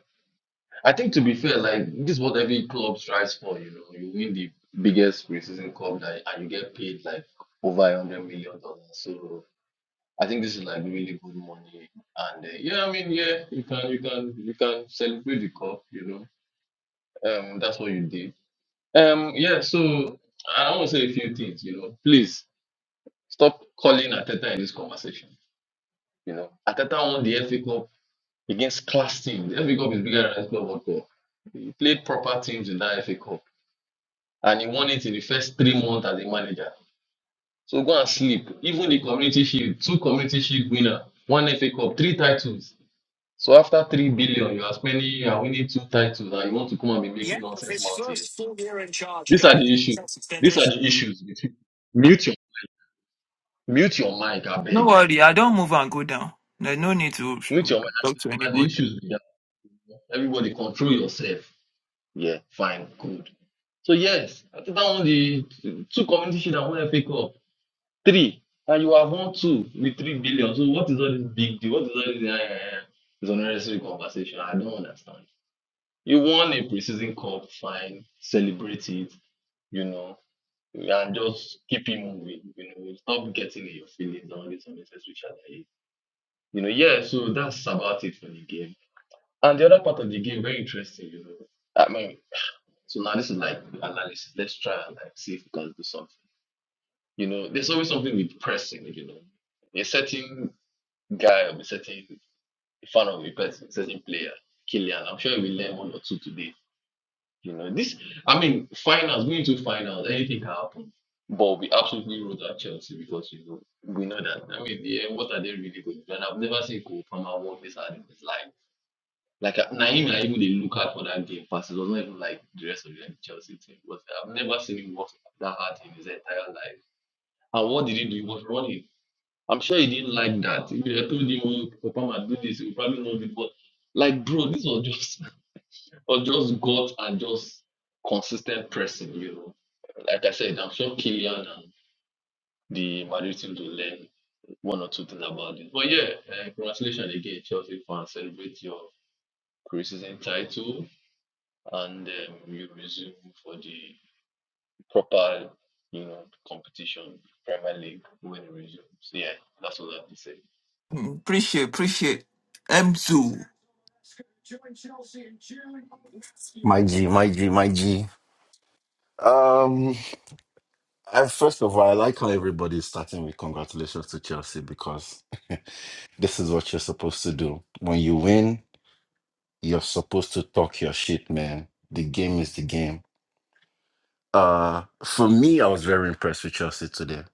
Speaker 6: I think to be fair, like this is what every club strives for. You know, you win the biggest preseason cup that, and you get paid like over a hundred million dollars. So I think this is like really good money. And uh, yeah, I mean, yeah, you can you can you can celebrate the cup. You know, um, that's what you did um, yeah, so I want to say a few things, you know. Please stop calling Ateta in this conversation. You know, Ateta won the FA Cup against class teams. The FA Cup is bigger than FA World Cup. He played proper teams in that FA Cup and he won it in the first three months as a manager. So go and sleep. Even the community shield, two community shield winner, one FA Cup, three titles. So after three billion, you are spending, you are winning two titles, and you want to come and be making nonsense mouth here. These are the issues. These are the issues with mute Mute your mic, I
Speaker 1: No
Speaker 6: beg.
Speaker 1: worry, I don't move and go down. There's no need to
Speaker 6: Mute your mic. And
Speaker 1: talk
Speaker 6: the
Speaker 1: to
Speaker 6: and the
Speaker 1: anybody.
Speaker 6: issues with that. Everybody control yourself. Yeah, fine, good. So yes, I think that won the two community shield and one FA Cup. Three. And you have won two with three billion. So what is all this big deal? What is all this eh, eh, eh? It's unnecessary conversation? I don't understand. You won a preseason cup, fine, celebrate it, you know, and just keep it moving, you know, stop getting in your feelings and all this unnecessary shit. You know, yeah, so that's about it for the game. And the other part of the game, very interesting, you know. I mean, so now this is like the analysis. Let's try and like see if we can do something. You know, there's always something with pressing, you know. A certain guy or a certain fan of a person, a certain player, Killian, I'm sure we will learn one or two today. You know, this I mean, finals, going to finals, anything can happen. But we absolutely rode at Chelsea because you know we know that. I mean, yeah, what are they really good? And I've never seen Cole Palmer work this hard in his life Like I- Naim, I even they look at for that game pass. It was not even like the rest of the Chelsea team. But I've never seen him work that hard in his entire life. And what did he do? He was running. I'm sure he didn't like that. If you told him, "Oh, Papa might do this," he would probably not do it. But like, bro, this was just was just gut and just consistent pressing. You know, like I said, I'm sure Kylian and the Madrid team will learn one or two things about it. But yeah, uh, congratulations again, Chelsea fans. Celebrate your criticism title. and um, you resume for the proper, you know, competition, Premier League when it resumes. Yeah, that's all I have to say.
Speaker 1: Mm, Appreciate, appreciate. Mzu.
Speaker 30: My G, my G, my G. Um, I, first of all, I like how everybody is starting with congratulations to Chelsea because this is what you're supposed to do. When you win, you're supposed to talk your shit, man. The game is the game. Uh, for me, I was very impressed with Chelsea today.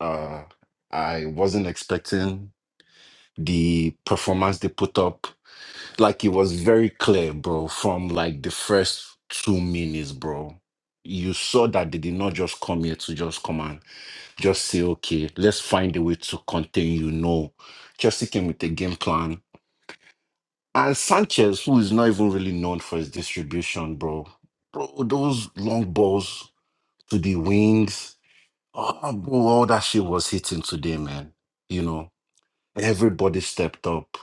Speaker 30: Uh, I wasn't expecting the performance they put up. Like it was very clear, bro, from like the first two minutes, bro. You saw that they did not just come here to just come and just say, okay, let's find a way to contain you. No, Chelsea came with a game plan. And Sanchez, who is not even really known for his distribution, bro, bro, those long balls to the wings, oh, bro, all that shit was hitting today, man. You know, everybody stepped up.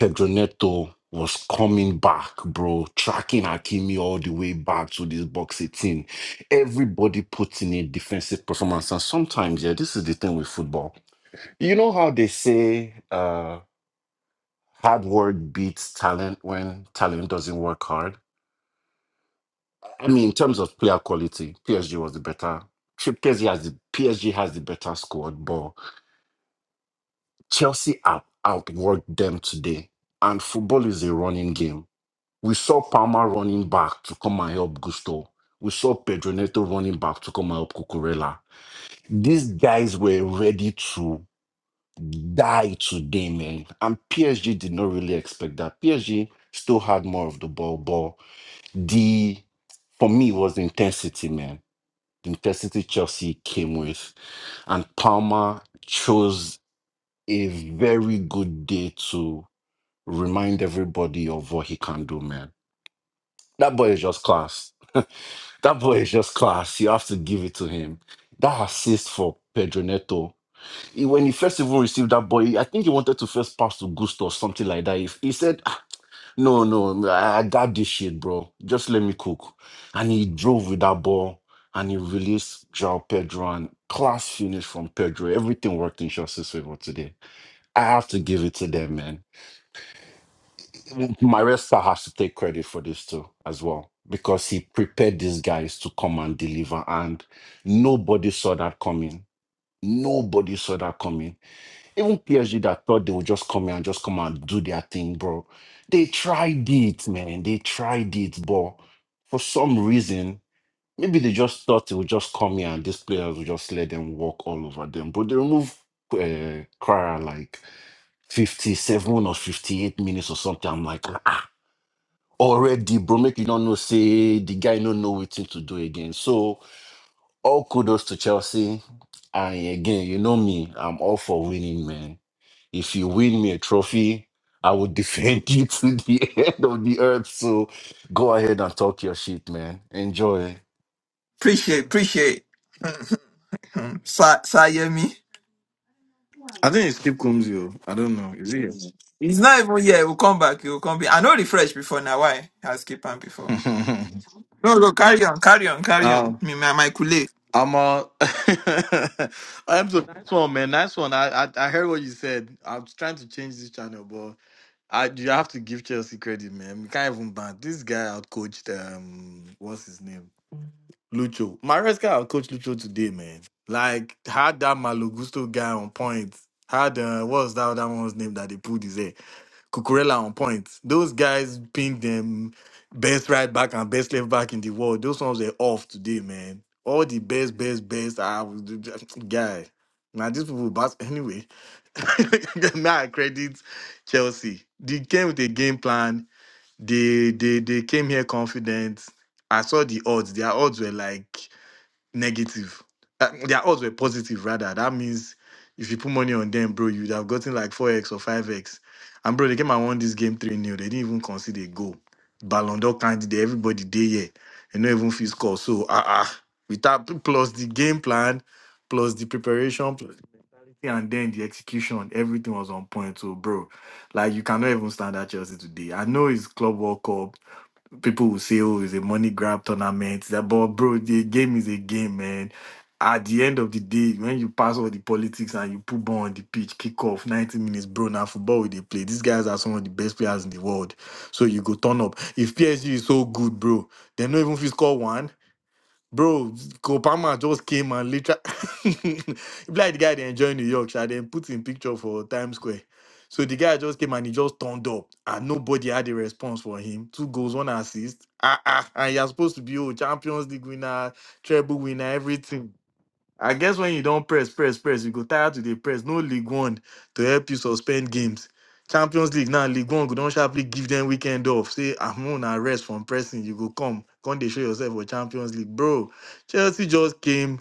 Speaker 30: Pedro Neto was coming back, bro, tracking Hakimi all the way back to this box 18. Everybody putting in a defensive performance. And sometimes, yeah, this is the thing with football you know how they say uh, hard work beats talent when talent doesn't work hard? I mean, in terms of player quality, PSG was the better. P- PSG has the PSG has the better squad, but Chelsea out outworked them today. And football is a running game. We saw Palmer running back to come and help Gusto. We saw Pedro Neto running back to come and help Cucurella. These guys were ready to. die today, man. And PSG did not really expect that. PSG still had more of the ball, but the for me it was the intensity, man. The intensity Chelsea came with, and Palmer chose a very good day to remind everybody of what he can do, man. That boy is just class. That boy is just class. You have to give it to him. That assist for Pedro Neto. he- when he first even received that boy, I think he wanted to first pass to Gusto or something like that. He, he said, "Ah, No, no, I, I got this shit, bro. Just let me cook. And he drove with that ball and he released João Pedro and class finish from Pedro. Everything worked in Chelsea's favor today. I have to give it to them, man. Maresca has to take credit for this too, as well, because he prepared these guys to come and deliver. And nobody saw that coming. Nobody saw that coming even PSG that thought they would just come here and just come and do their thing, bro. They tried it, man. They tried it, but for some reason, maybe they just thought they would just come here and these players would just let them walk all over them. But they remove uh, Cryer like 57 or 58 minutes or something. I'm like, ah, already, bro, make you don't know, say the guy don't know what to do again. So all kudos to Chelsea. And again, you know me, I'm all for winning, man. If you win me a trophy, I will defend you to the end of the earth. So go ahead and talk your shit, man. Enjoy.
Speaker 1: Appreciate, appreciate. Sa- Sayemi.
Speaker 13: I think it's Skip Combs, yo. I don't know. Is
Speaker 1: He's not even here. We'll come back. He'll come back. I know refresh before now. Why? I skip him
Speaker 13: it?
Speaker 1: before. No, no, carry on, carry on, carry on.
Speaker 13: um,
Speaker 1: Me, my, my Kule.
Speaker 13: I'm uh I'm the nice one, man. Nice one. I, I I heard what you said. I was trying to change this channel, but I you have to give Chelsea credit, man. We can't even ban this guy out coached um what's his name? Lucho. Maresca out coached Lucho today, man. Like had that Malogusto guy on point. Had uh what was that other one's name that they pulled his head? Cucurella on point. Those guys ping them best right back and best left back in the world. Those ones were off today, man. All the best, best, best. I was guy. Now these people bas- anyway. now I credit Chelsea. They came with a game plan. They they they came here confident. I saw the odds. Their odds were like negative. Uh, their odds were positive rather. That means if you put money on them, bro, you'd have gotten like 4x or 5x. And bro, they came and won this game 3 nil They didn't even consider a goal. Ballon d'Or candidate, everybody there, yeah. And not even feel score. So, ah, ah. With that, plus the game plan, plus the preparation, plus everything, and then the execution, everything was on point. So, bro, like you cannot even stand at Chelsea today. I know it's Club World Cup people will say, "Oh, it's a money grab tournament." That, but bro, the game is a game, man. At the end of the day, when you pass all the politics and you put ball on the pitch, kick off, 90 minutes, bro. Now football we they play. These guys are some of the best players in the world. So you go turn up. If PSG is so good, bro, they don't even if you score one. Bro, Copama just came and literally be like the guy they enjoy New York, sha, then put in picture for Times Square. So the guy just came and he just turned up and nobody had a response for him. Two goals, one assist. Ah, ah, and you're supposed to be oh, Champions League winner, treble winner, everything. I guess when you don't press, press, press, you go tired to the press. No League One to help you suspend games. Champions League now, League One, go don't sharply give them weekend off. Say, I'm on a rest from pressing. You go come, come they show yourself for Champions League. Bro, Chelsea just came,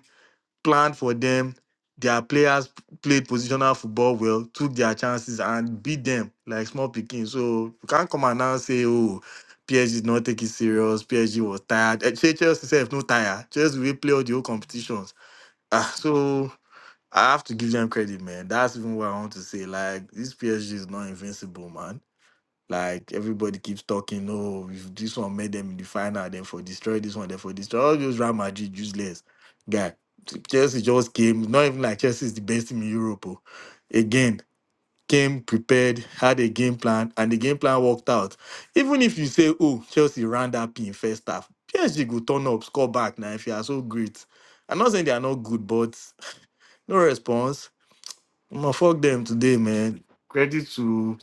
Speaker 13: planned for them. Their players played positional football well, took their chances and beat them like small picking. So you can't come and now say, oh, PSG did not take it serious. PSG was tired. Eh, Chelsea self no tired. Chelsea will play all the whole competitions Ah, so I have to give them credit, man. That's even what I want to say. Like this PSG is not invincible, man. Like everybody keeps talking, oh, if this one made them in the final, then for destroy this one, then for destroy all those Real Madrid useless guy. Chelsea just came, not even like Chelsea is the best team in Europe. oh. Again, came prepared, had a game plan, and the game plan worked out. Even if you say, oh, Chelsea ran that pin first half, PSG will turn up, score back now if you are so great. I'm not saying they are not good, but no response. I'ma fuck them today, man. Credit to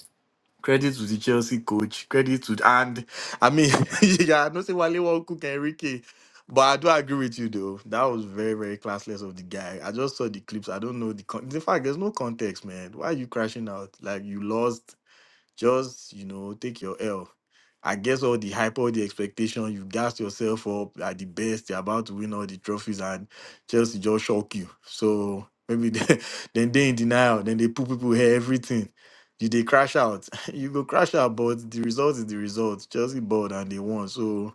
Speaker 13: credit to the Chelsea coach. Credit to and I mean yeah, I know say Wale won't cook Enrique. But I do agree with you though. That was very, very classless of the guy. I just saw the clips. I don't know the con- in fact there's no context, man. Why are you crashing out? Like you lost just, you know, take your L. I guess all the hype, all the expectation, you gas yourself up at the best, you're about to win all the trophies, and Chelsea just shock you. So maybe they, then they in denial, then they put people here, everything. You they crash out. you go crash out, but the result is the result. Chelsea bought and they won. So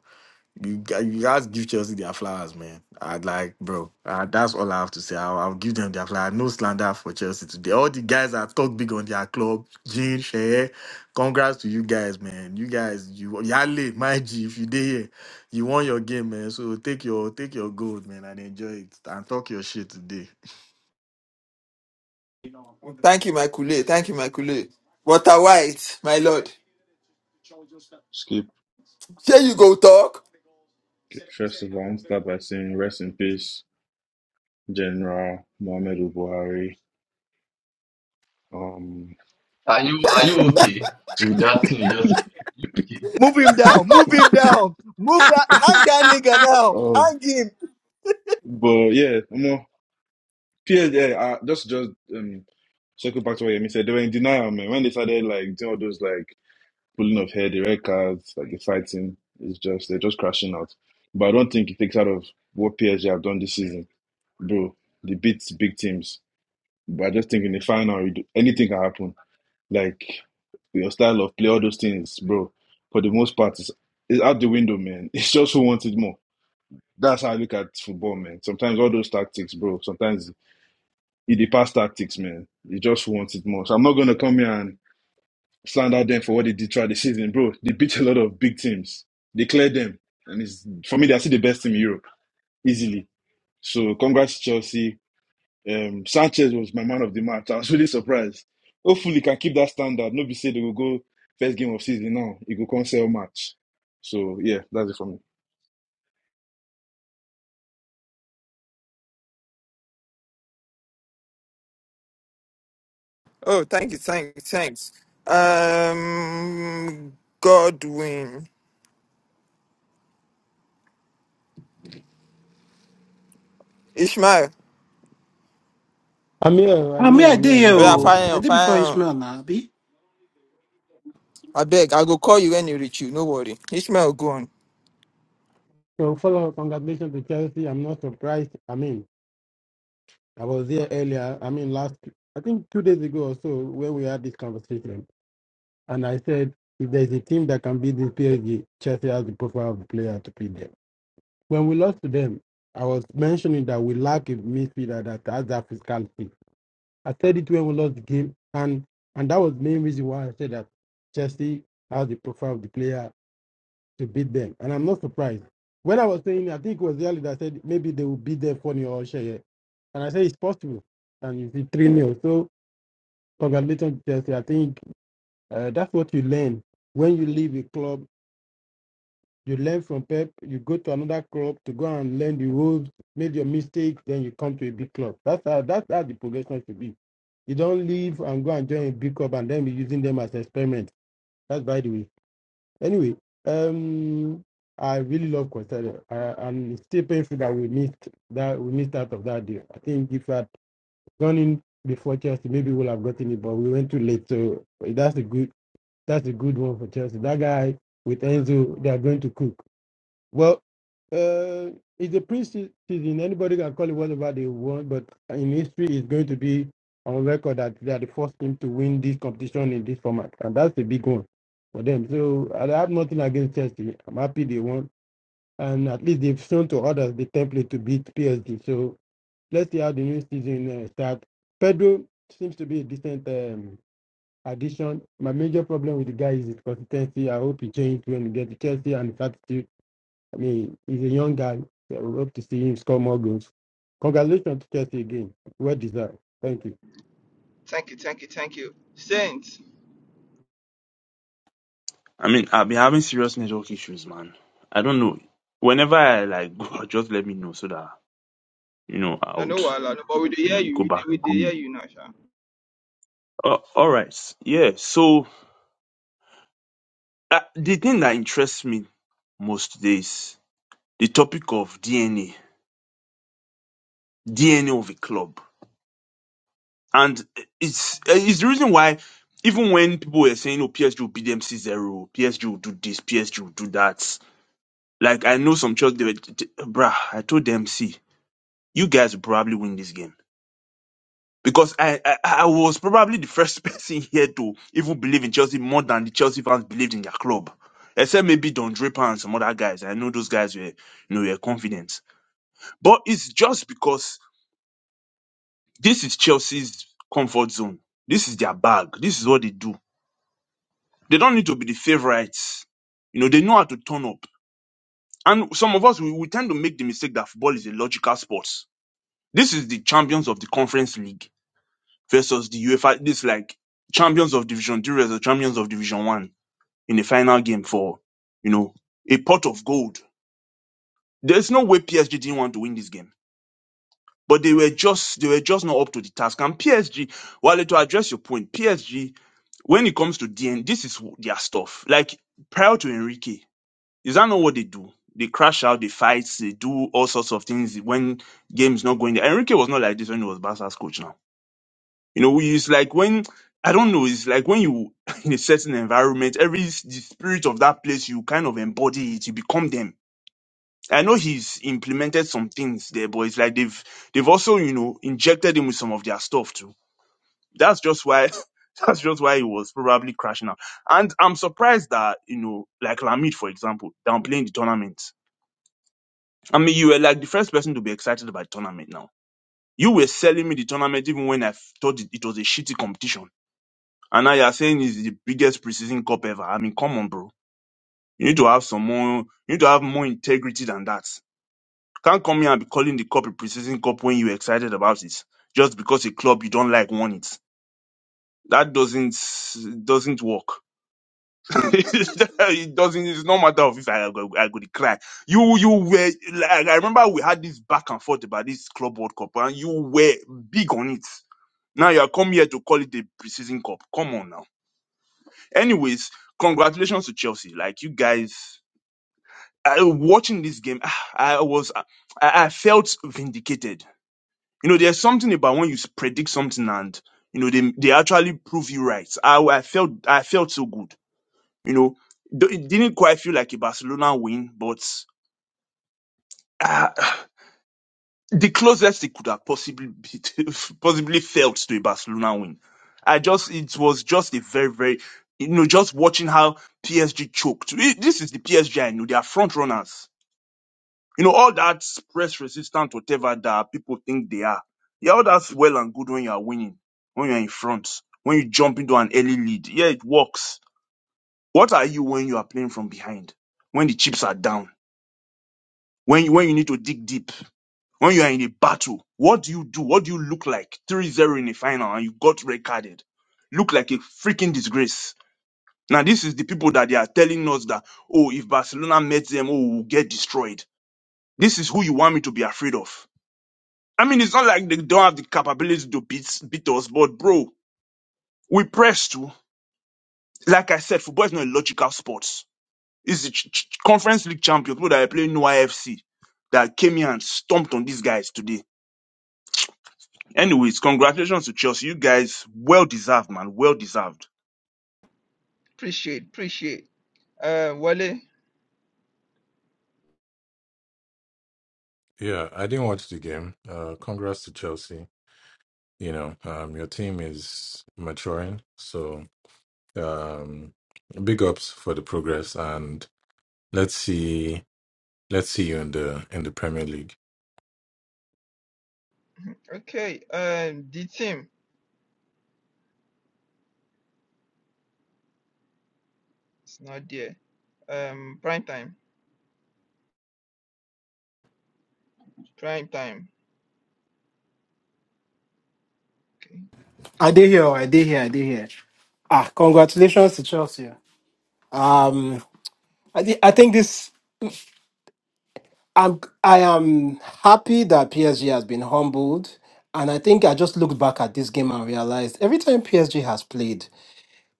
Speaker 13: you guys, you guys give Chelsea their flowers, man. I'd like, bro. Uh, that's all I have to say. I'll, I'll give them their flowers. No slander for Chelsea today. All the guys that talk big on their club, Jean, Shea, congrats to you guys, man. You guys, you Yale, my G, if you did here, you won your game, man. So take your take your gold, man, and enjoy it. And talk your shit today.
Speaker 1: Thank you, my Kule. Thank you, my Kule. Water white, my lord.
Speaker 7: Skip.
Speaker 1: Here you go, talk.
Speaker 7: Okay, First of all, I'm start by saying rest in peace, General Muhammadu Buhari. Um.
Speaker 6: Are you are you okay with that thing you just said? Are you okay?
Speaker 16: Move him down. Move him down. Move that. Hang that nigga
Speaker 31: I
Speaker 16: now.
Speaker 7: Oh,
Speaker 16: Hang him.
Speaker 7: but yeah, more. Yeah, uh, just just um. Circle back to what Yemi said. They were in denial, man. When they started like doing all those like pulling off hair, the red cards, like the fighting is just they're just crashing out. But I don't think it takes out of what PSG have done this season, bro. They beat big teams, but I just think in the final, you do- anything can happen. Like your style of play, all those things, bro. For the most part, it's, it's out the window, man. It's just who wants it more. That's how I look at football, man. Sometimes all those tactics, bro. Sometimes it the past tactics, man. It's just who wants it more. So I'm not gonna come here and slander them for what they did throughout the season, bro. They beat a lot of big teams. They cleared them, and it's for me they're still the best team in Europe easily. So congrats Chelsea. Um, Sanchez was my man of the match. I was really surprised. Hopefully, he can keep that standard. Nobody said, they will go first game of season now. he go come sell match. So yeah, that's it for me.
Speaker 1: Oh, thank you, thanks, thanks. Um, Godwin. Ishmael.
Speaker 32: I'm here, I'm here, I'm here, I'm here,
Speaker 1: Oh,
Speaker 32: I'm
Speaker 1: Yeah, fire
Speaker 32: here.
Speaker 1: on, fire on. I beg, I go call you when you reach you. No worry. Ishmael, go on.
Speaker 32: So follow up, congratulations to Chelsea. I'm not surprised. I mean, I was there earlier, I mean last I think two days ago or so when we had this conversation. And I said if there's a team that can beat this PSG, Chelsea has the profile of the player to beat them. When we lost to them, I was mentioning that we lack a midfielder that has that physicality. I said it when we lost the game and and that was the main reason why I said that Chelsea has the profile of the player to beat them. And I'm not surprised. When I was saying, I think it was earlier that said maybe they will beat them 4 0 or share. And I say it's possible. And you see 3 nil. So, congratulations, Chelsea. I think uh, that's what you learn. When you leave a club, you learn from Pep, you go to another club to go and learn the rules, make your mistakes, then you come to a big club. That's how, that's how the progression should be. You don't leave and go and join a big club and then be using them as experiment. That's by the way. Anyway, um, I really love Quintana. I, I'm still painful that we missed that we missed out of that deal. I think if I'd gone in before Chelsea, maybe we'll have gotten it, but we went too late. So that's a good that's a good one for Chelsea. That guy with Enzo, they are going to cook. Well, uh, it's a pre-season. Anybody can call it whatever they want, but in history, it's going to be on record that they are the first team to win this competition in this format, and that's a big one for them. So I have nothing against Chelsea. I'm happy they won, and at least they've shown to others the template to beat PSG. So let's see how the new season uh, starts. Pedro seems to be a decent um, addition. My major problem with the guy is his consistency. I hope he changes when he gets to Chelsea and his attitude I mean, he's a young guy. So we hope to see him score more goals. Congratulations to Chelsea again. Well deserved. Thank you.
Speaker 1: Thank you, thank you, thank you. Saints,
Speaker 15: I mean, I've been having serious network issues, man. I don't know. Whenever I like go, just let me know so that you know I
Speaker 1: you know
Speaker 15: would
Speaker 1: what, but we dey hear
Speaker 15: maybe
Speaker 1: you,
Speaker 15: go
Speaker 1: we dey
Speaker 15: back
Speaker 1: we
Speaker 15: and
Speaker 1: dey
Speaker 15: come
Speaker 1: hear
Speaker 15: in.
Speaker 1: you now,
Speaker 15: Uh, all right. Yeah. So uh, the thing that interests me most today is the topic of DNA, DNA of a club, and it's uh, it's the reason why even when people were saying, "Oh, PSG will beat them C zero, PSG will do this, PSG will do that," like I know some church they were, t- t- bruh, I told them, "See, you guys will probably win this game." because I, I I was probably the first person here to even believe in Chelsea more than the Chelsea fans believed in their club. Except maybe Don Draper and some other guys. I know those guys were you know were confident. But it's just because this is Chelsea's comfort zone. This is their bag. This is what they do. They don't need to be the favorites. You know, they know how to turn up. And some of us we, we tend to make the mistake that football is a logical sport. This is the champions of the conference league versus the UEFA. This like champions of Division Two versus champions of Division One in the final game for you know a pot of gold. There's no way PSG didn't want to win this game, but they were just they were just not up to the task. And PSG, while to address your point, PSG when it comes to DN, this is their stuff. Like prior to Enrique, is that not what they do? They crash out, they fight, they do all sorts of things when games not going there. Enrique was not like this when he was Barca's coach now You know, it's like when I don't know, it's like when you in a certain environment, every s- the spirit of that place, you kind of embody it, you become them. I know he's implemented some things there, but it's like they've they've also, you know, injected him with some of their stuff too. That's just why that's just why he was probably crashing out. And I'm surprised that, you know, like Lamid, for example, downplaying the tournament. I mean, you were like the first person to be excited about the tournament now. You were selling me the tournament even when I f- thought it it was a shitty competition And now you're saying it's the biggest preseason cup ever. I mean, come on, bro. You need to have some more, you need to have more integrity than that. Can't come here and be calling the cup a preseason cup when you're excited about it. Just because a club you don't like won it. That doesn't, doesn't work. it doesn't, it's no matter of if I, go I could cry. You, you were, like, I remember we had this back and forth about this club world cup and you were big on it. Now you are come here to call it a preseason cup. Come on now. Anyways, congratulations to Chelsea. Like you guys, I, watching this game, ah, I was, I, I felt vindicated. You know, there's something about when you s- predict something and you know they they actually prove you right. I, I felt I felt so good. You know, Though it didn't quite feel like a Barcelona win, but. ah, the closest it could have possibly be possibly felt to a Barcelona win. I just it was just a very very you know just watching how PSG choked. It- This is the PSG I know. They are front runners. You know all that press resistant whatever that people think they are. Yeah, all that's well and good when you are winning, when you are in front, when you jump into an early lead. Yeah, it works. What are you when you are playing from behind? When the chips are down? When you, when you need to dig deep? When you are in a battle, what do you do? What do you look like? Three-zero in the final and you got red carded. Look like a freaking disgrace. Now, this is the people that they are telling us that, oh, if Barcelona met them, oh, we'll get destroyed. This is who you want me to be afraid of. I mean, it's not like they don't have the capability to beat, beat us, but bro, we press too. Like I said, football is not a logical sport. It's the ch- ch- conference league champion, people that are playing no IFC that came here and stomped on these guys today Anyways, congratulations to Chelsea. You guys, well deserved, man. Well deserved.
Speaker 1: Appreciate, appreciate. Uh, Wale.
Speaker 17: Yeah, I didn't watch the game. Uh, congrats to Chelsea. You know, um, your team is maturing, so um, big ups for the progress, and let's see, let's see you in the in the Premier League.
Speaker 1: Okay. Um, the team is not there. Um, prime time. Prime time. Okay.
Speaker 31: did hear. I did hear. I did hear. Ah, congratulations to Chelsea. Um, I, thi- I think this. I'm. I am happy that PSG has been humbled, and I think I just looked back at this game and realized every time PSG has played.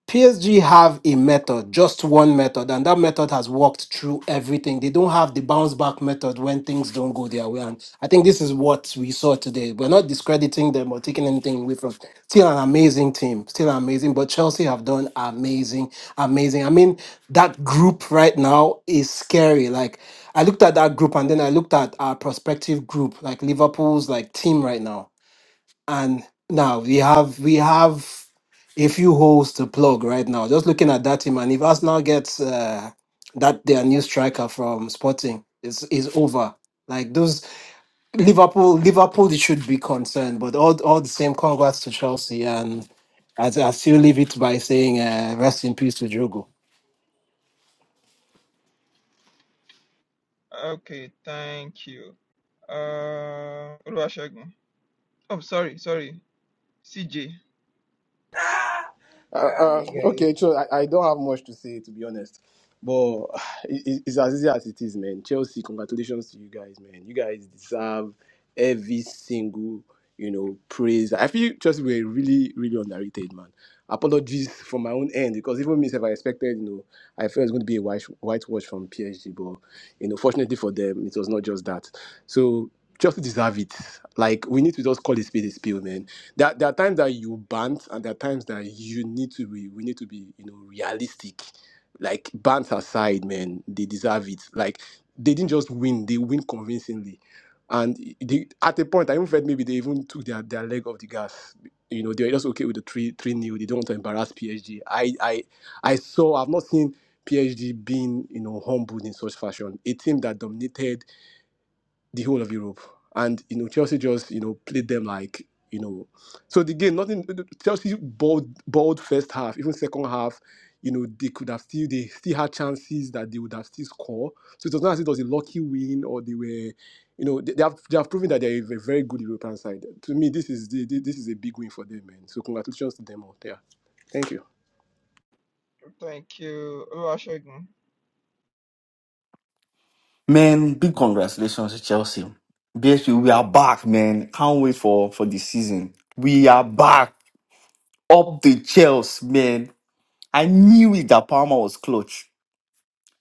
Speaker 31: PSG have a method, just one method, and that method has worked through everything. They don't have the bounce back method when things don't go their way. And I think this is what we saw today. We're not discrediting them or taking anything away from still an amazing team, still amazing. But Chelsea have done amazing, amazing. I mean, that group right now is scary. Like I looked at that group and then I looked at our prospective group, like Liverpool's like team right now. And now we have we have a few holes to plug right now. Just looking at that team, and if Arsenal gets uh, that their new striker from Sporting, is is over. Like those Liverpool, Liverpool they should be concerned. But all all the same, congrats to Chelsea, and I, I still leave it by saying uh, rest in peace to Jogo.
Speaker 1: Okay. Thank you. Uh, Oluwasegun. Oh, sorry, sorry. CJ.
Speaker 33: Uh, uh, okay, so I, I don't have much to say to be honest, but it, it's as easy as it is, man. Chelsea, congratulations to you guys, man. You guys deserve every single you know praise. I feel Chelsea were really, really underrated, man. Apologies for my own end because even me, if I expected, you know, I felt it's going to be a white whitewash from PSG, but you know, fortunately for them, it was not just that. So just deserve it. Like we need to just call a spade a spade, man. There, there are times that you bant, and there are times that you need to be. We need to be, you know, realistic. Like bants aside, man, they deserve it. Like they didn't just win; they win convincingly. And they, at a point, I even felt maybe they even took their, their leg off the gas. You know, they were just okay with the three three nil. They don't want to embarrass PSG. I I I saw. I've not seen PSG being you know humbled in such fashion. A team that dominated the whole of Europe. And you know, Chelsea just you know played them like you know. So the game, nothing. Chelsea balled, balled first half, even second half. You know, they could have still they still had chances that they would have still scored. So it was not as if it was a lucky win or they were, you know, they, they have they have proven that they are a very good European side. To me, this is the, this is a big win for them, man. So congratulations to them out there. Thank you.
Speaker 1: Thank you, Oluwasegun.
Speaker 34: Man, big congratulations to Chelsea. BSP, we are back, man. Can't wait for, for the season. We are back. Up the Chelsea, man. I knew it that Palmer was clutch.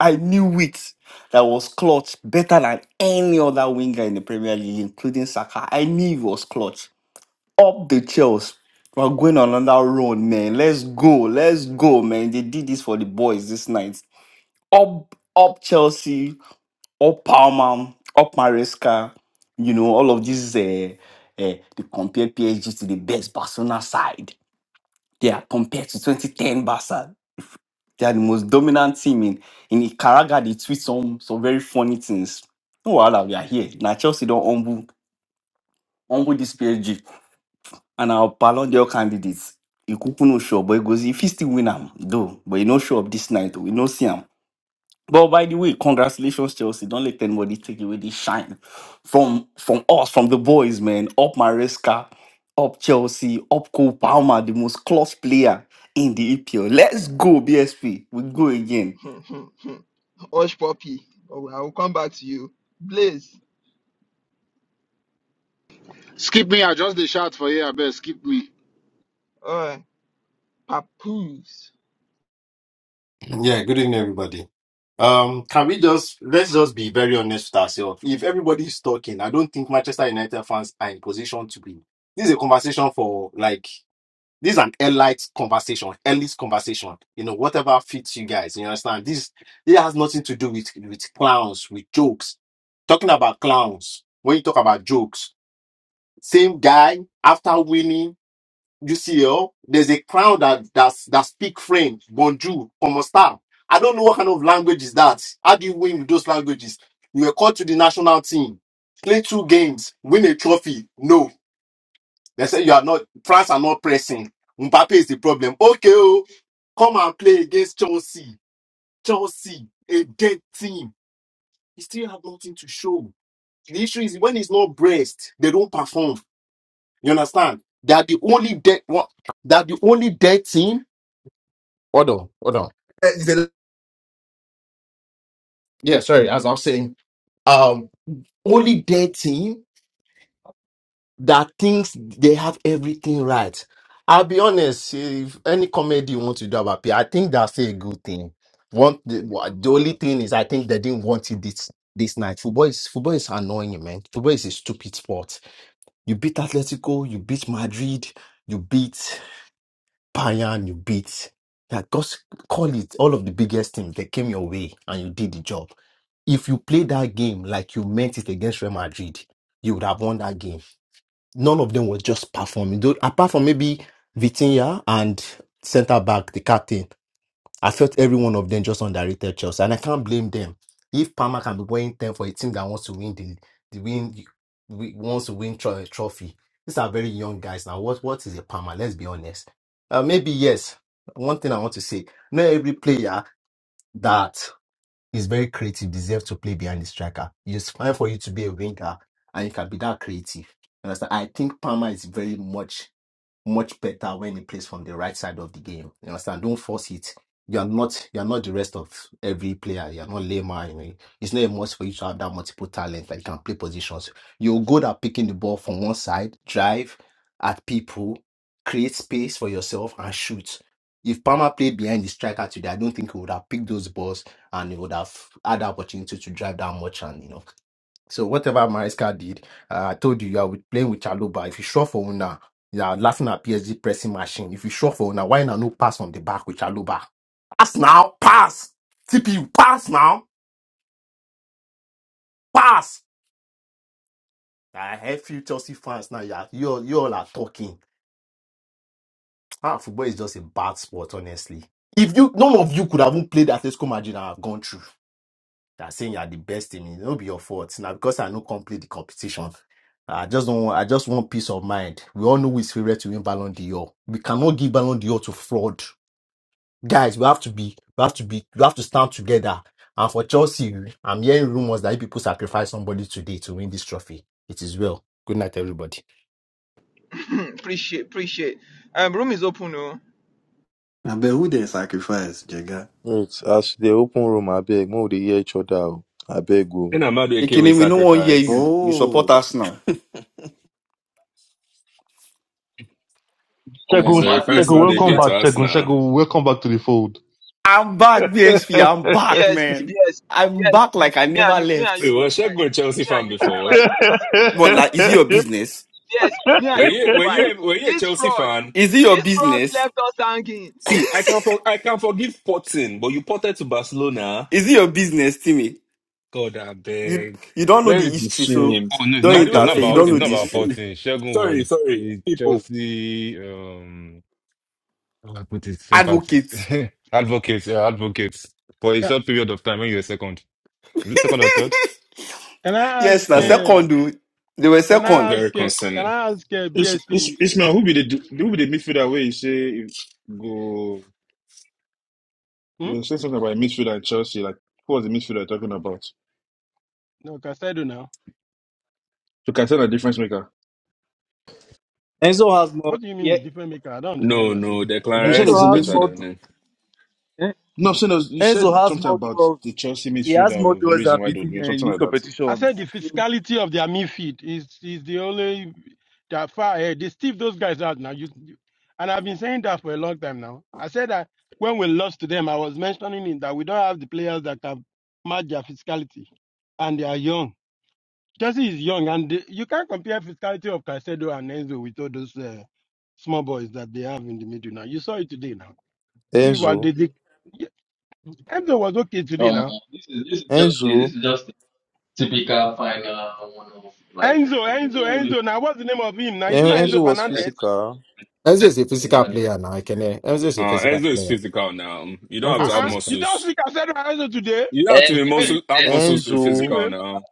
Speaker 34: I knew it that was clutch better than any other winger in the Premier League, including Saka. I knew it was clutch. Up the Chelsea. We're going on another run, man. Let's go. Let's go, man. They did this for the boys this night. Up, up Chelsea up Palmer, up Maresca, you know, all of these, uh, uh, they compare PSG to the best Barcelona side. They are compared to 2010 Barca. They are the most dominant team in, in Icaraga. They tweet some, some very funny things. No, while we are here. Now, Chelsea don't humble, humble this PSG. And our Ballon d'Or candidates, Ikuku no sure, but he goes, if he still win him, though, but he no sure of this night, we no see him. But by the way, congratulations, Chelsea. Don't let anybody take away this shine from from us, from the boys, man. Up Maresca, up Chelsea, up Cole Palmer, the most clutch player in the EPL. Let's go, BSP. We go again.
Speaker 1: Hush puppy. Oh, I will come back to you. Blaze.
Speaker 35: Skip me. I just the shout for here. I best skip me.
Speaker 1: Uh, papoose.
Speaker 36: Yeah, good evening, everybody. Um, can we just let's just be very honest with ourselves? If everybody is talking, I don't think Manchester United fans are in position to be. This is a conversation for like this is an elite conversation, elite conversation. You know, whatever fits you guys. You understand? This it has nothing to do with with clowns, with jokes. Talking about clowns when you talk about jokes, same guy after winning you see, oh, there's a crowd that that's, that speak French, Bonjour, comment ça? I don't know what kind of language is that. How do you win with those languages? You were called to the national team, play two games, win a trophy. No, they say you are not. France are not pressing. Mbappe is the problem. Okay, oh, come and play against Chelsea. Chelsea, a dead team. He still have nothing to show. The issue is when it's not braced, they don't perform. You understand? They are the only dead one. They are the only dead team Hold on, hold on. Eh, It's a Yeah, sorry, as I'm saying, um, only their team that thinks they have everything right. I'll be honest, if any comedy you want to do about P, I think that's a good thing. One, the, wha- the only thing is, I think they didn't want it this this night. Football is football is annoying, man. Football is a stupid sport. You beat Atletico, you beat Madrid, you beat. Pioneer, you beat. Yeah, just call it all of the biggest teams that came your way and you did the job. If you play that game like you meant it against Real Madrid, you would have won that game. None of them was just performing. Though, apart from maybe Vitinha and centre back, the captain. I felt every one of them just underrated Chelsea, and I can't blame them. If Palmer can be wearing ten for a team that wants to win the, the win, we- wants to win tro- trophy, these are very young guys now. What what is a Palmer? Let's be honest. Uh, maybe yes. One thing I want to say: not every player that is very creative deserves to play behind the striker. It's fine for you to be a winger and you can be that creative. You Understand? I think Palmer is very much much better when he plays from the right side of the game. You understand? Don't force it. You are not you are not the rest of every player. You are not Lema. You know. It's not a must for you to have that multiple talent that you can play positions. You're good at picking the ball from one side, drive at people, create space for yourself, and shoot. If Palmer played behind the striker today, I don't think he would have picked those balls and he would have had the opportunity to drive that much and you know so whatever Mariska did, uh, I told you, you are with playing with Chaloba. If you shot for Una, you are laughing at PSG pressing machine. If you shot for Una, why not no pass on the back with Chaloba? Pass now, pass. TPU, pass now, pass. I have few Chelsea fans now. You are, you all, you all are talking. Ah, football is just a bad sport, honestly. If you none of you could have even played Atletico Madrid, I have gone through. that saying you are the best team. It will be your fault. Now because I no complete the competition. I just don't want, I just want peace of mind. We all know who is favorite to win Ballon d'Or. We cannot give Ballon d'Or to fraud. Guys, we have to be we have to be we have to stand together. And for Chelsea, I'm hearing rumors that if people sacrifice somebody today to win this trophy. It is well. Good night, everybody.
Speaker 1: appreciate, appreciate. Um, room is open, oh.
Speaker 13: I bet who they sacrifice, Jaga?
Speaker 10: Wait, as they open room, I beg, more they hear each other. oh. I beg go.
Speaker 8: In Amadueke, we
Speaker 34: Ekenemi, no one hear you.
Speaker 8: sacrifice.
Speaker 34: You support
Speaker 13: Oh,
Speaker 34: us now.
Speaker 8: We
Speaker 4: Shegun,
Speaker 6: Um, Matt is
Speaker 8: sacrifice
Speaker 4: Shegun,
Speaker 6: this
Speaker 4: welcome
Speaker 8: Amadueke
Speaker 6: like
Speaker 4: back,
Speaker 8: to us
Speaker 4: Shegun,
Speaker 8: now.
Speaker 4: Shegun, welcome back to the fold.
Speaker 34: I'm back, BSP. I'm back,
Speaker 1: Yes,
Speaker 34: man.
Speaker 1: yes,
Speaker 34: I'm
Speaker 1: yes.
Speaker 34: back like I
Speaker 1: Me and
Speaker 34: never
Speaker 1: you, me and you
Speaker 8: Wait,
Speaker 34: left.
Speaker 1: go.
Speaker 8: was were a Chelsea
Speaker 1: me and
Speaker 8: fan
Speaker 1: you go
Speaker 8: before.
Speaker 1: fight BSP.
Speaker 34: But like, is it your business?
Speaker 1: BSP, me
Speaker 8: Were
Speaker 1: and you
Speaker 8: you,
Speaker 1: go
Speaker 8: were
Speaker 1: fight.
Speaker 8: you, a- were you a
Speaker 1: This
Speaker 8: Chelsea
Speaker 1: fraud,
Speaker 8: fan?
Speaker 34: Is it your
Speaker 1: this fraud
Speaker 34: business?
Speaker 1: left us hanging.
Speaker 8: See, I can, for, I can forgive potting, but you potted to Barcelona.
Speaker 34: Is it your business, Timmy?
Speaker 8: God, I
Speaker 34: You
Speaker 8: beg.
Speaker 34: you don't know
Speaker 8: Where
Speaker 34: the
Speaker 8: is the
Speaker 34: history, so
Speaker 8: shame?
Speaker 2: Oh no, it's
Speaker 34: don't
Speaker 8: By
Speaker 2: not.
Speaker 8: the
Speaker 2: It's
Speaker 8: way, where
Speaker 2: not
Speaker 34: interfere.
Speaker 8: is
Speaker 34: You
Speaker 2: about.
Speaker 8: No
Speaker 34: don't
Speaker 2: It's
Speaker 34: know
Speaker 2: not
Speaker 34: the
Speaker 8: Face?
Speaker 2: about
Speaker 34: history.
Speaker 8: Where is,
Speaker 2: Potin. Shogun
Speaker 8: sorry,
Speaker 2: was
Speaker 8: sorry,
Speaker 2: a
Speaker 8: people.
Speaker 2: Chelsea. Um, how do I put it sympathy
Speaker 34: Advocate.
Speaker 2: advocates. Yeah, advocates for a
Speaker 32: Ca-
Speaker 2: short period of time when you were second. Is it second or third?
Speaker 32: Can I ask?
Speaker 34: Yes, now
Speaker 8: Mm,
Speaker 32: Uh,
Speaker 34: second, oh, they were
Speaker 32: can I
Speaker 34: second.
Speaker 32: ask?
Speaker 8: very
Speaker 32: Uh,
Speaker 8: concerning.
Speaker 32: can I ask uh,
Speaker 7: It's, it's,
Speaker 32: BSP?
Speaker 7: Ismail, who be the who be the midfielder where you say you go?
Speaker 32: Hmm?
Speaker 7: You say something about a midfielder in Chelsea. Like who was the midfielder you're talking about?
Speaker 32: No, Casado now.
Speaker 7: So can I tell a difference maker.
Speaker 3: Enzo has more,
Speaker 32: What do you
Speaker 3: yeah,
Speaker 32: mean different maker? I don't understand what
Speaker 8: No,
Speaker 32: you're saying.
Speaker 8: no,
Speaker 7: You
Speaker 8: Declan
Speaker 7: said it
Speaker 8: Rice
Speaker 7: was a
Speaker 8: is
Speaker 3: Enzo has
Speaker 8: better
Speaker 7: midfielder.
Speaker 3: more,
Speaker 8: than him.
Speaker 3: eh,
Speaker 7: No, so no, you
Speaker 3: Enzo
Speaker 7: said
Speaker 3: has
Speaker 7: something
Speaker 3: more
Speaker 7: about
Speaker 3: duels.
Speaker 7: the Chelsea
Speaker 3: He has
Speaker 7: midfielder
Speaker 3: more
Speaker 7: was the
Speaker 3: duels
Speaker 7: reason
Speaker 3: than
Speaker 7: why they were doing
Speaker 3: Vitinha in
Speaker 7: something
Speaker 3: this
Speaker 7: like that.
Speaker 32: I
Speaker 3: competition.
Speaker 32: said the
Speaker 3: So,
Speaker 32: physicality of their midfield is is the only that far ahead. They stiff those guys out now. You, you- and I've been saying that for a long time now. I said that when we lost to them, I was mentioning it, that we don't have the players that can match their physicality, and they are young. Chelsea is young, and they, you can't compare physicality of Caicedo and Enzo with all those uh, small boys that they have in the middle now. You saw it today now. You see what
Speaker 10: Enzo,
Speaker 32: they did. Yeah, Enzo was okay today
Speaker 6: um
Speaker 32: now.
Speaker 6: this is this is just a,
Speaker 10: Enzo,
Speaker 6: this is just a typical final one of like
Speaker 32: Enzo, Enzo,
Speaker 6: no no no
Speaker 32: Enzo. Now what's the name of him now? Isn't
Speaker 10: En-
Speaker 32: it
Speaker 10: Enzo
Speaker 6: no,
Speaker 32: not Enzo
Speaker 10: was
Speaker 6: like
Speaker 32: Fernandez?
Speaker 10: physical.
Speaker 36: Enzo
Speaker 6: that's
Speaker 36: is a
Speaker 6: not
Speaker 36: physical
Speaker 6: exaggerating,
Speaker 36: player now. I can Enzo is a
Speaker 8: Uh,
Speaker 6: like
Speaker 36: physical
Speaker 8: Enzo is
Speaker 36: player.
Speaker 8: physical now. You don't have
Speaker 36: Enzo
Speaker 8: to
Speaker 36: is
Speaker 8: have
Speaker 32: Uh-uh. You
Speaker 36: physical.
Speaker 32: don't
Speaker 8: muscles.
Speaker 32: speak I said Rise today.
Speaker 8: You don't have to be
Speaker 6: Enzo
Speaker 32: Hey,
Speaker 6: is
Speaker 8: muscle have
Speaker 6: Enzo
Speaker 8: muscles
Speaker 6: is
Speaker 8: to be
Speaker 10: Enzo,
Speaker 6: 50,
Speaker 8: physical
Speaker 32: anyway,
Speaker 6: uh,
Speaker 8: now.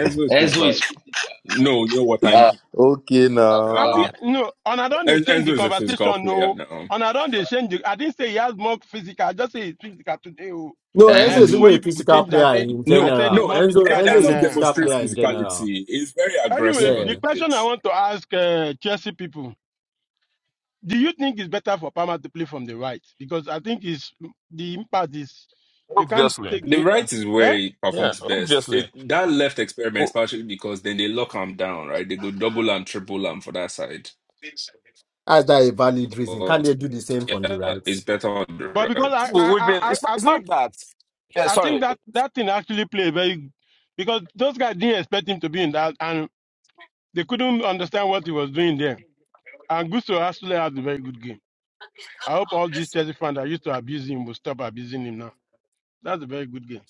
Speaker 36: Oh.
Speaker 8: is
Speaker 6: Enzo
Speaker 8: physical.
Speaker 6: is 50,
Speaker 8: No, you know what
Speaker 6: uh, uh,
Speaker 8: I'm.
Speaker 10: okay
Speaker 8: Uh,
Speaker 32: have
Speaker 6: wow.
Speaker 32: the
Speaker 8: uh
Speaker 10: now.
Speaker 32: no, and I don't they
Speaker 8: En-
Speaker 32: change
Speaker 8: Enzo
Speaker 32: the
Speaker 8: is a physical
Speaker 32: conversation,
Speaker 8: player
Speaker 32: no.
Speaker 8: now.
Speaker 32: And I don't they change the, I didn't say he has more physical, I just say it's physical today. Oh.
Speaker 36: No,
Speaker 32: Eh,
Speaker 36: Enzo is
Speaker 6: Enzo.
Speaker 36: even
Speaker 32: before you
Speaker 36: a
Speaker 32: people
Speaker 36: physical
Speaker 32: change that,
Speaker 36: player
Speaker 6: Isika.
Speaker 32: say,
Speaker 36: in
Speaker 8: No,
Speaker 32: I said
Speaker 36: general.
Speaker 32: it's
Speaker 8: no.
Speaker 32: more
Speaker 36: Enzo
Speaker 8: En-
Speaker 32: physical
Speaker 36: Enzo is
Speaker 32: than.
Speaker 36: a
Speaker 8: Enzo
Speaker 32: Uh.
Speaker 36: physical
Speaker 8: demonstrates
Speaker 36: player in general.
Speaker 8: physicality. He's very
Speaker 32: Anyway,
Speaker 8: aggressive on
Speaker 32: the
Speaker 8: the
Speaker 36: Yeah.
Speaker 32: question I
Speaker 8: pitch.
Speaker 32: want to ask uh, Chelsea people do you think it's better for Palmer to play from the right? Because I think it's, the impact is, you can't
Speaker 25: obviously.
Speaker 32: take
Speaker 8: The
Speaker 32: the
Speaker 8: right
Speaker 32: impact.
Speaker 8: is where
Speaker 32: Eh?
Speaker 8: he
Speaker 25: Yeah,
Speaker 8: performs best. It,
Speaker 25: obviously.
Speaker 8: that left experiment
Speaker 25: We,
Speaker 8: is partially because then they lock him down, right? They go double and triple him for that side.
Speaker 36: That's that a valid reason? Can
Speaker 8: But
Speaker 36: they do the same on the
Speaker 8: yeah,
Speaker 36: right?
Speaker 8: it's better on the
Speaker 32: But because I,
Speaker 8: right.
Speaker 25: we-
Speaker 32: I,
Speaker 25: we've
Speaker 32: I,
Speaker 25: been.
Speaker 32: I
Speaker 25: It's not.
Speaker 32: I
Speaker 25: It's
Speaker 32: think
Speaker 25: not that. Yeah,
Speaker 32: I think
Speaker 25: sorry.
Speaker 32: that that thing actually played very because those guys didn't expect him to be in that, and they couldn't understand what he was doing there. And Gusto actually had a very good game. I hope all these Chelsea fans that used to abuse him will stop abusing him now. That's a very good game.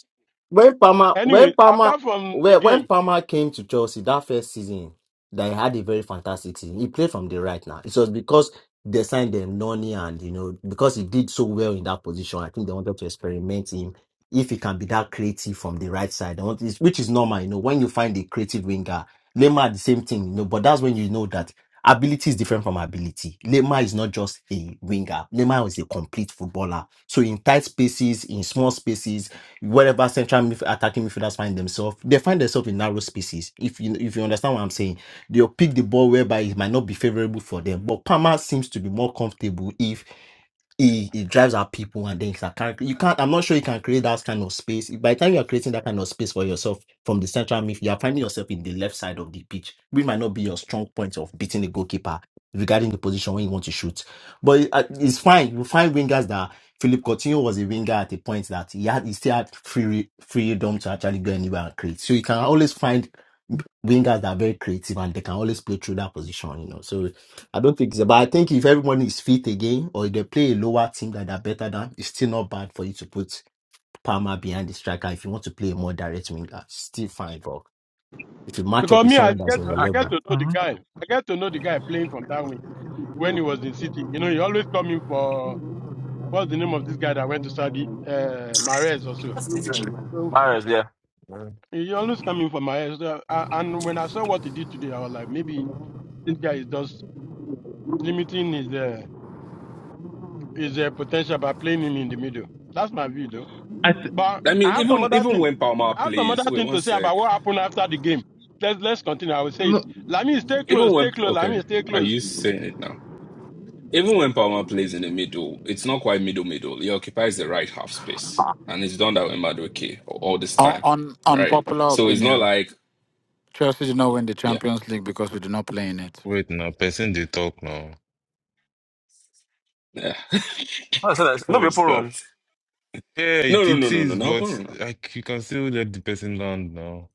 Speaker 36: when Palmer when
Speaker 32: Anyway,
Speaker 36: Palmer
Speaker 32: apart from the
Speaker 36: when, when
Speaker 32: game,
Speaker 36: Palmer came to Chelsea that first season, they had a very fantastic season. He played from the right now. It was because they signed them Noni and you know because he did so well in that position. I think they wanted to experiment him if he can be that creative from the right side, They want- it's- which is normal. You know when you find a creative winger, Lema the same thing. You know, but that's when you know that. Ability is different from ability. Lema is not just a winger. Lema is a complete footballer. So in tight spaces, in small spaces, wherever central midf- attacking midfielders find themselves, they find themselves in narrow spaces. If you if you understand what I'm saying, they'll pick the ball whereby it might not be favorable for them. But Palmer seems to be more comfortable if he, he drives out people and things that can't you can't i'm not sure you can create that kind of space by the time you're creating that kind of space for yourself from the central midfield you're finding yourself in the left side of the pitch which might not be your strong point of beating the goalkeeper regarding the position when you want to shoot but it- uh, it's fine you find wingers that Philip Coutinho was a winger at a point that he had he still had free freedom to actually go anywhere and create so you can always find wingers that are very creative and they can always play through that position you know so I don't think so. But I think if everyone is fit again, or if they play a lower team that are better than, it's still not bad for you to put Palmer behind the striker. If you want to play a more direct winger, still fine. But if you match up
Speaker 32: because
Speaker 36: with
Speaker 32: me, I
Speaker 36: someone that's
Speaker 32: get
Speaker 36: on
Speaker 32: to,
Speaker 36: your
Speaker 4: I,
Speaker 32: I get
Speaker 36: level,
Speaker 32: to know the
Speaker 4: mhm.
Speaker 32: guy. I get to know the guy playing from that wing when he was in City. You know, he always coming for what's the name of this guy that went to Saudi, uh, Mares or so.
Speaker 25: Marriage, yeah. Mm.
Speaker 32: He always coming for my head. So, uh, a- and when I saw what he did today, I was like, maybe this guy is just limiting his uh, his uh, potential by playing him in the middle. That's my view, though.
Speaker 4: I th-
Speaker 32: But
Speaker 8: I
Speaker 32: I
Speaker 8: mean,
Speaker 32: have some
Speaker 8: even
Speaker 32: other
Speaker 8: even
Speaker 32: thing.
Speaker 8: when Palmer
Speaker 32: I have some
Speaker 8: plays,
Speaker 32: other
Speaker 8: wait
Speaker 32: thing
Speaker 8: one
Speaker 32: to say
Speaker 8: sec.
Speaker 32: about what happened after the game. Let's let's continue. I will say it.
Speaker 4: no,
Speaker 32: Lami, stay
Speaker 8: Even
Speaker 32: close, stay
Speaker 8: when
Speaker 32: close.
Speaker 8: okay,
Speaker 32: Lami, stay
Speaker 8: are
Speaker 32: close.
Speaker 8: you saying it now? Even when Palmer plays in the middle, it's not quite middle middle. He occupies the right half space, and he's done that with Madueke all all this
Speaker 35: Un-
Speaker 8: time,
Speaker 35: un-
Speaker 8: right?
Speaker 35: unpopular
Speaker 8: So it's not
Speaker 35: opinion.
Speaker 8: like
Speaker 35: Chelsea did not win the
Speaker 8: yeah,
Speaker 35: Champions League because we did not play in it.
Speaker 2: Wait, now, Person they talk now.
Speaker 8: yeah.
Speaker 25: I said that. No
Speaker 8: what
Speaker 25: be
Speaker 8: was
Speaker 25: open
Speaker 8: that?
Speaker 25: room.
Speaker 2: Yeah,
Speaker 8: No,
Speaker 2: it,
Speaker 8: no, no,
Speaker 2: it
Speaker 8: no, no,
Speaker 2: is,
Speaker 8: no, no,
Speaker 2: but
Speaker 8: no.
Speaker 2: like you can still let the person land now.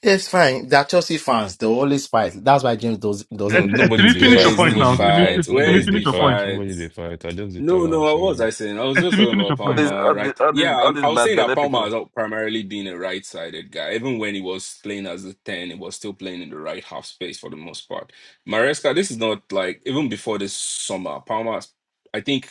Speaker 36: it's fine. They're Chelsea fans. They always fight. That's why James does,
Speaker 4: I
Speaker 2: No,
Speaker 4: th-
Speaker 36: doesn't
Speaker 4: I-
Speaker 2: nobody
Speaker 4: Timmy,
Speaker 36: complete
Speaker 2: they
Speaker 4: finish
Speaker 8: Where
Speaker 4: your
Speaker 2: fight.
Speaker 36: games.
Speaker 8: is
Speaker 4: point
Speaker 8: the
Speaker 2: Nobody
Speaker 4: now.
Speaker 2: they
Speaker 4: Timmy, fi-
Speaker 8: fight?
Speaker 2: fight.
Speaker 8: Where
Speaker 4: Timmy,
Speaker 2: Nobody
Speaker 8: is
Speaker 2: they
Speaker 4: finish
Speaker 8: the
Speaker 4: your point.
Speaker 2: fight.
Speaker 8: fight?
Speaker 2: Nobody they fight. I just dey
Speaker 8: No,
Speaker 2: tell
Speaker 8: no,
Speaker 2: her.
Speaker 8: I was.
Speaker 2: sorry.
Speaker 8: I saying I was
Speaker 4: Uh,
Speaker 8: just
Speaker 4: Timmy,
Speaker 8: talking
Speaker 4: finish
Speaker 8: about
Speaker 4: your
Speaker 25: All
Speaker 4: point.
Speaker 25: these,
Speaker 8: Palmer,
Speaker 25: all these,
Speaker 8: right?
Speaker 25: all these,
Speaker 8: Yeah,
Speaker 25: all
Speaker 8: I'm, I
Speaker 25: these
Speaker 8: was
Speaker 25: bad
Speaker 8: saying that
Speaker 25: belly
Speaker 8: Palmer
Speaker 25: people.
Speaker 8: has al- primarily been a right-sided guy. Even when he was playing as a ten, he was still playing in the right half space for the most part. Maresca, this is not like even before this summer. Palmer, has- I think,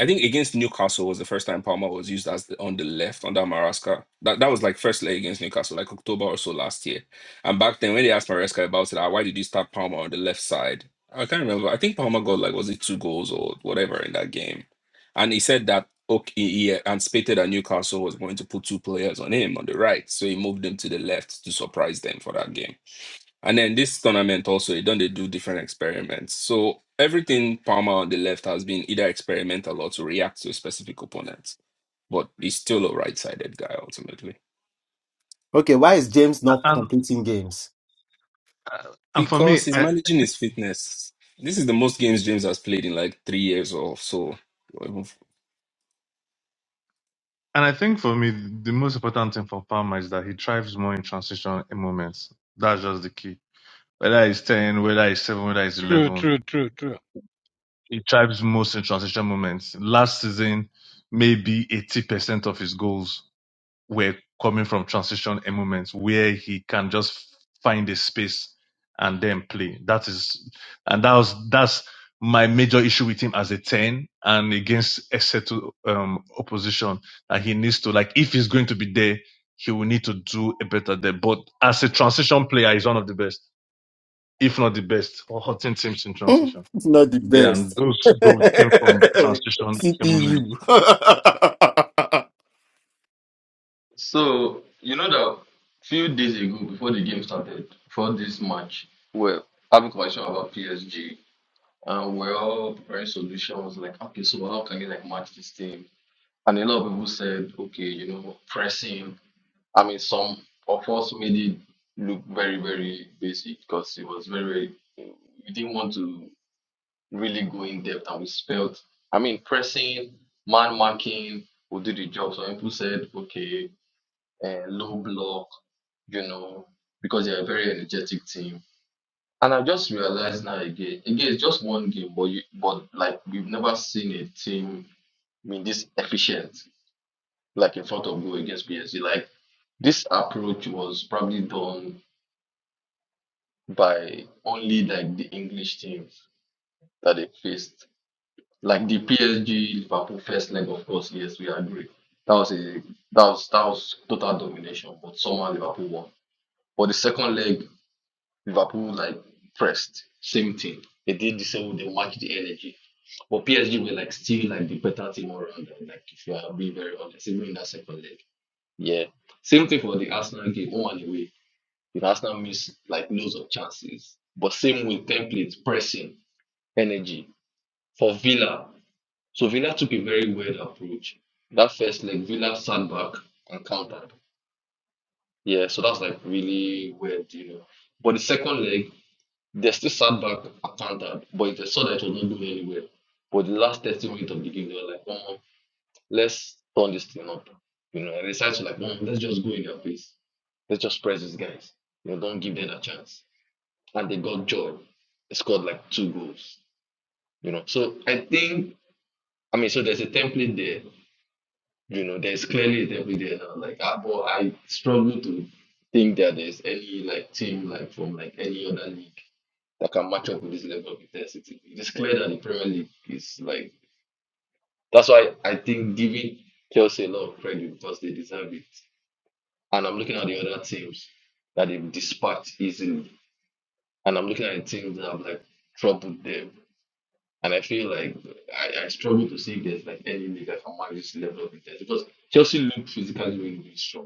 Speaker 8: I think against Newcastle was the first time Palmer was used as the, on the left under Maresca. That that was like first leg against Newcastle, like October or so last year. And back then, when they asked Maresca about it, ah, why did you start Palmer on the left side? I can't remember. I think Palmer got like was it two goals or whatever in that game, and he said that okay, he anticipated that Newcastle was going to put two players on him on the right, so he moved them to the left to surprise them for that game. And then this tournament also, he done they do different experiments. So everything Palmer on the left has been either experimental or to react to specific opponents, but he's still a right-sided guy ultimately
Speaker 36: Okay, why is James
Speaker 4: Uh,
Speaker 36: not
Speaker 4: And
Speaker 36: completing games?
Speaker 4: uh, and for me,
Speaker 8: because he's
Speaker 4: I,
Speaker 8: managing his fitness. This is the most games James has played in like three years or so
Speaker 4: and I think for me, the most important thing for Palmer is that he thrives more in transition moments. That's just the key. Whether he's ten, whether he's seven, whether he's
Speaker 32: True,
Speaker 4: eleven,
Speaker 32: true, true, true.
Speaker 4: He thrives most in transition moments. Last season, maybe 80% of his goals were coming from transition and moments where he can just find a space and then play. That is, and that was, that's my major issue with him as a 10 and against Exeter um, opposition that he needs to, like, if he's going to be there, he will need to do a better there. But as a transition player, he's one of the best, if not the best, for hurting teams in
Speaker 36: Hmm,
Speaker 4: transition.
Speaker 36: It's not the
Speaker 4: Yeah, and
Speaker 36: best.
Speaker 4: those goals came from transition coming in.
Speaker 36: CPU.
Speaker 6: So you know that few days ago, before the game started, before this match, we're having conversation about PSG, and we're all preparing solutions like, okay, so how can you like match this team? And a lot of people said, okay, you know, pressing. I mean, some of us made it look very, very basic because it was very, very. We didn't want to. really go in depth and we spelled. I mean, pressing, man marking will do the job. So people said, okay, uh, low block, you know, because they're a very energetic team. And I just realized now again, again, it's just one game, but you, but like we've never seen a team being this efficient, like in front of goal against PSG. Like this approach was probably done by only like the English teams that they faced Like the PSG Liverpool first leg, of course, yes, we agree. That was a that was that was total domination, but somehow Liverpool won. But the second leg, Liverpool like pressed, same thing. They did the same, they matched the energy. But PSG were like still like the better team all around. them, Like if you are being very honest, even in that second leg. Yeah. Same thing for the Arsenal game, one and away. The Arsenal missed like loads of chances. But same with templates, pressing, energy. For Villa, so Villa took a very weird approach. That first leg, Villa sat back and countered. Yeah, so that's like really weird, you know. But the second leg, they still sat back and countered, but they saw that it was not going anywhere. But the last 30 minutes of the game, they were like, oh, let's turn this thing up. You know, and they decided to like, oh, let's just go in their face. Let's just press these guys. You know, don't give them a chance. And they got joy. They scored like two goals. You know, so I think I mean, so there's a template there You know, there's clearly a devil there now. Like, I, but I struggle to think that there's any like team like from like any other league that can match up with this level of intensity. It is clear that the Premier League is like that's why I think giving Chelsea a lot of credit because they deserve it. And I'm looking at the other teams that they've dispatched easily, and I'm looking at the teams that have like troubled them. And I feel like I, I struggle to see if there's like any league that can match this level of intensity because Chelsea look physically really, really strong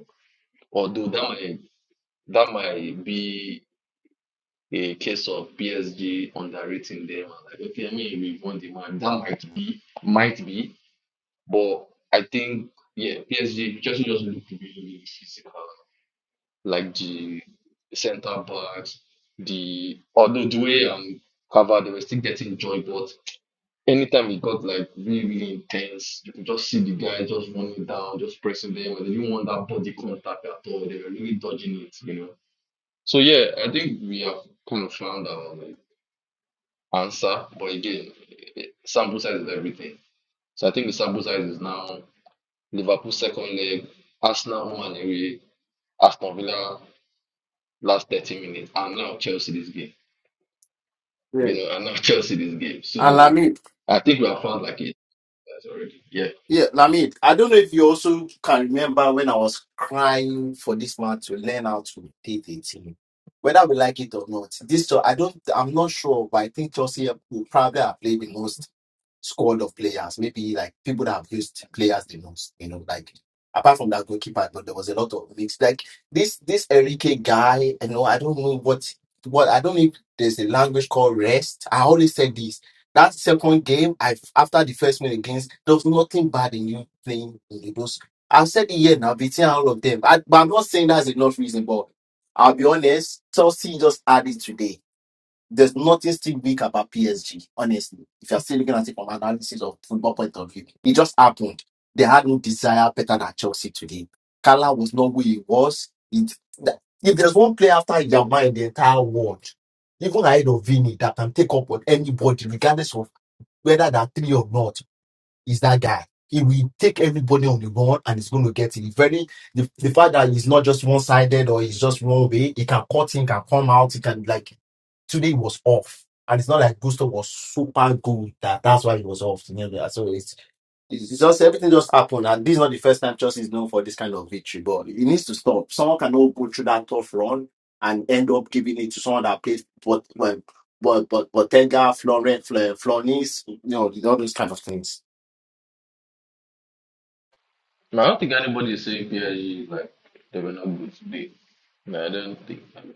Speaker 6: Or do that might that might be a case of PSG underrating them. Like, okay, I mean we've won the match. That might be, might be, but I think yeah, PSG Chelsea just looked really, really physical. Like the centre backs, the although the way um covered, they were still getting joy, but anytime it got like really, really intense, you could just see the guy just running down, just pressing them, and they didn't want that body contact at all. They were really dodging it, you know. So yeah, I think we have kind of found our like, answer, but again, it- sample size is everything. So I think the sample size is now Liverpool second leg, Arsenal home and away, Aston Villa last 30 minutes, and now Chelsea this game. You know, and now Chelsea this game. So
Speaker 36: yeah.
Speaker 6: I think we have found like it already. Yeah.
Speaker 36: Yeah, Lamid, I don't know if you also can remember when I was crying for this man to learn how to date a team. Whether we like it or not, this, so I don't, I'm not sure, but I think Chelsea will probably have played the most squad of players, maybe like people that have used players the most, you know, like apart from that goalkeeper, but there was a lot of mix. Like this this Enrique guy, you know, I don't know what what I don't know if there's a language called rest. I always said this. That second game, I after the first one against, there was nothing bad in you playing in those. I've said it here now, beating all of them. I, but I'm not saying that's enough reason, but I'll be honest, Chelsea just added today there's nothing still weak about PSG, honestly. If you're still looking at it from an analysis of football point of view, it just happened. They had no desire better than Chelsea today. Kala was not who he was. It, that, if there's one player after Yama in the entire world, even ahead of Vini, that can take up on anybody, regardless of whether they're three or not is that guy. He will take everybody on the board and he's going to get it. Very the, the fact that he's not just one sided or he's just one way, he can cut in, can come out, he can like today he was off. And it's not like Gusto was super good that that's why he was off. You know, that- so it's, it's just everything just happened. And this is not the first time Chelsea is known for this kind of victory, but it needs to stop. Someone cannot go through that tough run and end up giving it to someone that plays but well, but but but Tenga, Florent, Fle- Flonis, you know, all those kind of things.
Speaker 6: No, I don't think anybody is saying PSG is like they were not good today. No, I don't think. I mean,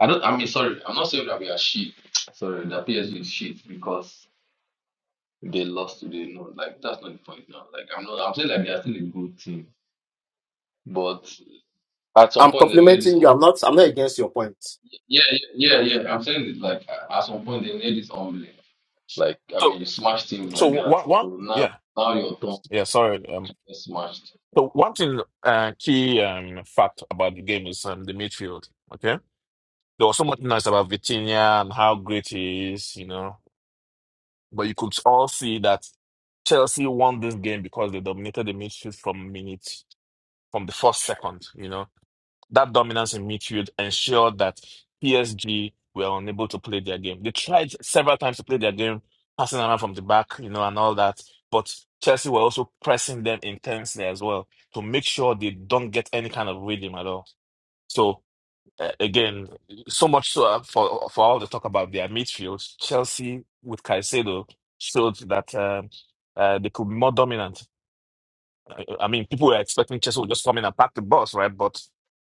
Speaker 6: I don't. I mean, sorry, I'm not saying that we are shit. Sorry, that PSG is shit because If they lost today, no, like that's not the point now. Like I'm not I'm saying like they are still a good team. But at some
Speaker 36: I'm
Speaker 6: point they made this
Speaker 36: complimenting you. I'm not. I'm not against your point.
Speaker 6: yeah, yeah, yeah, yeah. I'm saying it like a- at some point they made this humbling. Like I
Speaker 25: So,
Speaker 6: mean you smash teams
Speaker 25: so
Speaker 6: like that.
Speaker 25: one, one,
Speaker 6: So now
Speaker 25: yeah,
Speaker 6: now your turn
Speaker 25: yeah. Sorry. Um.
Speaker 6: gets smashed.
Speaker 25: So one thing, uh, key um fact about the game is um the midfield. Okay. There was so much nice about Vitinha and how great he is, you know. But you could all see that Chelsea won this game because they dominated the midfield from minute from the first second, you know. That dominance in midfield ensured that PSG were unable to play their game. They tried several times to play their game, passing around from the back, you know, and all that. But Chelsea were also pressing them intensely as well to make sure they don't get any kind of rhythm at all. So uh, again, so much so uh, for for all the talk about their midfield, Chelsea with Caicedo showed that um uh, they could be more dominant I I mean, people were expecting Chelsea would just come in and pack the bus, right? But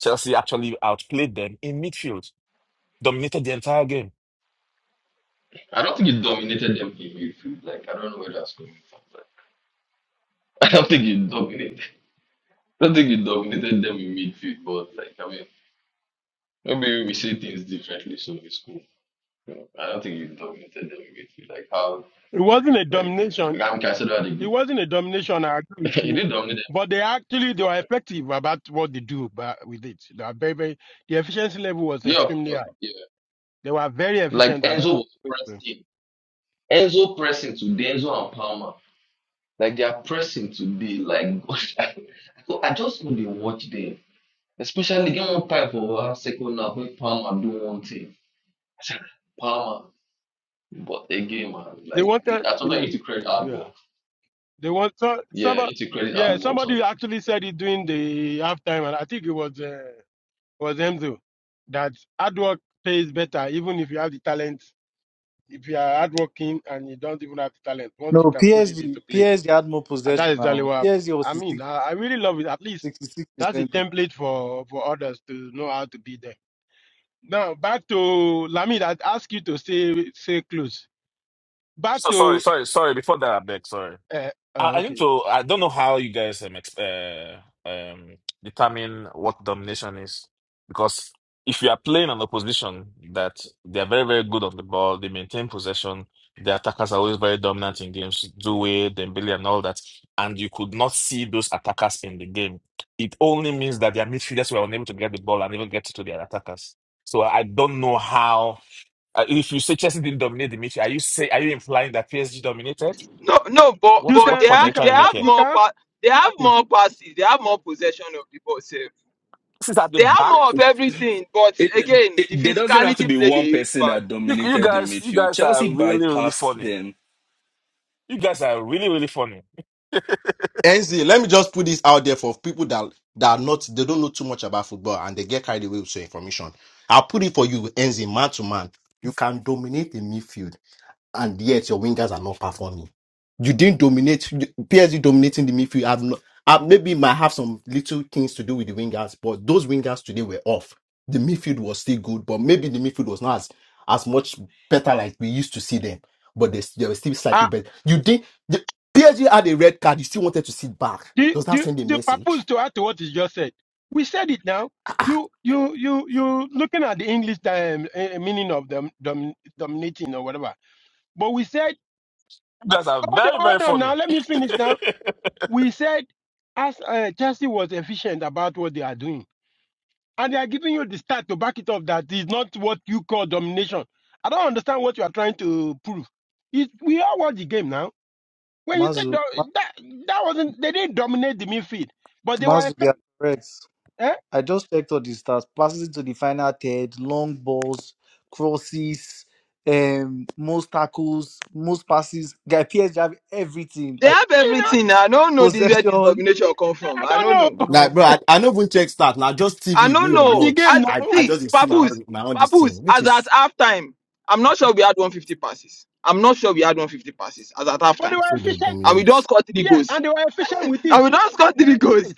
Speaker 25: Chelsea actually outplayed them in midfield, dominated the entire game.
Speaker 6: I don't think you dominated them in midfield. Like I don't know where that's coming from. Like, I don't think you dominated I don't think you dominated them in midfield, but like I mean maybe we see things differently so it's cool. You know, I don't think you dominated them in midfield. Like how
Speaker 32: It wasn't a
Speaker 6: Like
Speaker 32: domination.
Speaker 6: I'm considered a
Speaker 32: It wasn't a domination. I agree with
Speaker 6: he
Speaker 32: you.
Speaker 6: did dominate them.
Speaker 32: But they actually they were effective about what they do. But with it, they are very very the efficiency level was
Speaker 6: Yeah, of
Speaker 32: extremely high.
Speaker 6: course. Yeah.
Speaker 32: They were very
Speaker 6: Like
Speaker 32: efficient about
Speaker 6: Enzo was
Speaker 32: it.
Speaker 6: pressing. Enzo pressing today, Enzo and Palmer. Like they are pressing today. Like gosh, I, I just couldn't watch them. Especially game one time for our second half when Palmer do one thing. Palmer. But again, man,
Speaker 32: They
Speaker 6: like
Speaker 32: wanted,
Speaker 6: I told
Speaker 32: you
Speaker 6: you, you need
Speaker 32: know,
Speaker 6: to credit hard
Speaker 32: yeah.
Speaker 6: work.
Speaker 32: They want so,
Speaker 6: Yeah, you
Speaker 32: somebody,
Speaker 6: need to credit
Speaker 32: yeah.
Speaker 6: hard work. So
Speaker 32: Somebody actually said it during the halftime, and I think it was uh, was Enzo that hard work pays better, even if you have the talent. If you are hardworking and you don't even have the talent, once
Speaker 3: No,
Speaker 32: you can put it
Speaker 3: PSG,
Speaker 32: into place,
Speaker 3: PSG had more
Speaker 32: and that
Speaker 3: possession
Speaker 32: is exactly
Speaker 3: now.
Speaker 32: what happened.
Speaker 3: PSG was
Speaker 32: I mean, I, I really love it. At least
Speaker 3: 66
Speaker 32: that's a
Speaker 3: percent.
Speaker 32: template for for others to know how to be there. Now back to Lamid. I ask you to stay stay close. Back
Speaker 25: So sorry,
Speaker 32: to
Speaker 25: sorry, sorry. Before that, I beg, sorry.
Speaker 32: Uh,
Speaker 25: I, I think
Speaker 32: okay.
Speaker 25: so. I don't know how you guys um, ex- uh, um determine what domination is because if you are playing an opposition that they are very very good on the ball, they maintain possession, the attackers are always very dominant in games, Due, Dembele, and all that, and you could not see those attackers in the game. It only means that their midfielders were unable to get the ball and even get to their attackers. So I don't know how. Uh, if you say Chelsea didn't dominate the midfield, are you say are you implying that PSG dominated?
Speaker 1: No, no, but
Speaker 32: You
Speaker 25: What
Speaker 1: but
Speaker 25: what
Speaker 1: they
Speaker 32: can
Speaker 25: point are
Speaker 32: you
Speaker 25: you
Speaker 1: have
Speaker 32: can
Speaker 1: they
Speaker 25: trying to
Speaker 32: have
Speaker 25: make
Speaker 1: have
Speaker 25: here?
Speaker 32: you can
Speaker 1: more
Speaker 32: have,
Speaker 1: pa- they have
Speaker 32: okay.
Speaker 1: more passes, they have more possession of the ball sef.
Speaker 25: This is at the
Speaker 1: They have
Speaker 25: back.
Speaker 1: more of everything, but
Speaker 8: It, it,
Speaker 1: again, the
Speaker 8: there doesn't have to
Speaker 1: physicality
Speaker 8: be
Speaker 1: played a
Speaker 8: one
Speaker 1: huge
Speaker 8: person
Speaker 1: part.
Speaker 8: that
Speaker 25: You, you
Speaker 8: dominated the
Speaker 25: guys, you
Speaker 8: midfield.
Speaker 25: guys are
Speaker 8: Chelsea
Speaker 25: really, really
Speaker 8: bypassed
Speaker 25: funny.
Speaker 8: them.
Speaker 25: You guys are really, really funny.
Speaker 36: NC, let me just put this out there for people that that are not they don't know too much about football and they get carried away with your information. I'll put it for you, NC, man to man. You can dominate the midfield. and yet your wingers are not performing. You didn't dominate. PSG dominating the midfield. Have not, uh, maybe might have some little things to do with the wingers, but those wingers today were off. The midfield was still good, but maybe the midfield was not as as much better like we used to see them. But they, they were still slightly
Speaker 32: Ah,
Speaker 36: better. You did the PSG had a red card. You still wanted to sit back.
Speaker 32: the
Speaker 36: Does that
Speaker 32: the
Speaker 36: send a
Speaker 32: the
Speaker 36: message?
Speaker 32: purpose to add to what you just said. We said it now. You you you you looking at the English um, eh, meaning of dom, dom, dominating or whatever. But we said
Speaker 25: You guys are
Speaker 32: hold on,
Speaker 25: very, very
Speaker 32: hold on now.
Speaker 25: funny.
Speaker 32: Let me finish now. We said as uh, Chelsea was efficient about what they are doing, and they are giving you the stat to back it up that is not what you call domination. I don't understand what you are trying to prove. It, we all watch the game now When you said
Speaker 3: Mazu, Ma-
Speaker 32: do- that, that wasn't they didn't dominate the midfield, but they were
Speaker 3: Mazu, they are
Speaker 32: effective.
Speaker 3: correct.
Speaker 32: Eh?
Speaker 3: I just checked all the stats. Passes into the final third, long balls, crosses, um, most tackles, most passes. Guy, PSG have everything.
Speaker 1: They
Speaker 3: Like
Speaker 1: have
Speaker 32: You know,
Speaker 1: everything. I don't know this where this
Speaker 3: possession.
Speaker 1: domination come from.
Speaker 32: I
Speaker 1: I
Speaker 32: don't
Speaker 1: don't know.
Speaker 32: know
Speaker 3: No,
Speaker 36: Like, bro, I, I not even check stats. Now just
Speaker 1: I
Speaker 36: TV
Speaker 1: don't
Speaker 36: we
Speaker 32: You what
Speaker 1: know.
Speaker 32: the game
Speaker 36: watch.
Speaker 1: As
Speaker 36: I, I
Speaker 32: now,
Speaker 1: see,
Speaker 36: just dey see my
Speaker 1: Papoose,
Speaker 36: own my own this
Speaker 1: Papoose,
Speaker 36: thing, which
Speaker 1: as at
Speaker 36: is
Speaker 1: halftime, I'm not sure we had 150 passes. I'm not sure we had 150 passes as at halftime.
Speaker 32: but
Speaker 36: I
Speaker 32: they were
Speaker 36: say they
Speaker 32: efficient.
Speaker 1: and we
Speaker 36: dominate.
Speaker 1: don't score three
Speaker 32: Yes,
Speaker 1: goals.
Speaker 32: and they were efficient with it.
Speaker 1: and we don't score three
Speaker 32: Yes.
Speaker 1: goals.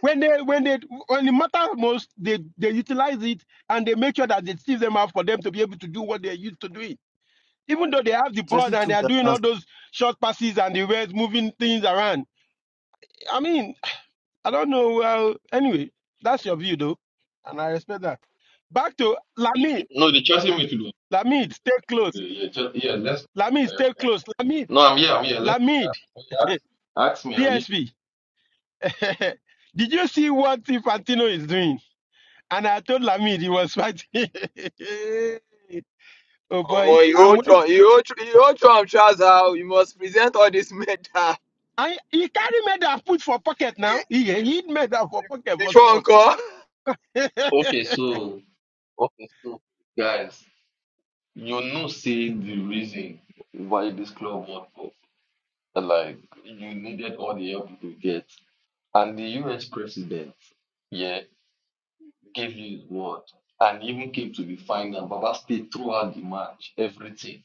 Speaker 32: When they when they when it matters most, they they utilize it and they make sure that they sieve them out for them to be able to do what they're used to doing. Even though they have the ball
Speaker 3: Chelsea
Speaker 32: and they
Speaker 3: took
Speaker 32: are
Speaker 3: their
Speaker 32: doing
Speaker 3: chance.
Speaker 32: all those short passes and the ways moving things around. I mean, I don't know. Well, anyway, that's your view though, and I respect that. Back to Lamine.
Speaker 6: no, the Chelsea midfield.
Speaker 32: Lamid, stay close.
Speaker 6: Yeah, yeah, Chel- yeah. Let's.
Speaker 32: Lamid, stay close. Lamid,
Speaker 6: No, I'm here. I'm here. Let's
Speaker 32: Lamid,
Speaker 6: ask, ask me. I'm here.
Speaker 32: DSP. Did you see what Infantino is doing? And I told Lamid he was fighting. oh boy,
Speaker 1: Omo, you
Speaker 32: I'm
Speaker 1: hold
Speaker 32: wait-
Speaker 1: Trump, you hold, Tr- you hold Trump trousers. ah, You must present all this medal
Speaker 32: I, he carry medal put for pocket now. He hid medal for pocket for
Speaker 1: before
Speaker 32: Trump.
Speaker 1: encore.
Speaker 6: Okay, so. Okay, so guys, you know, say the reason why this club World Cup, like you needed all the help you could get, and the US president, yeah, gave you his word, and even came to the final. Baba stayed throughout the match, everything.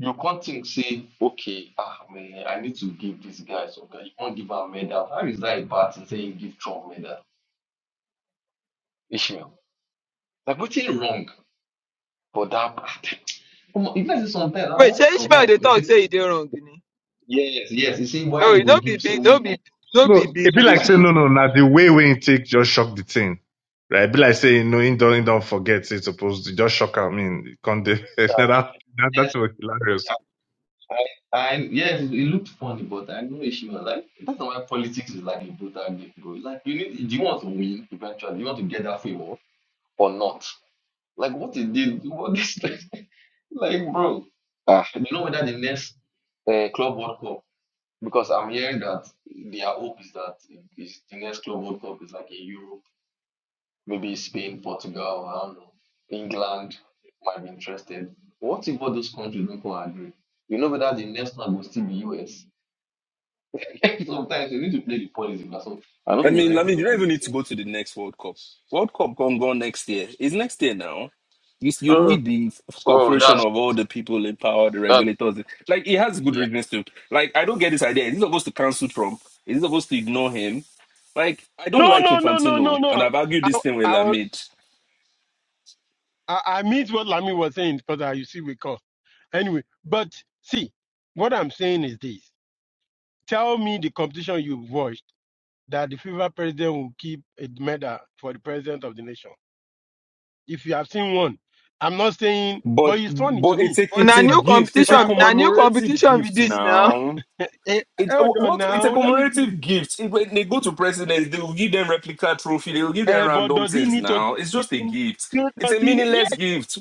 Speaker 6: You can't think, say, okay, ah man, I need to give this guy something. You can't give a medal. How is that a bad thing saying give Trump medal? Ishmael, like what's wrong for that part? Come on, if I say sometimes,
Speaker 1: Wait,
Speaker 6: I
Speaker 1: say Ishmael
Speaker 6: sometimes
Speaker 1: they
Speaker 6: I
Speaker 1: talk
Speaker 6: say
Speaker 1: say e dey wrong ni.
Speaker 6: Yes, yes. You see, why
Speaker 1: No,
Speaker 6: he
Speaker 1: e
Speaker 6: go
Speaker 1: no be
Speaker 6: give say
Speaker 1: big, no
Speaker 6: woman. And
Speaker 1: be, no be
Speaker 4: No,
Speaker 1: big
Speaker 4: it be
Speaker 6: I
Speaker 1: deal
Speaker 4: like
Speaker 1: now.
Speaker 4: saying
Speaker 6: see.
Speaker 4: no, no. Now the way we take just shock the thing, right? It be like saying no, he don't, he don't forget. It's supposed to just shock. him. I mean, can they, that, that that
Speaker 6: Yes,
Speaker 4: was hilarious.
Speaker 6: I, I, yes. It looked funny, but I know she was like, that's why politics is like a brutal game, bro. Like, you need, do you want to win eventually? Do You want to get that favor or not? Like, what is this? What is this? like, bro? Ah, you know whether the next uh, Club World Cup because I'm hearing that their hope is that is the next Club World Cup is like in Europe. Maybe Spain, Portugal, I don't know. England might be interested. What if all those countries don't come agree? You know whether the next one will still be US. Sometimes you need to play the policy, but so I don't
Speaker 8: I
Speaker 6: think there's
Speaker 8: mean, I
Speaker 6: anything
Speaker 8: mean, you don't
Speaker 6: wrong
Speaker 8: even
Speaker 6: with
Speaker 8: need to
Speaker 6: it.
Speaker 8: go to the next World Cup. World Cup gone gone next year. It's next year now. You, s- you
Speaker 5: Uh,
Speaker 8: need the
Speaker 6: Oh,
Speaker 8: cooperation
Speaker 6: that's
Speaker 8: of all the people in power, the
Speaker 6: that's
Speaker 8: regulators. Like he has good
Speaker 6: yeah.
Speaker 8: reasons to. Like I don't get this idea. Is he supposed to cancel Trump? Is he supposed to ignore him? Like I don't
Speaker 32: no,
Speaker 8: like
Speaker 32: no, no, no, no,
Speaker 8: Infantino,
Speaker 32: no.
Speaker 8: and I've argued
Speaker 32: I,
Speaker 8: this thing with
Speaker 32: I, was-
Speaker 8: Lamid.
Speaker 32: I, I mean what Lamid was saying because I you see we call. Anyway, but see, what I'm saying is this. Tell me the competition you watched that the FIFA president will keep a medal for the president of the nation. If you have seen one, I'm not saying, but
Speaker 8: But
Speaker 32: it's funny to
Speaker 8: but
Speaker 32: me.
Speaker 8: it's a
Speaker 1: But
Speaker 32: It's
Speaker 8: it's
Speaker 1: na
Speaker 8: a
Speaker 1: new
Speaker 32: funny.
Speaker 8: gift. It's
Speaker 32: But
Speaker 8: a
Speaker 32: I've
Speaker 1: competition,
Speaker 32: not
Speaker 1: na
Speaker 32: seen.
Speaker 1: new
Speaker 8: commemorative
Speaker 1: competition be
Speaker 8: gift
Speaker 1: this now.
Speaker 8: now
Speaker 32: Eh, eh,
Speaker 8: It uh,
Speaker 32: hold on
Speaker 8: what it's
Speaker 32: now.
Speaker 8: a
Speaker 32: Let me see.
Speaker 8: commemorative gift. It- when they go to presidents, they will give them replica trophy, they will give them
Speaker 32: Eh, but
Speaker 8: random
Speaker 32: does he
Speaker 8: things
Speaker 32: need to?
Speaker 8: now. It's just a gift. It's
Speaker 32: Does
Speaker 8: a
Speaker 32: he? Yes,
Speaker 8: meaningless gift.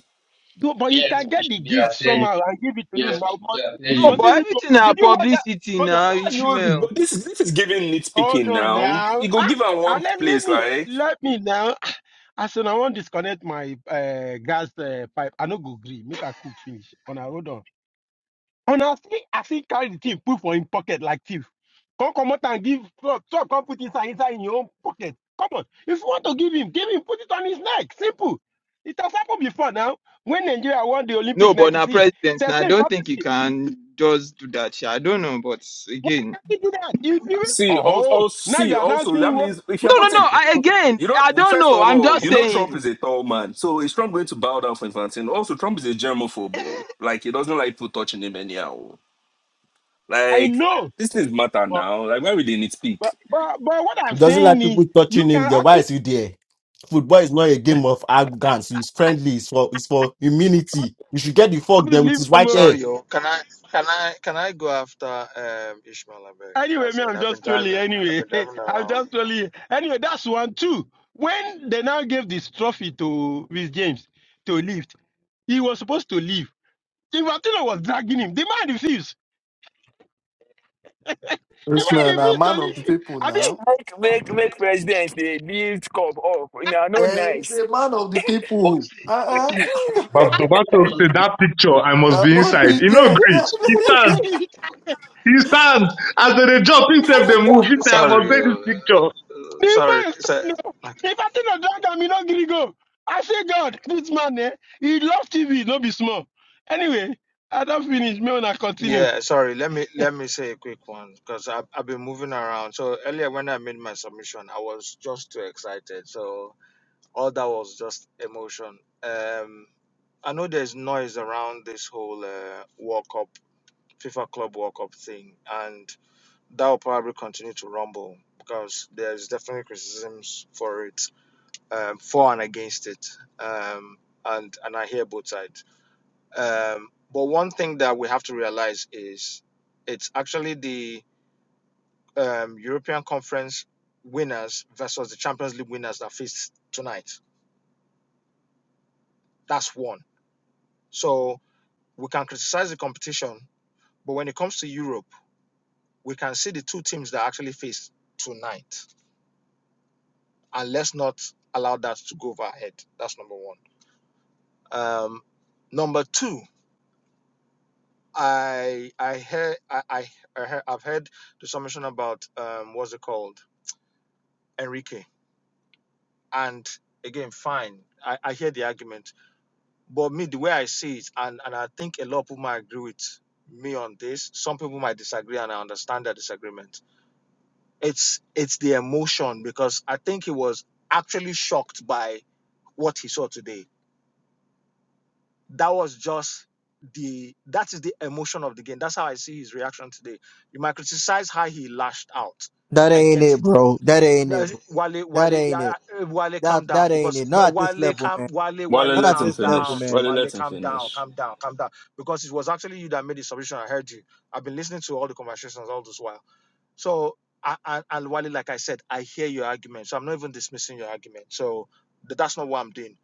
Speaker 32: do- but he
Speaker 6: Yes,
Speaker 32: can
Speaker 6: we
Speaker 32: get the
Speaker 6: should be
Speaker 32: gift
Speaker 6: at tell you.
Speaker 32: somehow and give it to him.
Speaker 6: Yes, we
Speaker 32: Now,
Speaker 6: should be
Speaker 32: must,
Speaker 6: at tell
Speaker 1: No,
Speaker 32: must
Speaker 6: you.
Speaker 32: he
Speaker 1: but
Speaker 32: need to?
Speaker 1: everything na
Speaker 32: Did you watch
Speaker 1: publicity
Speaker 32: that?
Speaker 1: now,
Speaker 8: Why are you
Speaker 1: Ishmael.
Speaker 8: but this this is giving
Speaker 32: Hold
Speaker 8: nitpicking
Speaker 32: on
Speaker 8: now.
Speaker 32: now.
Speaker 8: You go
Speaker 32: Ah,
Speaker 8: give them
Speaker 32: ah,
Speaker 8: one
Speaker 32: let, let
Speaker 8: place,
Speaker 32: me,
Speaker 8: like
Speaker 32: let me now. Ah, I said, I want to disconnect my uh, gas uh, pipe. I no go gree. Make a cook finish. On a hold on. On I see, I see carry the thing, put for in pocket like thief. Come come out and give so, so come put inside inside in your own pocket. Come on. If you want to give him, give him, put it on his neck. Simple. It has happened before now. When Nigeria won the
Speaker 1: No,
Speaker 32: Olympic
Speaker 1: but na
Speaker 32: 96,
Speaker 1: president. Now I
Speaker 32: Tesla in
Speaker 1: don't think
Speaker 32: practice,
Speaker 1: he
Speaker 32: they
Speaker 1: can just do that. sha. I don't know, but again,
Speaker 32: can't do that. If you,
Speaker 8: see,
Speaker 32: oh,
Speaker 8: also
Speaker 32: now you
Speaker 8: see,
Speaker 32: are now
Speaker 8: also
Speaker 32: seeing
Speaker 8: that
Speaker 32: what
Speaker 8: means if you're
Speaker 1: no, no, no.
Speaker 8: putting
Speaker 1: I, again,
Speaker 8: you know,
Speaker 1: I don't
Speaker 8: first
Speaker 1: know.
Speaker 8: of
Speaker 1: I'm
Speaker 8: all,
Speaker 1: just
Speaker 8: you know Trump
Speaker 1: saying.
Speaker 8: is a tall man, so is Trump going to bow down for Infantino? Also, Trump is a germaphobe. oh. Like he doesn't like people touching him anyhow.
Speaker 32: I
Speaker 8: Like
Speaker 32: know.
Speaker 8: this things matter now. Like why would they nitpick?
Speaker 32: But but but what I'm
Speaker 36: doesn't like
Speaker 32: saying
Speaker 36: people
Speaker 32: is you
Speaker 36: touching him,
Speaker 32: can
Speaker 36: then why
Speaker 32: actually
Speaker 36: is he there? Football is not a game of arrogance. It's friendly. It's for it's for immunity. You should get the fuck there with
Speaker 32: obviously
Speaker 36: his
Speaker 32: I'm,
Speaker 36: white
Speaker 32: uh,
Speaker 36: hair.
Speaker 24: Sorry, yo. Can I can I can I go after um, Ishmael Abeg?
Speaker 32: anyway,
Speaker 24: As
Speaker 32: me,
Speaker 24: in,
Speaker 32: I'm
Speaker 24: I've been
Speaker 32: just trolling
Speaker 24: driving. I've
Speaker 32: anyway.
Speaker 24: been driving
Speaker 32: I'm
Speaker 24: around.
Speaker 32: just trolling. Anyway, that's one too. When they now gave this trophy to Miss James to lift, he was supposed to leave. Infantino was dragging him. The man refused. The
Speaker 13: this
Speaker 32: man
Speaker 13: man, a
Speaker 32: refused to
Speaker 13: man of the
Speaker 32: leave.
Speaker 13: people
Speaker 32: I mean,
Speaker 13: now.
Speaker 1: make make presidents they lift cup up. Now no
Speaker 13: Hey, he's
Speaker 1: nice.
Speaker 13: a man of the
Speaker 6: But
Speaker 13: people.
Speaker 6: see, but
Speaker 13: Uh-uh.
Speaker 6: see, um,
Speaker 4: But
Speaker 6: it was
Speaker 4: Dobato
Speaker 6: not only
Speaker 4: said
Speaker 6: with-
Speaker 4: that picture, I must
Speaker 13: I
Speaker 4: be
Speaker 13: must
Speaker 4: inside.
Speaker 13: be
Speaker 4: He no
Speaker 13: dead.
Speaker 32: what
Speaker 4: agree. He stands.
Speaker 32: should we
Speaker 4: He stands. As they dey jump, he said
Speaker 32: do?
Speaker 4: they move. He said I must
Speaker 24: Sorry,
Speaker 4: take this
Speaker 24: yo. Uh,
Speaker 4: picture.
Speaker 32: The
Speaker 24: Sorry.
Speaker 32: man
Speaker 24: It's a,
Speaker 32: stand up.
Speaker 24: like
Speaker 32: The person that drag am, he no gree go. I say, God, this man, eh, he loves TV, no be small. Anyway, I don't finish. May una continue.
Speaker 24: Yeah, sorry. Let me let me say a quick one because I've, I've been moving around. So earlier when I made my submission, I was just too excited. So all that was just emotion. Um, I know there's noise around this whole uh, World Cup, FIFA Club World Cup thing, and that will probably continue to rumble because there's definitely criticisms for it, um, for and against it, um, and and I hear both sides. Um, but one thing that we have to realize is it's actually the um, European Conference winners versus the Champions League winners that face tonight. That's one. So we can criticize the competition, but when it comes to Europe, we can see the two teams that actually face tonight. And let's not allow that to go over our head. That's number one. Um, number two, I I hear I, I, I heard, I've heard the summation about um, what's it called Enrique And again, fine, I, I hear the argument. But me, the way I see it, and, and I think a lot of people might agree with me on this. Some people might disagree, and I understand their disagreement. It's it's the emotion because I think he was actually shocked by what he saw today. That was just the that is the emotion of the game. That's how I see his reaction today. You might criticize how he lashed out.
Speaker 16: That
Speaker 24: I
Speaker 16: ain't
Speaker 24: get it
Speaker 16: it, bro. That ain't it,
Speaker 24: Uh,
Speaker 16: bro.
Speaker 24: Wale, Wale,
Speaker 16: That ain't
Speaker 24: yeah,
Speaker 16: it.
Speaker 24: yeah, uh, Wale,
Speaker 16: That
Speaker 24: calm down
Speaker 16: that ain't
Speaker 24: because
Speaker 16: it.
Speaker 24: uh,
Speaker 16: Not at this
Speaker 24: Wale,
Speaker 16: level,
Speaker 24: calm,
Speaker 16: man.
Speaker 24: Wale,
Speaker 8: Wale,
Speaker 24: Wale,
Speaker 16: Not at
Speaker 8: let him
Speaker 24: calm
Speaker 16: this level,
Speaker 24: down,
Speaker 8: finish.
Speaker 16: man.
Speaker 8: Wale,
Speaker 24: Wale,
Speaker 8: let him
Speaker 24: calm down,
Speaker 8: finish.
Speaker 24: calm down, calm down. Because it was actually you that made the submission. I heard you. I've been listening to all the conversations all this while. So, I- I- and Wale, like I said, I hear your argument. So I'm not even dismissing your argument. So th- that's not what I'm doing.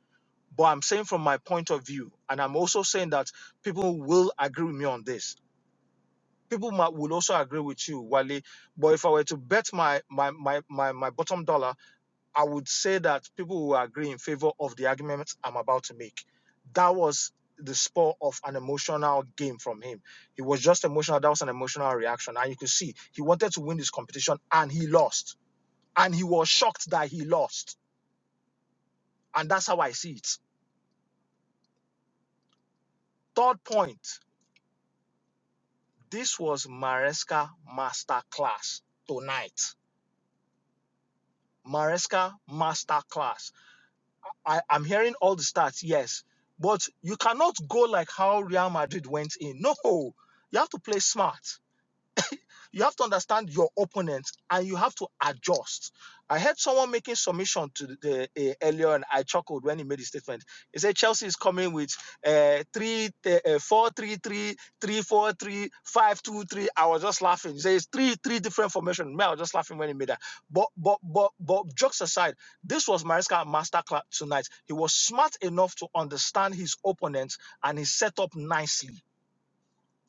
Speaker 24: But I'm saying from my point of view, and I'm also saying that people will agree with me on this. People might, will also agree with you, Wale. But if I were to bet my my my my, my bottom dollar I would say that people will agree in favor of the arguments I'm about to make. That was the spur of an emotional game from him. He was just emotional. That was an emotional reaction. And you could see he wanted to win this competition and he lost. And he was shocked that he lost. And that's how I see it. Third point this was Maresca Masterclass tonight. Maresca Masterclass. I, I'm hearing all the stats, yes. But you cannot go like how Real Madrid went in. No, you have to play smart. You have to understand your opponent and you have to adjust. I heard someone making submission to the uh, earlier, and I chuckled when he made the statement. He said Chelsea is coming with uh, three, uh, four, three, three, three, four, three, five, two, three. I was just laughing. He says it's three, three different formations. Me, I was just laughing when he made that. But, but, but, but, jokes aside, this was Mariska masterclass tonight. He was smart enough to understand his opponents and he set up nicely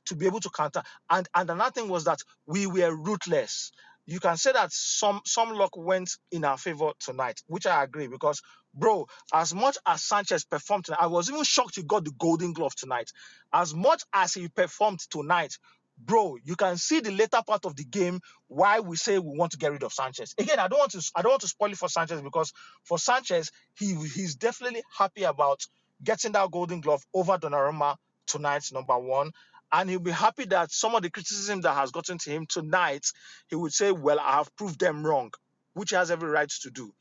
Speaker 24: to be able to counter. And and another thing was that we were ruthless. You can say that some some luck went in our favor tonight, which I agree because bro, as much as Sanchez performed tonight, I was even shocked he got the golden glove tonight. As much as he performed tonight, bro, you can see the later part of the game why we say we want to get rid of Sanchez. Again, I don't want to I don't want to spoil it for Sanchez because for Sanchez, he he's definitely happy about getting that golden glove over Donnarumma tonight, number one. And he'll be happy that some of the criticism that has gotten to him tonight, he would say, Well, I have proved them wrong, which he has every right to do.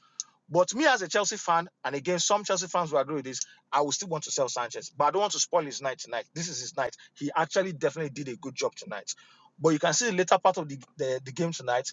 Speaker 24: But me as a Chelsea fan, and again, some Chelsea fans will agree with this, I will still want to sell Sanchez. But I don't want to spoil his night tonight. This is his night. He actually definitely did a good job tonight. But you can see the later part of the, the, the game tonight,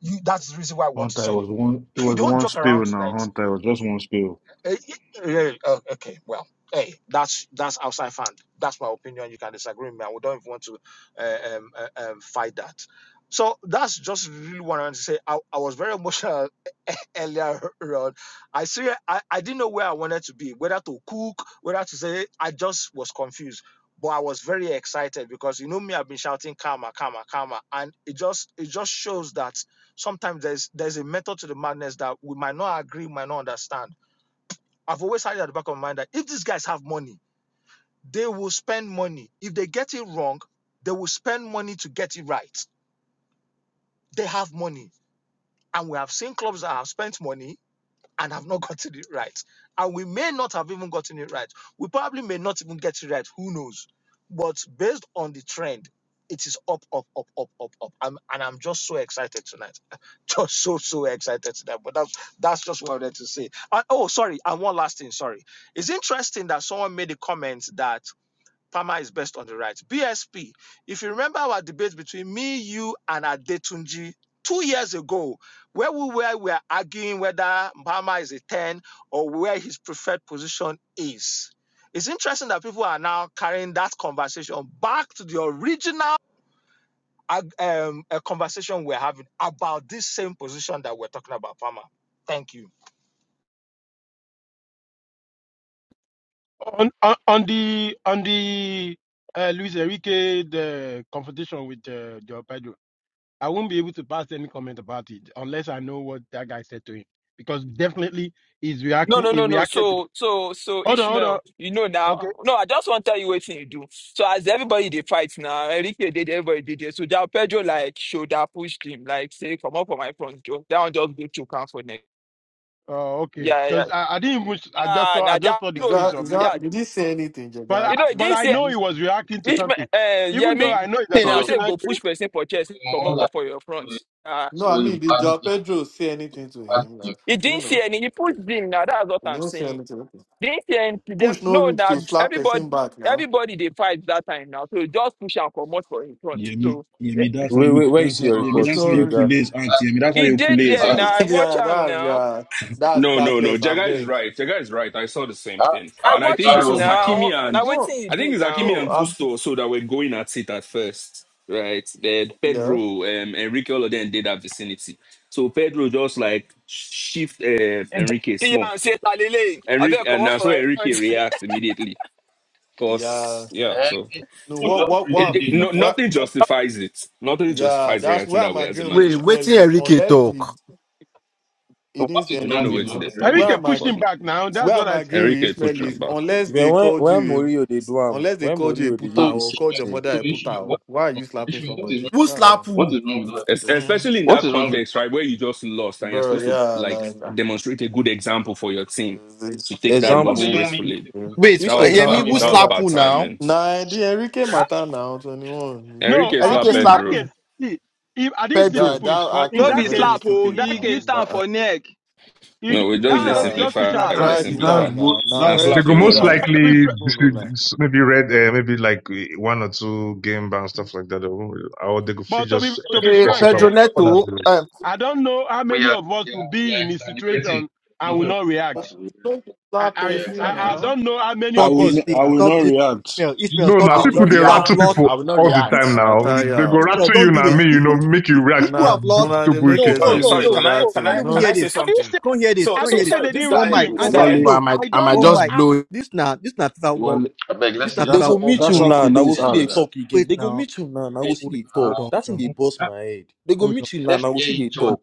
Speaker 24: you, that's the reason why I want to
Speaker 7: Hunter it
Speaker 24: sell
Speaker 7: was
Speaker 24: him.
Speaker 7: one. It
Speaker 24: You
Speaker 7: was
Speaker 24: don't
Speaker 7: one
Speaker 24: joke around
Speaker 7: spill now.
Speaker 24: tonight.
Speaker 7: Hunter it was just one spill.
Speaker 24: Eh, eh, oh, okay, well, hey, that's that's outside fan. That's my opinion. You can disagree with me. I don't even want to uh, um, uh, um, fight that. So that's just really what I want to say. I, I was very emotional earlier on. I see. I, I didn't know where I wanted to be, whether to cook, whether to say. I just was confused, but I was very excited because you know me. I've been shouting karma, karma, karma, and it just it just shows that sometimes there's there's a method to the madness that we might not agree, might not understand I've always had it at the back of my mind that if these guys have money, they will spend money. If they get it wrong, they will spend money to get it right. They have money. And we have seen clubs that have spent money and have not gotten it right. And we may not have even gotten it right. We probably may not even get it right. Who knows? But based on the trend, it is up, up, up, up, up, up. I'm, and I'm just so excited tonight. Just so, so excited tonight. But that's that's just what I wanted to say. And- oh, sorry. And one last thing. Sorry. It's interesting that someone made a comment that Palmer is best on the right. BSP, if you remember our debate between me, you, and Adetunji two years ago, where we were, we were arguing whether Palmer is a 10 or where his preferred position is. It's interesting that people are now carrying that conversation back to the original um, uh, conversation we're having about this same position that we're talking about, Palmer. Thank you.
Speaker 32: On, on, on the on the uh, Luis Enrique the confrontation with uh, Joe Pedro, I won't be able to pass any comment about it unless I know what that guy said to him because definitely he's
Speaker 1: No
Speaker 32: reacting.
Speaker 1: no
Speaker 32: He
Speaker 1: no no.
Speaker 32: reacted to.
Speaker 1: So so so
Speaker 32: Hold on, hold on.
Speaker 1: Ishmael, you know
Speaker 32: Okay,
Speaker 1: now. No, I just want to tell you what thing you do. So as everybody they fight now, Enrique did everybody did it. So that Pedro like shoulder pushed him like say come up for my front Joe. That one just go to count for next.
Speaker 32: uh, okay.
Speaker 1: Yeah yeah.
Speaker 32: Because I, I didn't even. I just
Speaker 1: Ah
Speaker 32: saw. I
Speaker 1: now
Speaker 32: just
Speaker 1: that
Speaker 32: saw the
Speaker 13: Is
Speaker 1: road,
Speaker 32: clips
Speaker 13: that
Speaker 32: of
Speaker 13: is
Speaker 32: him.
Speaker 1: yeah.
Speaker 13: that did he say anything,
Speaker 32: But I,
Speaker 13: Jada?
Speaker 1: You know
Speaker 13: Did-
Speaker 32: but
Speaker 1: this
Speaker 32: I
Speaker 1: year
Speaker 32: know
Speaker 13: did
Speaker 32: he was reacting to
Speaker 1: Ishmael
Speaker 32: something.
Speaker 1: uh,
Speaker 32: Even
Speaker 13: he- did
Speaker 32: though
Speaker 1: Yemi
Speaker 32: I
Speaker 13: he-
Speaker 32: know it's an
Speaker 6: so
Speaker 1: thing I
Speaker 6: um,
Speaker 1: say
Speaker 32: emotional
Speaker 1: go
Speaker 32: thing,
Speaker 1: push person for chest come
Speaker 6: more like
Speaker 1: up for your front.
Speaker 6: uh,
Speaker 1: Ah,
Speaker 13: No,
Speaker 6: so
Speaker 13: I
Speaker 6: a
Speaker 13: mean did
Speaker 6: bad
Speaker 13: Joao
Speaker 6: game,
Speaker 13: Pedro say
Speaker 6: so
Speaker 13: anything to
Speaker 6: a bad
Speaker 13: him?
Speaker 6: game.
Speaker 13: Like,
Speaker 1: he
Speaker 13: do you
Speaker 1: didn't see
Speaker 13: know?
Speaker 1: any. He pushed him now. That's what
Speaker 13: He
Speaker 1: I'm
Speaker 13: didn't say
Speaker 1: saying.
Speaker 13: anything. Okay.
Speaker 1: This year,
Speaker 13: Push no
Speaker 1: no,
Speaker 13: reach
Speaker 1: now
Speaker 13: to slap
Speaker 1: everybody,
Speaker 13: person back now.
Speaker 1: everybody they fight that time now. So just push and come out for in front.
Speaker 7: Yemi,
Speaker 1: So eh,
Speaker 7: Yemi, that's how
Speaker 10: Wait, wait,
Speaker 7: you
Speaker 10: where you
Speaker 7: that's
Speaker 10: see
Speaker 7: how
Speaker 10: your
Speaker 6: So
Speaker 7: Yemi,
Speaker 13: Push
Speaker 10: report,
Speaker 7: that's how
Speaker 13: no
Speaker 7: you
Speaker 13: reach.
Speaker 7: cool
Speaker 10: Jega?
Speaker 6: the
Speaker 7: his aunt.
Speaker 6: bad,
Speaker 7: Yemi, that's how
Speaker 1: he
Speaker 7: you cool
Speaker 1: did
Speaker 6: the
Speaker 7: his
Speaker 1: there
Speaker 6: bad.
Speaker 1: now.
Speaker 7: aunt.
Speaker 1: I watch
Speaker 13: yeah,
Speaker 1: him
Speaker 13: that's
Speaker 1: now.
Speaker 13: yeah. That's
Speaker 8: No, no, no.
Speaker 13: classless, I
Speaker 8: Jaga is
Speaker 13: beg.
Speaker 8: right. Jaga is right. I saw the same
Speaker 6: How,
Speaker 8: thing.
Speaker 6: how
Speaker 1: I
Speaker 8: And I
Speaker 6: is
Speaker 1: watch
Speaker 8: think it
Speaker 1: it
Speaker 6: that
Speaker 8: was
Speaker 6: wrong now?
Speaker 8: Hakimi
Speaker 1: now. Now
Speaker 8: and
Speaker 1: what
Speaker 13: No,
Speaker 1: thing you
Speaker 8: I think
Speaker 1: do
Speaker 8: it's
Speaker 1: now?
Speaker 8: Hakimi
Speaker 13: no,
Speaker 8: and
Speaker 13: I'm
Speaker 8: Gusto so that were going at it at first. Right. Then
Speaker 13: yeah.
Speaker 8: Pedro, um Enrique all of them did that vicinity. So Pedro just like shift uh,
Speaker 1: You just
Speaker 8: Enrique
Speaker 1: see
Speaker 8: small.
Speaker 1: am say talele. I
Speaker 8: Enrique
Speaker 1: better come
Speaker 8: and
Speaker 1: out
Speaker 8: now so
Speaker 1: for in
Speaker 8: Enrique
Speaker 1: front.
Speaker 8: reacts immediately.
Speaker 13: Yeah.
Speaker 8: Cause yeah,
Speaker 6: Eh,
Speaker 8: so
Speaker 13: No,
Speaker 6: Look
Speaker 13: what
Speaker 6: what
Speaker 13: what what
Speaker 6: Enrique
Speaker 8: it,
Speaker 13: I'm-
Speaker 8: it
Speaker 6: did now.
Speaker 8: no,
Speaker 6: What,
Speaker 13: what
Speaker 8: nothing
Speaker 6: what,
Speaker 8: justifies it. Nothing
Speaker 13: yeah,
Speaker 8: justifies
Speaker 13: that's
Speaker 8: reacting
Speaker 13: where
Speaker 8: that
Speaker 13: I'm
Speaker 8: way as a
Speaker 13: agreeing with
Speaker 36: Wait,
Speaker 8: manager.
Speaker 13: Ismail
Speaker 36: waiting
Speaker 13: is
Speaker 36: Enrique
Speaker 13: unless he,
Speaker 36: talk.
Speaker 13: he
Speaker 6: so what
Speaker 13: didn't say
Speaker 8: We
Speaker 6: is
Speaker 8: don't
Speaker 6: wrong
Speaker 8: know where
Speaker 6: with
Speaker 8: to
Speaker 13: anything.
Speaker 6: what
Speaker 8: they
Speaker 6: Enrique
Speaker 8: talk,
Speaker 13: Where
Speaker 6: did?
Speaker 32: Enrique
Speaker 13: am I
Speaker 32: pushed him
Speaker 8: but
Speaker 32: back now.
Speaker 13: where
Speaker 32: That's what
Speaker 13: I'm agreeing with
Speaker 8: Enrique
Speaker 13: Ismail
Speaker 6: So,
Speaker 13: is
Speaker 8: Fuchamba.
Speaker 13: unless
Speaker 10: Then
Speaker 13: they
Speaker 10: when
Speaker 13: called
Speaker 10: when
Speaker 13: you
Speaker 10: Morio they do am,
Speaker 13: Unless they
Speaker 10: when
Speaker 13: called you a
Speaker 10: Morio they do
Speaker 6: so
Speaker 13: puta
Speaker 10: this
Speaker 13: or
Speaker 10: same
Speaker 13: called
Speaker 6: Ishmael,
Speaker 13: your
Speaker 10: thing.
Speaker 13: mother
Speaker 6: so
Speaker 13: a puta.
Speaker 6: Ishmael,
Speaker 13: or-
Speaker 6: what is
Speaker 13: Why are
Speaker 6: wrong?
Speaker 13: you slapping
Speaker 6: Ishmael, what is wrong
Speaker 13: somebody?
Speaker 6: with
Speaker 36: Who
Speaker 13: That's what
Speaker 6: what?
Speaker 36: slap
Speaker 13: I'm saying.
Speaker 6: What
Speaker 36: who?
Speaker 6: is wrong with what?
Speaker 8: Es-
Speaker 13: Mm.
Speaker 8: Especially in
Speaker 6: What
Speaker 8: that
Speaker 6: is wrong with
Speaker 8: context,
Speaker 6: what?
Speaker 8: right, where you just lost and you're
Speaker 13: Bro,
Speaker 8: supposed to
Speaker 13: yeah,
Speaker 8: like
Speaker 13: like ah,
Speaker 8: demonstrate a good example for your team
Speaker 13: this-
Speaker 8: to take that
Speaker 6: So
Speaker 36: Wait, who-
Speaker 6: What
Speaker 8: loss
Speaker 6: do
Speaker 10: Example,
Speaker 6: you mean?
Speaker 8: gracefully.
Speaker 36: wait,
Speaker 8: That
Speaker 10: which
Speaker 8: was the bad.
Speaker 6: Tell
Speaker 36: Yemi,
Speaker 10: example?
Speaker 36: who
Speaker 10: I
Speaker 6: me.
Speaker 8: That
Speaker 10: know
Speaker 8: was
Speaker 36: slap
Speaker 8: bad
Speaker 36: who
Speaker 10: that.
Speaker 36: now?
Speaker 8: timing.
Speaker 13: Nah, the Enrique
Speaker 32: huh?
Speaker 13: Mata now, 21.
Speaker 32: No,
Speaker 8: Enrique
Speaker 13: Yeah.
Speaker 32: uh,
Speaker 36: Enrique
Speaker 8: slap
Speaker 32: in
Speaker 36: slap
Speaker 32: that
Speaker 8: Pedro.
Speaker 32: case,
Speaker 36: who?
Speaker 32: see, if I didn't see the
Speaker 13: yeah,
Speaker 36: Pedro.
Speaker 32: push,
Speaker 13: that
Speaker 32: but
Speaker 13: act
Speaker 32: in
Speaker 1: No
Speaker 13: was
Speaker 32: that
Speaker 1: be
Speaker 32: case,
Speaker 13: very
Speaker 1: slap oh,
Speaker 32: in
Speaker 13: stupid
Speaker 1: he
Speaker 32: that
Speaker 13: now.
Speaker 32: case,
Speaker 1: get am
Speaker 13: That, act.
Speaker 1: for neck.
Speaker 32: you
Speaker 8: No, we
Speaker 32: just
Speaker 13: Oh,
Speaker 1: That
Speaker 8: just
Speaker 32: push
Speaker 8: they
Speaker 1: one no
Speaker 32: him,
Speaker 1: be
Speaker 32: you
Speaker 1: even
Speaker 13: yeah,
Speaker 32: just push
Speaker 8: simplify.
Speaker 32: him
Speaker 13: you
Speaker 1: slap.
Speaker 32: for
Speaker 8: We they
Speaker 7: That
Speaker 32: now.
Speaker 13: try
Speaker 32: You
Speaker 13: hit
Speaker 32: know.
Speaker 7: that's
Speaker 8: simplify.
Speaker 13: him
Speaker 7: what
Speaker 13: now. Now,
Speaker 8: Now
Speaker 7: that
Speaker 13: very
Speaker 4: They
Speaker 8: slap
Speaker 4: go
Speaker 8: you
Speaker 13: stupid
Speaker 4: most
Speaker 8: won't do.
Speaker 13: act.
Speaker 32: But to be
Speaker 4: likely
Speaker 32: fr-
Speaker 13: No,
Speaker 4: this
Speaker 13: no lie.
Speaker 4: is- maybe read uh, maybe like one or two game ban stuff like that. They won't really- Or they go fit
Speaker 32: but to be
Speaker 4: just
Speaker 32: to be
Speaker 36: Okay,
Speaker 6: Um,
Speaker 4: escape
Speaker 32: frank,
Speaker 36: Pedro
Speaker 4: from
Speaker 32: eh,
Speaker 36: Neto. Uh,
Speaker 32: I don't know how
Speaker 6: we
Speaker 32: many
Speaker 6: are,
Speaker 32: of us
Speaker 6: we
Speaker 32: will
Speaker 6: are, we
Speaker 32: be
Speaker 6: are
Speaker 32: in this
Speaker 6: exaggerating.
Speaker 32: situation
Speaker 6: There's
Speaker 32: and
Speaker 6: nothing
Speaker 32: will not
Speaker 13: But
Speaker 6: wrong
Speaker 32: react.
Speaker 13: you
Speaker 6: with
Speaker 13: don't
Speaker 32: I
Speaker 13: slap
Speaker 6: that. We are
Speaker 32: I,
Speaker 13: person
Speaker 32: I I
Speaker 6: exaggerating.
Speaker 13: now.
Speaker 32: don't know how many
Speaker 7: I
Speaker 16: Stop
Speaker 32: of
Speaker 7: will.
Speaker 16: this
Speaker 32: us.
Speaker 7: n-
Speaker 6: There's
Speaker 16: thing.
Speaker 7: I
Speaker 13: Ah,
Speaker 7: will
Speaker 16: Stop
Speaker 7: not
Speaker 16: this.
Speaker 7: react.
Speaker 16: Ishmael, Ishmael,
Speaker 4: No,
Speaker 16: stop
Speaker 4: now
Speaker 36: I
Speaker 16: this
Speaker 36: will
Speaker 4: people
Speaker 16: thing.
Speaker 36: not
Speaker 4: they
Speaker 16: People
Speaker 36: react.
Speaker 16: have
Speaker 4: rattle
Speaker 16: lost
Speaker 4: people
Speaker 36: I will not
Speaker 6: nothing
Speaker 4: all the
Speaker 16: Pe-
Speaker 36: react.
Speaker 4: time.
Speaker 13: I
Speaker 4: Now
Speaker 16: people
Speaker 13: tell
Speaker 4: they go
Speaker 16: Israel,
Speaker 13: you,
Speaker 4: rattle
Speaker 6: happening.
Speaker 4: you
Speaker 16: don't do
Speaker 4: now. Me,
Speaker 16: this.
Speaker 4: you know,
Speaker 16: People,
Speaker 4: make you
Speaker 16: pe-
Speaker 4: react
Speaker 16: people
Speaker 13: una,
Speaker 16: have
Speaker 4: to,
Speaker 16: lost.
Speaker 13: una,
Speaker 4: to
Speaker 13: they make
Speaker 16: No,
Speaker 4: bullshit
Speaker 16: no,
Speaker 4: now.
Speaker 25: sorry,
Speaker 16: no,
Speaker 13: excuses
Speaker 25: sorry.
Speaker 13: for
Speaker 16: no,
Speaker 25: Can I,
Speaker 13: that
Speaker 16: no.
Speaker 25: can
Speaker 16: Come
Speaker 13: thing.
Speaker 25: I,
Speaker 16: even
Speaker 13: No,
Speaker 25: can
Speaker 32: I,
Speaker 25: I
Speaker 16: hear
Speaker 25: say
Speaker 16: this.
Speaker 32: I didn't
Speaker 25: something?
Speaker 32: say
Speaker 16: Come hear this.
Speaker 25: So,
Speaker 32: I
Speaker 16: Come
Speaker 25: so
Speaker 16: hear
Speaker 32: didn't
Speaker 16: this.
Speaker 32: say
Speaker 25: sorry.
Speaker 32: they
Speaker 25: This
Speaker 32: didn't
Speaker 36: Uh,
Speaker 16: One
Speaker 32: rat
Speaker 25: guy,
Speaker 32: to
Speaker 16: mic,
Speaker 32: him.
Speaker 25: this
Speaker 32: I
Speaker 16: one
Speaker 32: said
Speaker 16: mic.
Speaker 25: guy.
Speaker 7: Wale,
Speaker 36: But I
Speaker 16: No,
Speaker 36: might,
Speaker 32: I
Speaker 36: I
Speaker 32: don't
Speaker 36: might
Speaker 16: one
Speaker 32: know
Speaker 36: just
Speaker 16: mic.
Speaker 36: blow
Speaker 16: This now, this now FIFA walk.
Speaker 7: Wale.
Speaker 6: I beg, let's
Speaker 16: This now
Speaker 6: hear
Speaker 10: They
Speaker 6: each
Speaker 7: That's
Speaker 16: FIFA
Speaker 10: go
Speaker 7: how-
Speaker 16: walk.
Speaker 10: meet
Speaker 6: other.
Speaker 7: that's
Speaker 10: you
Speaker 16: Club.
Speaker 7: how
Speaker 10: now.
Speaker 7: Kule
Speaker 10: Now go
Speaker 7: is
Speaker 6: Hear
Speaker 10: see
Speaker 6: each
Speaker 10: they
Speaker 6: other.
Speaker 7: act.
Speaker 10: talk again.
Speaker 16: Wait
Speaker 10: They go
Speaker 16: now.
Speaker 10: meet you now. Now go
Speaker 6: Wait,
Speaker 10: see
Speaker 16: Wait.
Speaker 10: they
Speaker 16: Hold
Speaker 10: talk.
Speaker 16: on.
Speaker 10: That's in
Speaker 16: Hold
Speaker 10: they
Speaker 16: on.
Speaker 6: um,
Speaker 10: bust my head. They go
Speaker 16: Hold on.
Speaker 10: meet you now.
Speaker 6: let's
Speaker 10: Now go
Speaker 6: hear
Speaker 10: see they
Speaker 6: each other.
Speaker 10: talk.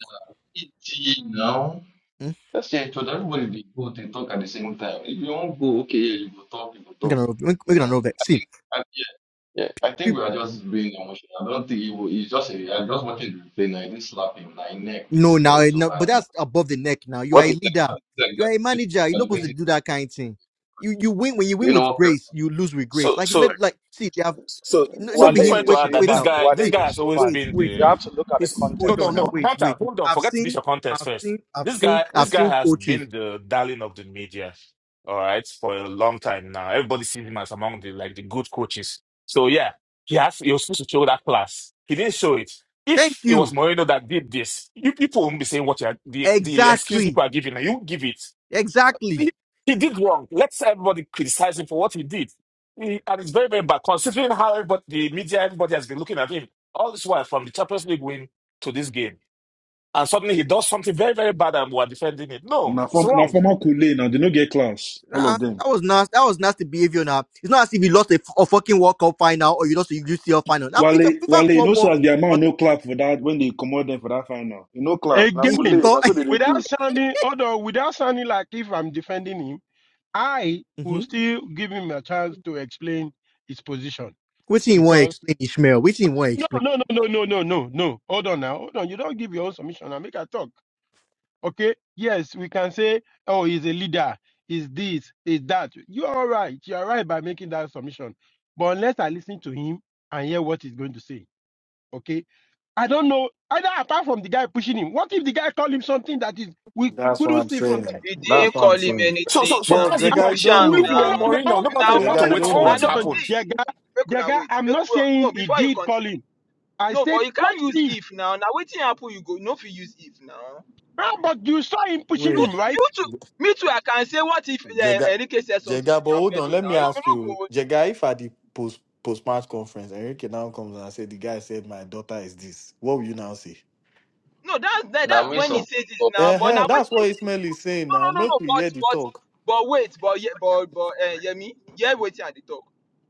Speaker 6: It's now.
Speaker 16: Hmm?
Speaker 6: That's yeah, it should everybody they go they talk at the same time. If you won't go, okay, yeah, you go talk, you go
Speaker 16: Make
Speaker 6: talk.
Speaker 16: we're we're gonna
Speaker 6: You know.
Speaker 16: an over.
Speaker 6: I
Speaker 16: See,
Speaker 6: think I, yeah, yeah. I think
Speaker 16: people.
Speaker 6: we are just being emotional. I don't think it will it's just a, I'm just watching the replay now, it didn't slap him, like neck the
Speaker 16: No,
Speaker 6: same
Speaker 16: now,
Speaker 6: touch. So
Speaker 16: no,
Speaker 6: I
Speaker 16: but
Speaker 6: think-
Speaker 16: that's above the neck. Now you are
Speaker 6: what
Speaker 16: a
Speaker 6: is that
Speaker 16: leader.
Speaker 6: what is
Speaker 16: You
Speaker 6: that
Speaker 16: are a manager. You're not supposed to
Speaker 6: exaggerating?
Speaker 16: do that kind of thing. You you win when you
Speaker 6: You
Speaker 16: win
Speaker 6: know
Speaker 16: with
Speaker 6: what people
Speaker 16: grace. You lose with grace.
Speaker 25: So,
Speaker 16: Like you let
Speaker 25: so
Speaker 6: like?
Speaker 16: it like see.
Speaker 25: So,
Speaker 16: no,
Speaker 25: so
Speaker 16: no be
Speaker 24: Wale
Speaker 25: just
Speaker 16: him.
Speaker 25: wanted to
Speaker 24: is
Speaker 16: Wait now,
Speaker 25: add that
Speaker 16: wait
Speaker 25: this
Speaker 16: now.
Speaker 24: human.
Speaker 25: guy,
Speaker 24: Wale
Speaker 25: this
Speaker 16: See,
Speaker 25: guy
Speaker 24: is
Speaker 25: has always
Speaker 16: wait,
Speaker 25: been
Speaker 24: human.
Speaker 16: wait
Speaker 24: You
Speaker 25: the.
Speaker 24: have
Speaker 16: now.
Speaker 24: to look at the
Speaker 25: He's no,
Speaker 16: Hold
Speaker 25: no,
Speaker 16: on
Speaker 24: context.
Speaker 16: now.
Speaker 25: no.
Speaker 16: Wait,
Speaker 25: Hunter,
Speaker 16: wait.
Speaker 25: hold on.
Speaker 16: I've
Speaker 25: Forget to be
Speaker 16: seen,
Speaker 25: your contest
Speaker 16: I've
Speaker 25: first.
Speaker 16: seen, I've
Speaker 25: This
Speaker 16: seen,
Speaker 25: guy, this
Speaker 16: I've
Speaker 25: guy
Speaker 16: seen
Speaker 25: has been
Speaker 16: coaches.
Speaker 25: the darling of the media. All right, for a long time now. Everybody sees him as among the like the good coaches. So yeah, he has. He was supposed to show that class. He didn't show it.
Speaker 16: Thank
Speaker 25: If it was
Speaker 16: you.
Speaker 25: Moreno that did this, you people won't be saying what you're the the excuse
Speaker 16: Exactly,
Speaker 25: people are giving. You give it.
Speaker 16: exactly.
Speaker 25: He, he did wrong. Let's everybody criticize him for what he did. He, and it's very, very bad considering how everybody, the media, everybody has been looking at him all this while from the Champions League win to this game. And suddenly he does something very, very bad and we're defending it. No,
Speaker 7: Now,
Speaker 25: it's
Speaker 7: from Now
Speaker 25: wrong.
Speaker 7: former Kule, now they not get class. all
Speaker 16: Uh,
Speaker 7: of them.
Speaker 16: that was nasty. That was nasty behavior. Now it's not as if you lost a, f- a fucking World Cup final or you lost a UCL final. Now FIFA,
Speaker 7: Wale,
Speaker 16: FIFA
Speaker 7: Wale, you know,
Speaker 16: Club World
Speaker 7: so as the amount,
Speaker 16: Cup.
Speaker 7: no clap for that when they commode them for that final. You know, clap. Na
Speaker 32: Again,
Speaker 7: Kule, that's what
Speaker 16: mm-hmm.
Speaker 7: they,
Speaker 32: without
Speaker 7: do.
Speaker 32: sounding, although without sounding like if I'm defending him, I will still give him a chance to explain his position.
Speaker 16: Which thing you want to
Speaker 32: Because
Speaker 16: explain, Ishmael? Which thing you want to
Speaker 32: no,
Speaker 16: explain?
Speaker 32: no, no, no, no, no, no, no. Hold on now, hold on. You don't give your own submission and make a talk. Okay? Yes, we can say, oh, he's a leader. He's this? He's that? You are all You are right by making that submission. But unless I listen to him and hear what he's going to say. Okay. I don't know either apart from the guy pushing him. What if the guy called him something that is we
Speaker 13: that's what
Speaker 32: couldn't
Speaker 13: I'm
Speaker 32: see from there?
Speaker 13: saying.
Speaker 1: He
Speaker 13: That's
Speaker 1: didn't
Speaker 13: what I'm
Speaker 1: call him
Speaker 13: saying.
Speaker 25: So, so,
Speaker 1: anything
Speaker 25: so
Speaker 1: now.
Speaker 13: But
Speaker 25: that's the
Speaker 1: He
Speaker 13: Jega, you
Speaker 25: point.
Speaker 1: push
Speaker 32: Ah,
Speaker 1: am
Speaker 13: don't know
Speaker 32: We
Speaker 25: If you were
Speaker 32: won't
Speaker 1: now.
Speaker 32: know
Speaker 13: now.
Speaker 32: now.
Speaker 25: Mourinho,
Speaker 32: Hold
Speaker 25: nobody
Speaker 32: on,
Speaker 1: Now
Speaker 25: would want to
Speaker 13: Jega, you
Speaker 32: hold
Speaker 25: wait
Speaker 32: on,
Speaker 13: don't
Speaker 25: for
Speaker 1: I
Speaker 13: know
Speaker 25: what
Speaker 32: hold
Speaker 1: know
Speaker 32: on,
Speaker 13: now.
Speaker 25: happened.
Speaker 1: this.
Speaker 32: Jega.
Speaker 1: Make una
Speaker 32: Jega,
Speaker 1: wait.
Speaker 32: I'm
Speaker 1: Make
Speaker 32: not
Speaker 1: well
Speaker 32: saying
Speaker 1: no
Speaker 32: he
Speaker 1: before you
Speaker 32: did
Speaker 1: continue.
Speaker 32: call him. I
Speaker 1: No, but
Speaker 32: said,
Speaker 1: you
Speaker 32: what
Speaker 1: can't use
Speaker 32: if?
Speaker 1: if now. Now wetin happen you go no fit use if now.
Speaker 32: How about you saw him pushing
Speaker 1: You
Speaker 13: Wait,
Speaker 32: him, right?
Speaker 1: you too me too I can say what if uh,
Speaker 13: Jega,
Speaker 1: Enrique said something to
Speaker 13: Jega, but
Speaker 1: their
Speaker 13: hold on.
Speaker 1: Pedro
Speaker 13: Let me
Speaker 1: now. You
Speaker 13: ask
Speaker 1: no
Speaker 13: you,
Speaker 1: go
Speaker 13: Jega, if at the post post match conference, Enrique now comes and said the guy said my daughter is this, what will you now say?
Speaker 1: no that's that,
Speaker 6: Now
Speaker 1: that's
Speaker 6: me
Speaker 1: when he
Speaker 6: support
Speaker 1: says this
Speaker 6: talk,
Speaker 1: now.
Speaker 13: Uh
Speaker 1: But
Speaker 13: huh.
Speaker 1: now
Speaker 13: That's
Speaker 1: wetin
Speaker 13: what Ismail is saying
Speaker 1: No,
Speaker 13: now.
Speaker 1: no, no,
Speaker 13: Make
Speaker 1: no.
Speaker 13: we
Speaker 1: But
Speaker 13: hear the
Speaker 1: but
Speaker 13: talk.
Speaker 1: but wait, but yeah, but but uh, Yemi, yeah, waiting at the talk.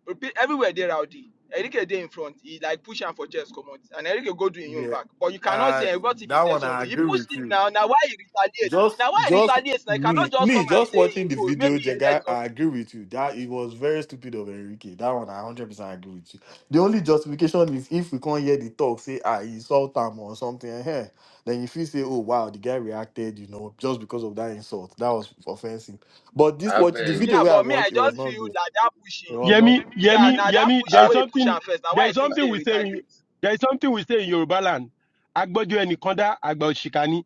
Speaker 1: Repeat everywhere they rowdy. Erike dey in front. He like push him for chest command, and Erike go do him own
Speaker 13: Yeah,
Speaker 1: back. But you cannot
Speaker 13: uh,
Speaker 1: say eh, what if he
Speaker 13: that
Speaker 1: says
Speaker 13: one I
Speaker 1: something. He
Speaker 13: agree
Speaker 1: pushed
Speaker 13: with
Speaker 1: him
Speaker 13: you.
Speaker 1: now. Now why he retaliate?
Speaker 13: Just,
Speaker 1: Now why he
Speaker 13: just
Speaker 1: retaliates? Now you cannot
Speaker 13: me,
Speaker 1: just come
Speaker 13: me,
Speaker 1: and
Speaker 13: just
Speaker 1: say he,
Speaker 13: watching the
Speaker 1: oh, maybe
Speaker 13: video,
Speaker 1: he said
Speaker 13: Jega. I
Speaker 1: something.
Speaker 13: agree with you that it was very stupid of Enrique. That one, I hundred percent agree with you. The only justification is if we can't hear the talk, say ah, he insult him or something. Hey, then if you say, oh wow, the guy reacted, you know, just because of that insult, that was offensive. But this
Speaker 6: I
Speaker 13: watch, the
Speaker 6: beg,
Speaker 13: video
Speaker 1: Yeah,
Speaker 13: where I
Speaker 1: but me I
Speaker 13: watched, it was
Speaker 1: just
Speaker 13: not
Speaker 1: feel
Speaker 13: good.
Speaker 1: that that pushing.
Speaker 13: It was not.
Speaker 32: Yemi,
Speaker 1: Yeah,
Speaker 32: Yemi,
Speaker 1: now that
Speaker 32: Yemi, there
Speaker 1: pushing
Speaker 6: I
Speaker 32: is
Speaker 1: where he push
Speaker 32: something,
Speaker 1: him first. Now
Speaker 32: there
Speaker 1: why he
Speaker 32: is
Speaker 1: thinks
Speaker 32: something
Speaker 1: he
Speaker 32: we say, in-
Speaker 1: retaliates?
Speaker 32: there is something we say in Yoruba land. Agbojo enikonda, agba oshikani.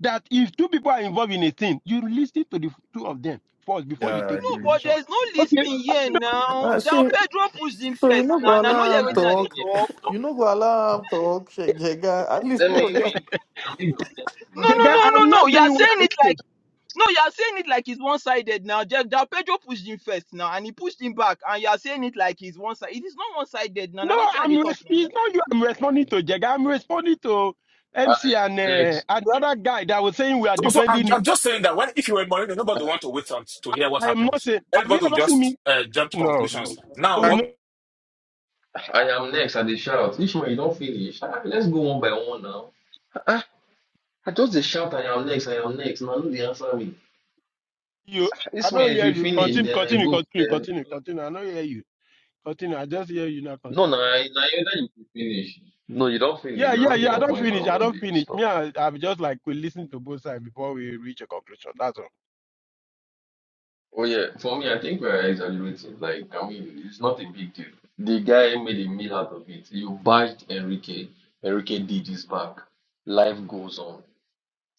Speaker 32: That if two people are involved in a thing, you listen to the two of them first before
Speaker 13: Yeah,
Speaker 32: you
Speaker 13: I
Speaker 32: take the
Speaker 1: No,
Speaker 13: agree.
Speaker 1: but
Speaker 32: position.
Speaker 1: there's no
Speaker 32: Okay,
Speaker 1: listing here now.
Speaker 13: Ah,
Speaker 1: Down
Speaker 13: so,
Speaker 1: Pedro pushed him
Speaker 13: so you
Speaker 1: first.
Speaker 13: know,
Speaker 1: Now,
Speaker 13: go
Speaker 1: now,
Speaker 6: beg.
Speaker 1: no,
Speaker 13: allow
Speaker 1: are
Speaker 13: him
Speaker 6: Now they
Speaker 1: waiting at the
Speaker 6: hear
Speaker 13: talk.
Speaker 6: me.
Speaker 1: talk.
Speaker 13: You know, go allow him talk. Jega, at least,
Speaker 6: Let me
Speaker 13: more. yeah.
Speaker 6: me now me be next
Speaker 1: No, no,
Speaker 6: now.
Speaker 32: Jega,
Speaker 1: no,
Speaker 6: I
Speaker 1: no,
Speaker 32: I'm
Speaker 6: mean
Speaker 1: no.
Speaker 32: not
Speaker 1: You are
Speaker 32: saying what.
Speaker 1: saying it like no, you are saying it like it's one-sided now. Jeff Del Pedro pushed him first now, and he pushed him back, and you are saying it like it's one sided. It is not one-sided now.
Speaker 32: No,
Speaker 1: Now waiting at the
Speaker 32: I'm.
Speaker 1: talk
Speaker 32: Res-
Speaker 1: now.
Speaker 32: it's not you. I'm responding to Jega. I'm responding to
Speaker 6: I
Speaker 32: MC and
Speaker 6: am next.
Speaker 32: uh, and the other guy that was saying we are
Speaker 25: So, so I'm,
Speaker 32: defending. It.
Speaker 25: I'm just saying that when if you were Mourinho, nobody would want to wait on, to hear what
Speaker 32: I am
Speaker 25: happened.
Speaker 32: not saying. Have you
Speaker 25: Everybody will
Speaker 32: ever seen
Speaker 25: just
Speaker 32: me?
Speaker 25: uh, jump to
Speaker 32: No.
Speaker 25: conclusions. Now, what?
Speaker 6: I am next. I dey shout. Which one you don't finish? Ah, Let's go one by one now. Ah, I just the shout. I am next. I am next. Now no dey answer me.
Speaker 32: you. I
Speaker 6: This one,
Speaker 32: don't
Speaker 6: if
Speaker 32: hear
Speaker 6: you
Speaker 32: you.
Speaker 6: finish,
Speaker 32: Continue,
Speaker 6: then I
Speaker 32: continue,
Speaker 6: go.
Speaker 32: continue,
Speaker 6: Then
Speaker 32: continue, continue. I don't hear you. Continue. I just hear you now.
Speaker 6: no,
Speaker 32: Continue.
Speaker 6: na na you that you finish. No, you don't finish.
Speaker 32: Yeah,
Speaker 6: You are
Speaker 32: yeah,
Speaker 6: making
Speaker 32: yeah. I
Speaker 6: your
Speaker 32: don't
Speaker 6: points now
Speaker 32: finish. I
Speaker 6: about
Speaker 32: don't
Speaker 6: the
Speaker 32: finish.
Speaker 6: stuff.
Speaker 32: Me, I, I'm just like we listen to both sides before we reach a conclusion. That's all.
Speaker 6: Oh yeah, for me, I think we are exaggerating. Like, I mean, it's not a big deal. The guy made a meal out of it. You bashed Enrique. Enrique did his back. Life goes on.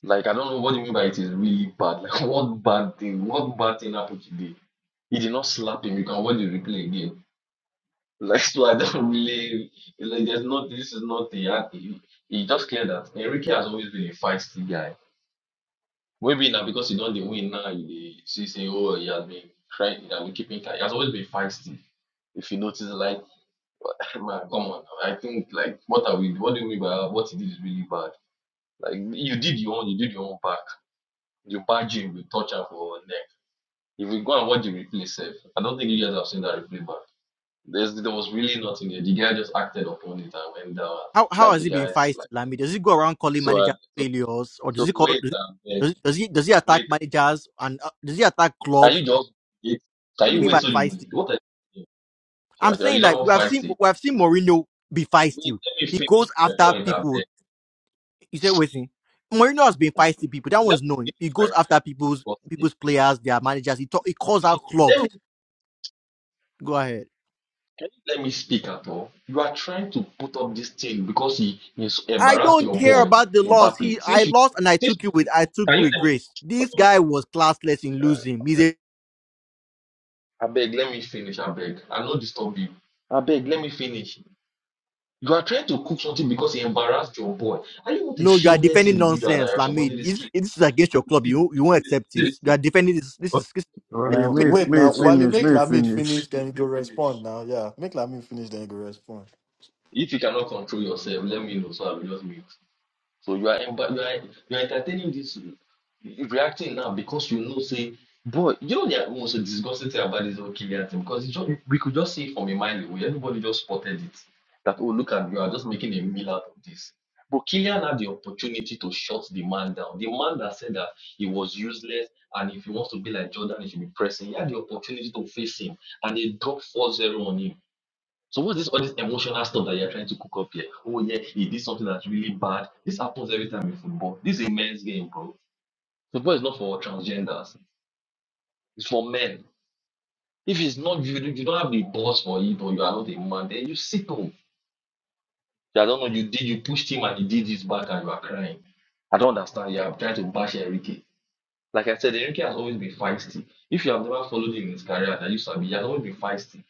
Speaker 6: Like I don't know what you mean by it is really bad. Like what bad thing? What bad thing happened today? He did not slap him. You can watch the replay again. Like so, I don't really like. There's not. This is not the. He, he just clear that Enrique has always been a feisty guy. Maybe now because he don't dey win now, he dey see say oh he has been trying. He has been keeping. calm." He has always been feisty. If you notice, like man, come on. I think like what are we? What do you mean by what he did is really bad? Like you did your own. You did your own back. You badge him. You touch him for If we go and watch the replay, safe. I don't think you guys have seen that replay, but there's there was really nothing there. The guy just acted upon it and went down
Speaker 16: How how
Speaker 6: like
Speaker 16: has
Speaker 6: the
Speaker 16: he been
Speaker 6: guys
Speaker 16: feisty,
Speaker 6: like
Speaker 16: Lami? Does he go around calling
Speaker 6: so. Uh,
Speaker 16: managers failures, or
Speaker 6: so
Speaker 16: does he call
Speaker 6: wait,
Speaker 16: does
Speaker 6: um, eh,
Speaker 16: does he does he, does he attack
Speaker 6: wait.
Speaker 16: managers and uh, does he attack
Speaker 6: Can
Speaker 16: clubs?
Speaker 6: you
Speaker 16: And
Speaker 6: just wait? Can
Speaker 16: what do you
Speaker 6: you
Speaker 16: mean
Speaker 6: wait
Speaker 16: by
Speaker 6: till you win?
Speaker 16: feisty?
Speaker 6: What are you doing?
Speaker 16: I'm
Speaker 6: Sha- sha, You
Speaker 16: saying
Speaker 6: don't
Speaker 16: that
Speaker 6: know
Speaker 16: we have seen
Speaker 6: feisty.
Speaker 16: we have seen Mourinho be
Speaker 6: Wait,
Speaker 16: feisty.
Speaker 6: let me
Speaker 16: He
Speaker 6: finish
Speaker 16: goes
Speaker 6: my
Speaker 16: after
Speaker 6: point up
Speaker 16: people.
Speaker 6: there.
Speaker 16: You said waiting. Mourinho has been feisty people. That
Speaker 6: Let
Speaker 16: one's
Speaker 6: me
Speaker 16: known.
Speaker 6: finish
Speaker 16: He
Speaker 6: my
Speaker 16: goes after people's
Speaker 6: thought there.
Speaker 16: people's players, their managers. He talk, he calls
Speaker 6: Finish.
Speaker 16: out
Speaker 6: Let
Speaker 16: clubs.
Speaker 6: me,
Speaker 16: Go ahead.
Speaker 6: can you let me speak at all? You are trying to put up this thing because he, he
Speaker 16: I
Speaker 6: embarrassed
Speaker 16: don't
Speaker 6: your
Speaker 16: care
Speaker 6: boy
Speaker 16: about the loss. He
Speaker 6: Mbappe.
Speaker 16: I
Speaker 6: Since you,
Speaker 16: lost and I
Speaker 6: since
Speaker 16: took it
Speaker 6: you,
Speaker 16: with I took it
Speaker 6: can you
Speaker 16: with
Speaker 6: let me?
Speaker 16: grace.
Speaker 6: um,
Speaker 16: This guy was classless in losing. He's a
Speaker 6: I beg, let me finish. I beg. I will not disturb you. I beg, let me finish. You are trying to cook something because you embarrassed your boy. Are you not a
Speaker 16: No, you are
Speaker 6: shameless
Speaker 16: defending
Speaker 6: individual that
Speaker 16: nonsense,
Speaker 6: you are
Speaker 16: Lamid.
Speaker 6: supporting this
Speaker 16: This
Speaker 6: kid?
Speaker 16: this is against your club.
Speaker 6: See
Speaker 16: You you won't
Speaker 6: see this,
Speaker 16: accept
Speaker 6: see
Speaker 16: it.
Speaker 6: this
Speaker 16: You
Speaker 6: thing.
Speaker 16: are defending this. This is this, you are
Speaker 7: Wale,
Speaker 13: Um,
Speaker 6: So,
Speaker 7: may
Speaker 16: defending this.
Speaker 13: wait
Speaker 7: may he
Speaker 13: now,
Speaker 6: so,
Speaker 13: while you
Speaker 7: finish,
Speaker 13: make
Speaker 7: may
Speaker 6: okay.
Speaker 7: he
Speaker 13: Lamid
Speaker 7: finish.
Speaker 13: finish, then you go respond now. Yeah, make Lamid finish, then you go respond.
Speaker 6: If you cannot control yourself, let me know so I will just mute. So you are but you are you are entertaining this reacting now because you know say boy you know the most disgusting thing about this whole Kylian thing because it's just, we could just see it from a mile away everybody just spotted it that oh look at you are just making a meal out of this but Kylian had the opportunity to shut the man down the man that said that he was useless and if he wants to be like Jordan he should be pressing he had the opportunity to face him and he dropped 4-0 on him so what's this all this emotional stuff that you're trying to cook up here? Oh yeah, he did something that's really bad. This happens every time in football. This is a men's game, bro. Football is not for transgenders. It's for men. If it's not you, you don't have the balls for it, or you are not a man. Then you sit home. I don't know. You did. You pushed him, and he did his back, and you are crying. I don't understand. You are trying to bash Enrique. Like I said, Enrique has always been feisty. If you have never followed him in his career, that you sabi, he has always been feisty.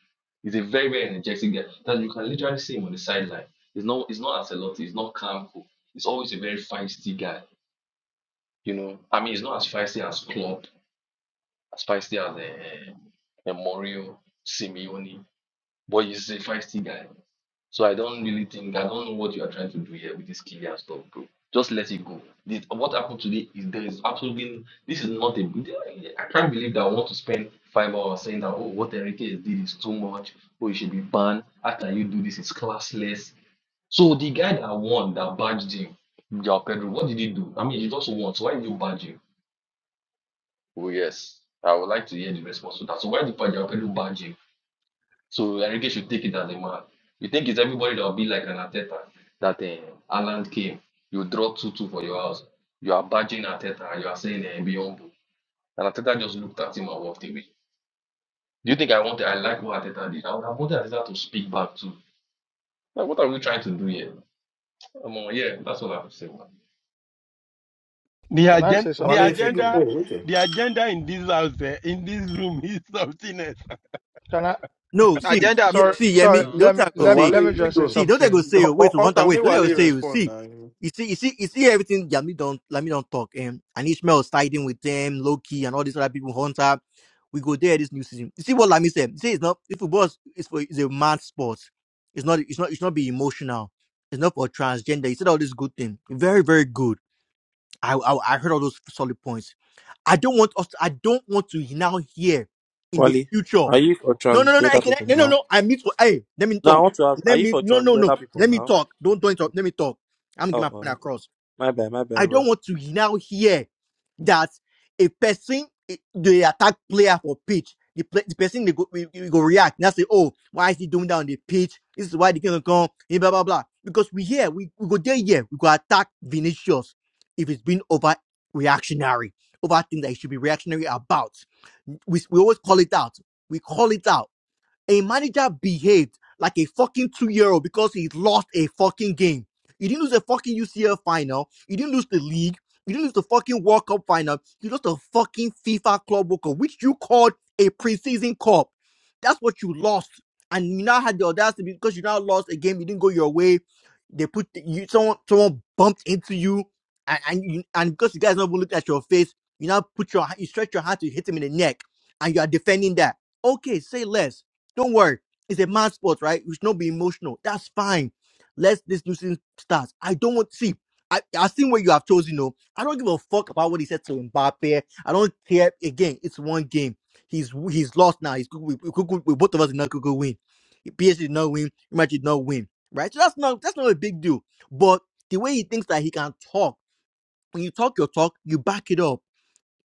Speaker 6: He's a very, very energetic guy that you can literally see him on the sideline. He's not he's not as a lot, he's not calm. cool. He's always a very feisty guy. You know, I mean he's not as feisty as Klopp, as feisty as uh, uh, Mario, Simeone but he's a feisty guy. So I don't really think I don't know what you are trying to do here with this Kylian stuff, bro. Just let it go. This, what happened today is there is absolutely this is not a. I can't believe that I want to spend five hours saying that oh what Enrique has did is too much. Oh you should be banned. How can you do this? It's classless. So the guy that won that badged him, Joao Pedro, what did he do? I mean he just won. So why did you badge him? Oh yes, I would like to hear the response to that. So why did Joao Pedro badge him? So Enrique should take it as a man. You think it's everybody that will be like an Ateta that uh, Haaland came. You draw 2 2 for your house. You are badging Ateta and you are saying uh, be humble. And Ateta just looked at him and walked away. Do you think I wanted, I like what Ateta did? I would have wanted Ateta to speak back too. Like, what are we trying to do here? Um, uh, yeah, that's all I have to say. Man.
Speaker 32: The
Speaker 24: Can I
Speaker 32: agenda,
Speaker 24: say
Speaker 32: the
Speaker 13: Wale,
Speaker 24: something
Speaker 13: if you go,
Speaker 24: quickly?
Speaker 32: agenda,
Speaker 13: oh, okay.
Speaker 32: the agenda in this house, eh, in this room, is something else.
Speaker 24: Can I?
Speaker 16: no. See,
Speaker 1: Agenda
Speaker 16: ye,
Speaker 24: Sorry,
Speaker 16: see,
Speaker 1: plenty
Speaker 24: sorry.
Speaker 16: Yemi.
Speaker 1: now.
Speaker 24: Let
Speaker 16: Don't
Speaker 24: me
Speaker 16: I go
Speaker 13: Oh,
Speaker 24: let,
Speaker 16: say?
Speaker 13: Wale,
Speaker 24: let me
Speaker 13: if you
Speaker 24: just say
Speaker 16: See,
Speaker 13: go.
Speaker 16: don't I go
Speaker 24: something.
Speaker 16: say? oh,
Speaker 13: Hun-
Speaker 16: Wait, Hunter,
Speaker 13: Hunter,
Speaker 16: wait.
Speaker 13: make
Speaker 16: Don't I go
Speaker 13: Wale
Speaker 24: Okay.
Speaker 16: say? oh,
Speaker 13: respond
Speaker 16: See,
Speaker 13: now.
Speaker 16: you see, you see, you see everything. Yemi don't Lamid don't talk. Um, and Ishmael siding with them, Loki, and all these other people. Hunter, we go there this new season. You see what Lamid said? You see, it's not. If football is is for is a mad sport. It's not. It's not. It's not be emotional. It's not for transgender. He said all this good thing. Very, very good. I, I I heard all those solid points. I don't want us. To, I don't want to now hear in the
Speaker 10: Wally,
Speaker 16: future.
Speaker 10: are you for
Speaker 16: No, no, no, no. I
Speaker 10: transgender
Speaker 16: can,
Speaker 10: people
Speaker 16: no, no,
Speaker 10: now?
Speaker 16: no. I need to. Hey, let me
Speaker 10: No, I
Speaker 16: talk.
Speaker 10: want to ask, are
Speaker 16: Let
Speaker 10: you
Speaker 16: me.
Speaker 10: for
Speaker 16: No, no, no.
Speaker 10: transgender people
Speaker 16: Let me
Speaker 10: now?
Speaker 16: talk. Don't don't talk. Let me talk. I'm gonna get
Speaker 10: Oh,
Speaker 16: my
Speaker 10: oh,
Speaker 16: point
Speaker 10: okay.
Speaker 16: across.
Speaker 10: My bad, my
Speaker 16: I
Speaker 10: bad,
Speaker 16: don't
Speaker 10: bro.
Speaker 16: want to now hear that a person eh, they attack player for pitch. The, play, the person they go, we, we go react. Now say, oh, why is he doing that on the pitch? This is why they can't come. eh, Blah blah blah. Because we here, we, we go there here, we go attack Vinicius if it's been over reactionary, over things that he should be reactionary about. We, we always call it out. We call it out a manager behaved like a fucking two year old because he lost a fucking game. You didn't lose a fucking UCL final. You didn't lose the league. You didn't lose the fucking World Cup final. You lost the fucking FIFA Club World Cup, which you called a preseason cup. That's what you lost. And you now had the audacity because you now lost a game. You didn't go your way. They put you someone someone bumped into you, and and, you, and because you guys never looked at your face, you now put your you stretch your hand to hit him in the neck, and you are defending that. Okay, say less don't worry. It's a mad sport, right? We should not be emotional. That's fine. Let this new nuisance start. I don't want see. I, I've seen what you have chosen, though. I don't give a fuck about what he said to Mbappe. I don't care. Again, it's one game. He's he's lost now. He's we, we, we, we both of us did not could win. PSG did not win. Real Madrid did not win. Right? So that's not that's not a big deal. But the way he thinks that he can talk, when you talk your talk, you back it up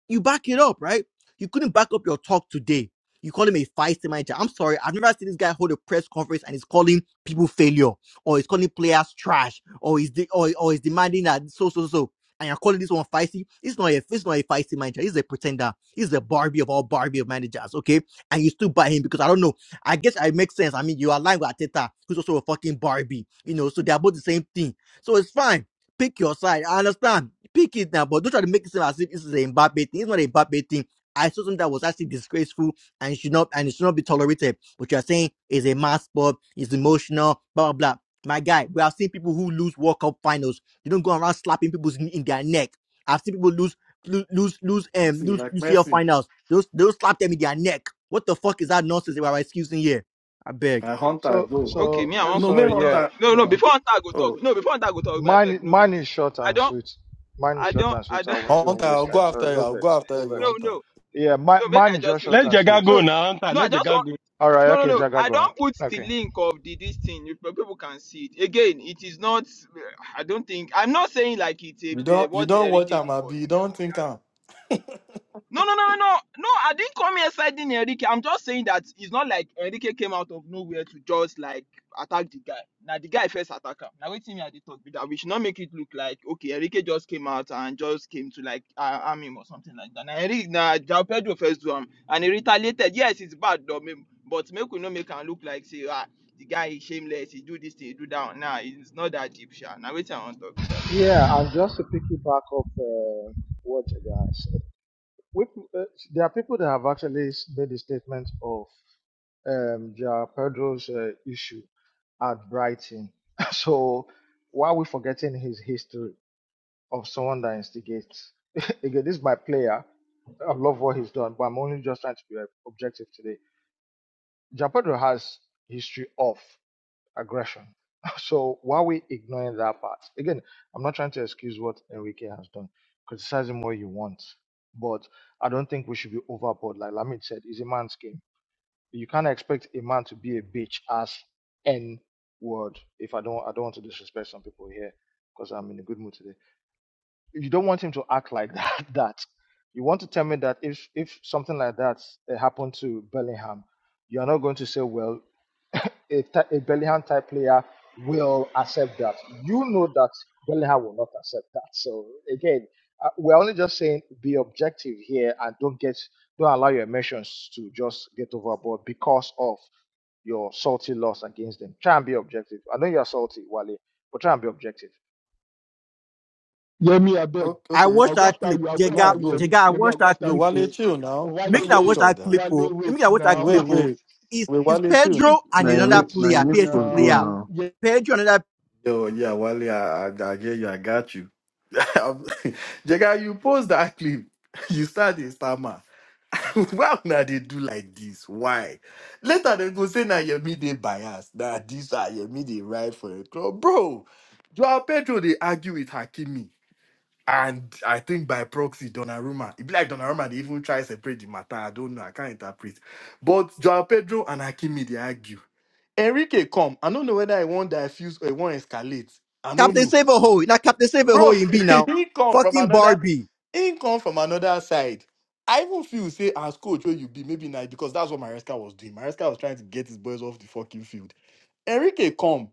Speaker 16: you back it up, right? You couldn't back up your talk today. You call him a feisty manager. I'm sorry, I've never seen this guy hold a press conference and he's calling people failure, or he's calling players trash, or he's de- or, or he's demanding that so so so. so, And you're calling this one feisty. It's not a it's not a feisty manager. He's a pretender. He's the Barbie of all Barbie of managers. Okay, and you still buy him because I don't know. I guess it makes sense. I mean, you are lying with Ateta, who's also a fucking Barbie. You know, so they are both the same thing. So it's fine pick your side. I understand. Pick it now, but don't try to make it seem as if this is a Mbappe thing. It's not a Mbappe thing. I saw something that was actually disgraceful and should not and it should not be tolerated. But you are saying is a mass sport, is emotional, blah blah blah. My guy, we have seen people who lose World Cup finals. You don't go around slapping people's in, in their neck. I've seen people lose lo- lose lose um
Speaker 13: See,
Speaker 16: lose
Speaker 13: like
Speaker 16: UCL
Speaker 13: Messi.
Speaker 16: finals. Those those slap them in their neck. What the fuck is that nonsense They are excusing here? I beg.
Speaker 13: Uh, Hunter,
Speaker 24: So
Speaker 13: go.
Speaker 1: Okay, me,
Speaker 24: so
Speaker 1: I want
Speaker 13: No,
Speaker 24: so
Speaker 13: make
Speaker 1: quickly talk.
Speaker 24: yeah.
Speaker 13: Hunter.
Speaker 1: No, no,
Speaker 24: So
Speaker 1: before that go
Speaker 13: Oh,
Speaker 1: talk. No, before that go talk, me, I beg,
Speaker 24: mine
Speaker 1: no
Speaker 24: mine
Speaker 1: vex.
Speaker 24: is short
Speaker 1: I
Speaker 24: and
Speaker 1: don't,
Speaker 24: sweet. Mine is
Speaker 1: I
Speaker 24: short
Speaker 1: don't,
Speaker 24: and
Speaker 1: I
Speaker 24: sweet. I
Speaker 1: don't.
Speaker 24: won't even
Speaker 13: Hunter, I'll
Speaker 24: waste
Speaker 13: go
Speaker 24: time. Sorry,
Speaker 13: after you.
Speaker 24: no
Speaker 13: I'll go
Speaker 24: vex,
Speaker 13: after
Speaker 24: no
Speaker 13: you,
Speaker 1: No,
Speaker 24: vex.
Speaker 1: no.
Speaker 13: Hunter.
Speaker 24: Yeah, my,
Speaker 1: No, make
Speaker 24: mine
Speaker 1: I
Speaker 24: is
Speaker 1: just
Speaker 24: just short
Speaker 32: Let
Speaker 1: quickly.
Speaker 24: and
Speaker 32: Jaga
Speaker 24: sweet.
Speaker 32: go
Speaker 1: No,
Speaker 32: now. Hunter.
Speaker 1: no, I
Speaker 32: Let
Speaker 1: just
Speaker 32: Jaga
Speaker 1: want.
Speaker 32: go.
Speaker 24: All right.
Speaker 1: No, no,
Speaker 24: Okay,
Speaker 1: no.
Speaker 24: Jaga,
Speaker 1: I
Speaker 24: go on.
Speaker 1: don't put the
Speaker 24: Okay.
Speaker 1: link of the this thing. if People can see it. Again, it is not. I don't think. I'm not saying like it's
Speaker 13: You
Speaker 1: a,
Speaker 13: don't, you
Speaker 1: what
Speaker 13: don't watch
Speaker 1: Enrique
Speaker 13: him,
Speaker 1: did was.
Speaker 13: Abi. You don't think him.
Speaker 1: No, no, no, no, no. No, I didn't come here siding Enrique. I'm just saying that it's not like Enrique came out of nowhere to just like attack the guy. Now the guy first attack him. Now waiting me at the talk be that we should not make it look like okay, Enrique just came out and just came to like uh, arm him or something like that. Now Enrique now Jao Pedro first do him and he retaliated. Yes, it's bad though, me- but make we not make him look like say ah the guy is shameless, he do this thing, he do that. Now it's not that deep, sha. Now waiting I want to talk be that.
Speaker 24: Yeah, and just to piggyback off uh, what Jaga said. With, uh, there are people that have actually s- made a statement of um, Joao Pedro's uh, issue at Brighton. So why are we forgetting his history of someone that instigates? Again, this is my player. I love what he's done, but I'm only just trying to be uh, objective today. Joao Pedro has history off aggression. So why are we ignoring that part? Again, I'm not trying to excuse what Enrique has done. Criticize him what you want. But I don't think we should be overboard. Like Lamid said, it's a man's game. You can't expect a man to be a bitch as N word. If I don't I don't want to disrespect some people here because I'm in a good mood today you don't want him to act like that. That you want to tell me that if if something like that eh, happened to Bellingham, you are not going to say, well, a, ty- a Bellingham type player will accept that. You know that Bellingham will not accept that. So again, uh, we're only just saying be objective here and don't get don't allow your emotions to just get overboard because of your salty loss against them. Try and be objective. I know you're salty, Wale, but try and be objective.
Speaker 20: Yemi, I beg.
Speaker 13: Okay,
Speaker 16: I
Speaker 13: okay.
Speaker 16: watched
Speaker 20: I'll go
Speaker 16: that
Speaker 20: after
Speaker 16: clip.
Speaker 20: you. I'll go
Speaker 13: Now
Speaker 20: after
Speaker 16: Jega
Speaker 20: you,
Speaker 13: go.
Speaker 20: Yemi.
Speaker 16: Jega, I
Speaker 20: Yemi, I'll
Speaker 16: watched
Speaker 20: go
Speaker 16: that
Speaker 20: after
Speaker 13: Yo,
Speaker 16: clip.
Speaker 20: you.
Speaker 13: Wale,
Speaker 16: Oh.
Speaker 13: chill now.
Speaker 20: Wale,
Speaker 16: Making I watch
Speaker 20: wait.
Speaker 13: God,
Speaker 16: that
Speaker 13: damn.
Speaker 16: clip, oh,
Speaker 20: Wale, wait
Speaker 16: making I watch that
Speaker 20: now.
Speaker 13: wait,
Speaker 16: clip,
Speaker 20: Ah,
Speaker 16: oh,
Speaker 13: wait,
Speaker 16: is
Speaker 13: wait,
Speaker 16: is
Speaker 13: Wale, chill.
Speaker 16: Pedro and
Speaker 20: Wale,
Speaker 7: Naomi,
Speaker 16: another player,
Speaker 20: chill
Speaker 7: Naomi
Speaker 16: PSG
Speaker 7: supposed go
Speaker 16: player.
Speaker 20: now.
Speaker 7: now.
Speaker 20: Yeah.
Speaker 16: Pedro and another
Speaker 13: Yo, yeah, Wally, I, I, I get you. I got you. Jega, you post that clip. You start the stammer. Why now they do like this? Why? Later they go say now your midday bias. Now this are your midday right for a club, bro. Joao Pedro they argue with Hakimi. And I think by proxy, Donnarumma, it be like Donnarumma, they even try separate the matter. I don't know. I can't interpret. But Joao Pedro and Hakimi, they argue. Enrique come. I don't know whether I want diffuse or I want escalate. I don't
Speaker 16: Captain
Speaker 13: know
Speaker 16: Save a hole. Now Captain Save a hole
Speaker 13: bro
Speaker 16: in B now.
Speaker 13: he come from
Speaker 16: Fucking
Speaker 13: another
Speaker 16: Barbie.
Speaker 13: he come from another side i even feel say as coach where you be maybe na because that's what maresca was doing maresca was trying to get his boys off the fucking field enrique come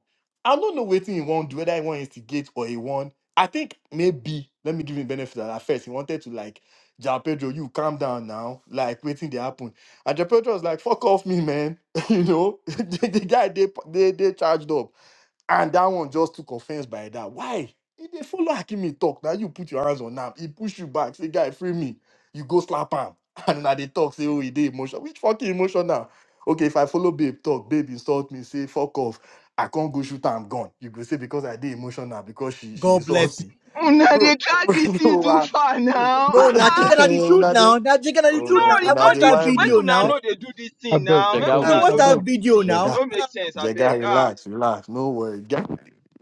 Speaker 13: i don't know wetin he wan do whether he want instigate or he wan i think maybe let me give him benefit at first he wanted to like Jao Pedro, you calm down now. Like, waiting they happen. And Jao Pedro was like, fuck off me, man. you know, the, the guy, they, they, they charged up. And that one just took offense by that. Why? If they follow Hakimi talk, now you put your hands on him. He push you back. Say, guy, free me. You go slap him. And now they talk, say, oh, he did emotional. Which fucking emotion now? Okay, if I follow babe talk, babe insult me, say, fuck off. I can't go shoot her, I'm gone. You go say, because I did emotional, now, because she she
Speaker 16: God
Speaker 13: insult
Speaker 16: bless you.
Speaker 13: me.
Speaker 1: Una they
Speaker 13: Bro,
Speaker 1: drag this thing
Speaker 13: bro,
Speaker 1: too
Speaker 13: ah,
Speaker 1: far
Speaker 16: No,
Speaker 1: now.
Speaker 16: now chicken are the truth
Speaker 13: una dey
Speaker 16: now. Now chicken are the truth
Speaker 1: No,
Speaker 16: now.
Speaker 13: una
Speaker 16: I
Speaker 1: it's
Speaker 13: una
Speaker 1: not
Speaker 16: watched
Speaker 13: dey
Speaker 1: the
Speaker 16: that
Speaker 1: truth.
Speaker 13: wild
Speaker 1: Make
Speaker 13: me.
Speaker 16: video
Speaker 1: una
Speaker 16: now.
Speaker 1: know they do this
Speaker 20: I
Speaker 1: thing
Speaker 20: beg.
Speaker 1: now.
Speaker 13: They
Speaker 20: I
Speaker 1: Make
Speaker 13: got
Speaker 20: beg.
Speaker 16: I
Speaker 1: una
Speaker 13: waste
Speaker 16: watched
Speaker 20: I
Speaker 1: know do
Speaker 16: that
Speaker 20: beg.
Speaker 13: now.
Speaker 1: this
Speaker 16: video
Speaker 1: thing.
Speaker 16: now.
Speaker 1: No make
Speaker 16: Ah,
Speaker 1: sense, I
Speaker 13: Jega,
Speaker 1: beg. Ah,
Speaker 13: relax, relax. No worry. Jega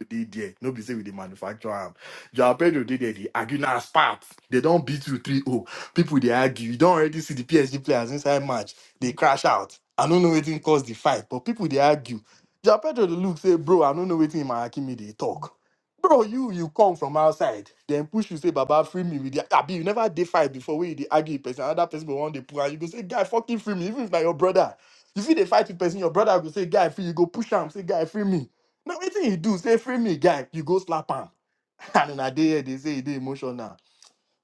Speaker 13: did there. No be say with the manufacturer. am. Joao Pedro did there. The Aguinas part. They don't beat you three o. People they argue. You don't already see the PSG players inside match. They crash out. I don't know waiting cause the fight. But people they argue. Joao Pedro they look say, bro, I don't know waiting in my Hakimi they talk. Bro, you you come from outside, then push you say Baba free me with the Abi. You never did fight before where you dey argue with person, another person go one they pull and you go say, guy, fucking free me, even if na your brother. You feel the fight with person, your brother will say, guy, free, you go push him, say, guy, free me. Now, anything he do, say, free me, guy, you go slap him. And in a day, they say, he dey emotional.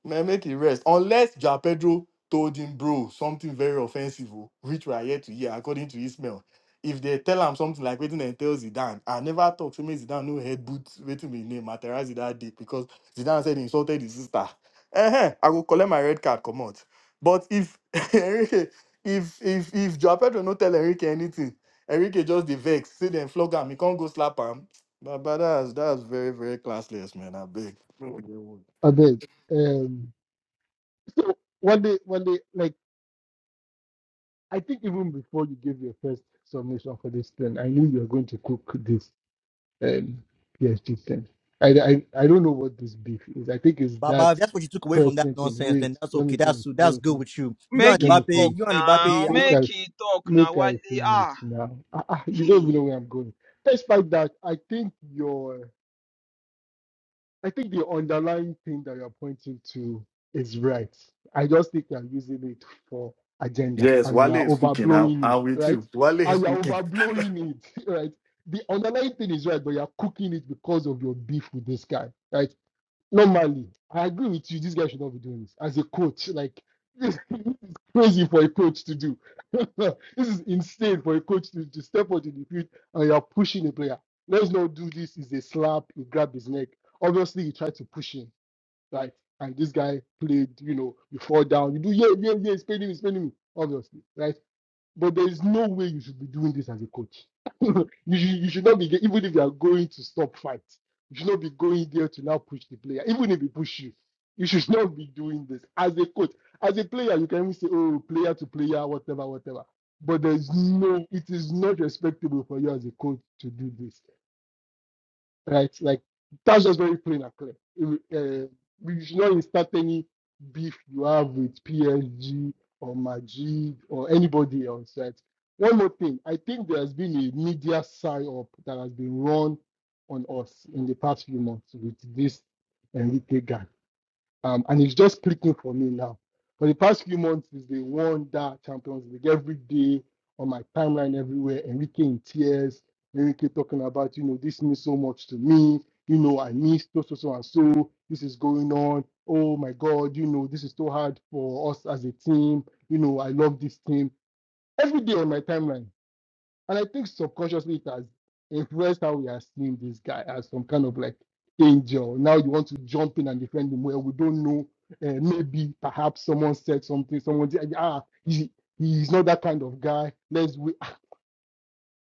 Speaker 13: Man, make it rest. Unless Ja Pedro told him, bro, something very offensive, oh, which we are yet to hear, according to Ismail. If they tell him something like waiting and tell Zidane, I never talk to me Zidane no head boots waiting me name Materazzi that day because Zidane said he insulted his sister. Eh, I go collect my red card, come out. But if Enrique, if if if Joao Pedro no tell Enrique anything, Enrique just the vex, see them flog him, he can't go slap him. But, but that's that's very, very classless, man. I beg.
Speaker 20: I beg. Um. So one day, one day, like. I think even before you gave your first submission for this thing, I knew you were going to cook this um, PSG thing. I, I, I don't know what this beef is. I think it's
Speaker 16: Baba, if
Speaker 20: that
Speaker 16: that's what you took away from that
Speaker 20: person thing.
Speaker 16: nonsense,
Speaker 20: Wait,
Speaker 16: then that's
Speaker 20: let
Speaker 16: okay.
Speaker 20: me finish.
Speaker 16: That's
Speaker 20: Let
Speaker 16: that's
Speaker 20: me
Speaker 16: good
Speaker 20: finish.
Speaker 16: with you. You and
Speaker 1: make
Speaker 20: Let
Speaker 1: it
Speaker 20: me
Speaker 1: talk
Speaker 16: Mbappe,
Speaker 20: finish.
Speaker 16: you and
Speaker 1: now.
Speaker 16: Mbappe, I
Speaker 20: Make
Speaker 16: don't
Speaker 1: Make
Speaker 20: I
Speaker 1: it talk now.
Speaker 20: make
Speaker 1: What
Speaker 20: I
Speaker 1: they
Speaker 20: finish
Speaker 1: are.
Speaker 20: now. Ah, ah, you don't
Speaker 1: Hey.
Speaker 20: even know where I'm going. Despite that, I think your I think the underlying thing that you're pointing to is right. I just think you're using it for agenda
Speaker 13: Yes,
Speaker 20: and you
Speaker 13: Wale
Speaker 20: are
Speaker 13: is cooking. I,
Speaker 20: overblowing it,
Speaker 13: I'm with
Speaker 20: right?
Speaker 13: you. Wale is
Speaker 20: And you're
Speaker 13: cooking.
Speaker 20: overblowing it, right? The underlying thing is right, but you're cooking it because of your beef with this guy, right? normally, I agree with you. This guy should not be doing this as a coach. Like this is crazy for a coach to do. this is insane for a coach to, to step onto the field and you are pushing a player. Let's not do this. Is a slap. You grab his neck. Obviously, you try to push him, right? And this guy played. You know, you fall down. You do yeah, yeah, yeah. He's playing me. He's playing me. Obviously, right? But there is no way you should be doing this as a coach. you, should, you should not be, even if you are going to stop fights, you should not be going there to now push the player, even if he push you. You should not be doing this as a coach. As a player, you can even say, oh, player to player, whatever, whatever. But there is no, it is not respectable for you as a coach to do this right? Like that's just very plain and clear. It- uh, we should not start any beef you have with PSG or Majid or anybody else, right? One more thing, I think there has been a media sign up that has been run on us in the past few months with this Enrique guy um, and it's just clicking for me now. For the past few months, it's the one that Champions League every day on my timeline everywhere. Enrique in tears, Enrique talking about you know this means so much to me. You know I miss so so so and so. This is going on. Oh my God, you know this is so hard for us as a team. You know I love this team every day on my timeline and I think subconsciously it has influenced how we are seeing this guy as some kind of like angel. Now you want to jump in and defend him. Well, we don't know. Uh, maybe, perhaps someone said something. Someone said, ah, he, he's not that kind of guy. Let's. We,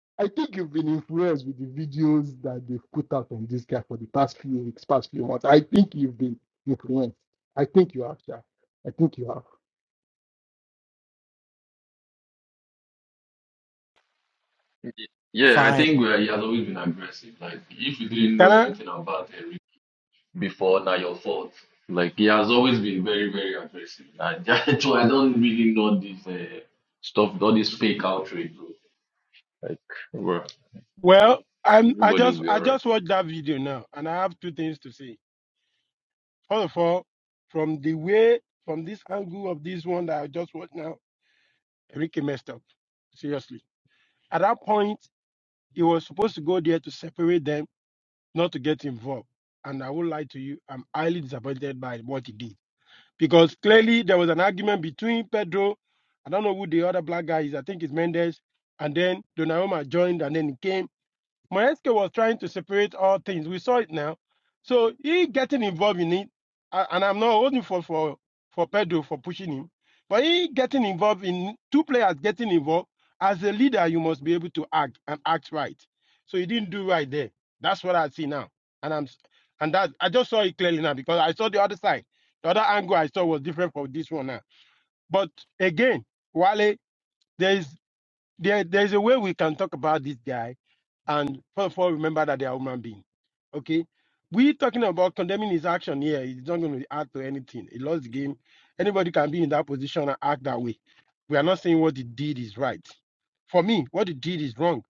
Speaker 20: I think you've been influenced with the videos that they've put out on this guy for the past few weeks, past few months. I think you've been influenced. I think you have, Sha. I think you have.
Speaker 6: Yeah, I
Speaker 16: fine.
Speaker 6: think uh, he has always been aggressive. Like, if you didn't know
Speaker 32: Can I?
Speaker 6: anything about Enrique. before now your fault. Like he has always been very, very aggressive. And so I don't really know this uh, stuff, all this fake outrage, bro. Like, bro, man,
Speaker 32: Well, I'm. I
Speaker 6: everybody will
Speaker 32: just,
Speaker 6: be
Speaker 32: I
Speaker 6: alright.
Speaker 32: just watched that video now, and I have two things to say. First of all, from the way, from this angle of this one that I just watched now, Enrique messed up. Seriously. At that point, he was supposed to go there to separate them, not to get involved. And I will lie to you, I'm highly disappointed by what he did. Because clearly there was an argument between Pedro, I don't know who the other black guy is, I think it's Mendes, and then Donnarumma joined and then he came. Mayeske was trying to separate all things. We saw it now. So he getting involved in it, a- and I'm not holding for for for Pedro for pushing him, but he getting involved in two players getting involved. As a leader, you must be able to act and act right. So he didn't do right there. That's what I see now, and I'm s- and that I just saw it clearly now because I saw the other side. The other angle I saw was different from this one now. But again, Wale, there is there, there's a way we can talk about this guy and first of all remember that they are human being. Okay. We talking about condemning his action here. It's not going to add to anything. He lost the game. Anybody can be in that position and act that way. We are not saying what he did is right. For me, what he did is wrong.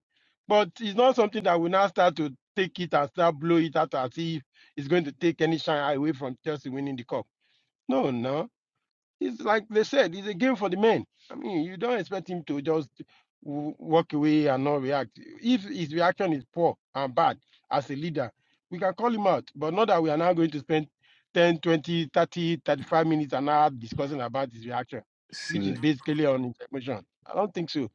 Speaker 32: But it's not something that we now start to take it and start blow it out as if it's going to take any shine away from Chelsea winning the cup. No, no. It's like they said, it's a game for the men. I mean, you don't expect him to just w- walk away and not react. If his reaction is poor and bad as a leader, we can call him out, but not that we are now going to spend 10, 20, 30, 35 minutes an hour discussing about his reaction, which
Speaker 23: Sil-
Speaker 32: is basically on his emotion. I don't think so.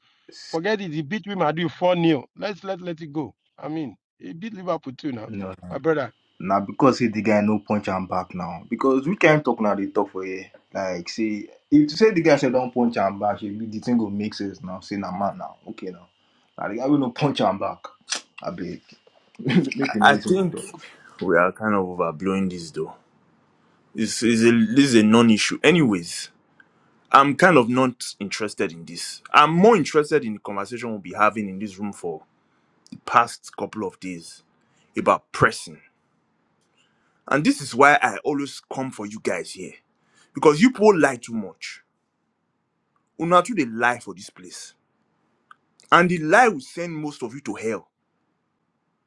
Speaker 32: Forget it. He beat Real Madrid 4 0. Let's let, let it go. I mean, he beat Liverpool too now,
Speaker 23: no.
Speaker 32: my brother.
Speaker 23: Now because say the guy no punch am back now. Because we can't talk now they talk for here? Like say if to say the guy say don't punch am back, she the thing go make sense now. Say na man now, okay now. now the guy will no punch am back. Abeg, make we know
Speaker 14: I
Speaker 23: wetin we
Speaker 14: think
Speaker 23: talk.
Speaker 14: we are kind of overblowing this though. This is a this is a non-issue. Anyways, I'm kind of not interested in this. I'm more interested in the conversation we'll be having in this room for the past couple of days about pressing. And this is why I always come for you guys here. Because you people lie too much. Una too they lie for this place. And the lie will send most of you to hell.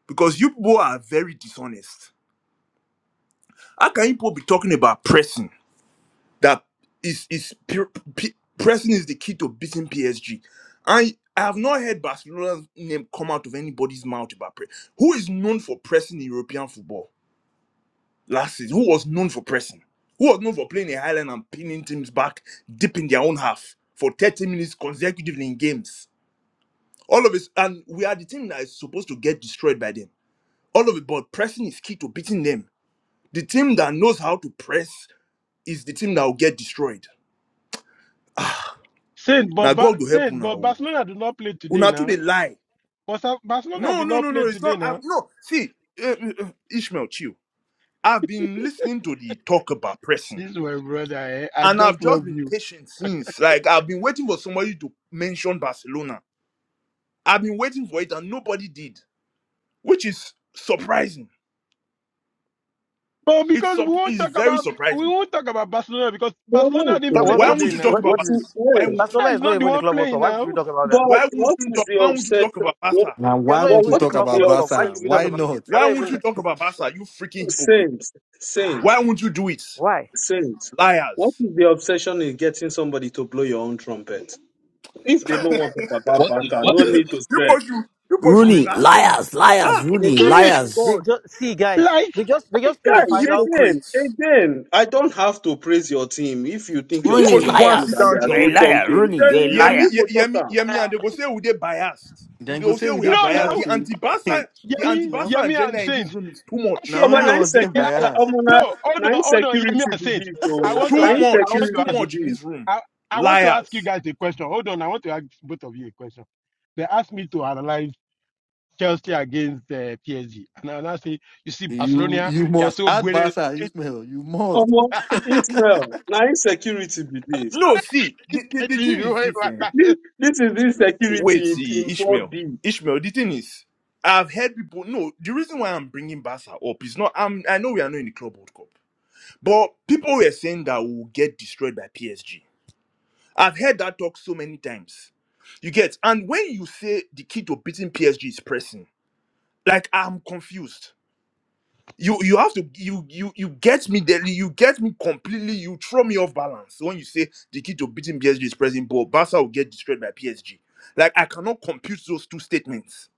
Speaker 14: Because you people are very dishonest. but pressing that is is pu- pu- pressing is the key to beating PSG. I I have not heard Barcelona's name come out of anybody's mouth about press. Who is known for pressing in European football? Like who was known for pressing? Who was known for playing a highland and pinning teams back deep in their own half for 30 minutes consecutively in games? All of us, and we are the team that is supposed to get destroyed by them. All of it, but pressing is key to beating them. The team that knows how to press is the team that will get destroyed
Speaker 32: Saint, but,
Speaker 14: Now
Speaker 32: Ba-
Speaker 14: God will help
Speaker 32: Saint,
Speaker 14: una.
Speaker 32: but
Speaker 14: oh.
Speaker 32: Barcelona do not play today
Speaker 14: Una too
Speaker 32: now.
Speaker 14: they lie.
Speaker 32: But Sa- Barcelona
Speaker 14: No,
Speaker 32: did
Speaker 14: no,
Speaker 32: not
Speaker 14: no, no.
Speaker 32: play
Speaker 14: It's
Speaker 32: today
Speaker 14: not. I've,
Speaker 32: now.
Speaker 14: no, see, uh, uh, Ishmael, chill. I've been listening to the talk about pressing,
Speaker 32: This is my brother. Eh? I
Speaker 14: and I've
Speaker 32: just
Speaker 14: just
Speaker 32: love
Speaker 14: been
Speaker 32: you.
Speaker 14: patient since. Like I've been waiting for somebody to mention Barcelona. I've been waiting for it, and nobody did, which is surprising.
Speaker 32: But
Speaker 14: It's
Speaker 32: because we
Speaker 14: sup-
Speaker 32: won't
Speaker 14: it's
Speaker 32: talk
Speaker 14: very
Speaker 32: about we
Speaker 14: surprising.
Speaker 32: won't talk about Barcelona because
Speaker 5: well,
Speaker 32: Barcelona
Speaker 5: wait,
Speaker 32: didn't
Speaker 37: No,
Speaker 5: so
Speaker 32: play
Speaker 37: what,
Speaker 14: Why
Speaker 5: what
Speaker 37: what
Speaker 14: won't
Speaker 32: today
Speaker 5: is
Speaker 14: you
Speaker 37: is
Speaker 32: now.
Speaker 14: talk
Speaker 37: what,
Speaker 14: about?
Speaker 5: what
Speaker 37: what
Speaker 5: is
Speaker 14: Barcelona?
Speaker 37: is
Speaker 14: Why
Speaker 5: where?
Speaker 14: won't you?
Speaker 37: Barcelona
Speaker 32: Barcelona is
Speaker 37: is not
Speaker 32: not the
Speaker 37: even in the
Speaker 32: one
Speaker 37: club world cup.
Speaker 32: playing
Speaker 37: Why should
Speaker 32: now.
Speaker 37: we talk about them?
Speaker 5: But
Speaker 14: Why won't
Speaker 5: what
Speaker 14: you
Speaker 5: is
Speaker 14: talk?
Speaker 5: the
Speaker 14: Why won't you
Speaker 5: obsession?
Speaker 14: talk about
Speaker 5: What,
Speaker 14: Barca?
Speaker 13: Now,
Speaker 37: You're
Speaker 13: why
Speaker 37: not
Speaker 5: but
Speaker 13: would
Speaker 37: even
Speaker 13: you
Speaker 37: in
Speaker 5: what
Speaker 37: the
Speaker 13: talk
Speaker 5: is
Speaker 37: club
Speaker 13: about
Speaker 5: the
Speaker 37: world cup. Why
Speaker 13: Barca?
Speaker 37: should we talk
Speaker 13: Why
Speaker 5: obsession?
Speaker 37: about you?
Speaker 13: not?
Speaker 37: You're
Speaker 14: Why
Speaker 37: not
Speaker 14: won't
Speaker 37: even
Speaker 14: you
Speaker 37: like
Speaker 14: talk about Barca? You freaking hypocrite!
Speaker 5: Saints,
Speaker 14: Why
Speaker 5: saints,
Speaker 14: won't you do it,
Speaker 37: why?
Speaker 5: saints. What
Speaker 14: liars?
Speaker 5: is the obsession in getting somebody to blow your own trumpet? If they don't want to talk about
Speaker 6: What if,
Speaker 5: Baka,
Speaker 6: what
Speaker 5: no
Speaker 6: if,
Speaker 14: you
Speaker 5: need to stress.
Speaker 14: supposed to you supposed to
Speaker 6: what if,
Speaker 34: Rooney,
Speaker 14: relax. see.
Speaker 34: liars, liars,
Speaker 14: Ah,
Speaker 37: They
Speaker 34: Rooney,
Speaker 32: Give
Speaker 37: just
Speaker 32: me
Speaker 37: they
Speaker 34: liars.
Speaker 14: God,
Speaker 37: just see guys.
Speaker 32: like
Speaker 37: They just they just play the
Speaker 5: Guys,
Speaker 14: Hy-
Speaker 37: final
Speaker 5: again,
Speaker 14: hypocrites.
Speaker 5: again, I don't have to praise your team. If you think your
Speaker 14: You
Speaker 34: Rooney,
Speaker 14: supposed to
Speaker 5: team
Speaker 14: go
Speaker 5: is
Speaker 14: and
Speaker 5: good
Speaker 14: sit
Speaker 5: and
Speaker 34: liars.
Speaker 5: they
Speaker 14: down,
Speaker 5: are
Speaker 34: You're
Speaker 5: doing
Speaker 34: a
Speaker 14: Joe.
Speaker 34: liar,
Speaker 5: something,
Speaker 34: Rooney, you're a
Speaker 5: then
Speaker 14: Hear
Speaker 5: now
Speaker 14: me,
Speaker 34: liar.
Speaker 5: you
Speaker 14: hear
Speaker 5: go
Speaker 14: hear
Speaker 5: talk
Speaker 14: me,
Speaker 5: am.
Speaker 14: hear me, and they go say we they biased. We
Speaker 13: Then
Speaker 14: they
Speaker 13: go
Speaker 14: will
Speaker 13: say
Speaker 14: say
Speaker 13: we
Speaker 14: we are
Speaker 13: did
Speaker 32: no
Speaker 14: biased.
Speaker 32: now.
Speaker 14: The
Speaker 13: bias. oh.
Speaker 14: anti-Basa, the
Speaker 32: Yemi,
Speaker 13: now,
Speaker 14: anti-Basa
Speaker 32: Yemi and
Speaker 14: agenda in this
Speaker 32: Saint.
Speaker 14: room is too
Speaker 32: Okay,
Speaker 14: much.
Speaker 13: now
Speaker 5: Oba
Speaker 13: only
Speaker 5: na
Speaker 32: now
Speaker 13: us did
Speaker 32: they
Speaker 5: insecurity,
Speaker 32: ask
Speaker 13: bias.
Speaker 5: omo na
Speaker 32: no, hold
Speaker 5: na
Speaker 32: on, hold on, Yemi
Speaker 5: insecurity
Speaker 32: and
Speaker 5: be
Speaker 32: Saint.
Speaker 5: this
Speaker 32: I
Speaker 5: o.
Speaker 32: want to
Speaker 5: Na
Speaker 14: Too
Speaker 32: ask I
Speaker 14: much. It's
Speaker 32: want
Speaker 14: too
Speaker 32: to
Speaker 5: insecurity
Speaker 32: ask
Speaker 5: be
Speaker 14: much in
Speaker 5: this.
Speaker 14: this room.
Speaker 32: I, I want to ask you
Speaker 14: Liars.
Speaker 32: guys a question. Hold on, I want to ask both of you a question. They asked me to analyze Chelsea against uh, PSG. And I now say, you see,
Speaker 13: You
Speaker 32: Barcelona,
Speaker 13: you
Speaker 32: they are
Speaker 13: must
Speaker 32: so
Speaker 13: add
Speaker 32: good.
Speaker 13: Barca, Ismail. You must.
Speaker 5: Omo Israel, na insecurity be this.
Speaker 14: No, see, the, the, the thing is this. Eh?
Speaker 5: This, this is
Speaker 14: Wait,
Speaker 5: insecurity in
Speaker 14: see,
Speaker 5: in
Speaker 14: Ishmael.
Speaker 5: 4D.
Speaker 14: Ishmael, the thing is, I've heard people. No, the reason why I'm bringing Basa up is not. I'm, I know we are not in the Club World Cup. But people were saying that we'll get destroyed by PSG. I've heard that talk so many times. You get, and when you say the key to beating PSG is pressing, like I'm confused. You you have to you you you get me there. You get me completely. You throw me off balance when you say the key to beating PSG is pressing. But Barca will get destroyed by PSG. Like I cannot compute those two statements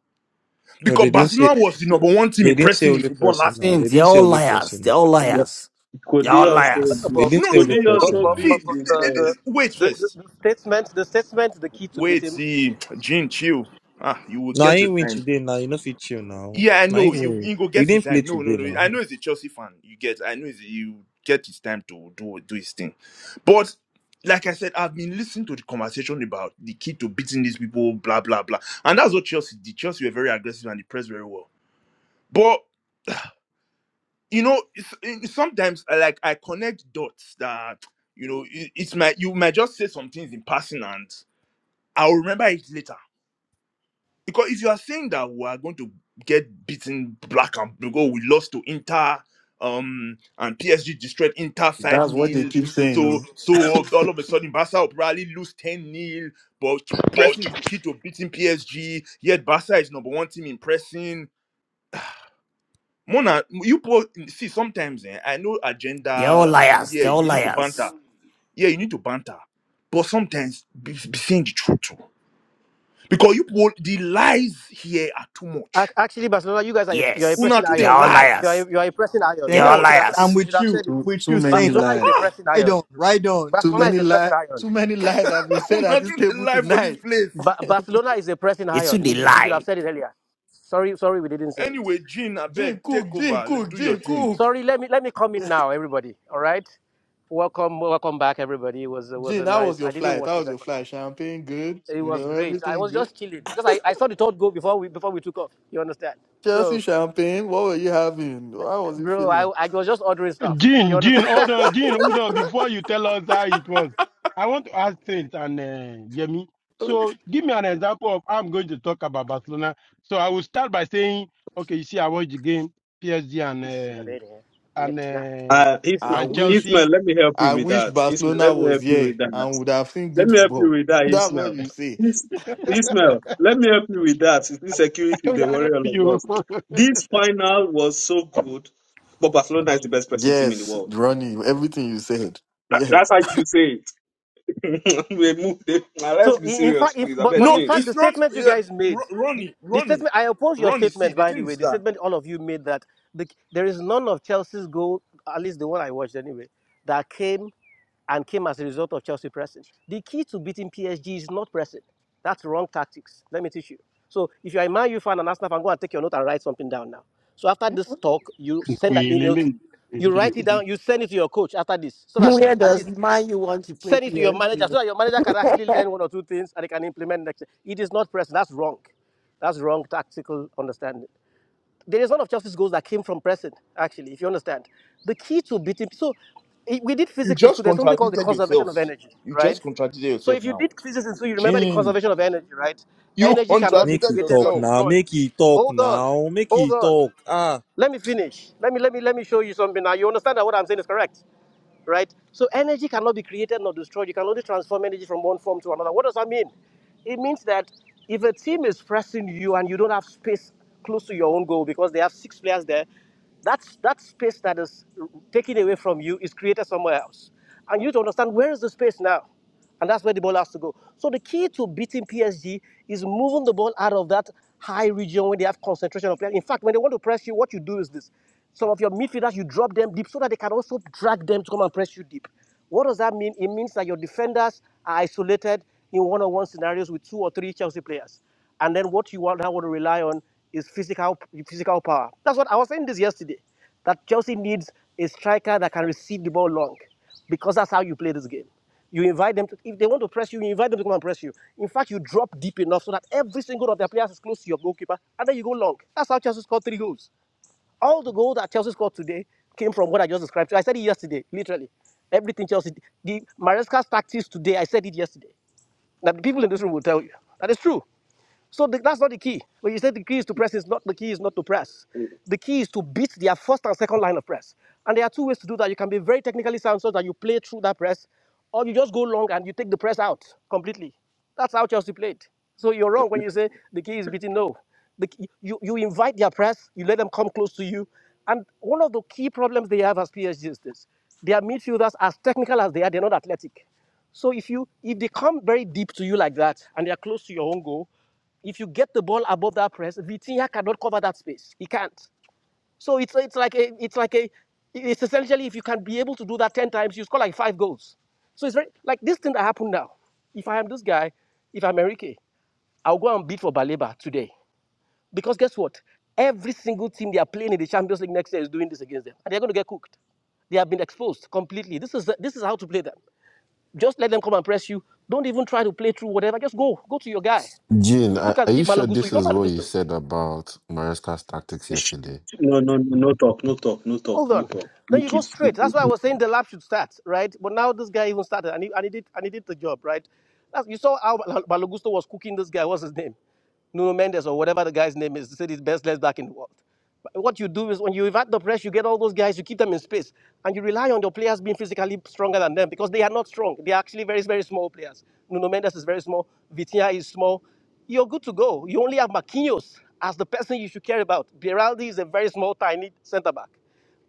Speaker 10: No,
Speaker 14: because
Speaker 10: they didn't say
Speaker 14: Barcelona was the number one team
Speaker 10: they
Speaker 14: in
Speaker 10: didn't say
Speaker 14: pressing in
Speaker 10: only
Speaker 14: football
Speaker 10: person
Speaker 14: last
Speaker 10: now.
Speaker 14: year.
Speaker 10: They
Speaker 34: Saints, they're
Speaker 10: didn't say
Speaker 34: all
Speaker 10: only
Speaker 34: liars,
Speaker 10: person now.
Speaker 34: they're all liars.
Speaker 5: Could
Speaker 34: They're
Speaker 5: they
Speaker 34: all
Speaker 5: also
Speaker 34: liars.
Speaker 5: be?
Speaker 10: They
Speaker 37: about
Speaker 14: No
Speaker 10: didn't say
Speaker 14: no
Speaker 5: Could
Speaker 10: only
Speaker 14: no
Speaker 5: they
Speaker 14: no. no.
Speaker 37: but,
Speaker 10: person
Speaker 5: also
Speaker 37: but,
Speaker 10: now.
Speaker 5: be
Speaker 14: See,
Speaker 37: but,
Speaker 14: th-
Speaker 37: but
Speaker 14: th-
Speaker 37: the,
Speaker 14: th-
Speaker 5: because?
Speaker 37: the,
Speaker 14: th- wait
Speaker 37: the,
Speaker 14: first.
Speaker 37: the the statement the statement is the key to beat
Speaker 14: Wait,
Speaker 37: him.
Speaker 14: see, Jin, chill. Ah, you will
Speaker 10: Now I
Speaker 14: get your
Speaker 10: ain't win
Speaker 14: time.
Speaker 10: today now. You know fit chill now.
Speaker 14: Yeah, I
Speaker 10: Now I
Speaker 14: know.
Speaker 10: ain't
Speaker 14: You
Speaker 10: win.
Speaker 14: you go
Speaker 10: We
Speaker 14: get in
Speaker 10: didn't play
Speaker 14: time. No, no,
Speaker 10: today
Speaker 14: no.
Speaker 10: now.
Speaker 14: I know he's a Chelsea fan. You get. I know he's, you get his time to do do his thing. But like I said, I've been listening to the conversation about the key to beating these people, blah blah blah, and that's what Chelsea did. Chelsea were very aggressive and they pressed very well. But you know, it's, it- sometimes I like I connect dots that you know it, it's my you might just say some things in passing and I'll remember it later Because if you are saying that we are going to get beaten black and blue, oh, we lost to Inter, um, and PSG destroyed Inter 5
Speaker 13: That's what they
Speaker 14: nil.
Speaker 13: keep saying.
Speaker 14: So,
Speaker 13: Oh,
Speaker 14: so all of a sudden, Barca will probably lose 10 nil. But pressing is the key to beating PSG. Yet, Barca is number one team in pressing. Mona, you po- see, sometimes eh, I know
Speaker 34: They're all
Speaker 14: agenda. Yeah, you need to banter.
Speaker 34: liars.
Speaker 14: Yeah, you need to banter. But sometimes be, be saying the truth too. Because you po- the lies here are too much
Speaker 37: Ac- Actually, Barcelona, you guys are a, you are a
Speaker 34: Yes,
Speaker 14: Una
Speaker 37: pressing
Speaker 14: too they
Speaker 34: they're
Speaker 37: iron.
Speaker 34: all
Speaker 14: lie.
Speaker 37: You are
Speaker 34: liars.
Speaker 37: a, you are a pressing iron.
Speaker 34: They're
Speaker 37: We
Speaker 16: Thanks.
Speaker 37: are,
Speaker 34: all
Speaker 14: God.
Speaker 37: so, we are
Speaker 16: Saints,
Speaker 37: so, we
Speaker 16: I'm
Speaker 34: liars.
Speaker 37: we should
Speaker 16: with
Speaker 37: have
Speaker 16: you.
Speaker 37: said it.
Speaker 13: too,
Speaker 16: With
Speaker 13: too
Speaker 16: you,
Speaker 13: many
Speaker 16: Saints. I'm
Speaker 37: Barcelona
Speaker 16: with
Speaker 37: is a
Speaker 13: lies.
Speaker 37: pressing
Speaker 16: right
Speaker 37: iron.
Speaker 16: on, right on.
Speaker 13: Too
Speaker 37: Barcelona is
Speaker 13: many
Speaker 37: a pressing
Speaker 13: lies.
Speaker 37: iron.
Speaker 13: Too many lies have been said at
Speaker 14: Una
Speaker 13: this
Speaker 14: too they
Speaker 13: table
Speaker 14: lie for this
Speaker 13: tonight.
Speaker 14: place.
Speaker 37: Ba- Barcelona is a pressing
Speaker 34: It's who
Speaker 37: iron.
Speaker 34: they
Speaker 37: We, we should
Speaker 34: lie.
Speaker 37: have said it earlier. Sorry, sorry, we didn't say it.
Speaker 14: Anyway, Jean, I
Speaker 13: Gene
Speaker 14: beg,
Speaker 13: Cook,
Speaker 14: take
Speaker 13: Gene
Speaker 14: over. Let-
Speaker 13: Cook,
Speaker 14: Do your
Speaker 13: Gene
Speaker 14: thing.
Speaker 13: Cook.
Speaker 37: Sorry, let me let me come in now, everybody. All right, welcome, welcome back, everybody. It was it was
Speaker 13: Gene,
Speaker 37: a
Speaker 13: that was
Speaker 37: nice.
Speaker 13: your
Speaker 37: I didn't
Speaker 13: flight.
Speaker 37: watch
Speaker 13: That
Speaker 37: the
Speaker 13: was your
Speaker 37: second.
Speaker 13: flight. Champagne, good.
Speaker 37: half. It
Speaker 13: You
Speaker 37: was
Speaker 13: know,
Speaker 37: great. I
Speaker 13: everything
Speaker 37: was
Speaker 13: good.
Speaker 37: just chilling because I, I saw the third goal before we before we took off. You understand?
Speaker 13: Chelsea
Speaker 37: So,
Speaker 13: champagne. What were you having? How was it
Speaker 37: bro,
Speaker 13: feeling?
Speaker 37: I I was just ordering stuff. You
Speaker 32: Gene, Gene,
Speaker 37: understand?
Speaker 32: hold on, Gene, hold on. Before you tell us how it was, I want to ask Saint and uh, Yemi. So give me an example of how I'm going to talk about Barcelona. So I will start by saying, okay, you see, I watched the game, PSG and
Speaker 37: this is a
Speaker 32: uh,
Speaker 37: bit, eh,
Speaker 32: and
Speaker 37: metla.
Speaker 32: uh,
Speaker 5: Uh,
Speaker 37: This is
Speaker 5: Ismail,
Speaker 13: I
Speaker 32: and
Speaker 37: a-
Speaker 13: wish
Speaker 5: Ismail,
Speaker 32: Chelsea.
Speaker 5: let me help you
Speaker 13: I
Speaker 5: with
Speaker 13: wish
Speaker 5: that. Ismail,
Speaker 13: Barcelona
Speaker 5: let me
Speaker 13: was
Speaker 5: help you
Speaker 13: here
Speaker 5: with that.
Speaker 13: and would have seen
Speaker 5: Let
Speaker 13: good
Speaker 5: me help you
Speaker 13: football.
Speaker 5: with that,
Speaker 13: That's what
Speaker 5: Ismail.
Speaker 13: you say.
Speaker 5: Is- Ismail, let me help you with that. This
Speaker 32: I
Speaker 5: security,
Speaker 32: don't
Speaker 5: they worry
Speaker 32: help
Speaker 5: all of
Speaker 32: you.
Speaker 5: us. This final was so good, but Barcelona is the best pressing team in the
Speaker 13: Yes,
Speaker 5: world.
Speaker 13: Ronnie, everything you said.
Speaker 5: That-
Speaker 13: Yes.
Speaker 5: that's how you should say it. we moved it. Now
Speaker 37: So
Speaker 5: let's be
Speaker 37: in, in
Speaker 5: serious,
Speaker 37: fact, if,
Speaker 5: please. I
Speaker 37: but
Speaker 5: bet
Speaker 37: but
Speaker 14: No,
Speaker 37: in
Speaker 5: Jim.
Speaker 37: fact, the
Speaker 14: it's not
Speaker 37: statement you
Speaker 14: um,
Speaker 37: guys
Speaker 14: Ro-
Speaker 37: made, the,
Speaker 14: Ronnie,
Speaker 37: the
Speaker 14: Ronnie,
Speaker 37: statement I oppose your
Speaker 14: Ronnie. See,
Speaker 37: statement.
Speaker 14: the
Speaker 37: By the
Speaker 14: thing
Speaker 37: way,
Speaker 14: is
Speaker 37: the
Speaker 14: that
Speaker 37: statement all of you made that the, there is none of Chelsea's goal, at least the one I watched anyway, that came and came as a result of Chelsea pressing. The key to beating PSG is not pressing. That's wrong tactics. Let me teach you. So if you're a Man U fan and Arsenal fan, go and take your note and write something down now. So after this talk, you send an
Speaker 32: We
Speaker 37: email to, you write it
Speaker 32: really
Speaker 37: down, you send it to your coach after this, so that
Speaker 11: Where
Speaker 37: at
Speaker 11: does
Speaker 37: least
Speaker 11: man you want to play
Speaker 37: Send it to your manager
Speaker 11: PSG?
Speaker 37: so that your manager can actually learn one or two things and he can implement next. It is not pressing. That's wrong. That's wrong tactical understanding. There is one of Chelsea's goals that came from pressing, actually, if you understand. The key to beating so i- we did
Speaker 14: you
Speaker 37: physics in school.
Speaker 14: just
Speaker 37: There's something called the
Speaker 14: contradicted
Speaker 37: conservation
Speaker 14: yourself.
Speaker 37: of energy,
Speaker 14: You
Speaker 37: right?
Speaker 14: just contradicted
Speaker 37: So
Speaker 14: yourself
Speaker 37: if you
Speaker 14: now.
Speaker 37: did physics in school, you remember the
Speaker 14: Jean,
Speaker 37: conservation of energy, right?
Speaker 14: you
Speaker 37: Energy cannot be
Speaker 10: Make he
Speaker 14: contradicted
Speaker 37: created nor
Speaker 10: talk
Speaker 14: yourself.
Speaker 10: now.
Speaker 37: destroyed.
Speaker 10: Make he talk
Speaker 37: Hold on,
Speaker 10: now. Make
Speaker 37: hold
Speaker 10: he
Speaker 37: on.
Speaker 10: talk. Ah.
Speaker 37: Let me finish. Let me let me let me show you something. Now you understand that what I'm saying is correct right? So energy cannot be created nor destroyed. You can only transform energy from one form to another. What does that mean? It means that if a team is pressing you and you don't have space close to your own goal because they have six players there, that's that space that is taken away from you is created somewhere else. And you need to understand where is the space now? And that's where the ball has to go. So the key to beating PSG is moving the ball out of that high region when they have concentration of players. In fact, when they want to press you, what you do is this. Some of your midfielders, you drop them deep so that they can also drag them to come and press you deep. What does that mean? It means that your defenders are isolated in one-on-one scenarios with two or three Chelsea players, and then what you want now want to rely on is physical physical power. That's what I was saying this yesterday, that Chelsea needs a striker that can receive the ball long, because that's how you play this game. You invite them to, if they want to press you, you invite them to come and press you. In fact, you drop deep enough so that every single of their players is close to your goalkeeper, and then you go long. That's how Chelsea scored three goals. All the goal that Chelsea scored today came from what I just described. to I said it yesterday, literally. Everything Chelsea did. The Maresca's tactics today, I said it yesterday. Now, the people in this room will tell you that is true. So the, that's not the key. When you say the key is to press, it's not the key is not to press. The key is to beat their first and second line of press. And there are two ways to do that. You can be very technically sound so that you play through that press, or you just go long and you take the press out completely. That's how Chelsea played. So you're wrong when you say the key is beating. No, the, key- you you invite their press, you let them come close to you, and one of the key problems they have as PSG is this: their midfielders, as technical as they are, they're not athletic. So if you if they come very deep to you like that and they are close to your own goal, if you get the ball above that press, Vitinha cannot cover that space. He can't. So it's it's like a it's like a it's essentially if you can be able to do that ten times, you score like five goals. So it's very like this thing that happened now. If I am this guy, if I'm Enrique, I'll go and beat for Baleba today. Because guess what? Every single team they are playing in the Champions League next year is doing this against them, and they're going to get cooked. They have been exposed completely. This is this is how to play them. Just let them come and press you. Don't even try to play through whatever. Just go, go to your guy.
Speaker 30: Jin,
Speaker 37: You
Speaker 30: are,
Speaker 37: can
Speaker 30: are
Speaker 37: see
Speaker 30: you sure
Speaker 37: Malagusto. You
Speaker 30: this
Speaker 37: know
Speaker 30: is what you
Speaker 37: Malagusto.
Speaker 30: said about Maresca's tactics yesterday?
Speaker 5: No, no, no, no talk, no talk, no talk,
Speaker 37: Hold
Speaker 5: no
Speaker 37: on.
Speaker 5: talk.
Speaker 37: Then you
Speaker 5: Make
Speaker 37: go
Speaker 5: it.
Speaker 37: straight.
Speaker 5: He
Speaker 37: That's why I was saying the lab should start, right? But now this guy even started, and he, and he did, and he did the job, right? That's, you saw how Bal- Balogusto was cooking this guy. What's his name? Nuno Mendes or whatever the guy's name is. He said he's best left back in the world. But what you do is when you evade the press, you get all those guys, you keep them in space, and you rely on your players being physically stronger than them because they are not strong. They are actually very, very small players. Nuno Mendes is very small. Vitinha is small. You're good to go. You only have Marquinhos as the person you should care about. Beraldi is a very small, tiny centre back.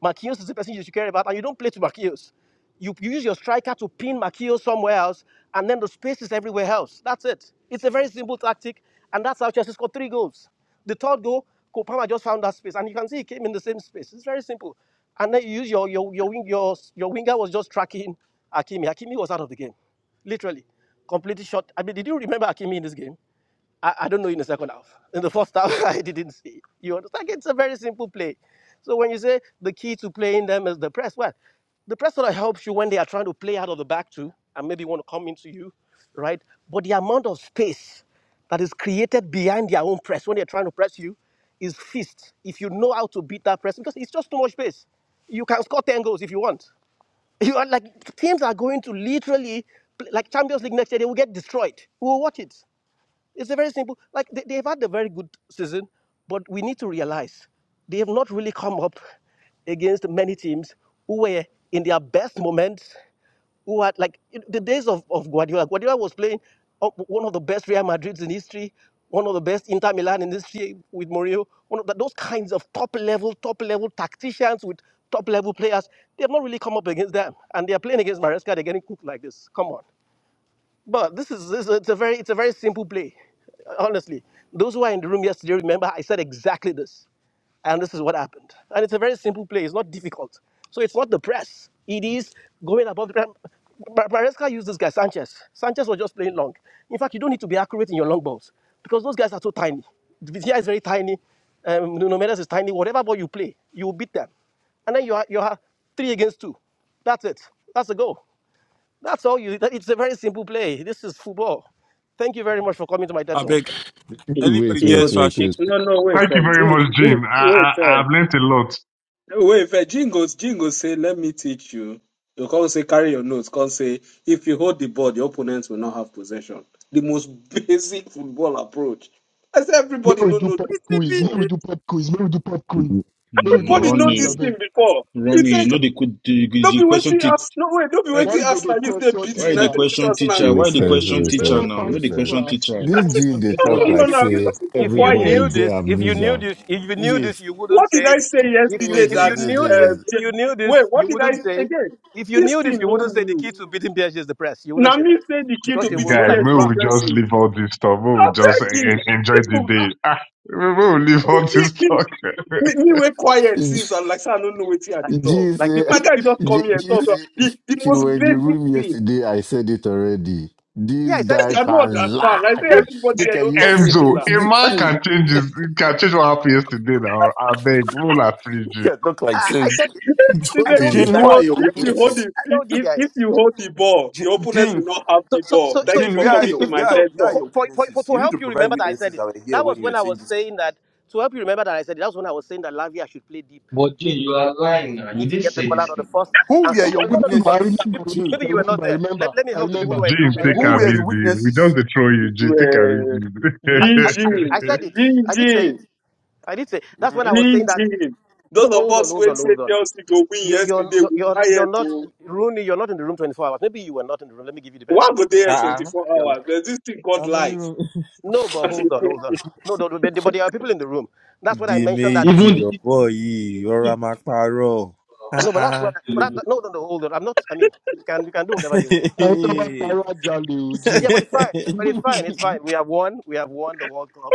Speaker 37: Marquinhos is the person you should care about, and you don't play to Marquinhos. You, you use your striker to pin Marquinhos somewhere else, and then the space is everywhere else. That's it. It's a very simple tactic, and that's how Chelsea scored three goals. The third goal, Kopama just found that space, and you can see he came in the same space. It's very simple. And then you use your your your wing your your winger was just tracking Hakimi. Hakimi was out of the game, literally, completely shot. I mean, did you remember Hakimi in this game? I, I don't know in the second half. In the first half, I didn't see. You understand? It's a very simple play. So when you say the key to playing them is the press, well, the press sort of helps you when they are trying to play out of the back too, and maybe want to come into you, right? But the amount of space that is created behind their own press when they're trying to press you is fist. If you know how to beat that press, because it's just too much space. You can score 10 goals if you want. You are like teams are going to literally like Champions League next year, they will get destroyed. We will watch it. It's a very simple. Like they, they've had a very good season, but we need to realize they have not really come up against many teams who were in their best moments, who had like the days of, of Guardiola. Guardiola was playing one of the best Real Madrids in history, one of the best Inter Milan in history with Mourinho. One of the, those kinds of top level, top level tacticians with top level players. They have not really come up against them, and they are playing against Maresca. They're getting cooked like this. Come on. But this is this, is it's a very it's a very simple play. Honestly, those who were in the room yesterday remember I said exactly this, and this is what happened. And it's a very simple play. It's not difficult. So it's not the press. It is going above the press. Maresca used this guy Sanchez. Sanchez was just playing long. In fact, you don't need to be accurate in your long balls because those guys are so tiny. Vitia is very tiny. Um, Nuno Mendes is tiny. Whatever ball you play, you will beat them. And then you are you are three against two. That's it. That's the goal. That's all you. that- It's a very simple play. This is football. Thank you very much for coming to my TED
Speaker 10: I
Speaker 37: talk.
Speaker 10: beg
Speaker 5: he-
Speaker 10: anybody
Speaker 30: Wait,
Speaker 5: he go
Speaker 30: wait,
Speaker 10: gets
Speaker 5: take
Speaker 10: that
Speaker 30: wait,
Speaker 5: it.
Speaker 10: shit.
Speaker 30: wait,
Speaker 5: No, no, wait,
Speaker 10: Yeah. I
Speaker 4: Thank you
Speaker 5: fair.
Speaker 4: very
Speaker 5: Jim,
Speaker 10: beg.
Speaker 4: much,
Speaker 5: Jim,
Speaker 4: Jim. I,
Speaker 5: wait, fair.
Speaker 4: I I've learnt a lot,
Speaker 5: Wait, but Jingles, Jingles say, let me teach you. You can't say carry your notes. Can't say if you hold the ball, your opponents will not have possession. The most basic football approach. I said
Speaker 20: May
Speaker 5: everybody
Speaker 20: we
Speaker 5: no
Speaker 20: do
Speaker 5: know
Speaker 20: pop
Speaker 5: this thing
Speaker 20: quiz. May
Speaker 5: before.
Speaker 20: we do pop quiz. May we do pop quiz. May we do
Speaker 7: Mm,
Speaker 5: Everybody
Speaker 20: pop
Speaker 5: know
Speaker 20: quiz, I
Speaker 5: this
Speaker 7: Ronnie,
Speaker 5: thing
Speaker 20: beg.
Speaker 5: before.
Speaker 7: Ronnie,
Speaker 5: It's
Speaker 7: you
Speaker 5: like
Speaker 7: know, they could the, the
Speaker 5: don't
Speaker 7: the
Speaker 5: be
Speaker 7: question
Speaker 5: waiting
Speaker 7: teach.
Speaker 5: us. No way. Don't be
Speaker 7: Like,
Speaker 20: Why
Speaker 5: waiting
Speaker 20: you go
Speaker 5: us
Speaker 20: dey
Speaker 5: like this. They
Speaker 20: question
Speaker 5: beat
Speaker 7: why the
Speaker 20: teacher?
Speaker 5: United
Speaker 7: question teacher?
Speaker 30: wait
Speaker 7: Why the
Speaker 5: 2016.
Speaker 30: first,
Speaker 5: with
Speaker 7: question
Speaker 20: You
Speaker 30: wait
Speaker 5: this.
Speaker 20: know
Speaker 7: teacher
Speaker 30: first,
Speaker 20: what
Speaker 7: now?
Speaker 20: pass
Speaker 7: No,
Speaker 30: wait
Speaker 7: the
Speaker 20: this
Speaker 30: first.
Speaker 7: question
Speaker 20: class? You
Speaker 7: teacher.
Speaker 20: know
Speaker 5: I
Speaker 30: This
Speaker 5: said,
Speaker 20: what
Speaker 30: Jin,
Speaker 20: pass
Speaker 30: they
Speaker 20: this
Speaker 5: no,
Speaker 37: No,
Speaker 30: talk
Speaker 5: no,
Speaker 37: if,
Speaker 30: like
Speaker 20: class?
Speaker 5: no,
Speaker 37: if
Speaker 5: no.
Speaker 37: you
Speaker 30: say
Speaker 5: Because people
Speaker 37: if you
Speaker 30: everybody
Speaker 37: knew
Speaker 5: quiet.
Speaker 30: get
Speaker 37: this, if you knew
Speaker 30: amnesia.
Speaker 37: this, if you knew this,
Speaker 30: Wait,
Speaker 37: you wouldn't
Speaker 5: What did
Speaker 37: say.
Speaker 5: I say
Speaker 37: If you
Speaker 5: yesterday?
Speaker 30: wait,
Speaker 37: if
Speaker 30: wait,
Speaker 37: you
Speaker 5: That
Speaker 30: wait,
Speaker 37: knew
Speaker 5: uh,
Speaker 30: wait,
Speaker 37: this, if
Speaker 5: J-
Speaker 37: you knew
Speaker 5: wait.
Speaker 37: this,
Speaker 5: What
Speaker 37: you
Speaker 5: did I
Speaker 37: wouldn't say.
Speaker 5: again?
Speaker 37: If you
Speaker 5: This
Speaker 37: knew this,
Speaker 5: thing
Speaker 37: you
Speaker 5: no
Speaker 37: wouldn't say the
Speaker 5: new.
Speaker 37: key to beating PSG is the press. You wouldn't
Speaker 5: Now
Speaker 37: say that
Speaker 5: me say the key
Speaker 37: because
Speaker 5: to
Speaker 37: you will
Speaker 5: beating
Speaker 37: know
Speaker 4: guy.
Speaker 37: that it's
Speaker 5: PS
Speaker 4: May
Speaker 5: is
Speaker 37: wrong.
Speaker 4: we just
Speaker 5: pressing.
Speaker 4: leave all this stuff. May we
Speaker 5: I
Speaker 4: just en-
Speaker 5: beg
Speaker 4: en-
Speaker 5: you.
Speaker 4: enjoy
Speaker 5: This
Speaker 4: the
Speaker 5: book, ah,
Speaker 4: day. Ah, may we leave all
Speaker 5: me,
Speaker 4: this
Speaker 5: me,
Speaker 4: talk.
Speaker 5: me, me were quiet
Speaker 30: wait.
Speaker 5: since and like, say I don't know what I
Speaker 37: Like,
Speaker 5: they talk.
Speaker 37: like
Speaker 30: GC,
Speaker 37: people,
Speaker 5: My
Speaker 37: people,
Speaker 5: guy
Speaker 37: people.
Speaker 5: just come here and talk. ah,
Speaker 30: GC, if,
Speaker 5: The, the
Speaker 30: if you
Speaker 5: most
Speaker 30: were in the
Speaker 5: basic
Speaker 30: room
Speaker 5: thing.
Speaker 30: yesterday, I said it already.
Speaker 37: Yeah,
Speaker 30: This
Speaker 37: I said
Speaker 30: guy
Speaker 37: it.
Speaker 5: I don't
Speaker 30: can
Speaker 5: understand. I
Speaker 30: lie.
Speaker 5: say everybody
Speaker 30: Look
Speaker 5: here
Speaker 30: at
Speaker 5: don't
Speaker 30: you
Speaker 5: talk
Speaker 4: Emzo,
Speaker 30: saying
Speaker 5: similar.
Speaker 4: a
Speaker 30: this
Speaker 37: Uh,
Speaker 4: man
Speaker 30: thing.
Speaker 4: can change his, can change what happened yesterday now. I beg, we'll have free Gene.
Speaker 30: You can talk like
Speaker 37: I I
Speaker 30: saints.
Speaker 37: said it.
Speaker 5: He
Speaker 37: I
Speaker 30: Just
Speaker 5: say,
Speaker 30: a
Speaker 37: told you
Speaker 14: Jean,
Speaker 5: If you
Speaker 14: who
Speaker 37: guys.
Speaker 14: are
Speaker 5: hold,
Speaker 14: your
Speaker 5: if
Speaker 30: lie.
Speaker 5: you hold
Speaker 14: witnesses?
Speaker 5: the,
Speaker 37: I
Speaker 5: if,
Speaker 37: told you
Speaker 5: if if
Speaker 37: guys.
Speaker 5: you hold the ball,
Speaker 14: Je-
Speaker 5: your opponent will
Speaker 14: Jean,
Speaker 5: not have
Speaker 37: So,
Speaker 5: the
Speaker 37: so, so,
Speaker 5: ball.
Speaker 37: so
Speaker 5: Thank you
Speaker 37: if,
Speaker 14: Jean,
Speaker 5: for
Speaker 14: where
Speaker 37: if,
Speaker 14: are
Speaker 5: coming
Speaker 37: if,
Speaker 14: your
Speaker 5: to
Speaker 37: if
Speaker 5: my
Speaker 14: where are,
Speaker 37: so,
Speaker 5: TED
Speaker 14: where are
Speaker 5: talk.
Speaker 37: for,
Speaker 14: your
Speaker 37: for, for, for
Speaker 14: witnesses?
Speaker 37: to
Speaker 14: You need
Speaker 37: help
Speaker 14: to
Speaker 37: you
Speaker 14: provide
Speaker 37: remember that I said
Speaker 14: witnesses
Speaker 37: it.
Speaker 14: that were here
Speaker 37: That
Speaker 14: when
Speaker 37: was
Speaker 14: you
Speaker 37: when
Speaker 14: were
Speaker 37: I
Speaker 14: saying
Speaker 37: was
Speaker 14: this.
Speaker 37: saying that. To help you remember that I said it. That was when I was saying that Lavia should play deep
Speaker 6: but Jay, you are lying
Speaker 37: because
Speaker 6: now.
Speaker 37: you need
Speaker 6: You
Speaker 37: to
Speaker 6: did
Speaker 37: get the
Speaker 6: say
Speaker 37: ball out
Speaker 6: this
Speaker 37: of the
Speaker 6: thing now.
Speaker 37: first
Speaker 14: Who
Speaker 37: and
Speaker 14: were
Speaker 20: Oh,
Speaker 37: second.
Speaker 14: your
Speaker 20: I
Speaker 37: No, no, no.
Speaker 20: remember,
Speaker 37: But
Speaker 20: I
Speaker 37: people, are,
Speaker 14: witnesses,
Speaker 20: remember,
Speaker 37: people,
Speaker 14: Jean?
Speaker 37: maybe
Speaker 20: I
Speaker 37: you were not
Speaker 20: remember, I
Speaker 37: there. Let,
Speaker 20: remember,
Speaker 37: let me
Speaker 20: I
Speaker 37: help the people who
Speaker 20: remember,
Speaker 37: are in the room
Speaker 4: Gene,
Speaker 20: I
Speaker 4: take
Speaker 37: remember.
Speaker 14: Who
Speaker 4: him
Speaker 14: were
Speaker 20: remember.
Speaker 14: the
Speaker 4: easy. We just
Speaker 14: witnesses?
Speaker 4: dey throw you, Gene, take him
Speaker 5: Well,
Speaker 37: I, I,
Speaker 5: G G
Speaker 37: I I
Speaker 4: easy.
Speaker 37: said it.
Speaker 5: G.
Speaker 37: I did say
Speaker 5: G.
Speaker 37: it. I did say. That's
Speaker 14: Hmm.
Speaker 37: when I was saying that.
Speaker 5: Easy. Those
Speaker 37: No,
Speaker 5: of
Speaker 37: hold on,
Speaker 5: us who
Speaker 37: hold on,
Speaker 5: say
Speaker 37: hold on.
Speaker 5: Chelsea go win
Speaker 37: You're, you're,
Speaker 5: yesterday,
Speaker 37: you're,
Speaker 5: we
Speaker 37: you're
Speaker 5: quiet.
Speaker 37: not,
Speaker 5: oh.
Speaker 37: Rooney, you're not in the room 24 hours. Maybe you were not in the room. Let me give you the benefit
Speaker 5: Why
Speaker 37: of
Speaker 5: go
Speaker 37: that.
Speaker 5: there
Speaker 37: Maybe
Speaker 10: Ah. ah.
Speaker 5: 24
Speaker 37: you
Speaker 5: hours?
Speaker 37: understand.
Speaker 5: There's this thing called
Speaker 10: How many
Speaker 5: life.
Speaker 10: room?
Speaker 37: No, but hold on, hold on. No, no, no, but but there are people in the room. That's what I
Speaker 10: The
Speaker 37: mentioned. That
Speaker 6: even the,
Speaker 10: major
Speaker 6: even
Speaker 10: boy.
Speaker 6: the,
Speaker 10: You're a
Speaker 6: even
Speaker 10: macparo.
Speaker 37: no, but that's
Speaker 10: Ah
Speaker 37: what. I, but
Speaker 6: the
Speaker 37: that, no, no, no, hold on. I'm not. I mean, you can you can do whatever you want.
Speaker 20: I
Speaker 37: That's-
Speaker 20: remember.
Speaker 10: ah.
Speaker 37: yeah,
Speaker 20: Parajale
Speaker 37: but it's fine. But it's fine. It's
Speaker 20: Oji.
Speaker 37: fine. We have won. We have won the World Cup,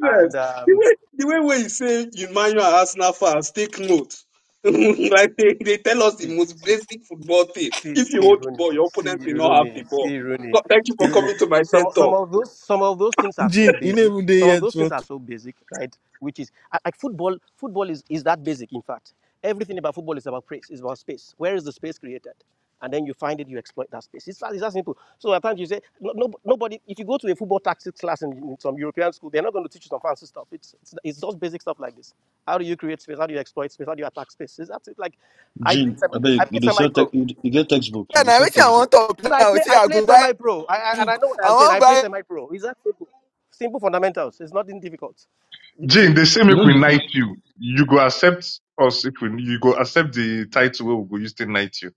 Speaker 37: and
Speaker 5: The
Speaker 37: um,
Speaker 5: way, the way where you say Emmanuel and Arsenal fans, take note. like they, they tell us the most basic football thing.
Speaker 37: See,
Speaker 5: If you
Speaker 37: see,
Speaker 5: hold the
Speaker 37: Rooney,
Speaker 5: ball, your
Speaker 37: see,
Speaker 5: opponent will not have
Speaker 37: Rooney,
Speaker 5: the ball.
Speaker 37: see, Rooney,
Speaker 5: Co- Thank you
Speaker 37: see,
Speaker 5: for
Speaker 37: Rooney.
Speaker 5: coming to my TED
Speaker 37: Some, some
Speaker 5: talk.
Speaker 37: of those, some of those things are so
Speaker 10: Gene, you
Speaker 37: basic.
Speaker 10: never did
Speaker 37: Some of
Speaker 10: yet.
Speaker 37: those things
Speaker 10: What?
Speaker 37: are so basic, right? Which is I- like football. Football is, is that basic. In fact, everything about football is about space. Is about space. Where is the space created? And then you find it, you exploit that space. It's that, it's that simple. So at times you say, no, no, nobody. If you go to a football tactics class in, in some European school, they're not going to teach you some fancy stuff. It's, it's it's just basic stuff like this. How do you create space? How do you exploit space? How do you attack space? Is that it? Like I played
Speaker 7: Jean,
Speaker 37: semi,
Speaker 7: I
Speaker 37: I
Speaker 7: beg you,
Speaker 37: played
Speaker 7: dey
Speaker 37: semi
Speaker 7: sell tech,
Speaker 37: pro.
Speaker 7: you, dey- you get textbook.
Speaker 1: Yeah,
Speaker 7: You dey
Speaker 1: now
Speaker 7: sell
Speaker 1: which I
Speaker 7: textbook.
Speaker 1: want to
Speaker 37: And I play I played
Speaker 1: buy.
Speaker 37: semi pro. I, I and I know what
Speaker 1: I
Speaker 37: I'm saying.
Speaker 1: want
Speaker 37: I play
Speaker 1: buy.
Speaker 37: semi pro. It's that simple. Simple fundamentals. It's nothing difficult.
Speaker 4: Gene,
Speaker 37: no,
Speaker 4: they say
Speaker 6: you
Speaker 4: make
Speaker 6: know
Speaker 4: we
Speaker 6: the
Speaker 4: knight
Speaker 6: funny
Speaker 4: you. You go accept us if we, you go accept the title where we go use to knight you.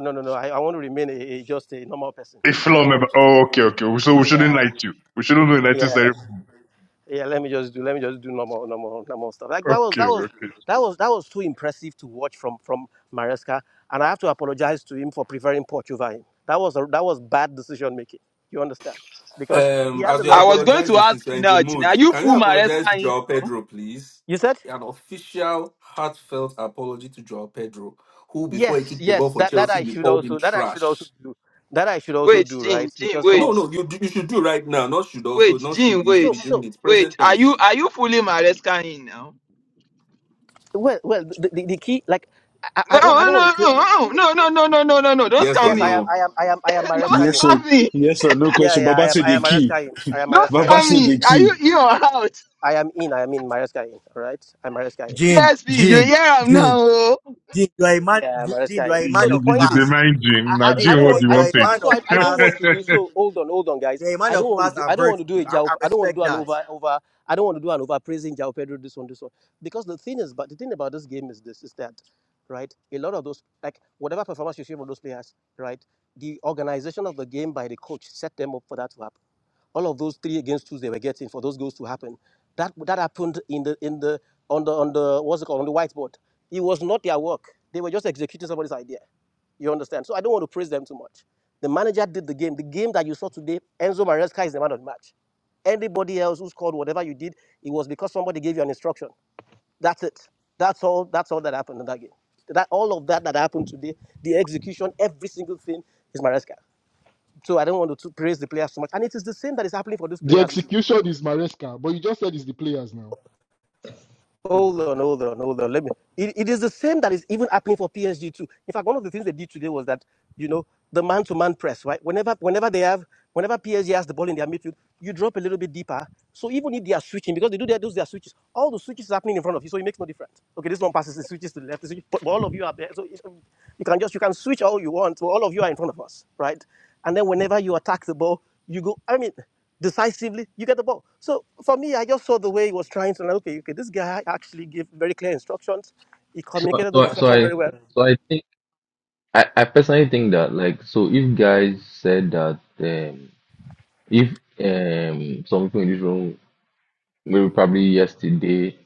Speaker 37: no, no, no. I, I want to remain a, a- just a normal person.
Speaker 4: A
Speaker 37: I
Speaker 4: floor
Speaker 37: don't
Speaker 4: member.
Speaker 37: want to.
Speaker 4: Oh, okay, okay. So we shouldn't
Speaker 37: Yeah,
Speaker 4: knight you. We shouldn't do
Speaker 37: yeah,
Speaker 4: knighting ceremony.
Speaker 37: yeah. yeah, Let me just do. Let me just do normal, normal, normal stuff. Like that was
Speaker 4: Okay,
Speaker 37: that was
Speaker 4: okay.
Speaker 37: that was that was too impressive to watch from from Maresca, and I have to apologize to him for preferring Poch over him. That was a, that was bad decision making. You understand? Because he
Speaker 8: Um,
Speaker 37: has a
Speaker 8: as
Speaker 37: lot
Speaker 8: you're
Speaker 1: I
Speaker 37: of
Speaker 1: was
Speaker 37: potential.
Speaker 1: going to
Speaker 8: apologizing,
Speaker 1: ask
Speaker 8: since you're
Speaker 1: you
Speaker 8: in the
Speaker 1: now, Tina.
Speaker 8: mood,
Speaker 1: Are you
Speaker 8: can you
Speaker 1: full Maresca
Speaker 8: apologize to
Speaker 1: in
Speaker 8: Joao
Speaker 1: now?
Speaker 8: Pedro, please?
Speaker 37: You said?
Speaker 8: An official, heartfelt apology to Joao Pedro, who, before
Speaker 37: Yes,
Speaker 8: he kicked the
Speaker 37: yes,
Speaker 8: ball for
Speaker 37: that that
Speaker 8: Chelsea,
Speaker 37: I
Speaker 8: you
Speaker 37: should
Speaker 8: called him
Speaker 37: also that I should also
Speaker 8: trash.
Speaker 37: do that I should also
Speaker 1: Wait,
Speaker 37: do
Speaker 1: Jean,
Speaker 37: right
Speaker 1: Jean,
Speaker 37: because some
Speaker 1: wait.
Speaker 37: of
Speaker 8: No, no, you do- you should do right now. Not should
Speaker 1: Wait,
Speaker 8: also, not should.
Speaker 1: Jean,
Speaker 8: You should
Speaker 37: so
Speaker 8: be
Speaker 1: wait.
Speaker 8: doing
Speaker 37: so
Speaker 8: it.
Speaker 1: Wait.
Speaker 8: Present
Speaker 1: Are you
Speaker 8: tense.
Speaker 1: are you fully Maresca in now?
Speaker 37: well well the, the, the key like I, I
Speaker 1: No,
Speaker 37: I don't I don't
Speaker 8: Mm.
Speaker 37: want to
Speaker 1: no,
Speaker 37: put,
Speaker 1: no, no, no, no, no, no, no, no. no. Don't
Speaker 8: Yes or
Speaker 1: scam
Speaker 37: yes I
Speaker 1: me.
Speaker 37: am
Speaker 8: no?
Speaker 37: I am I am I am
Speaker 1: Don't
Speaker 37: Maresca
Speaker 7: Yes,
Speaker 37: in
Speaker 7: sir.
Speaker 1: scam me.
Speaker 7: Yes, sir. No
Speaker 37: yeah
Speaker 7: question.
Speaker 37: yeah I
Speaker 7: Baba
Speaker 37: am
Speaker 7: said
Speaker 37: I
Speaker 7: the
Speaker 37: am
Speaker 7: key.
Speaker 37: Maresca in I am
Speaker 1: Don't
Speaker 37: Maresca in
Speaker 7: Baba
Speaker 1: scam
Speaker 7: said
Speaker 1: me.
Speaker 7: the
Speaker 1: Are
Speaker 7: key.
Speaker 1: you in or out?
Speaker 37: I am in I am in Maresca in all right I'm Maresca in
Speaker 16: Gene,
Speaker 1: BSP, you
Speaker 16: Gene,
Speaker 1: hear am now.
Speaker 16: Gene,
Speaker 1: oh.
Speaker 16: Gene, you are a man.
Speaker 37: Yeah,
Speaker 16: Gene, you
Speaker 37: Maresca.
Speaker 16: are a
Speaker 37: So
Speaker 16: man
Speaker 4: You,
Speaker 37: the
Speaker 16: of
Speaker 4: you, you
Speaker 37: point
Speaker 4: dey
Speaker 16: class.
Speaker 37: is,
Speaker 4: Gene. Now
Speaker 37: I, I, I
Speaker 16: Gene,
Speaker 4: Gene,
Speaker 37: don't
Speaker 16: you
Speaker 4: what
Speaker 16: are,
Speaker 4: do
Speaker 37: want.
Speaker 4: you
Speaker 37: I
Speaker 16: you are
Speaker 4: want
Speaker 37: don't,
Speaker 16: a
Speaker 4: to
Speaker 37: so
Speaker 16: man
Speaker 37: so I,
Speaker 16: of
Speaker 37: I don't want
Speaker 16: class.
Speaker 37: to
Speaker 4: take?
Speaker 37: do. So hold on, hold on, guys.
Speaker 16: You are a
Speaker 37: I
Speaker 16: man of
Speaker 37: don't want to
Speaker 16: class
Speaker 37: do.
Speaker 16: and
Speaker 37: I don't want
Speaker 16: virtue.
Speaker 37: to do a
Speaker 16: I,
Speaker 37: job.
Speaker 16: I
Speaker 37: I don't want to
Speaker 16: respect
Speaker 37: do an
Speaker 16: that.
Speaker 37: over over. I don't want to do an over praising Jao Pedro. This one, this one. Because the thing is, but the thing about this game is this: is that, right? A lot of those, like whatever performance you see from those players, right? The organization of the game by the coach set them up for that to happen. All of those three against twos they were getting for those goals to happen. That that happened in the in the on the on the what's it called on the whiteboard. It was not their work. They were just executing somebody's idea. You understand? So I don't want to praise them too much. The manager did the game. The game that you saw today, Enzo Maresca is the man of the match. Anybody else who scored whatever you did, it was because somebody gave you an instruction. That's it. That's all. That's all that happened in that game. That all of that that happened today, the execution, every single thing is Maresca. So I don't want to praise the players too much. And it is the same that is happening for these
Speaker 20: The
Speaker 37: players. too.
Speaker 20: execution is Maresca, but you just said it's the players now. Hey
Speaker 37: Hold
Speaker 20: God.
Speaker 37: on, hold on, hold on. Let me. It, it is the same that is even happening for PSG too. In fact, one of the things they did today was that you know the man-to-man press, right? Whenever, whenever they have, whenever PSG has the ball in their midfield, you drop a little bit deeper. So even if they are switching, because they do their, those their switches, all the switches is happening in front of you, so it makes no difference. Okay, this one passes, the switches to the left, it switches, but all of you are there, so it's- you can just you can switch all you want. So all of you are in front of us, right? And then whenever you attack the ball, you go. I mean. decisively, you get the ball. So for me, I just saw the way he was trying to, like, okay, okay, this guy actually gave very clear instructions. He
Speaker 6: so
Speaker 37: communicated
Speaker 6: so
Speaker 37: those
Speaker 6: I- so
Speaker 37: instructions
Speaker 6: I
Speaker 37: very well.
Speaker 6: so I think I, I personally think that like so if guys said that um if um some people in this room Maybe probably yesterday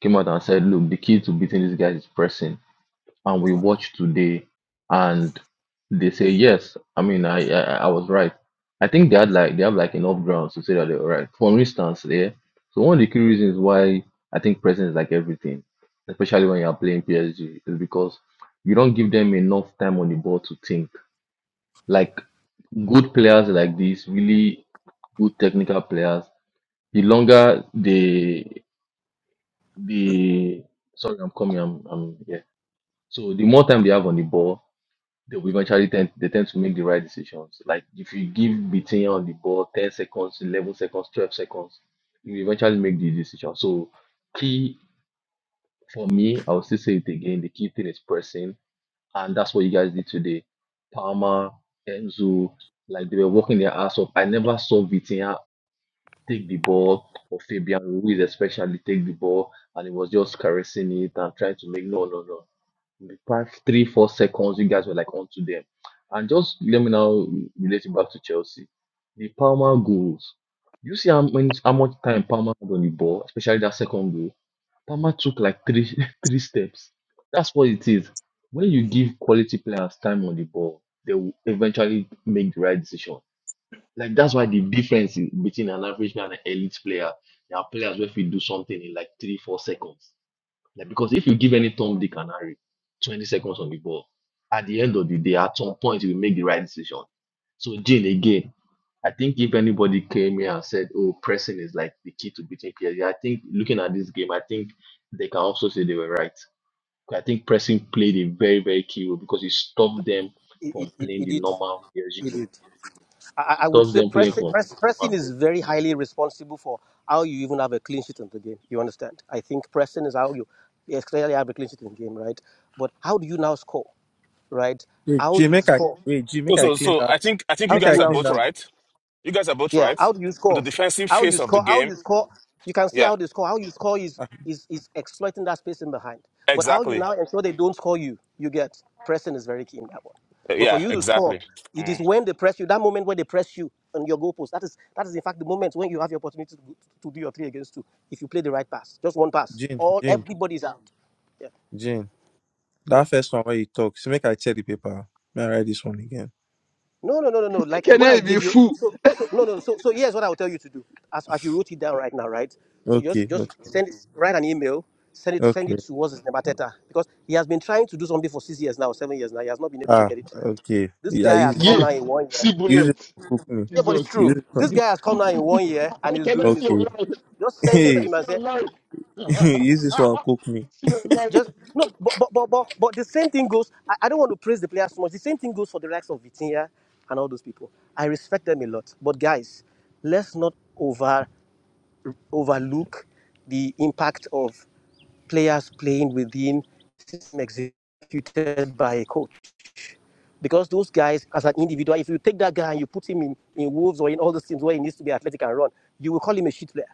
Speaker 6: came out and said, look, the key to beating these guys is pressing. And
Speaker 37: It's
Speaker 6: we
Speaker 37: not.
Speaker 6: watched today and they say yes. I mean I I, I was right. I think they had like they have like enough grounds to say that they were right. For instance, yeah. So one of the key reasons why I think pressing is like everything, especially when you're playing PSG, is because you don't give them enough time on the ball to think. Like good players like this, really good technical players, the longer they the sorry, I'm coming. I'm I'm here. So the more time they have on the ball, they will eventually tend they tend to make the right decisions. Like if you give Bitinha on the ball 10 seconds, 11 seconds, 12 seconds, you will eventually make the decision. So key for me, I will still say it again. The key thing is pressing, and that's what you guys did today. Palmer, Enzo, like they were working their ass off. I never saw Vitinha take the ball, or Fabian Ruiz especially take the ball, and he was just caressing it and trying to make no, no, no. In the past three, four seconds, you guys were like onto them. And just let me now relate it back to Chelsea. The Palmer goals. You see how many, how much time Palmer had on the ball, especially that second goal. Palmer took like three, three steps. That's what it is. When you give quality players time on the ball, they will eventually make the right decision. Like that's why the difference in between an average man and an elite player, there are players where if you do something in like three, four seconds. Like because if you give any Tom Dick and Harry 20 seconds on the ball, at the end of the day, at some point you will make the right decision. So Jane again, I think if anybody came here and said, Oh, pressing is like the key to beating PSG, I think looking at this game, I think they can also say they were right. I think pressing played a very, very key role because it stopped them
Speaker 37: It, it,
Speaker 6: from
Speaker 37: it,
Speaker 6: playing
Speaker 37: it
Speaker 6: the
Speaker 37: did.
Speaker 6: normal PSG
Speaker 37: It
Speaker 6: way
Speaker 37: did. I,
Speaker 6: because
Speaker 37: I
Speaker 6: he
Speaker 37: would
Speaker 6: touched
Speaker 37: say
Speaker 6: them playing
Speaker 37: press,
Speaker 6: for
Speaker 37: press, pressing is
Speaker 6: market.
Speaker 37: very highly responsible for how you even have a clean sheet in the game. You understand? I think pressing is how you yes, clearly have a clean sheet in the game, right? But how do you now score, right?
Speaker 10: Wait,
Speaker 37: How
Speaker 10: Gene,
Speaker 37: you
Speaker 10: make I
Speaker 37: score?
Speaker 10: wait, Gene,
Speaker 25: So,
Speaker 10: make I
Speaker 37: Yeah.
Speaker 25: so,
Speaker 10: clean
Speaker 25: so
Speaker 10: that.
Speaker 25: I think I think you
Speaker 37: How
Speaker 10: Make
Speaker 37: do you
Speaker 25: guys
Speaker 10: I
Speaker 25: are
Speaker 37: now
Speaker 10: clean
Speaker 25: both
Speaker 37: score?
Speaker 10: that.
Speaker 25: right. You guys are both
Speaker 37: Yeah,
Speaker 25: right.
Speaker 37: how do you
Speaker 25: The
Speaker 37: score?
Speaker 25: defensive
Speaker 37: How you
Speaker 25: phase of the
Speaker 37: score? How
Speaker 25: game.
Speaker 37: you score? You can see
Speaker 25: Yeah,
Speaker 37: how they score. How you score is
Speaker 10: Ah,
Speaker 37: is is exploiting that space in behind. But how you
Speaker 25: exactly.
Speaker 37: now ensure they don't score you? You get pressing is very key in that one.
Speaker 25: Uh,
Speaker 37: But for
Speaker 25: Yeah,
Speaker 37: you to score,
Speaker 25: exactly.
Speaker 37: it is
Speaker 25: Mm.
Speaker 37: when they press you. That moment when they press you on your goalpost. That is that is in fact the moment when you have the opportunity to, to do your three against two. If you play the right pass, just one pass,
Speaker 10: Gene,
Speaker 37: all
Speaker 10: Gene,
Speaker 37: everybody is out. Yeah,
Speaker 10: Gene.
Speaker 37: yeah.
Speaker 10: That first one where you talk, so make I check the paper. May I write this one again?
Speaker 37: No, no, no, no, no.
Speaker 1: I
Speaker 37: Like what I
Speaker 1: cannot be
Speaker 37: gave you.
Speaker 1: fool.
Speaker 37: So, so no, no. no. So, so here's what I will tell you to do. As, as you wrote it down right now, right? So just,
Speaker 10: Okay,
Speaker 37: just
Speaker 10: okay,
Speaker 37: send it. Write an email. Send it. Send it
Speaker 10: okay.
Speaker 37: to what's his name, Arteta, because he has been trying to do something for six years now, seven years now. He has not been able to
Speaker 10: Ah,
Speaker 37: get it right.
Speaker 10: okay.
Speaker 37: This
Speaker 10: Yeah,
Speaker 37: guy
Speaker 10: use
Speaker 37: has
Speaker 10: this
Speaker 37: come
Speaker 10: one.
Speaker 20: Yeah.
Speaker 37: now in one year.
Speaker 20: See
Speaker 10: Use this
Speaker 20: bullet.
Speaker 10: one, cook me.
Speaker 37: Yeah, but it's
Speaker 20: Jesus.
Speaker 10: Use
Speaker 37: true.
Speaker 10: this
Speaker 37: This
Speaker 10: one.
Speaker 20: I
Speaker 37: guy has come now in one year and he's
Speaker 20: cannot
Speaker 37: doing it.
Speaker 20: see your
Speaker 37: So
Speaker 10: Okay.
Speaker 20: life.
Speaker 37: just
Speaker 20: I
Speaker 37: send it to
Speaker 10: Hey,
Speaker 20: cannot
Speaker 37: him
Speaker 20: see
Speaker 37: and say,
Speaker 20: your life.
Speaker 10: use this one, cook me.
Speaker 20: see your life.
Speaker 37: Just no, but but but but, but the same thing goes. I, I don't want to praise the players too much. The same thing goes for the likes of Vitinha and all those people. I respect them a lot. But guys, let's not over overlook the impact of players playing within system executed by a coach. Because those guys, as an individual, if you take that guy and you put him in, in Wolves or in all those teams where he needs to be athletic and run, you will call him a shit player.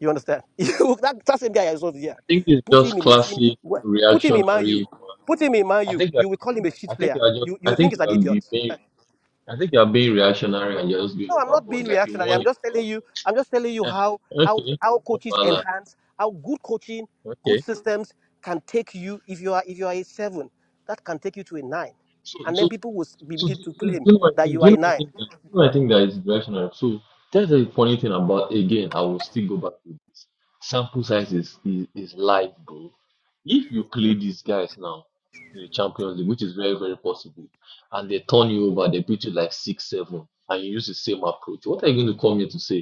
Speaker 37: You understand? You- that, that same guy is not here.
Speaker 6: I think it's
Speaker 37: Put him
Speaker 6: just
Speaker 37: in a team.
Speaker 6: classic
Speaker 37: where- Put him in Man U.
Speaker 6: reactionary.
Speaker 37: Put him in Man
Speaker 6: I
Speaker 37: U.
Speaker 6: think I,
Speaker 37: You will call him a
Speaker 6: I
Speaker 37: shit
Speaker 6: think
Speaker 37: player.
Speaker 6: you are just
Speaker 37: You
Speaker 6: I
Speaker 37: you think
Speaker 6: think
Speaker 37: he's
Speaker 6: you
Speaker 37: an
Speaker 6: are
Speaker 37: idiot.
Speaker 6: being I think you are being reactionary and you're just going
Speaker 37: No, I'm not being
Speaker 6: overboard. Like you
Speaker 37: reactionary. I'm
Speaker 6: want it.
Speaker 37: just telling you. I'm just telling you
Speaker 6: eh,
Speaker 37: how how
Speaker 6: Okay,
Speaker 37: how
Speaker 6: no
Speaker 37: coaches
Speaker 6: bala.
Speaker 37: enhance how good coaching, good
Speaker 6: Okay.
Speaker 37: systems can take you if you are if you are a seven, that can take you to a nine,
Speaker 6: So
Speaker 37: and
Speaker 6: so.
Speaker 37: then people will s- be-
Speaker 6: So do,
Speaker 37: begin to
Speaker 6: do
Speaker 37: claim
Speaker 6: you know what I
Speaker 37: that
Speaker 6: think?
Speaker 37: you
Speaker 6: Do you
Speaker 37: are
Speaker 6: know
Speaker 37: a
Speaker 6: what I
Speaker 37: nine.
Speaker 6: think? That, do you know what I think that is directional. So that's the funny thing about again. I will still go back to this. Sample size is is, is life, bro. If you play these guys now in the Champions League, which is very very possible, and they turn you over, they beat you like six seven, and you use the same approach. What are you going to come here to say?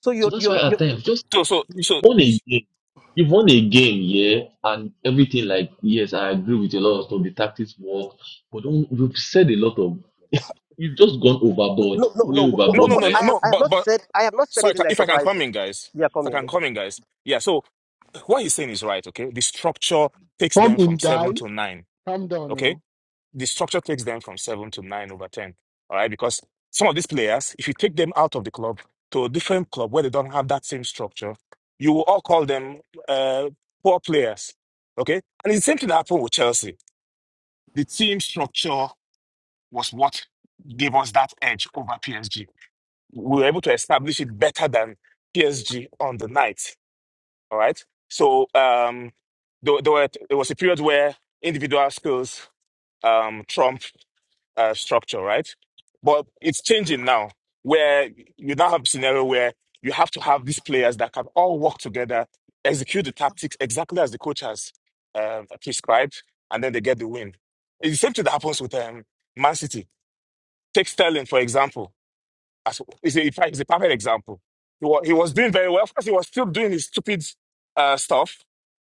Speaker 37: So you
Speaker 6: So that's why
Speaker 37: you
Speaker 6: at
Speaker 37: you
Speaker 6: times just
Speaker 25: So, so,
Speaker 6: you've
Speaker 25: so,
Speaker 6: won a game. You've won a game, yeah, and everything like yes, I agree with a lot of stuff. The tactics work, but don't you've said a lot of you've just gone overboard,
Speaker 37: no no
Speaker 6: way
Speaker 37: no. What,
Speaker 25: no,
Speaker 37: what,
Speaker 25: no,
Speaker 6: overboard
Speaker 37: what,
Speaker 6: by
Speaker 25: no,
Speaker 6: a
Speaker 25: no,
Speaker 37: I have
Speaker 6: lot
Speaker 25: no.
Speaker 37: I
Speaker 6: of
Speaker 37: have
Speaker 25: But,
Speaker 37: not
Speaker 6: things.
Speaker 25: but,
Speaker 37: said I have not said
Speaker 25: sorry,
Speaker 37: anything that's
Speaker 25: if I can come
Speaker 37: surprising.
Speaker 25: in, guys.
Speaker 37: They are
Speaker 25: If I
Speaker 37: coming.
Speaker 25: can
Speaker 37: Yeah.
Speaker 25: come in, guys. Yeah. So, what he's saying is right. Okay, the structure takes
Speaker 20: Come
Speaker 25: them
Speaker 20: in,
Speaker 25: from
Speaker 20: guys.
Speaker 25: seven to nine.
Speaker 20: Calm down
Speaker 25: Okay,
Speaker 20: now.
Speaker 25: the structure takes them from seven to nine over ten. All right, because some of these players, if you take them out of the club to a different club where they don't have that same structure, you will all call them uh, poor players. Okay, and it's the same thing that happened with Chelsea. The team structure was what gave us that edge over PSG. We were able to establish it better than PSG on the night. All right, so um, there, there, were, there was a period where individual skills um, trumped uh, structure, right? But it's changing now, where you now have a scenario where you have to have these players that can all work together, execute the tactics exactly as the coach has um prescribed, and then they get the win. It's the same thing that happens with um, Man City. Take Sterling, for example. As, he's, a, in fact, he's a perfect example. He was, he was doing very well. Of course, he was still doing his stupid uh, stuff,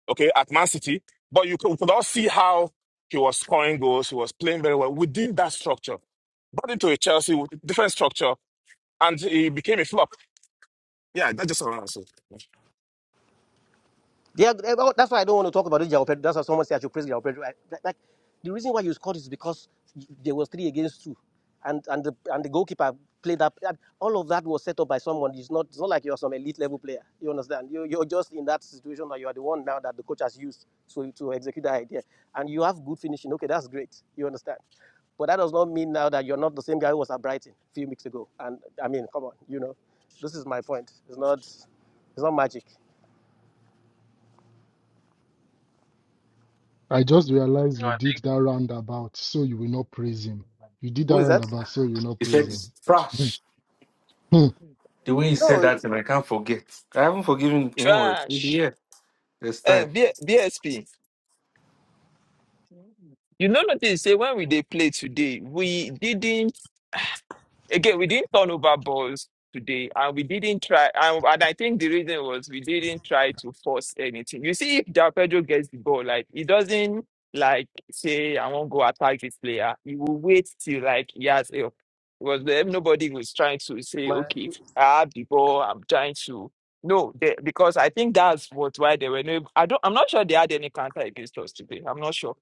Speaker 25: okay, at Man City. But you could, we could all see how he was scoring goals. He was playing very well within that structure. Brought into a Chelsea with different structure, and he became a flop. Yeah, that's just what I said.
Speaker 37: Yeah, th- th- that's why I don't want to talk about this Jao Pedro. That's why someone said I should praise Jao Pedro. I, that- like, the reason why you scored is because there was three against two, and and the and the goalkeeper played up. and All of that was set up by someone. It's not it's not like you're some elite level player. You understand? You you're just in that situation that you are the one now that the coach has used to to execute that idea, and you have good finishing. Okay, that's great. You understand? But that does not mean now that you're not the same guy who was at Brighton a few weeks ago. And I mean, come on, you know, this is my point. It's not it's not magic.
Speaker 20: I just realized you did that roundabout so you will not praise him. You did
Speaker 37: Who
Speaker 20: that
Speaker 37: is that?
Speaker 20: roundabout so you will not
Speaker 8: He said
Speaker 20: praise
Speaker 8: it's
Speaker 20: him. Hmm,
Speaker 8: trash.
Speaker 20: hmm.
Speaker 8: The way he said
Speaker 37: No,
Speaker 8: that, and I can't forget. I haven't forgiven. No worries.
Speaker 1: Trash.
Speaker 8: Yeah, there's
Speaker 1: Uh,
Speaker 8: time.
Speaker 1: B- BSP. You know notice say when we they play today, we didn't Again, we didn't turn over balls today, and we didn't try. And, and I think the reason was we didn't try to force anything. You see, if Del Pedro gets the ball, like he doesn't like say, "I won't go attack this player." He will wait till like he has help. It was them. Nobody was trying to say,
Speaker 37: My,
Speaker 1: "Okay, I have the ball. I'm trying to." No, they, because I think that's what why they were no. I don't. I'm not sure they had any counter against us today. I'm not sure.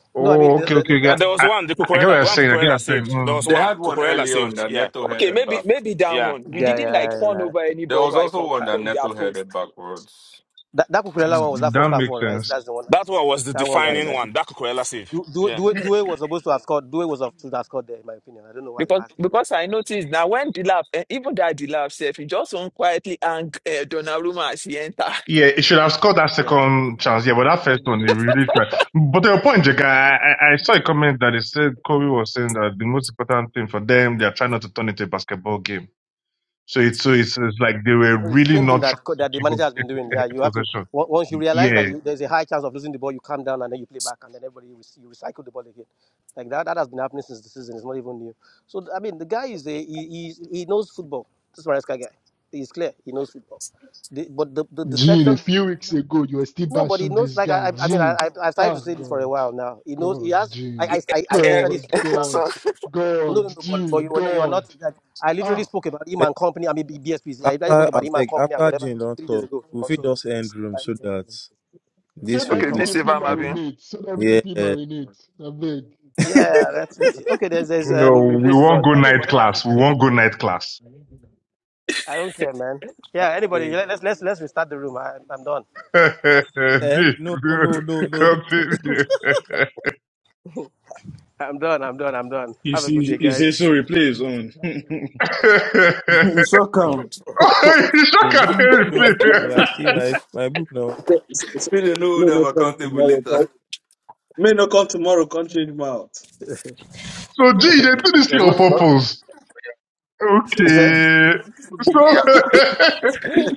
Speaker 37: no, I mean
Speaker 4: oh,
Speaker 37: the,
Speaker 4: okay,
Speaker 37: the,
Speaker 4: okay,
Speaker 37: the,
Speaker 25: And
Speaker 4: okay.
Speaker 25: there
Speaker 37: the,
Speaker 25: was
Speaker 4: I,
Speaker 25: one, the
Speaker 4: I get what
Speaker 25: Cucurella,
Speaker 4: you're
Speaker 25: the one
Speaker 4: saying. I get what
Speaker 25: Cucurella
Speaker 4: you're saying.
Speaker 25: saved. There
Speaker 4: Mm.
Speaker 25: was
Speaker 8: They
Speaker 25: one,
Speaker 8: had one
Speaker 25: Cucurella
Speaker 8: early on
Speaker 25: saved.
Speaker 8: that
Speaker 25: Yeah,
Speaker 8: Neto
Speaker 1: Okay,
Speaker 8: headed
Speaker 1: maybe
Speaker 8: back.
Speaker 1: maybe that
Speaker 25: yeah.
Speaker 1: one. We
Speaker 37: yeah,
Speaker 25: mm.
Speaker 37: yeah,
Speaker 1: didn't like
Speaker 37: yeah.
Speaker 1: fawn
Speaker 37: yeah.
Speaker 1: over any
Speaker 8: There
Speaker 1: ball
Speaker 8: was
Speaker 1: right
Speaker 8: also
Speaker 1: from
Speaker 8: one that
Speaker 1: from their
Speaker 8: Neto
Speaker 1: post
Speaker 8: headed backwards.
Speaker 37: That that Kukurela one was that
Speaker 4: That
Speaker 37: first half
Speaker 4: makes
Speaker 37: one, right?
Speaker 4: sense.
Speaker 37: That's the one.
Speaker 25: That one was the
Speaker 37: That one that
Speaker 25: defining
Speaker 8: Mm.
Speaker 37: uh,
Speaker 25: one, that Cucurella save.
Speaker 37: Du- Du-
Speaker 25: Yeah.
Speaker 37: Due Due was supposed to have scored. Due was supposed to have scored there, in my opinion. I don't know why he
Speaker 1: because
Speaker 37: passed. It.
Speaker 1: because I noticed now when the lab eh, even that the lab self he just won't quietly hang uh, Donnarumma as he enter.
Speaker 4: Yeah, he should have scored that
Speaker 37: Yeah,
Speaker 4: second chance. Yeah, but that first one, he really tried. But to your point, Jega, I, I I saw a comment that it said Kobe was saying that the most important thing for them, they are trying not to turn it into a basketball game. So it's so it's, it's like they were
Speaker 37: So it's the
Speaker 4: really
Speaker 37: same thing
Speaker 4: not trying
Speaker 37: that co- that the
Speaker 4: to
Speaker 37: manager has been doing.
Speaker 4: give
Speaker 37: Yeah,
Speaker 4: up
Speaker 37: you have to
Speaker 4: possession.
Speaker 37: on- once you realize that
Speaker 4: Yeah,
Speaker 37: you, there's a high chance of losing the ball, you calm down and then you play back and then everybody re- you recycle the ball again. Like that, that has been happening since the season. It's not even new. So I mean, the guy is a, he, he he knows football. This Maresca guy, he's clear. He knows football. The, but the, the
Speaker 20: Gene, a
Speaker 37: deception.
Speaker 20: few weeks ago you were still
Speaker 37: No, but he
Speaker 20: bashing
Speaker 37: knows.
Speaker 20: this
Speaker 37: Like
Speaker 20: guy.
Speaker 37: I, I I mean, I,
Speaker 20: Gene.
Speaker 37: I, I've started
Speaker 20: Ah
Speaker 37: to say this for a
Speaker 20: God.
Speaker 37: while now. He knows. He
Speaker 20: God,
Speaker 37: has. I,
Speaker 20: Gene.
Speaker 37: I, I I
Speaker 1: Eh,
Speaker 37: literally
Speaker 20: God,
Speaker 37: spoke about.
Speaker 20: God,
Speaker 1: so
Speaker 37: No,
Speaker 20: God,
Speaker 37: no, no. But, but
Speaker 20: Gene,
Speaker 37: you were not. You are not.
Speaker 20: God.
Speaker 37: That, I literally
Speaker 20: Ah.
Speaker 37: spoke about him and company. I mean, B- BSPC.
Speaker 10: Abeg,
Speaker 37: I literally spoke
Speaker 10: After I
Speaker 37: about him and
Speaker 10: beg,
Speaker 37: company and
Speaker 10: after
Speaker 37: whatever
Speaker 10: Gene
Speaker 37: two,
Speaker 10: don't
Speaker 37: three days
Speaker 10: talk,
Speaker 37: ago
Speaker 10: we
Speaker 37: or
Speaker 10: fit
Speaker 37: so.
Speaker 10: just end room
Speaker 37: Like,
Speaker 10: so that
Speaker 20: So
Speaker 10: this
Speaker 20: that
Speaker 37: no,
Speaker 10: will
Speaker 1: okay,
Speaker 37: come
Speaker 10: play.
Speaker 37: on.
Speaker 20: everything
Speaker 1: peace if
Speaker 20: feel
Speaker 1: I'm having.
Speaker 20: marinate. So that everything
Speaker 10: Yeah.
Speaker 20: feel marinate. I beg.
Speaker 37: Yeah, that's that's it. okay. There's there's um
Speaker 4: no, we
Speaker 37: replace is
Speaker 4: won't
Speaker 37: on.
Speaker 4: go
Speaker 37: Anyway,
Speaker 4: night
Speaker 37: whatever. I don't
Speaker 4: class. We
Speaker 37: care.
Speaker 4: won't go night class.
Speaker 37: I don't care, man.
Speaker 10: I
Speaker 37: Yeah. Anybody?
Speaker 10: Beg.
Speaker 37: Let, let's let's let's restart the room. I, I'm done.
Speaker 10: Eh?
Speaker 4: Dude,
Speaker 10: No, no, no, no, no,
Speaker 4: Continue.
Speaker 37: I'm done. I'm done. I'm done.
Speaker 7: You
Speaker 37: Have a good
Speaker 7: see,
Speaker 37: day,
Speaker 7: you say
Speaker 37: guys.
Speaker 7: sorry, play his own. You sure come.
Speaker 4: Oh, you shook her hand,
Speaker 10: no, no, no.
Speaker 4: please.
Speaker 10: I see my my book now.
Speaker 5: So- so- so-
Speaker 8: We don't know
Speaker 5: May
Speaker 8: them
Speaker 5: not come
Speaker 8: accountable
Speaker 5: tomorrow.
Speaker 8: later.
Speaker 5: co- May not come tomorrow. Can't change my out.
Speaker 4: So G, they do this thing
Speaker 37: There's
Speaker 4: on
Speaker 37: no tomorrow.
Speaker 4: purpose.
Speaker 37: Is it?
Speaker 4: Okay. So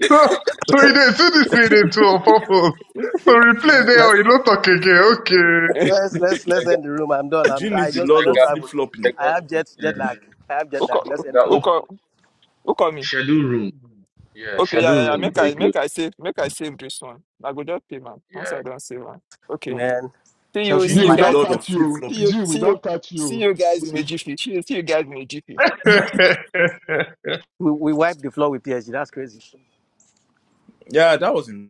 Speaker 4: so so he they do this thing they do on purpose. So we play
Speaker 14: Gene,
Speaker 4: there, you not talk again.
Speaker 37: Let's let's let's
Speaker 6: Jaga,
Speaker 37: end the room. I'm done. I'm
Speaker 14: Gene
Speaker 37: I
Speaker 14: is the
Speaker 37: just I
Speaker 14: lord
Speaker 37: just
Speaker 14: of
Speaker 6: Jaga,
Speaker 14: flip
Speaker 37: traveled.
Speaker 14: flopping.
Speaker 37: I
Speaker 6: Jaga,
Speaker 37: have jet jet
Speaker 6: uh,
Speaker 37: lag. I have
Speaker 1: who
Speaker 37: jet lag. Let's
Speaker 1: call
Speaker 37: end
Speaker 6: Jaga
Speaker 37: the
Speaker 1: who
Speaker 37: room.
Speaker 6: open
Speaker 1: call who call me?
Speaker 6: schedule room. Yeah,
Speaker 1: Okay, yeah,
Speaker 6: schedule
Speaker 1: yeah, yeah.
Speaker 6: room
Speaker 1: Make
Speaker 6: before
Speaker 1: I
Speaker 6: you close.
Speaker 1: make I save make I save this one. I go just pay man. Once
Speaker 6: yeah.
Speaker 1: I don't save man. Okay.
Speaker 37: Man,
Speaker 1: See you
Speaker 37: Chelsea
Speaker 14: Gene
Speaker 1: see
Speaker 20: Gene,
Speaker 1: you
Speaker 14: is
Speaker 20: we
Speaker 37: wipe.
Speaker 14: the
Speaker 20: don't
Speaker 1: guys
Speaker 14: lord of
Speaker 20: catch
Speaker 14: flip
Speaker 20: you.
Speaker 1: see
Speaker 14: flopping.
Speaker 1: you
Speaker 20: Gene, we
Speaker 1: see you
Speaker 20: don't catch you.
Speaker 1: see you guys in a jiffy. See you see you guys in a jiffy.
Speaker 4: Okay.
Speaker 37: We, we wiped the floor with PSG. That's crazy.
Speaker 14: Yeah, that was him.